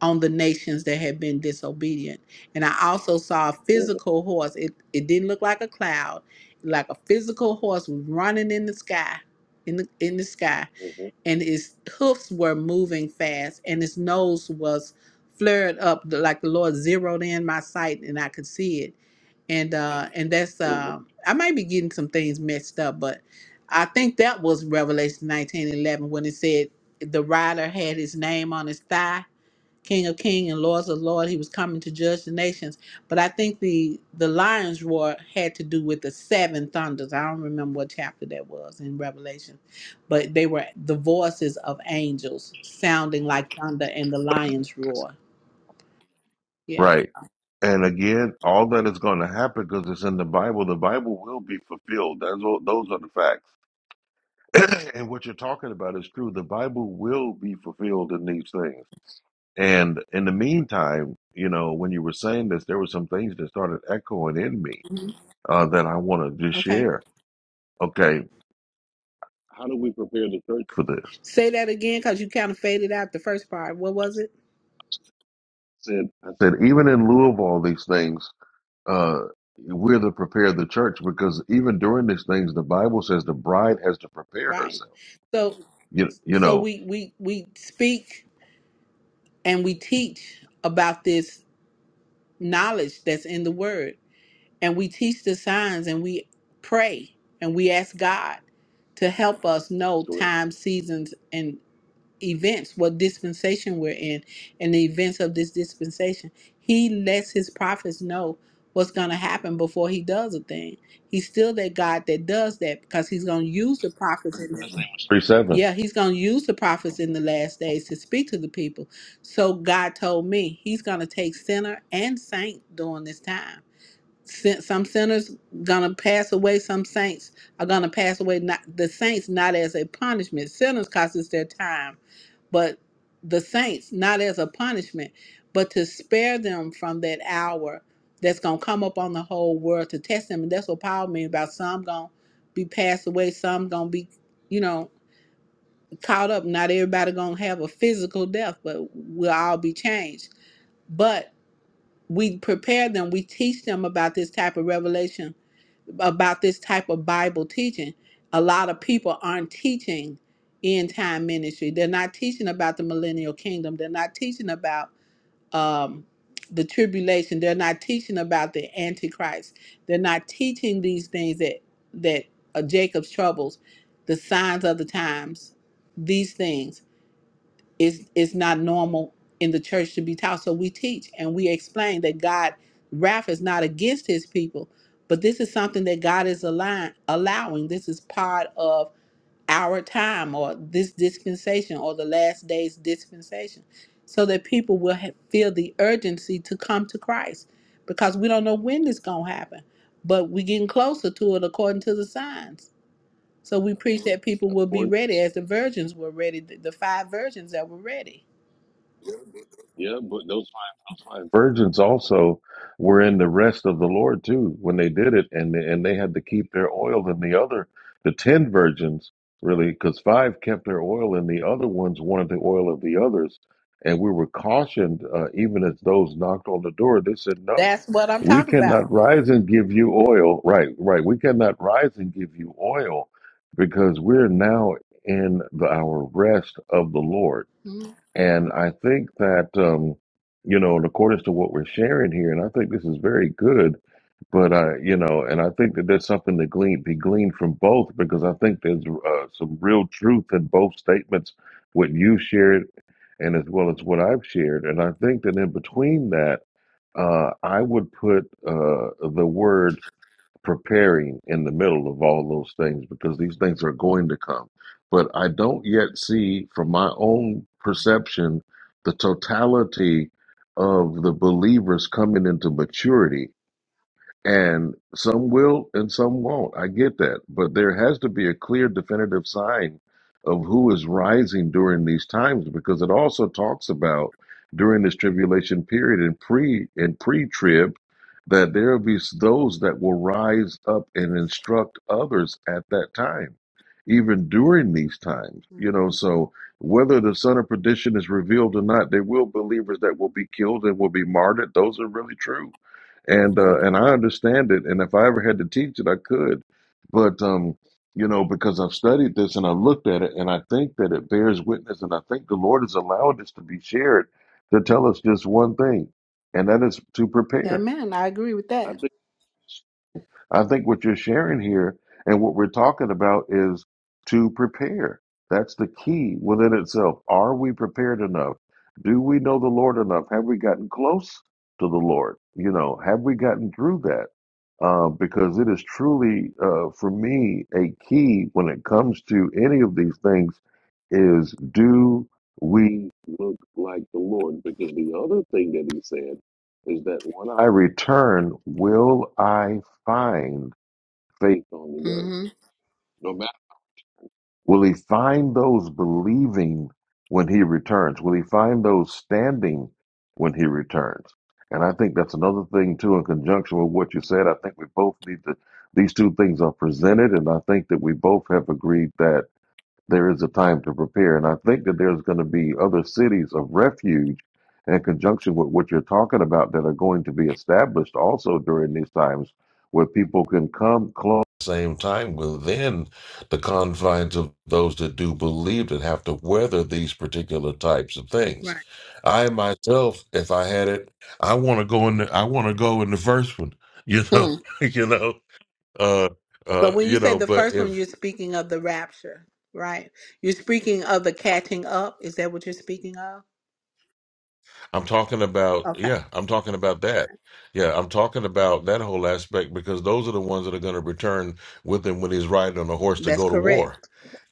[SPEAKER 17] on the nations that had been disobedient. And I also saw a
[SPEAKER 1] mhm,
[SPEAKER 17] physical horse. It, it didn't look like a cloud, like a physical horse was running in the sky, in the, in the sky
[SPEAKER 1] mhm,
[SPEAKER 17] and his hoofs were moving fast, and his nose was flared up the- like the Lord zeroed in my sight, and I could see it. And uh, and that's
[SPEAKER 1] mhm.
[SPEAKER 17] uh, I might be getting some things mixed up, but I think that was Revelation nineteen eleven when it said the rider had his name on his thigh King of King and Lords of Lord. He was coming to judge the nations. But I think the the lion's roar had to do with the seven thunders. I don't remember what chapter that was in Revelation, but they were the voices of angels sounding like thunder and the lion's roar. Yeah.
[SPEAKER 1] Right. And again, all that is going to happen because it's in the Bible, the Bible will be fulfilled. That's what, those are the facts. and what you're talking about is true. The Bible will be fulfilled in these things. And in the meantime, you know, when you were saying this, there were some things that started echoing in me
[SPEAKER 17] Mhm.
[SPEAKER 1] uh, that I want to just
[SPEAKER 17] Okay.
[SPEAKER 1] share. Okay, how do we prepare the church for this?
[SPEAKER 17] Say that again, because you kind of faded out the first part. What was it?
[SPEAKER 1] Said I said even in lieu of all these things, uh, we're to prepare the church because even during these things, the Bible says the bride has to prepare
[SPEAKER 17] Right.
[SPEAKER 1] herself.
[SPEAKER 17] So
[SPEAKER 1] You you
[SPEAKER 17] so
[SPEAKER 1] know,
[SPEAKER 17] we we we speak and we teach about this knowledge that's in the word and we teach the signs and we pray and we ask God to help us know times, seasons, and events, what dispensation we're in, and the events of this dispensation. He lets his prophets know what's going to happen before he does a thing. He's still that God that does that because he's going to use the prophets in the
[SPEAKER 1] three seven.
[SPEAKER 17] yeah, he's going to use the prophets in the last days to speak to the people. So God told me he's going to take sinner and saint during this time Sin- Some sinners gonna pass away. Some saints are gonna pass away. Not the saints, not as a punishment. Sinners, cause it's their time. But the saints, not as a punishment, but to spare them from that hour that's gonna come up on the whole world to test them. And that's what Paul means about some gonna be passed away. Some gonna be, you know, caught up. Not everybody gonna have a physical death, but we'll all be changed. But we prepare them. We teach them about this type of revelation about this type of Bible teaching. A lot of people aren't teaching end time ministry. They're not teaching about the millennial kingdom. They're not teaching about um, the tribulation. They're not teaching about the antichrist. They're not teaching these things that that are Jacob's troubles, the signs of the times, these things it's it's not normal in the church to be taught. So we teach and we explain that God wrath is not against his people, but this is something that God is allowing allowing. This is part of our time or this dispensation or the last days dispensation. So that people will ha- feel the urgency to come to Christ because we don't know when this gonna happen, but we're getting closer to it according to the signs. So we preach that people will be
[SPEAKER 1] Born,
[SPEAKER 17] ready as the virgins were ready, the the five virgins that were ready.
[SPEAKER 1] yeah, but those five, those five virgins also were in the rest of the Lord too when they did it, and they, and they had to keep their oil in the other, the ten virgins really, because five kept their oil, and the other ones wanted the oil of the others, and we were cautioned uh, even as those knocked on the door, they said no.
[SPEAKER 17] That's what I'm
[SPEAKER 1] We
[SPEAKER 17] talking
[SPEAKER 1] cannot
[SPEAKER 17] about.
[SPEAKER 1] rise and give you oil. Right, right. We cannot rise and give you oil because we're now in the, our rest of the Lord
[SPEAKER 17] Mm-hmm.
[SPEAKER 1] And I think that, um, you know, in accordance to what we're sharing here, and I think this is very good, but I, you know, and I think that there's something to glean, be gleaned from both, because I think there's uh, some real truth in both statements, what you shared and as well as what I've shared. And I think that in between that, uh, I would put uh, the word preparing in the middle of all those things because these things are going to come. But I don't yet see, from my own perception, the totality of the believers coming into maturity and some will and some won't. I get that. But there has to be a clear, definitive sign of who is rising during these times because it also talks about during this tribulation period and pre and pre-trib that there will be those that will rise up and instruct others at that time, even during these times. You know, so whether the son of perdition is revealed or not, there will believers that will be killed and will be martyred. Those are really true and uh, and I understand it. And if I ever had to teach it, I could. But um, you know, because I've studied this and I've looked at it, and I think that it bears witness, and I think the Lord has allowed this to be shared to tell us just one thing, and that is to prepare.
[SPEAKER 17] Amen. I agree with that.
[SPEAKER 1] I think what you're sharing here and what we're talking about is to prepare. That's the key within itself. Are we prepared enough? Do we know the Lord enough? Have we gotten close to the Lord? You know, have we gotten through that? Uh, because it is truly, uh, for me, a key when it comes to any of these things is do we look like the Lord? Because the other thing that he said is that when I return, will I find faith on the earth?
[SPEAKER 17] Mm-hmm.
[SPEAKER 1] No matter. Will he find those believing when he returns? Will he find those standing when he returns? And I think that's another thing too, in conjunction with what you said. I think we both need to. These two things are presented, and I think that we both have agreed that there is a time to prepare. And I think that there's going to be other cities of refuge in conjunction with what you're talking about that are going to be established also during these times where people can come close at the same time within the confines of those that do believe and have to weather these particular types of things.
[SPEAKER 17] Right.
[SPEAKER 1] I myself, if I had it, I want to go in the, I want to go in the first one, you know,
[SPEAKER 17] Mm.
[SPEAKER 1] you know, uh,
[SPEAKER 17] So
[SPEAKER 1] uh,
[SPEAKER 17] when you
[SPEAKER 1] you
[SPEAKER 17] say
[SPEAKER 1] know,
[SPEAKER 17] the
[SPEAKER 1] but
[SPEAKER 17] first one,
[SPEAKER 1] if
[SPEAKER 17] you're speaking of the rapture, right? You're speaking of the catching up. Is that what you're speaking of?
[SPEAKER 1] I'm talking about,
[SPEAKER 17] Okay.
[SPEAKER 1] yeah, I'm talking about that. Yeah, I'm talking about that whole aspect because those are the ones that are going to return with him when he's riding on a horse to
[SPEAKER 17] That's
[SPEAKER 1] go to
[SPEAKER 17] correct.
[SPEAKER 1] war.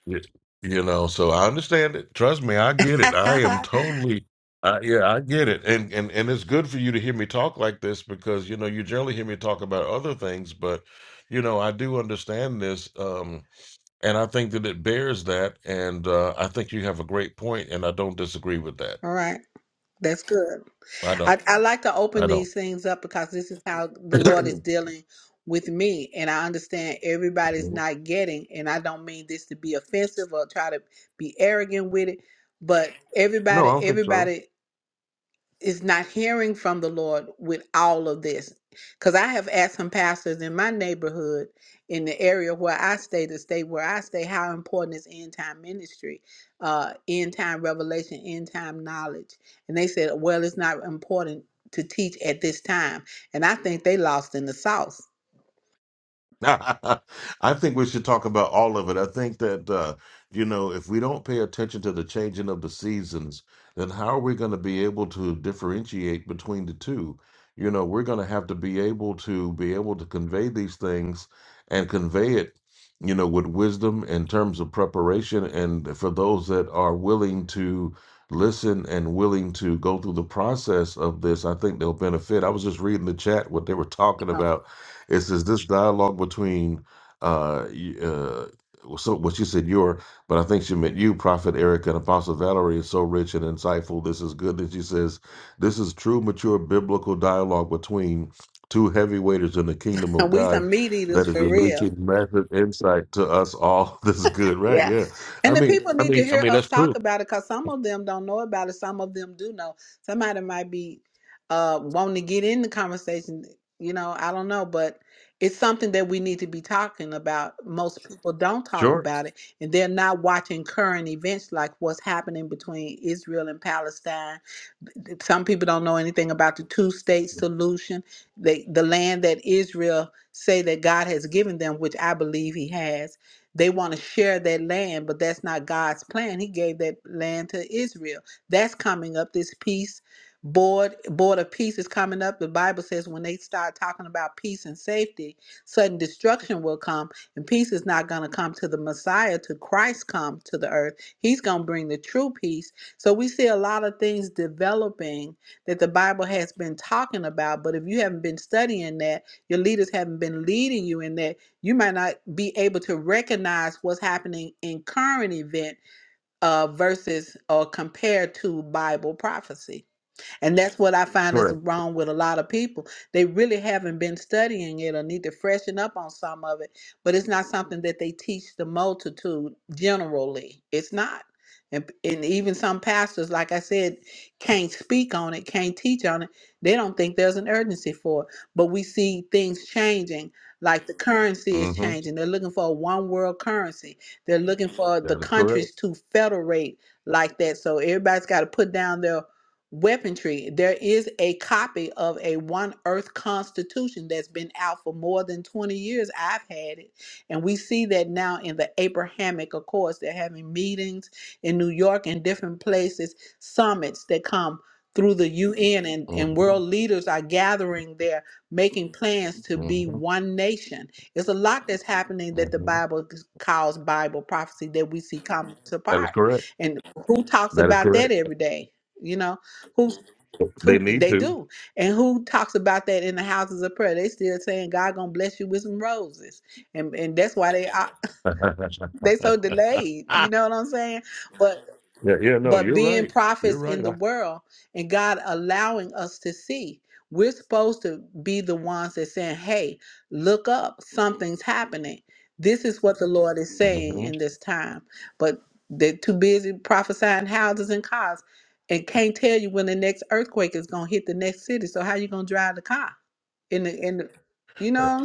[SPEAKER 1] Y- You know, so I understand it. Trust me, I get it. I am
[SPEAKER 17] All
[SPEAKER 1] totally, I, yeah, I get it. And, and and it's good for you to hear me talk like this because you know you generally hear me talk about other things, but you know I do understand this, um, and I think that it bears that. And uh, I think you have a great point, and I don't disagree with that.
[SPEAKER 17] right. That's good.
[SPEAKER 1] I
[SPEAKER 17] I,
[SPEAKER 1] don't.
[SPEAKER 17] I like to
[SPEAKER 1] I
[SPEAKER 17] open
[SPEAKER 1] don't.
[SPEAKER 17] these things up because this is how the Lord is dealing with me. And I understand everybody's
[SPEAKER 1] no,
[SPEAKER 17] not getting, and I don't mean this to be offensive or try to be arrogant with it, but
[SPEAKER 1] I
[SPEAKER 17] everybody,
[SPEAKER 1] don't think so.
[SPEAKER 17] everybody is not hearing from the Lord with all of this. Because I have asked some pastors in my neighborhood, in the area where I stay, the state where I stay, how important is end time ministry, uh, end time revelation, end time knowledge. And they said, well, it's not important to teach at this time. And I think they lost in the sauce.
[SPEAKER 1] I think we should talk about all of it. I think that uh, you know, if we don't pay attention to the changing of the seasons, then how are we going to be able to differentiate between the two? You know, we're going to have to be able to be able to convey these things and convey it, you know, with wisdom in terms of preparation and for those that are willing to listen and willing to go through the process of this, I think they'll benefit. I was just reading the chat what they were talking about it says this dialogue between uh, y- uh, so what you said your, but I think she meant you, Prophet Eric and Apostle Valerie is so rich and insightful. This is good. That she says this is true, mature biblical dialogue between two heavyweights in the kingdom of
[SPEAKER 17] we
[SPEAKER 1] God
[SPEAKER 17] some meat eaters
[SPEAKER 1] that is
[SPEAKER 17] for real.
[SPEAKER 1] releasing massive insight to us all. This is good, right?
[SPEAKER 17] Yeah.
[SPEAKER 1] Yeah. I
[SPEAKER 17] And the
[SPEAKER 1] mean,
[SPEAKER 17] people
[SPEAKER 1] I
[SPEAKER 17] need to
[SPEAKER 1] mean, I
[SPEAKER 17] hear
[SPEAKER 1] mean
[SPEAKER 17] us
[SPEAKER 1] that's true.
[SPEAKER 17] talk about it because some of them don't know about it. Some of them do know. Somebody might be uh, wanting to get in the conversation. You know, I don't know, but it's something that we need to be talking about. Most people don't talk
[SPEAKER 1] Sure.
[SPEAKER 17] about it, and they're not watching current events like what's happening between Israel and Palestine some people don't know anything about the two-state solution. They, the land that Israel say that God has given them, which I believe He has, they want to share that land, but that's not God's plan. He gave that land to Israel. That's coming up. This peace board board of peace is coming up. The Bible says when they start talking about peace and safety, sudden destruction will come, and peace is not going to come to the Messiah, to Christ come to the earth. He's going to bring the true peace so we see a lot of things developing that the Bible has been talking about, but if you haven't been studying that, your leaders haven't been leading you in that, you might not be able to recognize what's happening in current event uh, versus or compared to Bible prophecy. And that's what I find is
[SPEAKER 1] Correct.
[SPEAKER 17] wrong with a lot of people. They really haven't been studying it or need to freshen up on some of it, but it's not something that they teach the multitude generally. It's not. And, and even some pastors, like I said, can't speak on it, can't teach on it. They don't think there's an urgency for it. But we see things changing, like the currency is
[SPEAKER 1] Mm-hmm.
[SPEAKER 17] changing. They're looking for a one world currency, they're looking for the
[SPEAKER 1] That is correct.
[SPEAKER 17] countries to federate like that. So everybody's got to put down their weaponry. There is a copy of a One Earth Constitution that's been out for more than 20 years. I've had it. And we see that now in the Abrahamic Accords. They're having meetings in New York and different places, summits that come through the UN, and, and
[SPEAKER 1] Mm-hmm.
[SPEAKER 17] world leaders are gathering there, making plans to be
[SPEAKER 1] Mm-hmm.
[SPEAKER 17] one nation. It's a lot that's happening that the
[SPEAKER 1] Mm-hmm.
[SPEAKER 17] Bible calls Bible prophecy that we see come to
[SPEAKER 1] That is
[SPEAKER 17] part.
[SPEAKER 1] correct.
[SPEAKER 17] And who talks
[SPEAKER 1] That is
[SPEAKER 17] about that
[SPEAKER 1] correct.
[SPEAKER 17] every day? You know, who
[SPEAKER 1] They
[SPEAKER 17] who
[SPEAKER 1] need
[SPEAKER 17] they
[SPEAKER 1] to.
[SPEAKER 17] do. And who talks about that in the houses of prayer? They still saying God gonna bless you with some roses. And and that's why they are they so
[SPEAKER 1] yeah,
[SPEAKER 17] delayed. You know what I'm saying? But
[SPEAKER 1] yeah, no,
[SPEAKER 17] but
[SPEAKER 1] you're
[SPEAKER 17] being
[SPEAKER 1] right. You're
[SPEAKER 17] prophets in
[SPEAKER 1] right.
[SPEAKER 17] the
[SPEAKER 1] I,
[SPEAKER 17] world and God allowing us to see. We're supposed to be the ones that saying, "Hey, look up, something's happening. This is what the Lord is
[SPEAKER 1] mhm.
[SPEAKER 17] saying in this time." But they're too busy prophesying houses and cars, and can't tell you when the next earthquake is gonna hit the next city. So how you gonna drive the car in the in the? You know what I'm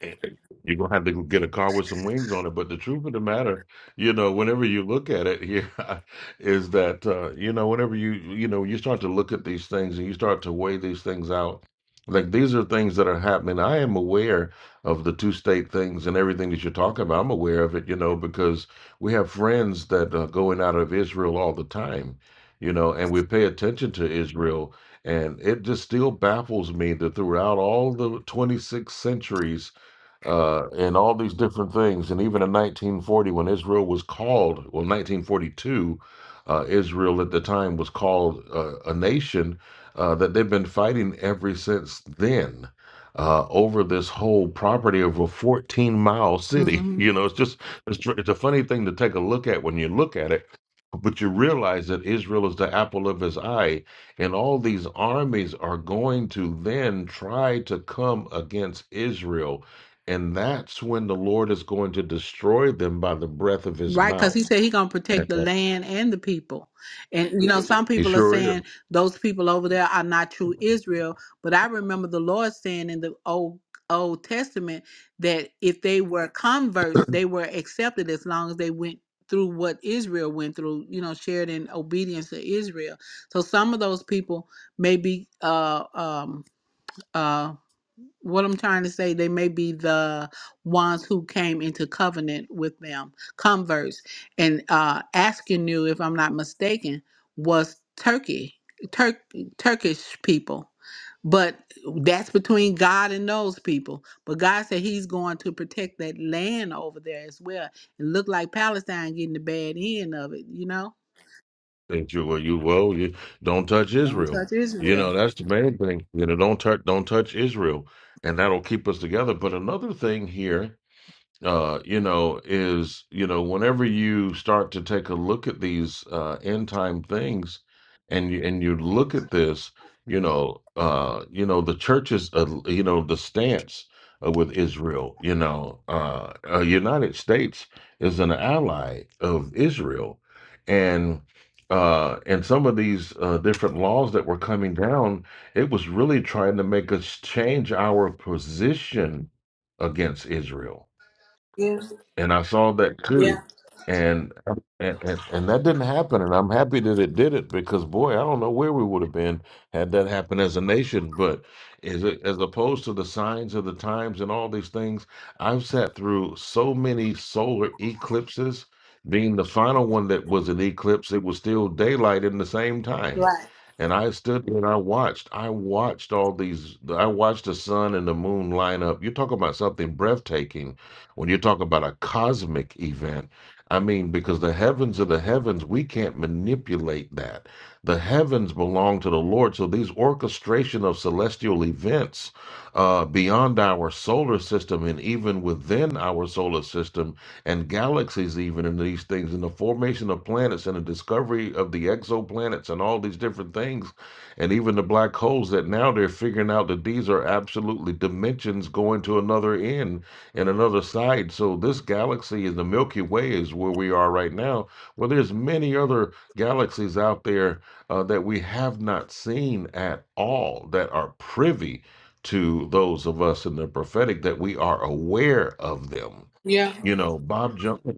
[SPEAKER 1] And You're gonna have to get a car with some wings on it. But the truth of the matter, you know, whenever you look at it here, is that uh, you know, whenever you you know, you start to look at these things and you start to weigh these things out, like these are things that are happening. I am aware of the two state things and everything that you're talking about. I'm aware of it, you know, because we have friends that are going out of Israel all the time, you know, and we pay attention to Israel. And it just still baffles me that throughout all the 26 centuries uh, and all these different things. And even in 1940, when Israel was called, well, 1942, uh, Israel at the time was called uh, a nation uh, that they've been fighting ever since then. Uh, over this whole property of a 14 mile city.
[SPEAKER 17] saying?
[SPEAKER 1] You know, it's just, it's, tr- it's a funny thing to take a look at when you look at it, but you realize that Israel is the apple of his eye, and all these armies are going to then try to come against Israel and that's when the Lord is going to destroy them by the breath of his
[SPEAKER 17] Right, because he
[SPEAKER 1] mouth.
[SPEAKER 17] said he gonna protect the land and the people, and you know Mhm. some
[SPEAKER 1] He
[SPEAKER 17] people are
[SPEAKER 1] sure is.
[SPEAKER 17] saying those people over there are not true Israel. But I remember the Lord saying in the old Old Testament that if they were converts, they were accepted as long as they went through what Israel went through. You know, shared in obedience to Israel. So some of those people may be uh, um, uh what I'm trying to say, they may be the ones who came into covenant with them, converts. And uh asking you, if I'm not mistaken, was Turkey, Turk Turkish people. But that's between God and those people. But God said He's going to protect that land over there as well. It looked like Palestine getting the bad end of it, you know?
[SPEAKER 1] And you, well, you, well, you don't touch
[SPEAKER 17] Don't
[SPEAKER 1] Israel.
[SPEAKER 17] touch
[SPEAKER 1] You
[SPEAKER 17] Israel.
[SPEAKER 1] know, that's the main thing. You know, don't touch, don't touch Israel, and that'll keep us together. But another thing here uh, you know, is, you know, whenever you start to take a look at these uh, end time things and you, and you look at this, you know, uh, you know, the church's, uh, you know, the stance uh, with Israel, you know, uh, uh, United States is an ally of Israel. And uh, and some of these uh, different laws that were coming down, it was really trying to make us change our position against Israel
[SPEAKER 17] Yeah.
[SPEAKER 1] and I saw that
[SPEAKER 17] Yeah.
[SPEAKER 1] too, and and and, and that didn't happen, and I'm happy that it did it because boy, I don't know where we would have been had that happened as a nation. But as as opposed to the signs of the times and all these things, I've sat through so many solar eclipses. Being the final one that was an eclipse, it was still daylight in the same time.
[SPEAKER 17] Right.
[SPEAKER 1] And I stood there and I watched. I watched all these. I watched the sun and the moon line up. You're talking about something breathtaking when you talk about a cosmic event, I mean, because the heavens are the heavens, we can't manipulate that. The heavens belong to the Lord. So these orchestration of celestial events uh, beyond our solar system and even within our solar system and galaxies, even in these things, and the formation of planets and the discovery of the exoplanets and all these different things, and even the black holes that now they're figuring out that these are absolutely dimensions going to another end and another side. So this galaxy is the Milky Way is where we are right now. Well, there's many other galaxies out there uh, that we have not seen at all that are privy to those of us in the prophetic that we are aware of them.
[SPEAKER 17] Yeah.
[SPEAKER 1] You know, Bob Jones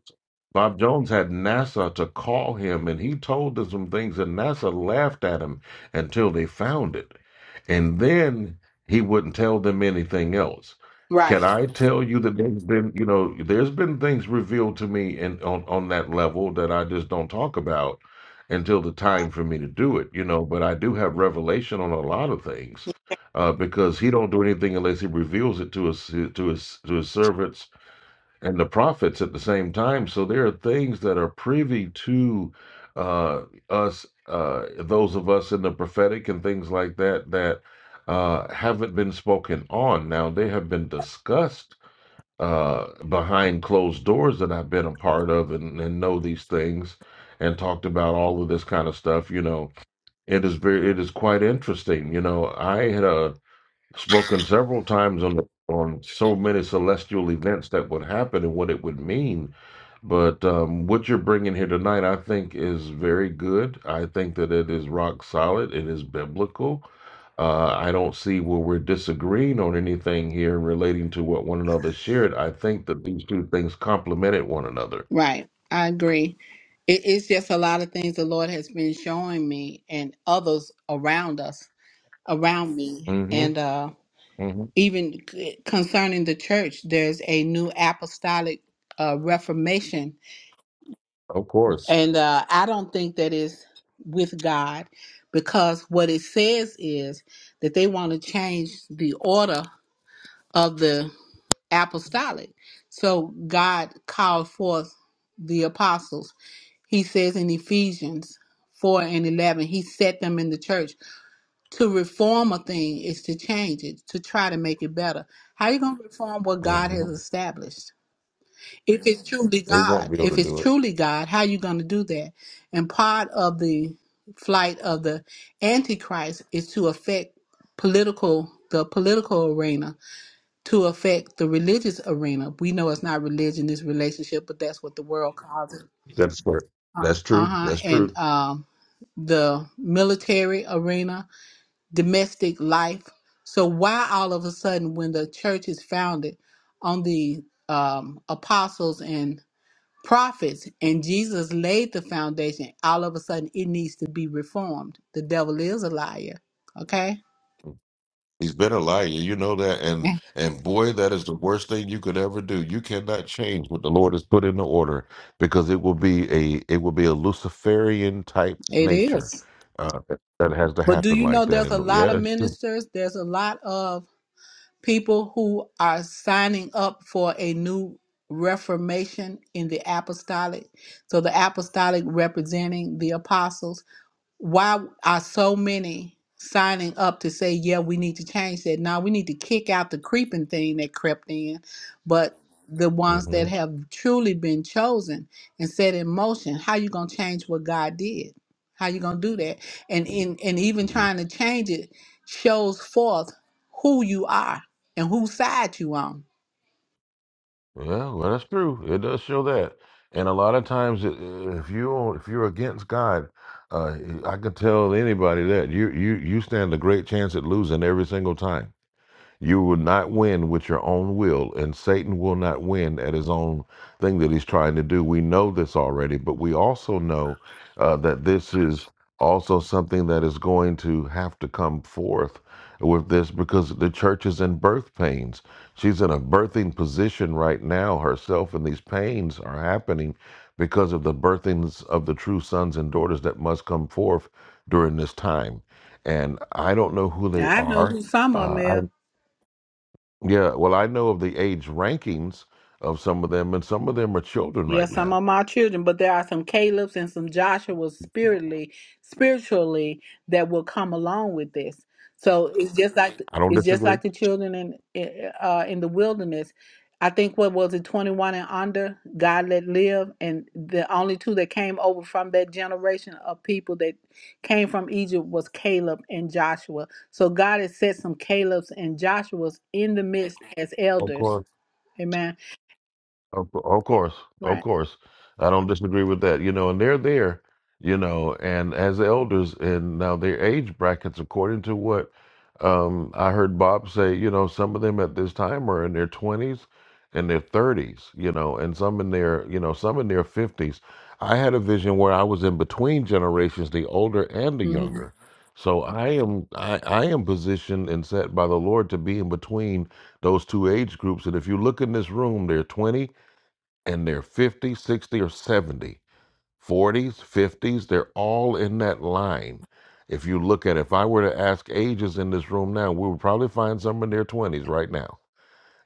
[SPEAKER 1] Bob Jones had NASA to call him, and he told them some things, and NASA laughed at him until they found it. And then he wouldn't tell them anything else. Can
[SPEAKER 17] Right.
[SPEAKER 1] I tell you that there's been, you know, there's been things revealed to me and on, on that level that I just don't talk about until the time for me to do it, you know, but I do have revelation on a lot of things. Uh, because he don't do anything unless he reveals it to his to his to his servants and the prophets at the same time. So there are things that are privy to uh, us, uh, those of us in the prophetic and things like that, that uh, haven't been spoken on. Now, they have been discussed uh, behind closed doors that I've been a part of and, and know these things and talked about all of this kind of stuff. You know, it is very, it is quite interesting. You know, I had a spoken several times on the, on so many celestial events that would happen and what it would mean. But um, what you're bringing here tonight, I think, is very good. I think that it is rock solid. It is biblical. Uh, I don't see where we're disagreeing on anything here relating to what one another shared. I think that these two things complemented one another.
[SPEAKER 17] Right. I agree. It, it's just a lot of things the Lord has been showing me and others around us, around me.
[SPEAKER 1] hmm
[SPEAKER 17] And uh,
[SPEAKER 1] hmm
[SPEAKER 17] even c- concerning the church, there's a new apostolic uh, reformation.
[SPEAKER 1] Of course.
[SPEAKER 17] And uh, I don't think that is with God because what it says is that they want to change the order of the apostolic. So God called forth the apostles He says in Ephesians 4 and 11, He set them in the church. To reform a thing is to change it, to try to make it better. How are you going to reform what God
[SPEAKER 1] hmm
[SPEAKER 17] has established? If it's truly
[SPEAKER 1] They won't
[SPEAKER 17] God,
[SPEAKER 1] be able
[SPEAKER 17] if
[SPEAKER 1] to
[SPEAKER 17] it's
[SPEAKER 1] do it.
[SPEAKER 17] truly God, how are you going to do that? And part of the flight of the Antichrist is to affect political the political arena to affect the religious arena. We know it's not religion, it's relationship, but that's what the world calls it.
[SPEAKER 1] That's fair. That's
[SPEAKER 17] Uh
[SPEAKER 1] true.
[SPEAKER 17] huh.
[SPEAKER 1] That's true.
[SPEAKER 17] And um the military arena, domestic life. So why all of a sudden, when the church is founded on the um, apostles and prophets, and Jesus laid the foundation, all of a sudden it needs to be reformed? The devil is a liar. Okay,
[SPEAKER 1] He's been a liar, you know that, and
[SPEAKER 17] Yeah.
[SPEAKER 1] and boy, that is the worst thing you could ever do. You cannot change what the Lord has put into order because it will be a it will be a Luciferian type
[SPEAKER 17] it
[SPEAKER 1] nature
[SPEAKER 17] is.
[SPEAKER 1] uh, that that has to
[SPEAKER 17] But do
[SPEAKER 1] happen
[SPEAKER 17] you
[SPEAKER 1] like
[SPEAKER 17] know
[SPEAKER 1] that.
[SPEAKER 17] there's a
[SPEAKER 1] And
[SPEAKER 17] lot
[SPEAKER 1] yeah,
[SPEAKER 17] of
[SPEAKER 1] it's true.
[SPEAKER 17] ministers? There's a lot of people who are signing up for a new reformation in the apostolic. So the apostolic representing the apostles why are so many signing up to say, yeah, we need to change that? Now we need to kick out the creeping thing that crept in, but the ones
[SPEAKER 1] hmm
[SPEAKER 17] that have truly been chosen and set in motion, how you gonna change what God did? How you gonna do that? And in and even
[SPEAKER 1] Yeah,
[SPEAKER 17] trying to change it shows forth who you are and whose side you on.
[SPEAKER 1] well, that's true. It does show that. And a lot of times, i- if you if you're against God, uh, I could tell anybody that you you you stand a great chance at losing every single time You will not win with your own will, and Satan will not win at his own thing that he's trying to do. We know this already, but we also know uh, that this is also something that is going to have to come forth with this because the church is in birth pains. She's in a birthing position right now herself, and these pains are happening because of the birthings of the true sons and daughters that must come forth during this time. And I don't know who they
[SPEAKER 17] I know
[SPEAKER 1] are.
[SPEAKER 17] who some of them
[SPEAKER 1] Uh, I
[SPEAKER 17] is.
[SPEAKER 1] yeah, well, I know of the age rankings of some of them, and some of them are children
[SPEAKER 17] Yeah,
[SPEAKER 1] right
[SPEAKER 17] some
[SPEAKER 1] now.
[SPEAKER 17] of my children, but there are some Caleb's and some Joshua's spiritually, spiritually that will come along with this. So it's just like
[SPEAKER 1] I don't
[SPEAKER 17] it's just
[SPEAKER 1] disagree.
[SPEAKER 17] like the children in in- uh, in the wilderness. I think what was it, twenty one and under, God let live, and the only two that came over from that generation of people that came from Egypt was Caleb and Joshua. So God has set some Caleb's and Joshua's in the midst as
[SPEAKER 1] Of course.
[SPEAKER 17] elders. Amen.
[SPEAKER 1] Of, cou- of course, of
[SPEAKER 17] Right.
[SPEAKER 1] course, I don't disagree with that. You know, and they're there, you know, and as elders, and now their age brackets, according to what um, I heard Bob say, you know, some of them at this time are in their twenties and their thirties, you know, and some in their, you know, some in their fifties. I had a vision where I was in between generations, the older and the
[SPEAKER 17] hmm
[SPEAKER 1] younger. So I am, I, I am positioned and set by the Lord to be in between those two age groups. And if you look in this room, they're twenty and they're fifty, sixty, or 70, 50s, they're all in that line. If you look at if I were to ask ages in this room now, we would probably find some in their 20s right now.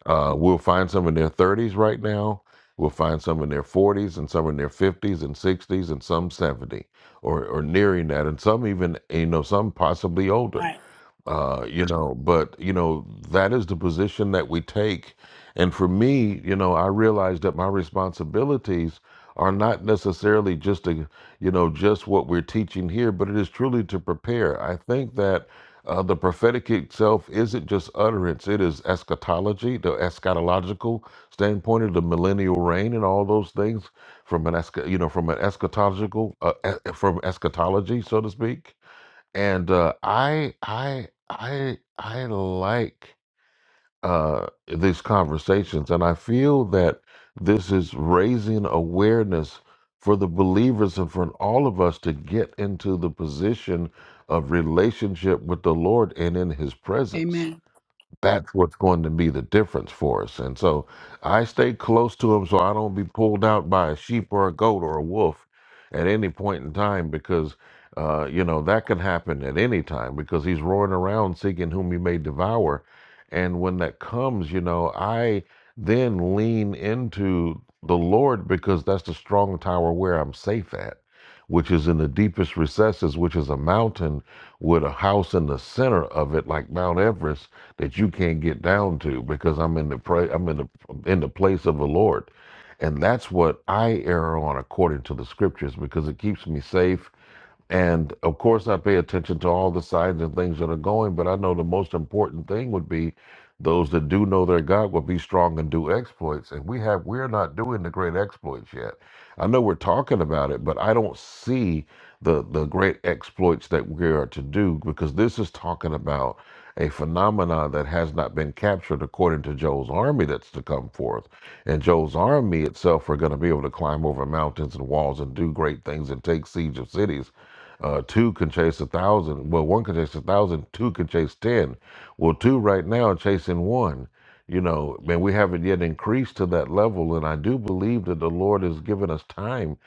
[SPEAKER 1] Uh, we'll find some in their 30s right now. We'll find some in their 40s and some in their 50s and 60s and some 70 or, or nearing that. And some even, you know, some possibly older
[SPEAKER 17] Right.
[SPEAKER 1] uh, you know, but you know that is the position that we take. And for me, you know, I realize that my responsibilities are not necessarily just to, you know, just what we're teaching here, but it is truly to prepare. I think that uh, the prophetic itself isn't just utterance; it is eschatology, the eschatological standpoint of the millennial reign, and all those things from an escha- you know, from an eschatological, uh, e- from eschatology, so to speak and, uh, I I I I like, uh, these conversations, and I feel that this is raising awareness for the believers and for all of us to get into the position of relationship with the Lord and in his presence
[SPEAKER 17] Amen.
[SPEAKER 1] that's what's going to be the difference for us. And so I stay close to him so I don't be pulled out by a sheep or a goat or a wolf at any point in time because, uh, you know, that can happen at any time because he's roaring around seeking whom he may devour. And when that comes, you know, I then lean into the Lord because that's the strong tower where I'm safe at, which is in the deepest recesses, which is a mountain with a house in the center of it, like Mount Everest, that you can't get down to because I'm in the pra- I'm in the in the place of the Lord. And that's what I err on according to the scriptures because it keeps me safe and of course, I pay attention to all the signs and things that are going, but I know the most important thing would be those that do know their God will be strong and do exploits. And we have, we're not doing the great exploits yet. I know we're talking about it, but I don't see the, the great exploits that we are to do because this is talking about a phenomenon that has not been captured according to Joel's army that's to come forth. And Joel's army itself are going to be able to climb over mountains and walls and do great things and take siege of cities. Uh, two can chase a thousand. Well, one can chase a thousand. Two can chase ten. Well, two right now are chasing one. You know, man, we haven't yet increased to that level, and I do believe that the Lord has given us time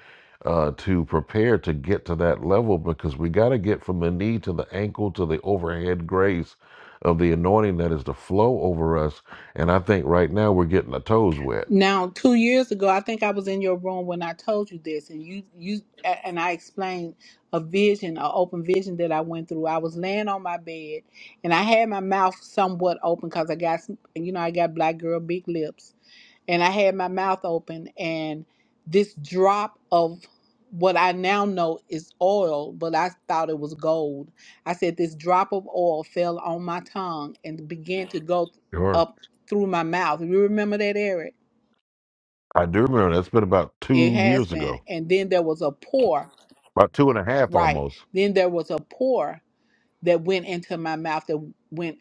[SPEAKER 1] uh, to prepare to get to that level because we got to get from the knee to the ankle to the overhead grace of the anointing that is to flow over us. And I think right now we're getting our toes wet.
[SPEAKER 17] Now, two years ago, I think I was in your room when I told you this, and you you a- and I explained a vision, an open vision that I went through. I was laying on my bed, and I had my mouth somewhat open because I got some, you know I got black girl big lips, and I had my mouth open, and this drop of what I now know is oil, but I thought it was gold. I said this drop of oil fell on my tongue and began to go
[SPEAKER 1] Sure.
[SPEAKER 17] up through my mouth. You remember that, Eric?
[SPEAKER 1] I do remember that's been about
[SPEAKER 17] It
[SPEAKER 1] two
[SPEAKER 17] has
[SPEAKER 1] years
[SPEAKER 17] been.
[SPEAKER 1] ago,
[SPEAKER 17] And then there was a pour,
[SPEAKER 1] about two and a half
[SPEAKER 17] right?
[SPEAKER 1] almost.
[SPEAKER 17] Then there was a pour that went into my mouth that went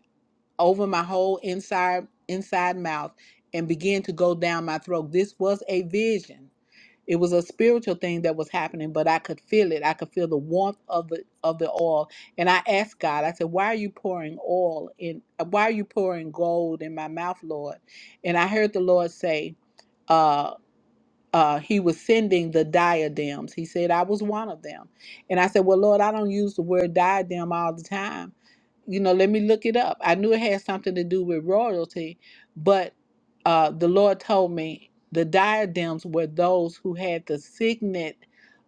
[SPEAKER 17] over my whole inside inside mouth and began to go down my throat. This was a vision. It was a spiritual thing that was happening, but I could feel it. I could feel the warmth of the of the oil. And I asked God, I said, Why are you pouring oil in why are you pouring gold in my mouth, Lord? And I heard the Lord say, uh, uh, he was sending the diadems. He said, I was one of them. And I said, Well, Lord, I don't use the word diadem all the time. You know, let me look it up. I knew it had something to do with royalty, but uh, the Lord told me the diadems were those who had the signet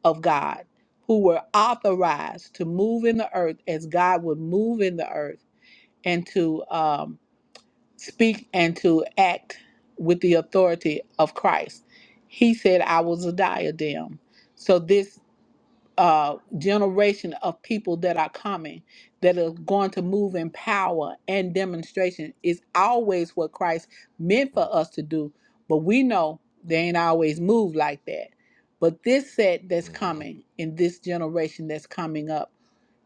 [SPEAKER 17] of God, who were authorized to move in the earth as God would move in the earth and to. um, speak and to act with the authority of Christ. He said, I was a diadem. So this uh, generation of people that are coming that are going to move in power and demonstration is always what Christ meant for us to do. But we know they ain't always move like that. But this set that's coming in this generation that's coming up,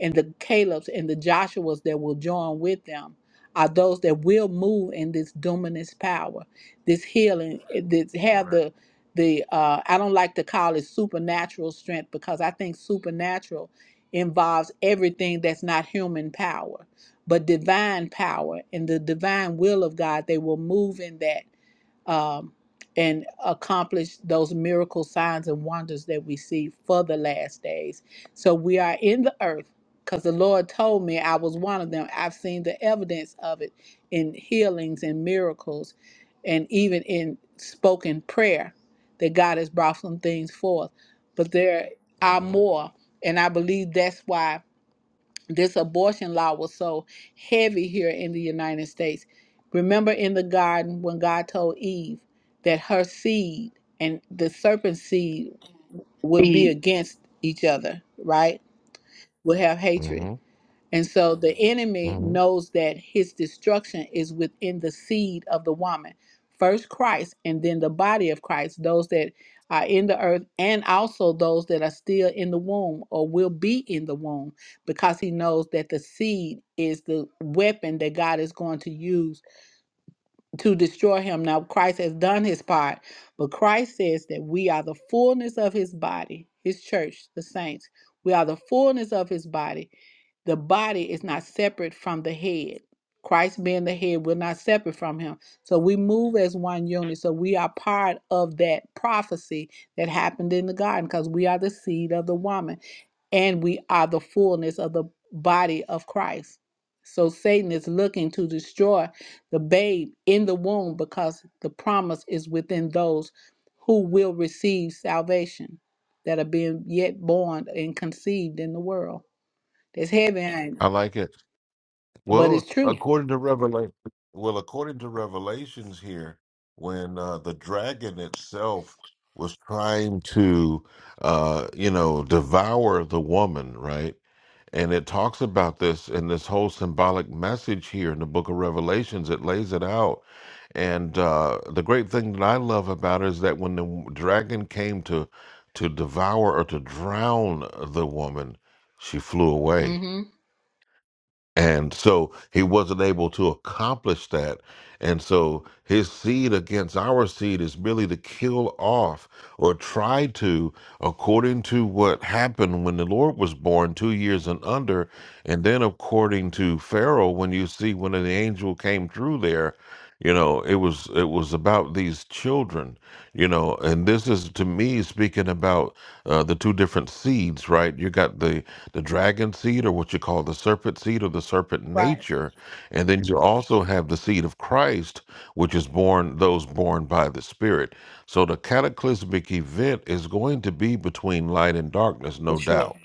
[SPEAKER 17] and the Calebs and the Joshuas that will join with them are those that will move in this dominance power, this healing, that have
[SPEAKER 1] Correct.
[SPEAKER 17] the the uh, I don't like to call it supernatural strength because I think supernatural involves everything that's not human power, but divine power and the divine will of God. They will move in that um, and accomplish those miracle signs and wonders that we see for the last days. So we are in the earth because the Lord told me I was one of them. I've seen the evidence of it in healings and miracles and even in spoken prayer that God has brought some things forth. But there are
[SPEAKER 1] Mhm.
[SPEAKER 17] more. And I believe that's why this abortion law was so heavy here in the United States. Remember in the garden when God told Eve that her seed and the serpent's seed would be
[SPEAKER 1] The
[SPEAKER 17] against each other, right? Would have hatred.
[SPEAKER 1] hmm
[SPEAKER 17] And so the enemy
[SPEAKER 1] hmm
[SPEAKER 17] knows that his destruction is within the seed of the woman. First Christ and then the body of Christ, those that are in the earth and also those that are still in the womb or will be in the womb because he knows that the seed is the weapon that God is going to use to destroy him. Now, Christ has done his part, but Christ says that we are the fullness of his body, his church, the saints. We are the fullness of his body. The body is not separate from the head. Christ being the head, we're not separate from him. So we move as one unit. So we are part of that prophecy that happened in the garden because we are the seed of the woman and we are the fullness of the body of Christ. So Satan is looking to destroy the babe in the womb because the promise is within those who will receive salvation that are being yet born and conceived in the world. It's heavy, ain't it?
[SPEAKER 1] I like it.
[SPEAKER 17] but it's
[SPEAKER 1] Well,
[SPEAKER 17] true.
[SPEAKER 1] according to Revelation, well, according to Revelations here, when uh, the dragon itself was trying to, uh, you know, devour the woman, right? And it talks about this in this whole symbolic message here in the book of Revelations. It lays it out. And uh, the great thing that I love about it is that when the dragon came to to devour or to drown the woman, she flew away
[SPEAKER 17] Mm-hmm.
[SPEAKER 1] and so he wasn't able to accomplish that. And so his seed against our seed is merely to kill off or try to according to what happened when the Lord was born, two years and under, and then according to Pharaoh, when you see when the angel came through there, you know, it was it was about these children, you know, and this is to me speaking about uh, the two different seeds, right? You got the the dragon seed, or what you call the serpent seed, or the serpent
[SPEAKER 17] Right.
[SPEAKER 1] nature, and then you Mhm. also have the seed of Christ, which is born those born by the Spirit. So the cataclysmic event is going to be between light and darkness,
[SPEAKER 17] For
[SPEAKER 1] no
[SPEAKER 17] sure.
[SPEAKER 1] doubt.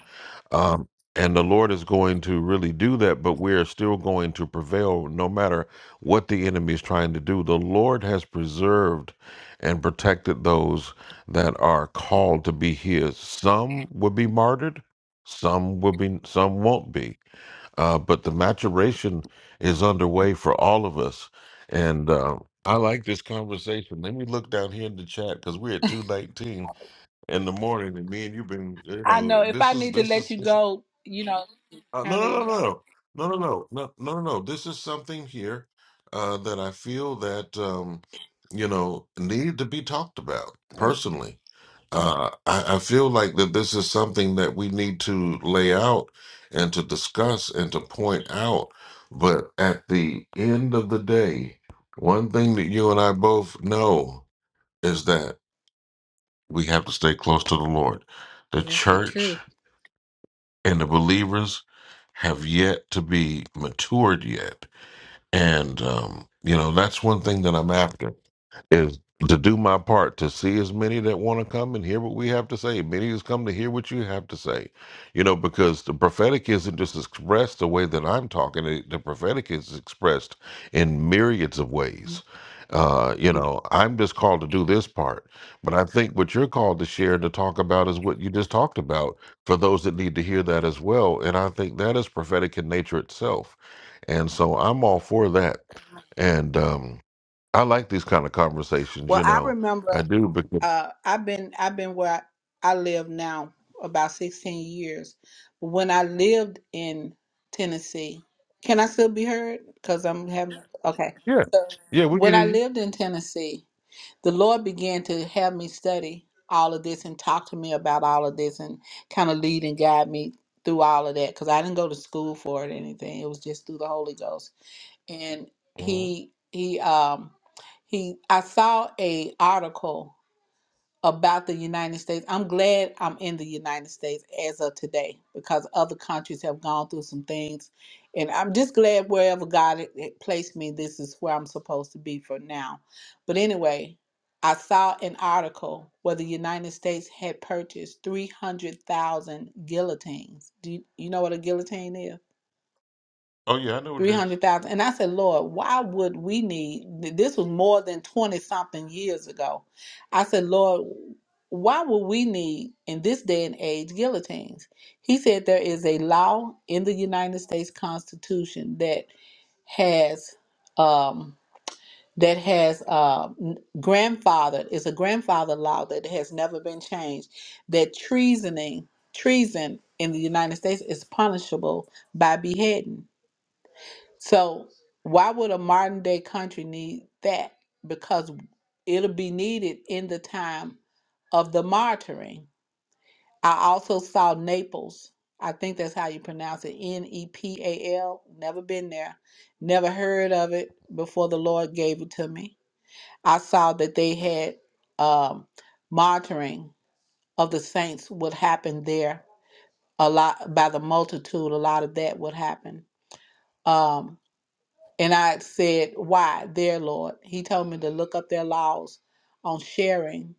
[SPEAKER 1] Um, and the Lord is going to really do that, but we are still going to prevail no matter what the enemy is trying to do. The Lord has preserved and protected those that are called to be his. Some will be martyred, some will be some won't be uh, but the maturation is underway for all of us. And uh, I like this conversation. Let me look down here in the chat because we're at two nineteen in the morning, and me and you've been, you
[SPEAKER 17] I know
[SPEAKER 1] know,
[SPEAKER 17] if
[SPEAKER 1] this
[SPEAKER 17] I
[SPEAKER 1] is
[SPEAKER 17] need to
[SPEAKER 1] this
[SPEAKER 17] let
[SPEAKER 1] is
[SPEAKER 17] you
[SPEAKER 1] this,
[SPEAKER 17] go, you know,
[SPEAKER 1] uh, no,
[SPEAKER 17] handle your
[SPEAKER 1] no,
[SPEAKER 17] wrong.
[SPEAKER 1] no, no, no, no, no, no, no, no, no. no. This is something here uh, that I feel that um, you know need to be talked about
[SPEAKER 17] It's
[SPEAKER 1] personally uh, I, I feel like that this is something that we need to lay out and to discuss and to point out. But at the end of the day, one thing that you and I both know is that we have to stay close to the Lord. The
[SPEAKER 17] that's the
[SPEAKER 1] church
[SPEAKER 17] truth.
[SPEAKER 1] and the believers have yet to be matured yet. And, um, you know, that's one thing that I'm after is to do my part to see as many that want to come and hear what we have to say. Many has come to hear what you have to say, you know, because the prophetic isn't just expressed the way that I'm talking. It, the prophetic is expressed in myriads of ways. Uh, you know, I'm just called to do this part, but I think what you're called to share and to talk about is what you just talked about for those that need to hear that as well. And I think that is prophetic in nature itself. And so I'm all for that. And, um, I like these kind of conversations,
[SPEAKER 17] Well,
[SPEAKER 1] you
[SPEAKER 17] I
[SPEAKER 1] know.
[SPEAKER 17] remember.
[SPEAKER 1] I do because
[SPEAKER 17] uh, I've been I've been where I, I live now about 16 years. But when I lived in Tennessee, can I still be heard? Because I'm having okay.
[SPEAKER 1] yeah,
[SPEAKER 17] So
[SPEAKER 1] yeah, we can
[SPEAKER 17] when
[SPEAKER 1] hear
[SPEAKER 17] I
[SPEAKER 1] you.
[SPEAKER 17] lived in Tennessee, the Lord began to have me study all of this and talk to me about all of this and kind of lead and guide me through all of that because I didn't go to school for it or anything. It was just through the Holy Ghost. And
[SPEAKER 1] Mhm.
[SPEAKER 17] he he um he I saw a article about the United States. I'm glad I'm in the United States as of today because other countries have gone through some things. And I'm just glad wherever God had- had placed me, this is where I'm supposed to be for now. But anyway, I saw an article where the United States had purchased 300,000 guillotines. Do you, you know what a guillotine is?
[SPEAKER 1] Oh yeah, I know what it is.
[SPEAKER 17] 300,000. And I said, Lord, why would we need this? Was more than 20 something years ago. I said, Lord, why would we need in this day and age guillotines? He said, There is a law in the United States Constitution that has. Um, that has uh, n- grandfathered It's a grandfather law that has never been changed. That treasoning, treason in the United States is punishable by beheading so why would a modern day country need that? Because it'll be needed in the time of the martyring. I also saw Naples. I think that's how you pronounce it. N E P A L. Never been there. Never heard of it before the Lord gave it to me. I saw that they had um, martyring of the saints would happen there a lot by the multitude. A lot of that would happen. Um, And I said, Why, their Lord? He told me to look up their laws on sharing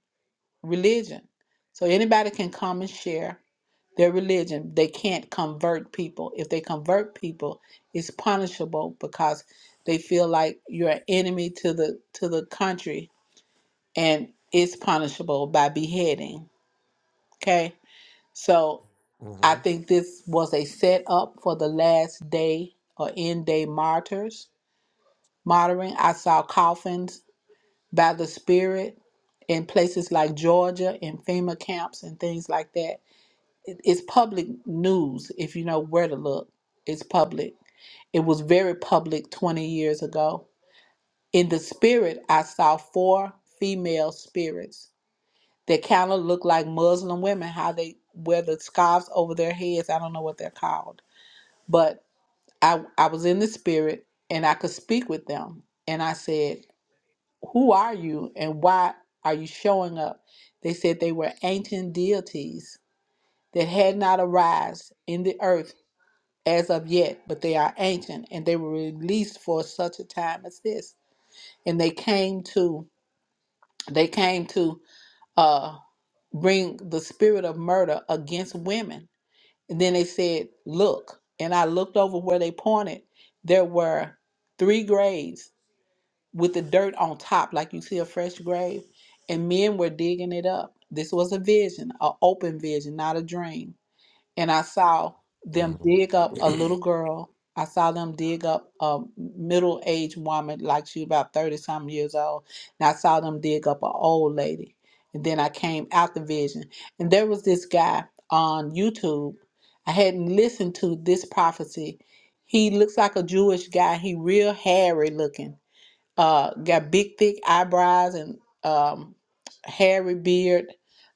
[SPEAKER 17] religion. So anybody can come and share their religion. They can't convert people. If they convert people, it's punishable because they feel like you're an enemy to the to the country and it's punishable by beheading. Okay? So I
[SPEAKER 1] Mm-hmm.
[SPEAKER 17] think this was a setup for the last day or end day martyrs martyring. I saw coffins by the Spirit in places like Georgia in FEMA camps and things like that. It- It's public news if you know where to look. It's public. It was very public 20 years ago. In the spirit, I saw four female spirits that kind of look like Muslim women, how they wear the scarves over their heads. I don't know what they're called, but I, I was in the spirit and I could speak with them. And I said, Who are you and why are you showing up? They said they were ancient deities that had not arise in the earth as of yet, but they are ancient and they were released for such a time as this. And they came to they came to uh bring the spirit of murder against women. And then they said, Look, and I looked over where they pointed, there were three graves with the dirt on top, like you see a fresh grave. And men were digging it up. This was a vision, an open vision, not a dream. And I saw them dig up a
[SPEAKER 1] Mm-hmm.
[SPEAKER 17] little girl. I saw them dig up a middle aged woman, like she about 30 some years old. And I saw them dig up an old lady. And then I came out the vision. And there was this guy on YouTube. I hadn't listened to this prophecy. He looks like a Jewish guy. He real hairy looking uh got big thick eyebrows and um hairy beard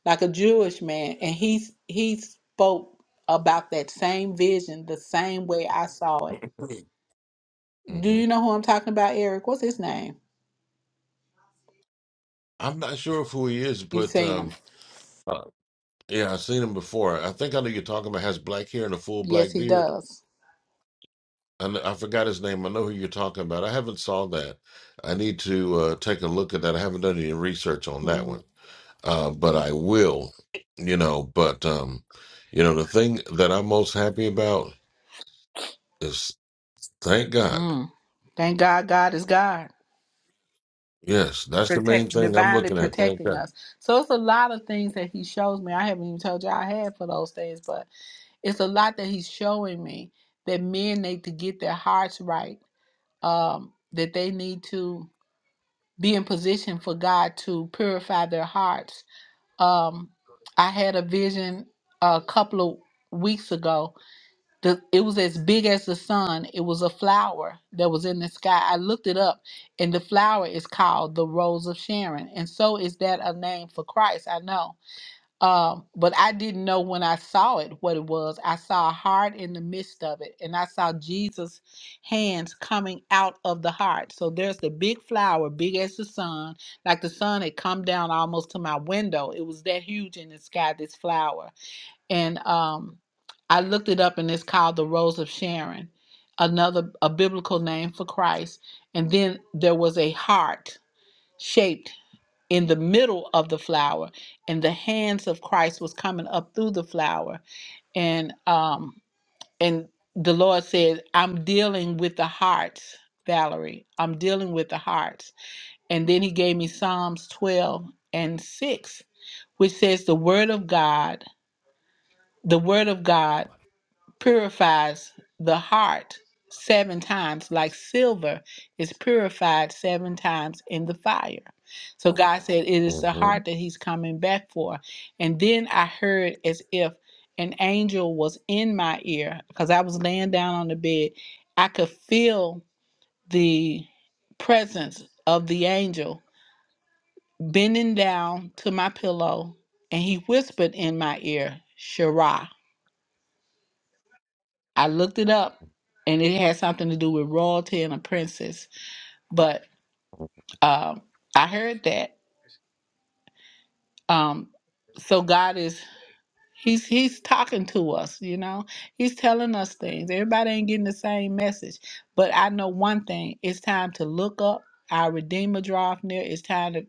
[SPEAKER 17] like a Jewish man and he he spoke about that same vision the same way I saw it. Do
[SPEAKER 1] hmm
[SPEAKER 17] you know who I'm talking about, Eric? What's his name?
[SPEAKER 1] I'm not sure of who he is,
[SPEAKER 17] You've
[SPEAKER 1] but
[SPEAKER 17] seen him.
[SPEAKER 1] um, uh, yeah, I've seen him before. I think I know you're talking about. Has black hair and a full
[SPEAKER 17] Yes,
[SPEAKER 1] black
[SPEAKER 17] he
[SPEAKER 1] beard.
[SPEAKER 17] does.
[SPEAKER 1] I, kn- I forgot his name. I know who you're talking about. I haven't saw that. I need to uh, take a look at that. I haven't done any research on that
[SPEAKER 17] Mhm.
[SPEAKER 1] one, uh, but I will. You know, but um, you know, the thing that I'm most happy about. is. Thank God.
[SPEAKER 17] Mm. Thank God God is God.
[SPEAKER 1] Yes, that's the main
[SPEAKER 17] Protect
[SPEAKER 1] thing I'm
[SPEAKER 17] divinely
[SPEAKER 1] looking at. Thank
[SPEAKER 17] protecting
[SPEAKER 1] God.
[SPEAKER 17] us. So it's a lot of things that he shows me. I haven't even told you I had for those things, but it's a lot that he's showing me that men need to get their hearts right um that they need to be in position for god to purify their hearts um i had a vision a couple of weeks ago the, it was as big as the sun it was a flower that was in the sky i looked it up and the flower is called the rose of sharon and so is that a name for christ i know um, but I didn't know when I saw it what it was. I saw a heart in the midst of it, and I saw Jesus' hands coming out of the heart. So there's the big flower, big as the sun, like the sun had come down almost to my window. It was that huge in the sky, this flower. And um, I looked it up, and it's called the Rose of Sharon, another a biblical name for Christ. And then there was a heart shaped in the middle of the flower and the hands of christ was coming up through the flower and um and the lord said i'm dealing with the hearts valerie i'm dealing with the hearts and then he gave me psalms 12 and 6 which says the word of god the word of god purifies the heart seven times, like silver is purified seven times in the fire. So God said, It is the
[SPEAKER 1] hmm
[SPEAKER 17] heart that He's coming back for. And then I heard as if an angel was in my ear because I was laying down on the bed. I could feel the presence of the angel bending down to my pillow, and he whispered in my ear, Shirah. I looked it up and it had something to do with royalty and a princess. But um, I heard that. Um, so God is he's he's talking to us, you know. He's telling us things. Everybody ain't getting the same message. But I know one thing, it's time to look up. Our Redeemer draweth near. It's time to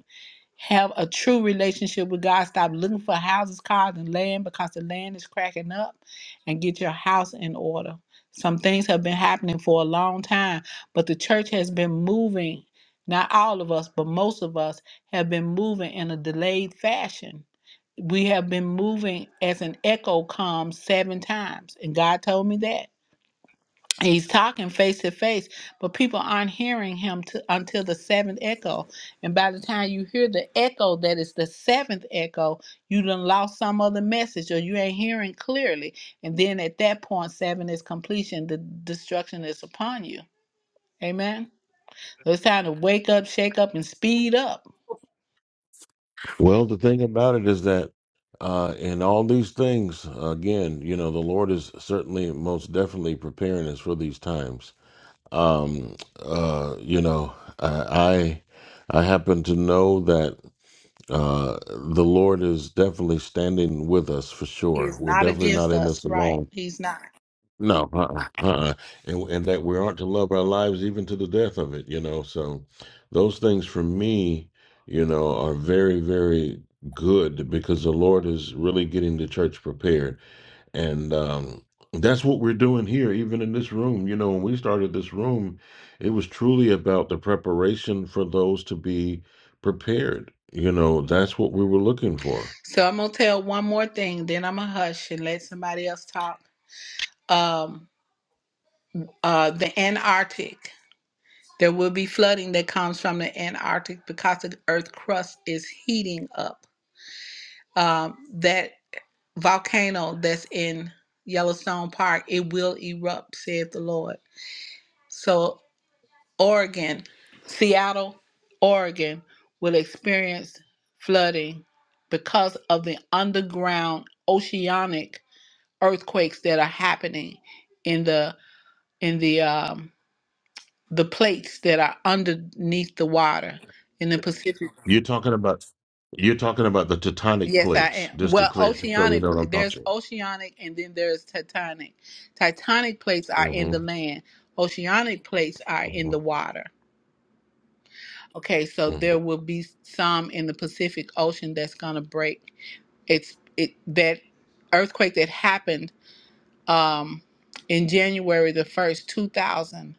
[SPEAKER 17] have a true relationship with God. Stop looking for houses, cars, and land because the land is cracking up and get your house in order. Some things have been happening for a long time, but the church has been moving. Not all of us, but most of us have been moving in a delayed fashion. We have been moving as an echo comes seven times, and God told me that. He's talking face to face, but people aren't hearing him to, until the seventh echo. And by the time you hear the echo that is the seventh echo, you done lost some other message or you ain't hearing clearly. And then at that point, seven is completion, the destruction is upon you. Amen. So it's time to wake up, shake up, and speed up.
[SPEAKER 1] Well, the thing about it is that uh, in all these things, again, you know, the Lord is certainly most definitely preparing us for these times. Um, uh, you know, I I I happen to know that uh, the Lord is definitely standing with us for
[SPEAKER 17] He
[SPEAKER 1] sure.
[SPEAKER 17] is
[SPEAKER 1] We're
[SPEAKER 17] not
[SPEAKER 1] definitely not
[SPEAKER 17] against
[SPEAKER 1] in
[SPEAKER 17] us,
[SPEAKER 1] this
[SPEAKER 17] right?
[SPEAKER 1] alone
[SPEAKER 17] He's not.
[SPEAKER 1] No, uh-uh, uh-uh. And, and that we aren't to love our lives even to the death of it, you know. So those things for me, you know, are very, very good because the Lord is really getting the church prepared. And um, that's what we're doing here, even in this room. You know, when we started this room, it was truly about the preparation for those to be prepared. You know, that's what we were looking for
[SPEAKER 17] So I'm gonna tell one more thing, then I'm gonna hush and let somebody else talk. Um, uh, the Antarctic. There will be flooding that comes from the Antarctic because the Earth crust is heating up. Um, that volcano that's in Yellowstone Park, it will erupt, saith the Lord. So, Oregon, Seattle, Oregon will experience flooding because of the underground oceanic earthquakes that are happening in the in the um, the plates that are underneath the water in the Pacific.
[SPEAKER 1] You're talking about you're talking about the tectonic
[SPEAKER 17] Yes, I
[SPEAKER 1] plates,
[SPEAKER 17] am.
[SPEAKER 1] just to
[SPEAKER 17] Well,
[SPEAKER 1] clear, so you
[SPEAKER 17] oceanic,
[SPEAKER 1] know
[SPEAKER 17] pl-
[SPEAKER 1] what I'm
[SPEAKER 17] there's
[SPEAKER 1] talking.
[SPEAKER 17] oceanic and then there's tectonic. Tectonic plates are in the
[SPEAKER 1] Mm-hmm,
[SPEAKER 17] land, oceanic plates are in
[SPEAKER 1] hmm
[SPEAKER 17] the water. Okay, so
[SPEAKER 1] hmm
[SPEAKER 17] there will be some in the Pacific Ocean that's going to break. It's it that earthquake that happened um in January the 1st, 2000.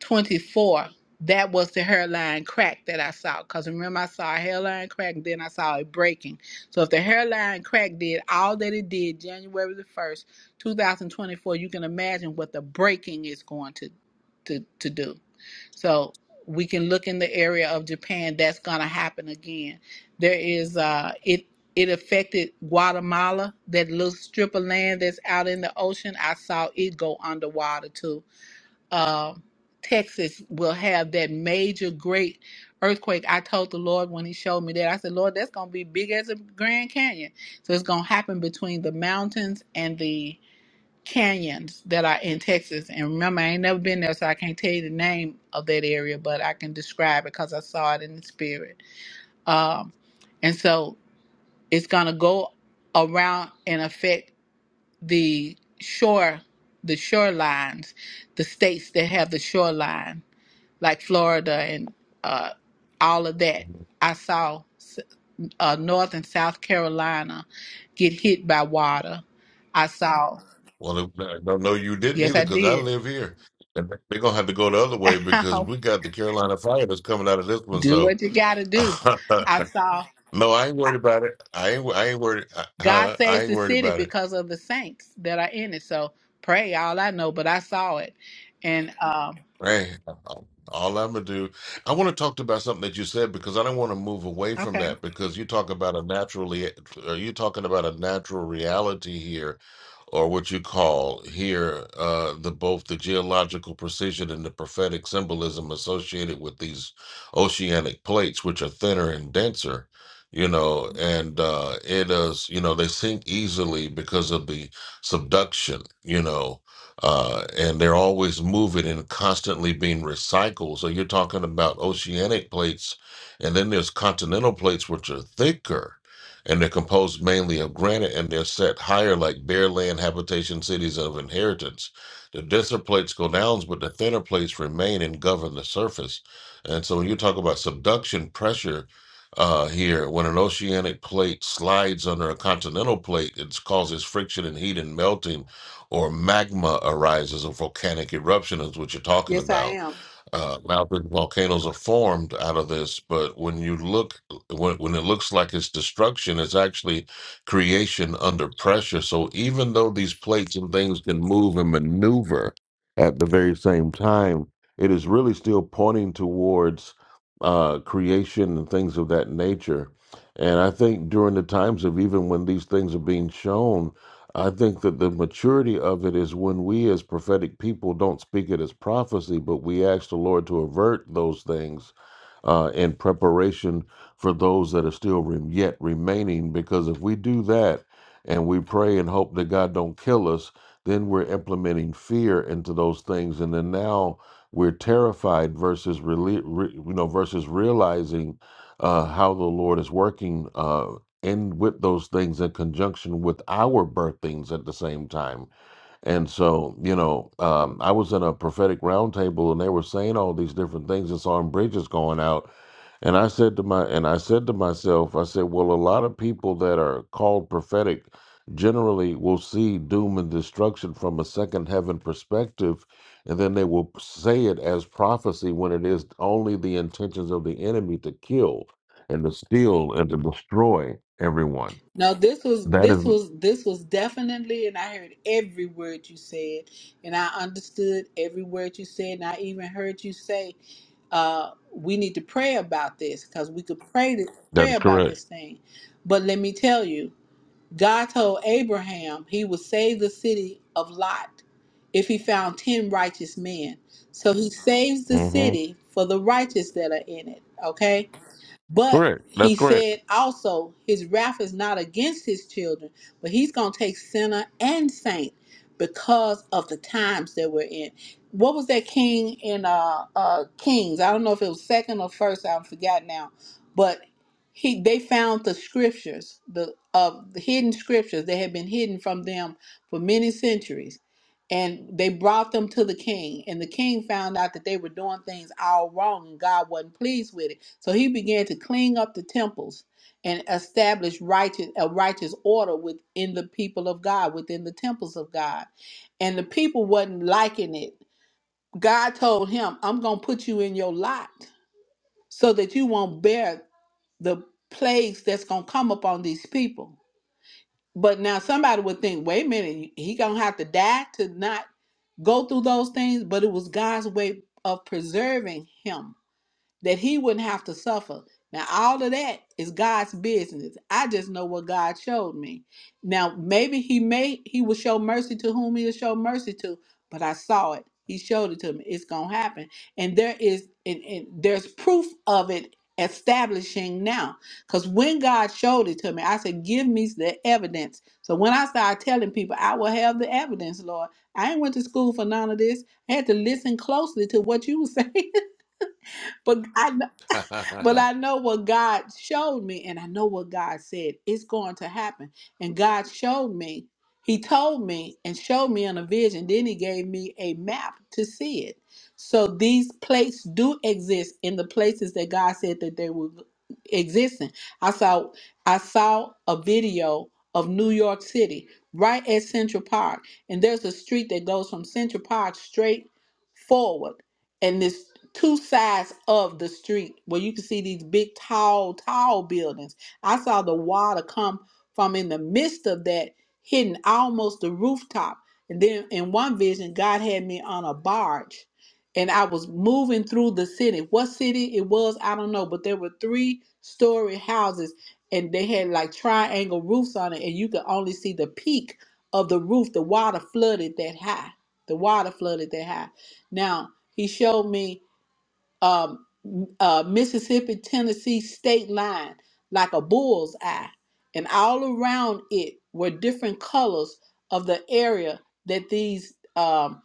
[SPEAKER 17] 24, that was the hairline crack that I saw. Because remember, I saw a hairline crack and then I saw it breaking. So if the hairline crack did all that it did January the 1st, 2024, you can imagine what the breaking is going to, to, to do. So we can look in the area of Japan. That's going to happen again. There is, uh, it, it affected Guatemala, that little strip of land that's out in the ocean. I saw it go underwater too uh, Texas will have that major great earthquake. I told the Lord when He showed me that, I said, Lord, that's going to be big as a Grand Canyon. So it's going to happen between the mountains and the canyons that are in Texas. And remember, I ain't never been there, so I can't tell you the name of that area, but I can describe it because I saw it in the spirit. Um, and so it's going to go around and affect the shore, the shorelines, the states that have the shoreline like Florida and uh, all of that.
[SPEAKER 1] hmm
[SPEAKER 17] I saw uh, North and South Carolina get hit by water. I saw,
[SPEAKER 1] Well, if- I don't know you didn't
[SPEAKER 17] yes,
[SPEAKER 1] either
[SPEAKER 17] I
[SPEAKER 1] because I
[SPEAKER 17] did.
[SPEAKER 1] live here. And they're going to have to go the other way because we got the Carolina Fire that's coming out of this one.
[SPEAKER 17] do
[SPEAKER 1] So,
[SPEAKER 17] what you got to do. I saw
[SPEAKER 1] no, I ain't worried about it. I ain't, I ain't worried. Uh,
[SPEAKER 17] God
[SPEAKER 1] huh, I
[SPEAKER 17] saves
[SPEAKER 1] ain't
[SPEAKER 17] the
[SPEAKER 1] worried
[SPEAKER 17] city
[SPEAKER 1] about it.
[SPEAKER 17] because of the saints that are in it. So pray all I know, but I saw it. And, um,
[SPEAKER 1] Right. All I'm gonna do, I want to talk to about something that you said because I don't want to move away from
[SPEAKER 17] okay.
[SPEAKER 1] that because you talk about a naturally, are you talking about a natural reality here, or what you call here uh, the both the geological precision and the prophetic symbolism associated with these oceanic plates, which are thinner and denser, you know, and uh, it is, you know, they sink easily because of the subduction, you know uh, and they're always moving and constantly being recycled. So you're talking about oceanic plates, and then there's continental plates, which are thicker, and they're composed mainly of granite, and they're set higher like bare land habitation cities of inheritance. The denser plates go down, but the thinner plates remain and govern the surface. And so when you talk about subduction pressure uh, here, when an oceanic plate slides under a continental plate, it causes friction and heat and melting or magma arises, a volcanic eruption is what you're talking
[SPEAKER 17] Yes, I
[SPEAKER 1] about.
[SPEAKER 17] am.
[SPEAKER 1] Uh, mountain volcanoes are formed out of this, but when you look, when, when it looks like it's destruction, it's actually creation under pressure. So even though these plates and things can move and maneuver at the very same time, it is really still pointing towards uh, creation and things of that nature. And I think during the times of even when these things are being shown, I think that the maturity of it is when we, as prophetic people, don't speak it as prophecy, but we ask the Lord to avert those things uh, in preparation for those that are still rem yet remaining. Because if we do that and we pray and hope that God don't kill us, then we're implementing fear into those things, and then now we're terrified versus rele- re- you know versus realizing uh, how the Lord is working. uh, and with those things in conjunction with our birthings at the same time. And so, you know, um, I was in a prophetic roundtable and they were saying all these different things and saw bridges going out and I said to my and I said to myself, I said, well, a lot of people that are called prophetic generally will see doom and destruction from a second heaven perspective, and then they will say it as prophecy when it is only the intentions of the enemy to kill and to steal and to destroy everyone.
[SPEAKER 17] No, this was
[SPEAKER 1] That is
[SPEAKER 17] this was this was definitely, and I heard every word you said, and I understood every word you said, and I even heard you say, uh, "We need to pray about this because we could pray to,
[SPEAKER 1] that
[SPEAKER 17] pray
[SPEAKER 1] is
[SPEAKER 17] about
[SPEAKER 1] correct.
[SPEAKER 17] this thing." But let me tell you, God told Abraham he would save the city of Lot if he found ten righteous men. So he saves the
[SPEAKER 1] hmm
[SPEAKER 17] city for the righteous that are in it. Okay, but
[SPEAKER 1] Correct. That's
[SPEAKER 17] he
[SPEAKER 1] correct.
[SPEAKER 17] said also, his wrath is not against his children, but he's going to take sinner and saint because of the times that we're in. What was that king in uh, uh, Kings? I don't know if it was second or first. I forgot now, but he they found the scriptures, the of the hidden scriptures that had been hidden from them for many centuries, and they brought them to the king. And the king found out that they were doing things all wrong, and God wasn't pleased with it so he began to clean up the temples and establish righteous a righteous order within the people of God, within the temples of God. And the people wasn't liking it. God told him, I'm gonna put you in your lot so that you won't bear the plagues that's gonna come upon these people. But now somebody would think, wait a minute, he gonna have to die to not go through those things, but it was God's way of preserving him that he wouldn't have to suffer. Now, all of that is God's business. I just know what God showed me. Now, maybe he may he will show mercy to whom he'll show mercy to, but I saw it. He showed it to me. It's gonna happen. And there is and, and there's proof of it establishing now. Because when God showed it to me, I said, Give me the evidence. So when I started telling people, I will have the evidence, Lord. I ain't went to school for none of this. I had to listen closely to what you were saying. But I know but I know what God showed me, and I know what God said. It's going to happen. And God showed me, He told me and showed me in a vision. Then He gave me a map to see it. So these plates do exist in the places that God said that they were existing. I saw I saw a video of New York City right at Central Park. And there's a street that goes from Central Park straight forward and this two sides of the street where you can see these big tall tall buildings i saw the water come from in the midst of that hitting almost the rooftop and then in one vision god had me on a barge and i was moving through the city what city it was i don't know but there were three story houses and they had like triangle roofs on it and you could only see the peak of the roof the water flooded that high the water flooded that high now he showed me um, uh, Mississippi Tennessee state line like a bull's eye, and all around it were different colors of the area that these um,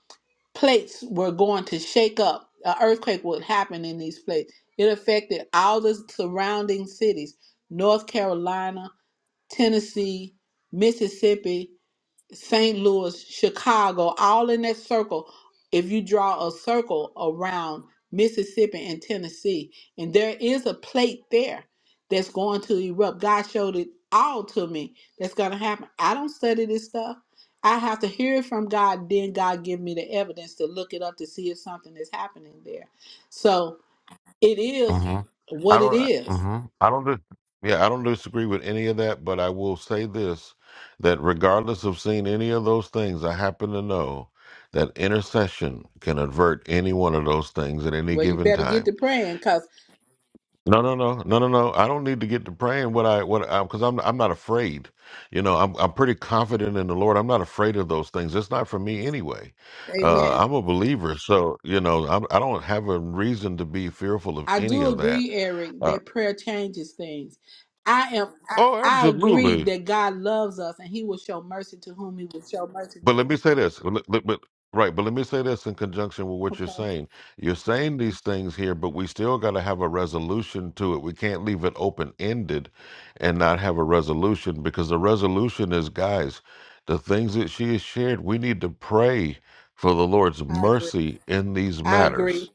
[SPEAKER 17] plates were going to shake up. An earthquake would happen in these plates. It affected all the surrounding cities: North Carolina, Tennessee, Mississippi, St. Louis, Chicago, all in that circle. If you draw a circle around Mississippi and Tennessee, and there is a plate there that's going to erupt. God showed it all to me that's going to happen. I don't study this stuff. I have to hear it from God, then God give me the evidence to look it up to see if something is happening there. So it is
[SPEAKER 1] hmm I
[SPEAKER 17] what it
[SPEAKER 1] don't.
[SPEAKER 17] is.
[SPEAKER 1] hmm I don't. Dis- yeah, I don't disagree with any of that, but I will say this: that regardless of seeing any of those things, I happen to know that intercession can avert any one of those things at any
[SPEAKER 17] Well, you
[SPEAKER 1] given
[SPEAKER 17] better get
[SPEAKER 1] time.
[SPEAKER 17] to praying because,
[SPEAKER 1] No, no, no, no, no, no. I don't need to get to praying what I what I because I'm I'm not afraid. You know, I'm I'm pretty confident in the Lord. I'm not afraid of those things. It's not for me anyway. Uh,
[SPEAKER 17] amen.
[SPEAKER 1] I'm a believer, so you know, I'm, I don't have a reason to be fearful of
[SPEAKER 17] I
[SPEAKER 1] any
[SPEAKER 17] do
[SPEAKER 1] of that.
[SPEAKER 17] agree, Eric,
[SPEAKER 1] uh,
[SPEAKER 17] that prayer changes things. I am I,
[SPEAKER 1] Oh,
[SPEAKER 17] I agree
[SPEAKER 1] absolutely.
[SPEAKER 17] that God loves us and he will show mercy to whom he will show mercy
[SPEAKER 1] But let
[SPEAKER 17] to.
[SPEAKER 1] me say this. Let- let- But, right, but let me say this in conjunction with what you're
[SPEAKER 17] Okay.
[SPEAKER 1] saying. You're saying these things here, but we still got to have a resolution to it. We can't leave it open ended and not have a resolution because the resolution is, guys, the things that she has shared, we need to pray for the Lord's
[SPEAKER 17] I agree.
[SPEAKER 1] mercy in these
[SPEAKER 17] I agree.
[SPEAKER 1] matters.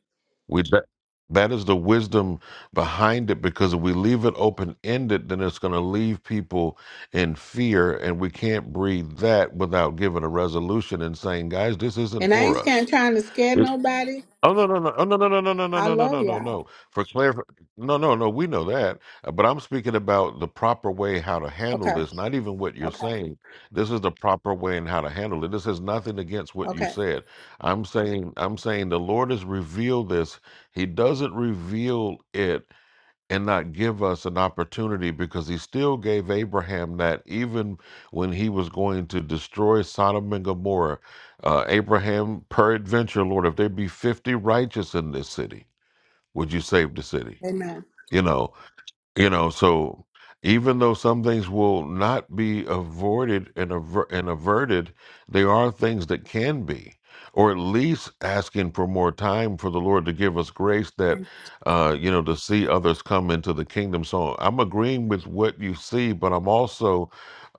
[SPEAKER 1] We that, that is the wisdom behind it because if we leave it open ended, then it's going to leave people in fear, and we can't breed that without giving a resolution and saying, "Guys, this isn't
[SPEAKER 17] And I
[SPEAKER 1] for
[SPEAKER 17] ain't scared
[SPEAKER 1] us."
[SPEAKER 17] trying to scare nobody.
[SPEAKER 1] Oh no no no oh, no no no no no no
[SPEAKER 17] I
[SPEAKER 1] no no
[SPEAKER 17] love
[SPEAKER 1] no no
[SPEAKER 17] y'all.
[SPEAKER 1] no for clar no no no we know that Uh, but I'm speaking about the proper way how to handle
[SPEAKER 17] Okay.
[SPEAKER 1] this not even what you're
[SPEAKER 17] Okay.
[SPEAKER 1] saying this is the proper way and how to handle it this is nothing against what you
[SPEAKER 17] Okay.
[SPEAKER 1] said I'm saying I'm saying the Lord has revealed this he doesn't reveal it and not give us an opportunity because he still gave Abraham that even when he was going to destroy Sodom and Gomorrah, uh, Abraham, peradventure, Lord, if there be 50 righteous in this city, would you save the city?
[SPEAKER 17] Amen.
[SPEAKER 1] You know, you know, so even though some things will not be avoided and, aver- and averted, there are things that can be, or at least asking for more time for the Lord to give us grace that, uh, you know, to see others come into the kingdom. So I'm agreeing with what you see, but I'm also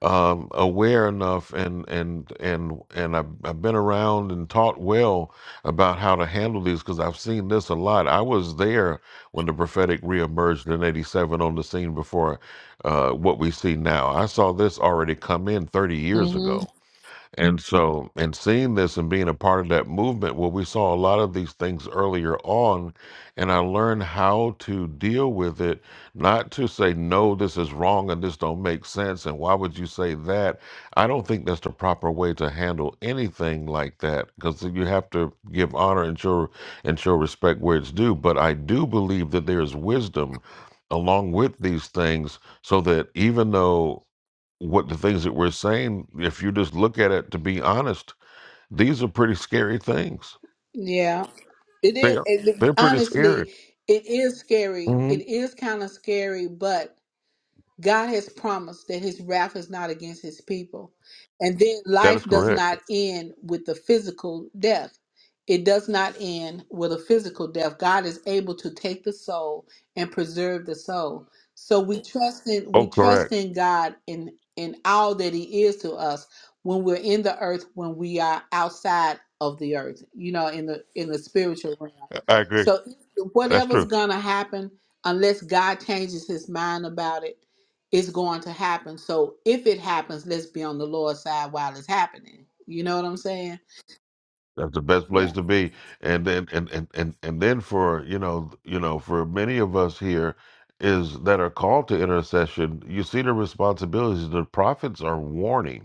[SPEAKER 1] um, aware enough and and and and I've, I've been around and taught well about how to handle these because I've seen this a lot. I was there when the prophetic reemerged in '87 on the scene before uh, what we see now. I saw this already come in 30 years
[SPEAKER 17] hmm
[SPEAKER 1] ago and so, and seeing this and being a part of that movement, well, we saw a lot of these things earlier on, and I learned how to deal with it, not to say, no, this is wrong and this don't make sense, and why would you say that? I don't think that's the proper way to handle anything like that, because you have to give honor and show and show respect where it's due. But I do believe that there is wisdom along with these things so that even though what the things that we're saying, if you just look at it to be honest, these are pretty scary things.
[SPEAKER 17] Yeah. It
[SPEAKER 1] They
[SPEAKER 17] is
[SPEAKER 1] are.
[SPEAKER 17] it,
[SPEAKER 1] They're pretty scary.
[SPEAKER 17] honestly, it is scary. It
[SPEAKER 1] Mhm.
[SPEAKER 17] is kind of scary, but God has promised that his wrath is not against his people. And then
[SPEAKER 1] That
[SPEAKER 17] life
[SPEAKER 1] is
[SPEAKER 17] does
[SPEAKER 1] correct.
[SPEAKER 17] not end with the physical death. It does not end with a physical death. God is able to take the soul and preserve the soul. So we trust in
[SPEAKER 1] Oh,
[SPEAKER 17] we trust
[SPEAKER 1] correct.
[SPEAKER 17] in God in in all that he is to us when we're in the earth when we are outside of the earth, you know, in the in the spiritual realm.
[SPEAKER 1] I I agree.
[SPEAKER 17] So
[SPEAKER 1] That's
[SPEAKER 17] whatever's
[SPEAKER 1] true.
[SPEAKER 17] going to happen unless God changes his mind about it it's going to happen. So if it happens, let's be on the Lord's side while it's happening. You know what I'm saying?
[SPEAKER 1] That's the best place
[SPEAKER 17] Yeah.
[SPEAKER 1] to be. And then and, and, and, and then for you know you know for many of us here is that are called to intercession, you see the responsibilities. The prophets are warning.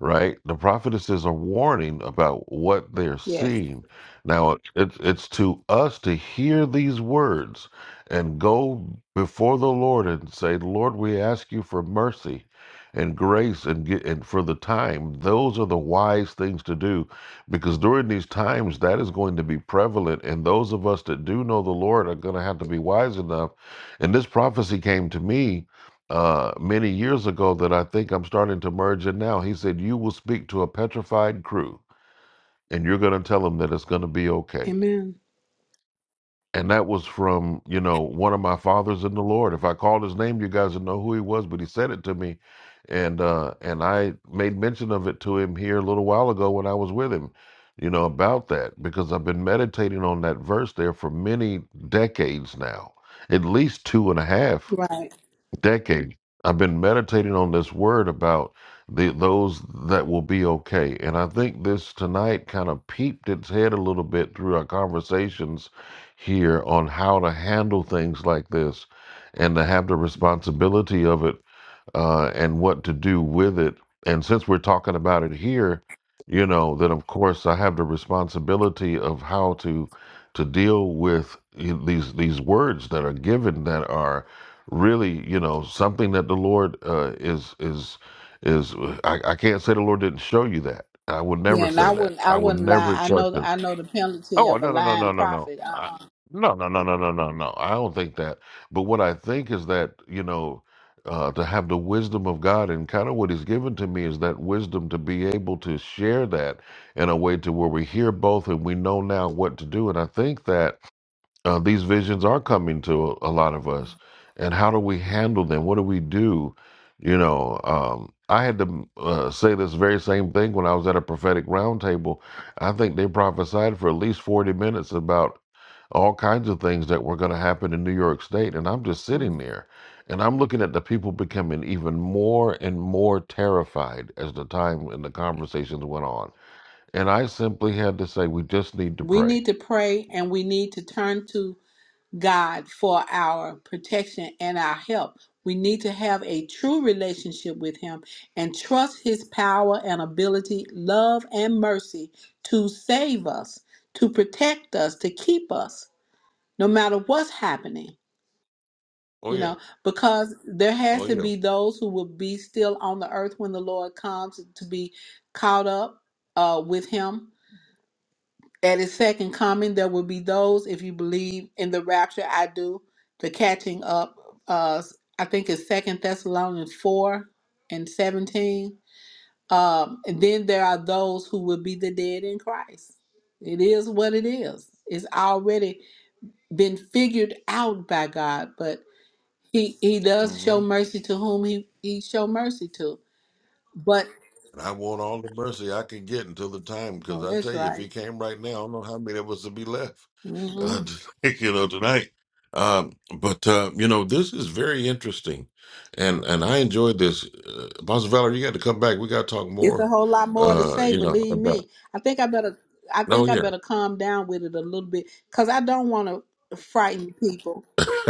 [SPEAKER 1] right? The prophetesses are warning about what they're
[SPEAKER 17] Yes.
[SPEAKER 1] seeing. Now, it's it's to us to hear these words and go before the Lord and say, Lord, we ask you for mercy and grace and get and for the time. Those are the wise things to do because during these times that is going to be prevalent and those of us that do know the Lord are going to have to be wise enough. And this prophecy came to me uh, many years ago that I think I'm starting to merge in now. He said, You will speak to a petrified crew and you're going to tell them that it's going to be okay.
[SPEAKER 17] Amen.
[SPEAKER 1] And that was from, you know, one of my fathers in the Lord. If I called his name, you guys would know who he was, but he said it to me. And uh, and I made mention of it to him here a little while ago when I was with him, you know, about that, because I've been meditating on that verse there for many decades now, at least two and a half
[SPEAKER 17] Right.
[SPEAKER 1] decade i've been meditating on this word about the those that will be okay and i think this tonight kind of peeped its head a little bit through our conversations here on how to handle things like this and to have the responsibility of it uh, and what to do with it. And since we're talking about it here, you know, then of course I have the responsibility of how to to deal with you know, these these words that are given that are really, you know, something that the Lord uh, is is is. I, I can't say the Lord didn't show you that. I would never
[SPEAKER 17] Yeah, and
[SPEAKER 1] say
[SPEAKER 17] I
[SPEAKER 1] that.
[SPEAKER 17] wouldn't I
[SPEAKER 1] I would
[SPEAKER 17] wouldn't lie.
[SPEAKER 1] never
[SPEAKER 17] I
[SPEAKER 1] touch
[SPEAKER 17] know
[SPEAKER 1] it.
[SPEAKER 17] I know the penalty
[SPEAKER 1] Oh
[SPEAKER 17] of a
[SPEAKER 1] no no no no
[SPEAKER 17] lying
[SPEAKER 1] no no.
[SPEAKER 17] prophet.
[SPEAKER 1] I,
[SPEAKER 17] Uh-uh.
[SPEAKER 1] no no no no no no no. I don't think that. But what I think is that you know uh, to have the wisdom of God and kind of what He's given to me is that wisdom to be able to share that in a way to where we hear both and we know now what to do. And I think that uh, these visions are coming to a lot of us, and how do we handle them? What do we do? You know, um, I had to uh, say this very same thing when I was at a prophetic roundtable. I think they prophesied for at least forty minutes about all kinds of things that were going to happen in New York State, and I'm just sitting
[SPEAKER 17] Mhm.
[SPEAKER 1] there, and I'm looking at the people becoming even more and more terrified as the time and the conversations went on. And I simply had to say, we just need to
[SPEAKER 17] We
[SPEAKER 1] pray.
[SPEAKER 17] need to pray and we need to turn to God for our protection and our help. We need to have a true relationship with Him and trust His power and ability, love and mercy to save us, to protect us, to keep us, no matter what's happening.
[SPEAKER 1] Oh
[SPEAKER 17] You
[SPEAKER 1] yeah.
[SPEAKER 17] know, because there
[SPEAKER 1] Oh
[SPEAKER 17] has to be those who will be still on the earth when the Lord comes to be caught up uh, with Him at his second coming, there will be those, if you believe in the rapture, I do, the catching up. Uh, I think it's Second Thessalonians 4 and 17. Um, and then there are those who will be the dead in Christ. It is what it is. It's already been figured out by God, but He He does
[SPEAKER 1] yeah.
[SPEAKER 17] show mercy to whom He He show mercy to. But
[SPEAKER 1] And I want all the mercy I can get until the time, because
[SPEAKER 17] no,
[SPEAKER 1] I tell
[SPEAKER 17] that's
[SPEAKER 1] you, if he
[SPEAKER 17] right.
[SPEAKER 1] came right now, I don't know how many of us would be left,
[SPEAKER 17] Mm-hmm.
[SPEAKER 1] uh, you know, tonight. Um, but uh, you know, this is very interesting, and and I enjoyed this. Uh, Apostle Valerie, you got to come back. We got to talk
[SPEAKER 17] It's a
[SPEAKER 1] more.
[SPEAKER 17] whole lot more to
[SPEAKER 1] Uh,
[SPEAKER 17] say,
[SPEAKER 1] you know
[SPEAKER 17] believe
[SPEAKER 1] about.
[SPEAKER 17] me. I think I better I
[SPEAKER 1] No,
[SPEAKER 17] think I
[SPEAKER 1] yeah.
[SPEAKER 17] better calm down with it a little bit cuz I don't want to frighten people.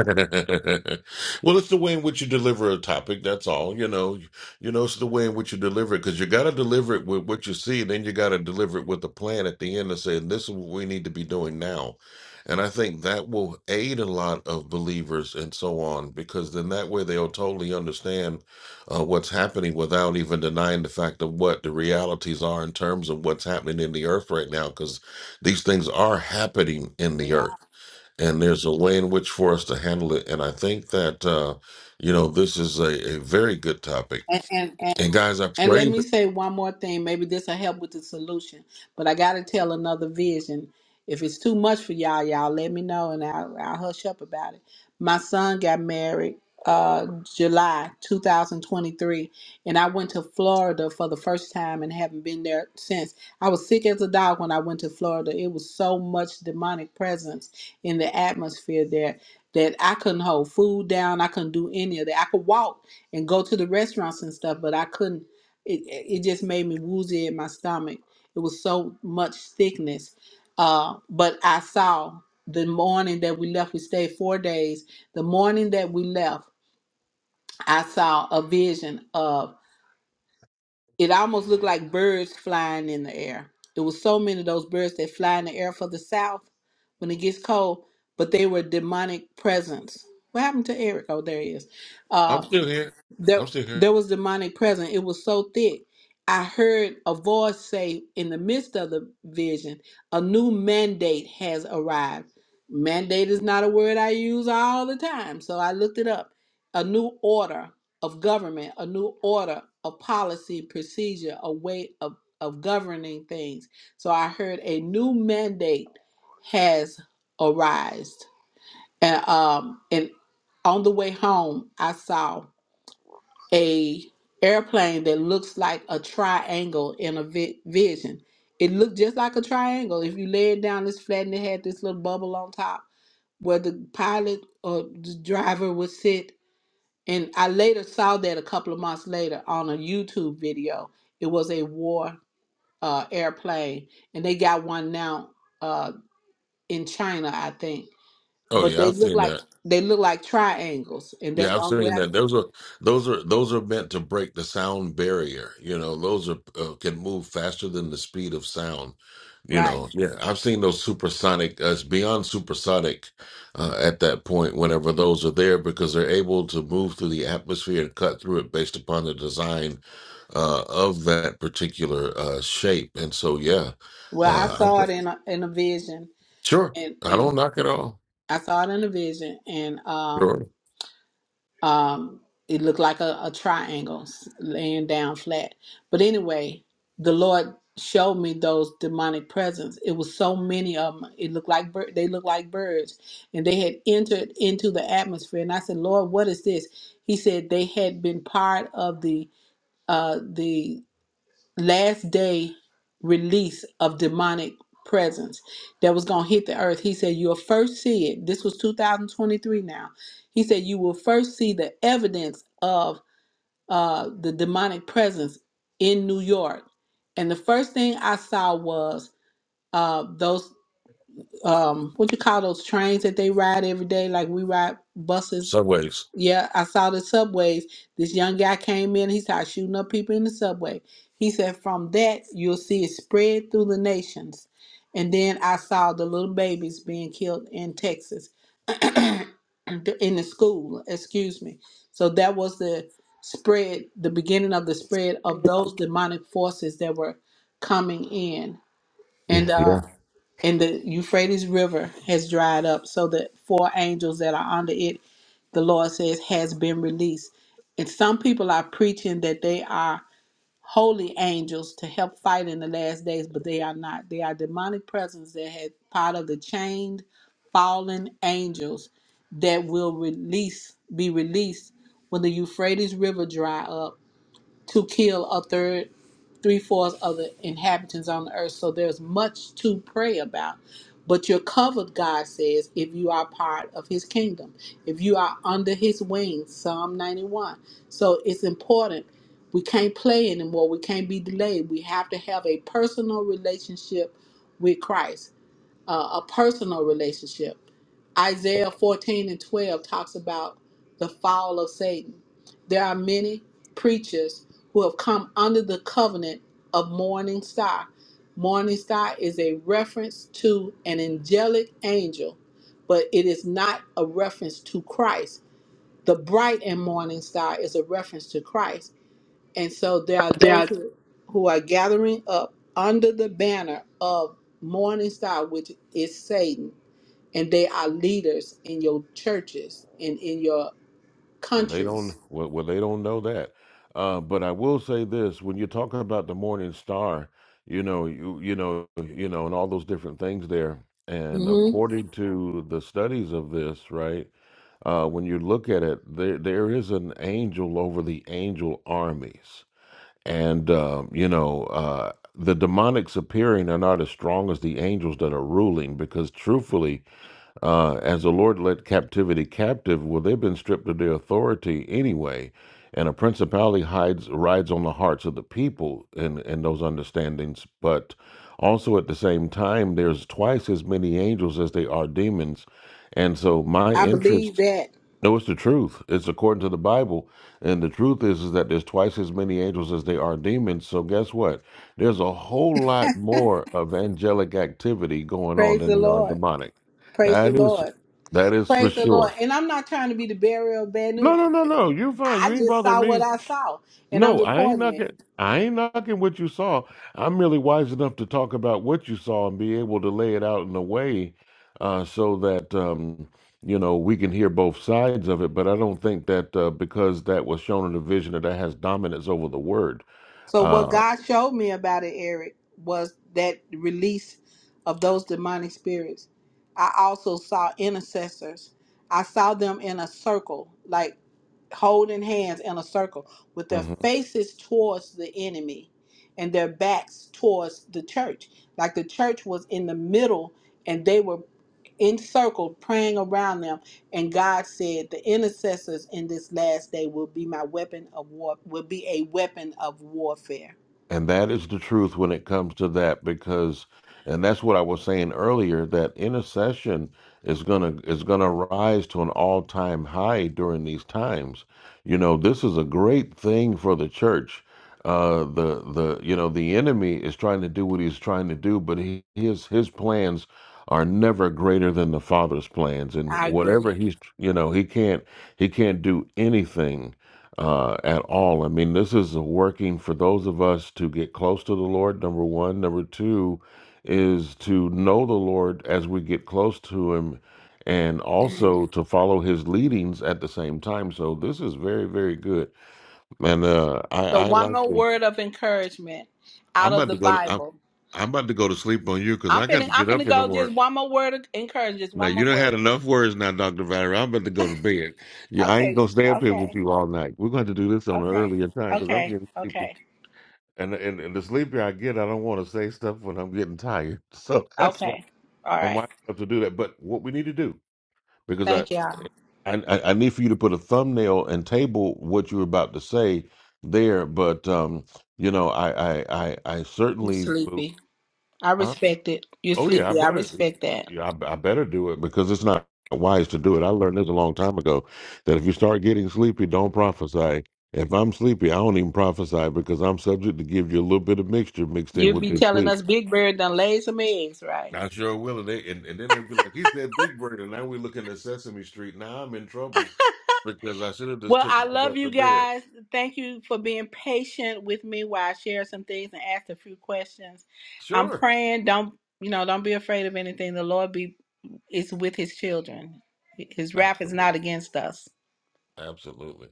[SPEAKER 1] well, it's the way in which you deliver a topic. That's all. You know, you, you know, it's the way in which you deliver it because you got to deliver it with what you see, then you got to deliver it with a plan at the end of saying, "This is what we need to be doing now." And I think that will aid a lot of believers and so on because then that way they'll totally understand uh, what's happening without even denying the fact of what the realities are in terms of what's happening in the earth right now because these things are happening in the
[SPEAKER 17] Yeah.
[SPEAKER 1] earth and there's a way in which for us to handle it. And I think that uh, you know this is a, a very good topic.
[SPEAKER 17] And, and and
[SPEAKER 1] And guys, I
[SPEAKER 17] And let
[SPEAKER 1] pray
[SPEAKER 17] me
[SPEAKER 1] that
[SPEAKER 17] say one more thing. Maybe this will help with the solution. But I got to tell another vision. If it's too much for y'all, y'all let me know and I'll, I'll hush up about it. My son got married uh, July 2023, and I went to Florida for the first time and haven't been there since. I was sick as a dog when I went to Florida. It was so much demonic presence in the atmosphere there that I couldn't hold food down. I couldn't do any of that. I could walk and go to the restaurants and stuff, but I couldn't it it just made me woozy in my stomach. It was so much thickness. Uh, but I saw the morning that we left. We stayed four days. The morning that we left, I saw a vision of it. Almost looked like birds flying in the air. It was so many of those birds that fly in the air for the south when it gets cold. But they were demonic presence. What happened to Eric? Oh, there he is.
[SPEAKER 1] I'm
[SPEAKER 17] Uh,
[SPEAKER 1] still here.
[SPEAKER 17] there
[SPEAKER 1] I'm still here.
[SPEAKER 17] there was demonic presence. It was so thick. I heard a voice say in the midst of the vision, a new mandate has arrived. Mandate is not a word I use all the time, so I looked it up. A new order of government, a new order of policy, procedure, a way of, of governing things. So I heard a new mandate has arised. And um and on the way home, I saw a airplane that looks like a triangle in a vi- vision. It looked just like a triangle. If you lay it down, it's flat and it had this little bubble on top where the pilot or the driver would sit. And I later saw that a couple of months later on a YouTube video. It was a war uh, airplane, and they got one now uh, in China, I think.
[SPEAKER 1] Oh
[SPEAKER 17] But
[SPEAKER 1] yeah,
[SPEAKER 17] they
[SPEAKER 1] I've
[SPEAKER 17] look
[SPEAKER 1] seen
[SPEAKER 17] like
[SPEAKER 1] that.
[SPEAKER 17] they look like triangles, and that's
[SPEAKER 1] Yeah, I
[SPEAKER 17] the
[SPEAKER 1] was
[SPEAKER 17] only way
[SPEAKER 1] thinking
[SPEAKER 17] I
[SPEAKER 1] that
[SPEAKER 17] can.
[SPEAKER 1] those are those are those are meant to break the sound barrier. You know, those are uh, can move faster than the speed of sound. You
[SPEAKER 17] right.
[SPEAKER 1] know, yeah, I've seen those supersonic. Uh, it's beyond supersonic uh, at that point. Whenever those are there, because they're able to move through the atmosphere and cut through it based upon the design uh, of that particular uh, shape. And so, yeah,
[SPEAKER 17] Well, I
[SPEAKER 1] uh,
[SPEAKER 17] saw
[SPEAKER 1] I,
[SPEAKER 17] it in a, in a vision,
[SPEAKER 1] sure,
[SPEAKER 17] and
[SPEAKER 1] I
[SPEAKER 17] and
[SPEAKER 1] don't knock it all.
[SPEAKER 17] I saw it in a vision, and um
[SPEAKER 1] Sure,
[SPEAKER 17] um it looked like a, a triangle s- laying down flat. But anyway, the Lord showed me those demonic presence. It was so many of them. It looked like bir- they looked like birds, and they had entered into the atmosphere. And I said, Lord, what is this? He said they had been part of the uh the last day release of demonic presence that was going to hit the earth. He said, You'll first see it. This was 2023 now. He said, You will first see the evidence of uh, the demonic presence in New York. And the first thing I saw was uh, those, um, what you call those trains that they ride every day, like we ride buses
[SPEAKER 1] subways.
[SPEAKER 17] yeah, I saw the subways. This young guy came in, he started shooting up people in the subway. He said, From that, you'll see it spread through the nations. And then I saw the little babies being killed in Texas, in the school, excuse me. So that was the spread, the beginning of the spread of those demonic forces that were coming in.
[SPEAKER 1] Yeah,
[SPEAKER 17] And
[SPEAKER 1] yeah.
[SPEAKER 17] uh, and the Euphrates River has dried up, so the four angels that are under it, the Lord says, has been released. And some people are preaching that they are holy angels to help fight in the last days, but they are not. They are demonic presence that had part of the chained, fallen angels that will release, be released when the Euphrates River dry up to kill a third, three fourths of the inhabitants on the earth. So there's much to pray about. But you're covered, God says, if you are part of his kingdom, if you are under his wings, Psalm 91. So it's important. We can't play anymore. We can't be delayed. We have to have a personal relationship with Christ uh, a personal relationship. Isaiah 14 and 12 talks about the fall of Satan. There are many preachers who have come under the covenant of Morning Star. Morning Star is a reference to an angelic angel, but it is not a reference to Christ. The bright and morning star is a reference to Christ and so there are those
[SPEAKER 1] That
[SPEAKER 17] who, who are gathering up under the banner of Morning Star, which is Satan, and they are leaders in your churches and in your
[SPEAKER 1] Well, they don't.
[SPEAKER 17] countries.
[SPEAKER 1] Well, well they don't know that. Uh, but I will say this: when you're talking about the Morning Star, you know, you you know, you know, and all those different things there. And
[SPEAKER 17] hmm
[SPEAKER 1] according to the studies of this, right, uh, when you look at it, there there is an angel over the angel armies, and um, you know, uh, the demonics appearing are not as strong as the angels that are ruling, because truthfully uh, as the Lord led captivity captive, well, they've been stripped of their authority anyway. And a principality hides rides on the hearts of the people in, in those understandings. But also at the same time, there's twice as many angels as they are demons. And so my
[SPEAKER 17] I
[SPEAKER 1] interest
[SPEAKER 17] believe that.
[SPEAKER 1] no, it's the truth. It's according to the Bible. And the truth is, is that there's twice as many angels as there are demons. So guess what? There's a whole lot more of angelic activity going on
[SPEAKER 17] Praise
[SPEAKER 1] than
[SPEAKER 17] the
[SPEAKER 1] there are
[SPEAKER 17] Lord.
[SPEAKER 1] demonic.
[SPEAKER 17] Praise the
[SPEAKER 1] That is
[SPEAKER 17] Lord.
[SPEAKER 1] that is for
[SPEAKER 17] Praise the Lord.
[SPEAKER 1] sure.
[SPEAKER 17] And I'm not trying to be the bearer of bad
[SPEAKER 1] No,
[SPEAKER 17] news.
[SPEAKER 1] no, no, no. You're fine. You
[SPEAKER 17] I
[SPEAKER 1] ain't
[SPEAKER 17] just
[SPEAKER 1] bothering
[SPEAKER 17] saw what
[SPEAKER 1] me.
[SPEAKER 17] I saw, and I'm
[SPEAKER 1] No, I ain't
[SPEAKER 17] reporting it.
[SPEAKER 1] knocking. I ain't knocking what you saw. I'm really wise enough to talk about what you saw and be able to lay it out in a way uh, so that um, you know we can hear both sides of it. But I don't think that uh, because that was shown in the vision that that has dominance over the word.
[SPEAKER 17] So what
[SPEAKER 1] Uh,
[SPEAKER 17] God showed me about it, Eric, was that release of those demonic spirits. I also saw intercessors. I saw them in a circle, like holding hands in a circle with their
[SPEAKER 1] mm-hmm.
[SPEAKER 17] faces towards the enemy and their backs towards the church. Like the church was in the middle and they were in circle praying around them and god said the intercessors in this last day will be my weapon of war will be a weapon of warfare
[SPEAKER 1] And that is the truth when it comes to that because and that's what I was saying earlier that intercession is going to is going to rise to an all-time high during these times. You know, this is a great thing for the church. Uh the the you know, the enemy is trying to do what he's trying to do, but he, his his plans are never greater than the Father's plans and
[SPEAKER 17] i agree
[SPEAKER 1] whatever he's you know, he can't he can't do anything uh, at all. I mean, this is working for those of us to get close to the Lord, number one. Number two is to know the Lord as we get close to Him and also to follow His leadings at the same time. So this is very, very good. And uh, I,
[SPEAKER 17] so
[SPEAKER 1] I
[SPEAKER 17] one
[SPEAKER 1] like
[SPEAKER 17] more
[SPEAKER 1] to,
[SPEAKER 17] word of encouragement
[SPEAKER 1] I'm
[SPEAKER 17] out of
[SPEAKER 1] about
[SPEAKER 17] the
[SPEAKER 1] to go to, I'm,
[SPEAKER 17] bible
[SPEAKER 1] I'm about to go to sleep on you because
[SPEAKER 17] i'm
[SPEAKER 1] I got
[SPEAKER 17] finna
[SPEAKER 1] to
[SPEAKER 17] i'm
[SPEAKER 1] get up
[SPEAKER 17] finna
[SPEAKER 1] in the
[SPEAKER 17] go
[SPEAKER 1] morning.
[SPEAKER 17] just one more word of encouragement just
[SPEAKER 1] Now
[SPEAKER 17] one
[SPEAKER 1] you
[SPEAKER 17] more
[SPEAKER 1] done had
[SPEAKER 17] word
[SPEAKER 1] enough words now, Doctor Valerie. I'm about to go to bed. Yeah, I ain't
[SPEAKER 17] okay
[SPEAKER 1] gonna stay up here with
[SPEAKER 17] okay
[SPEAKER 1] you all night. We're going to do this on an
[SPEAKER 17] okay
[SPEAKER 1] earlier time because I'm
[SPEAKER 17] okay
[SPEAKER 1] getting sleepy.
[SPEAKER 17] okay
[SPEAKER 1] And and, and the sleepier I get, I don't want to say stuff when I'm getting tired. So that's why
[SPEAKER 17] okay all
[SPEAKER 1] I'm
[SPEAKER 17] right
[SPEAKER 1] winding up to do that. But what we need to do, because I
[SPEAKER 17] thank y'all
[SPEAKER 1] I, I I need for you to put a thumbnail and table what you were about to say there. But um, you know, I I I, I
[SPEAKER 17] you
[SPEAKER 1] certainly.
[SPEAKER 17] sleepy i
[SPEAKER 1] Huh?
[SPEAKER 17] respect it you're
[SPEAKER 1] Oh yeah, I
[SPEAKER 17] sleepy i
[SPEAKER 1] better.
[SPEAKER 17] respect that
[SPEAKER 1] Yeah, I, I better do it because it's not wise to do it. I learned this a long time ago that if you start getting sleepy, don't prophesy. If I'm sleepy, I don't even prophesy because I'm subject to give you a little bit of mixture mixed in
[SPEAKER 17] You
[SPEAKER 1] with
[SPEAKER 17] be
[SPEAKER 1] the
[SPEAKER 17] telling
[SPEAKER 1] sleep.
[SPEAKER 17] us Big Bird done laid some eggs, right?
[SPEAKER 1] I sure will, and, they, and and then they'll be like, "He said Big Bird," and now we're looking at Sesame Street. Now I'm in trouble because I should have just
[SPEAKER 17] Well,
[SPEAKER 1] took
[SPEAKER 17] I
[SPEAKER 1] my
[SPEAKER 17] love
[SPEAKER 1] butt
[SPEAKER 17] you
[SPEAKER 1] to bed.
[SPEAKER 17] guys. Thank you for being patient with me while I share some things and ask a few questions. I'm
[SPEAKER 1] Sure,
[SPEAKER 17] praying. Don't you know? Don't be afraid of anything. The Lord be is with His children. His wrath is
[SPEAKER 1] absolutely,
[SPEAKER 17] not against us.
[SPEAKER 1] absolutely.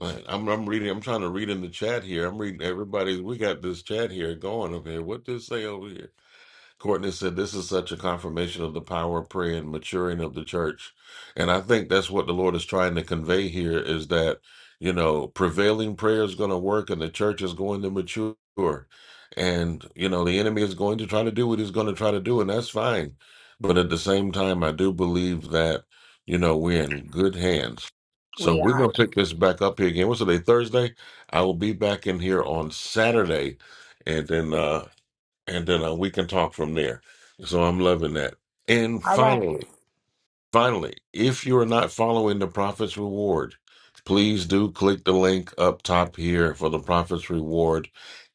[SPEAKER 1] Right. I'm I'm reading I'm trying to read in the chat here. I'm reading everybody's we got this chat here going up here. What this say over here? Courtney said, This is such a confirmation of the power of prayer and maturing of the church. And I think that's what the Lord is trying to convey here is that, you know, prevailing prayer is going to work and the church is going to mature. And, you know, the enemy is going to try to do what he's going to try to do, and that's fine. But at the same time, I do believe that, you know, we're in good hands. So
[SPEAKER 17] We
[SPEAKER 1] we're
[SPEAKER 17] are.
[SPEAKER 1] going to pick this back up here again. What's today? Thursday? I will be back in here on Saturday. And then uh and then uh, we can talk from there. So I'm loving that. And
[SPEAKER 17] All right.
[SPEAKER 1] finally, Finally, if you are not following the Prophet's Reward, please do click the link up top here for the Prophet's Reward.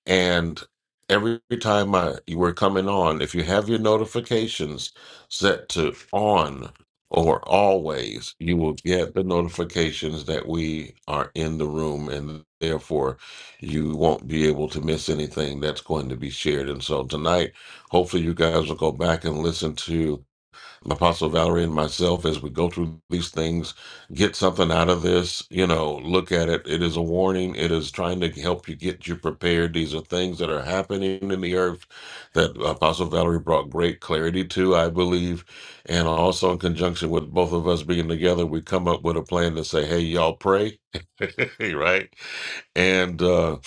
[SPEAKER 1] And every time I, you are coming on, if you have your notifications set to on or always, you will get the notifications that we are in the room and therefore you won't be able to miss anything that's going to be shared. And so tonight, hopefully you guys will go back and listen to Apostle Valerie and myself as we go through these things. Get something out of this, you know, look at it. It is a warning, it is trying to help you get you prepared. These are things that are happening in the earth that Apostle Valerie brought great clarity to, I believe. And also, in conjunction with both of us being together, we come up with a plan to say, hey, y'all pray, right? And, uh,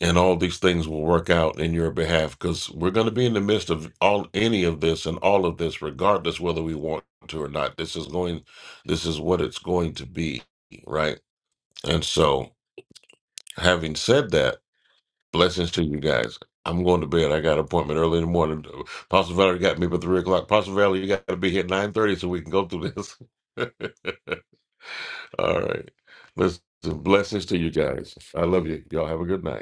[SPEAKER 1] and all these things will work out in your behalf because we're going to be in the midst of all any of this and all of this regardless whether we want to or not this is going this is what it's going to be right and so having said that blessings to you guys i'm going to bed i got an appointment early in the morning Apostle valley got me for three o'clock Apostle valley you got to be here at nine thirty so we can go through this all right listen blessings to you guys i love you y'all have a good night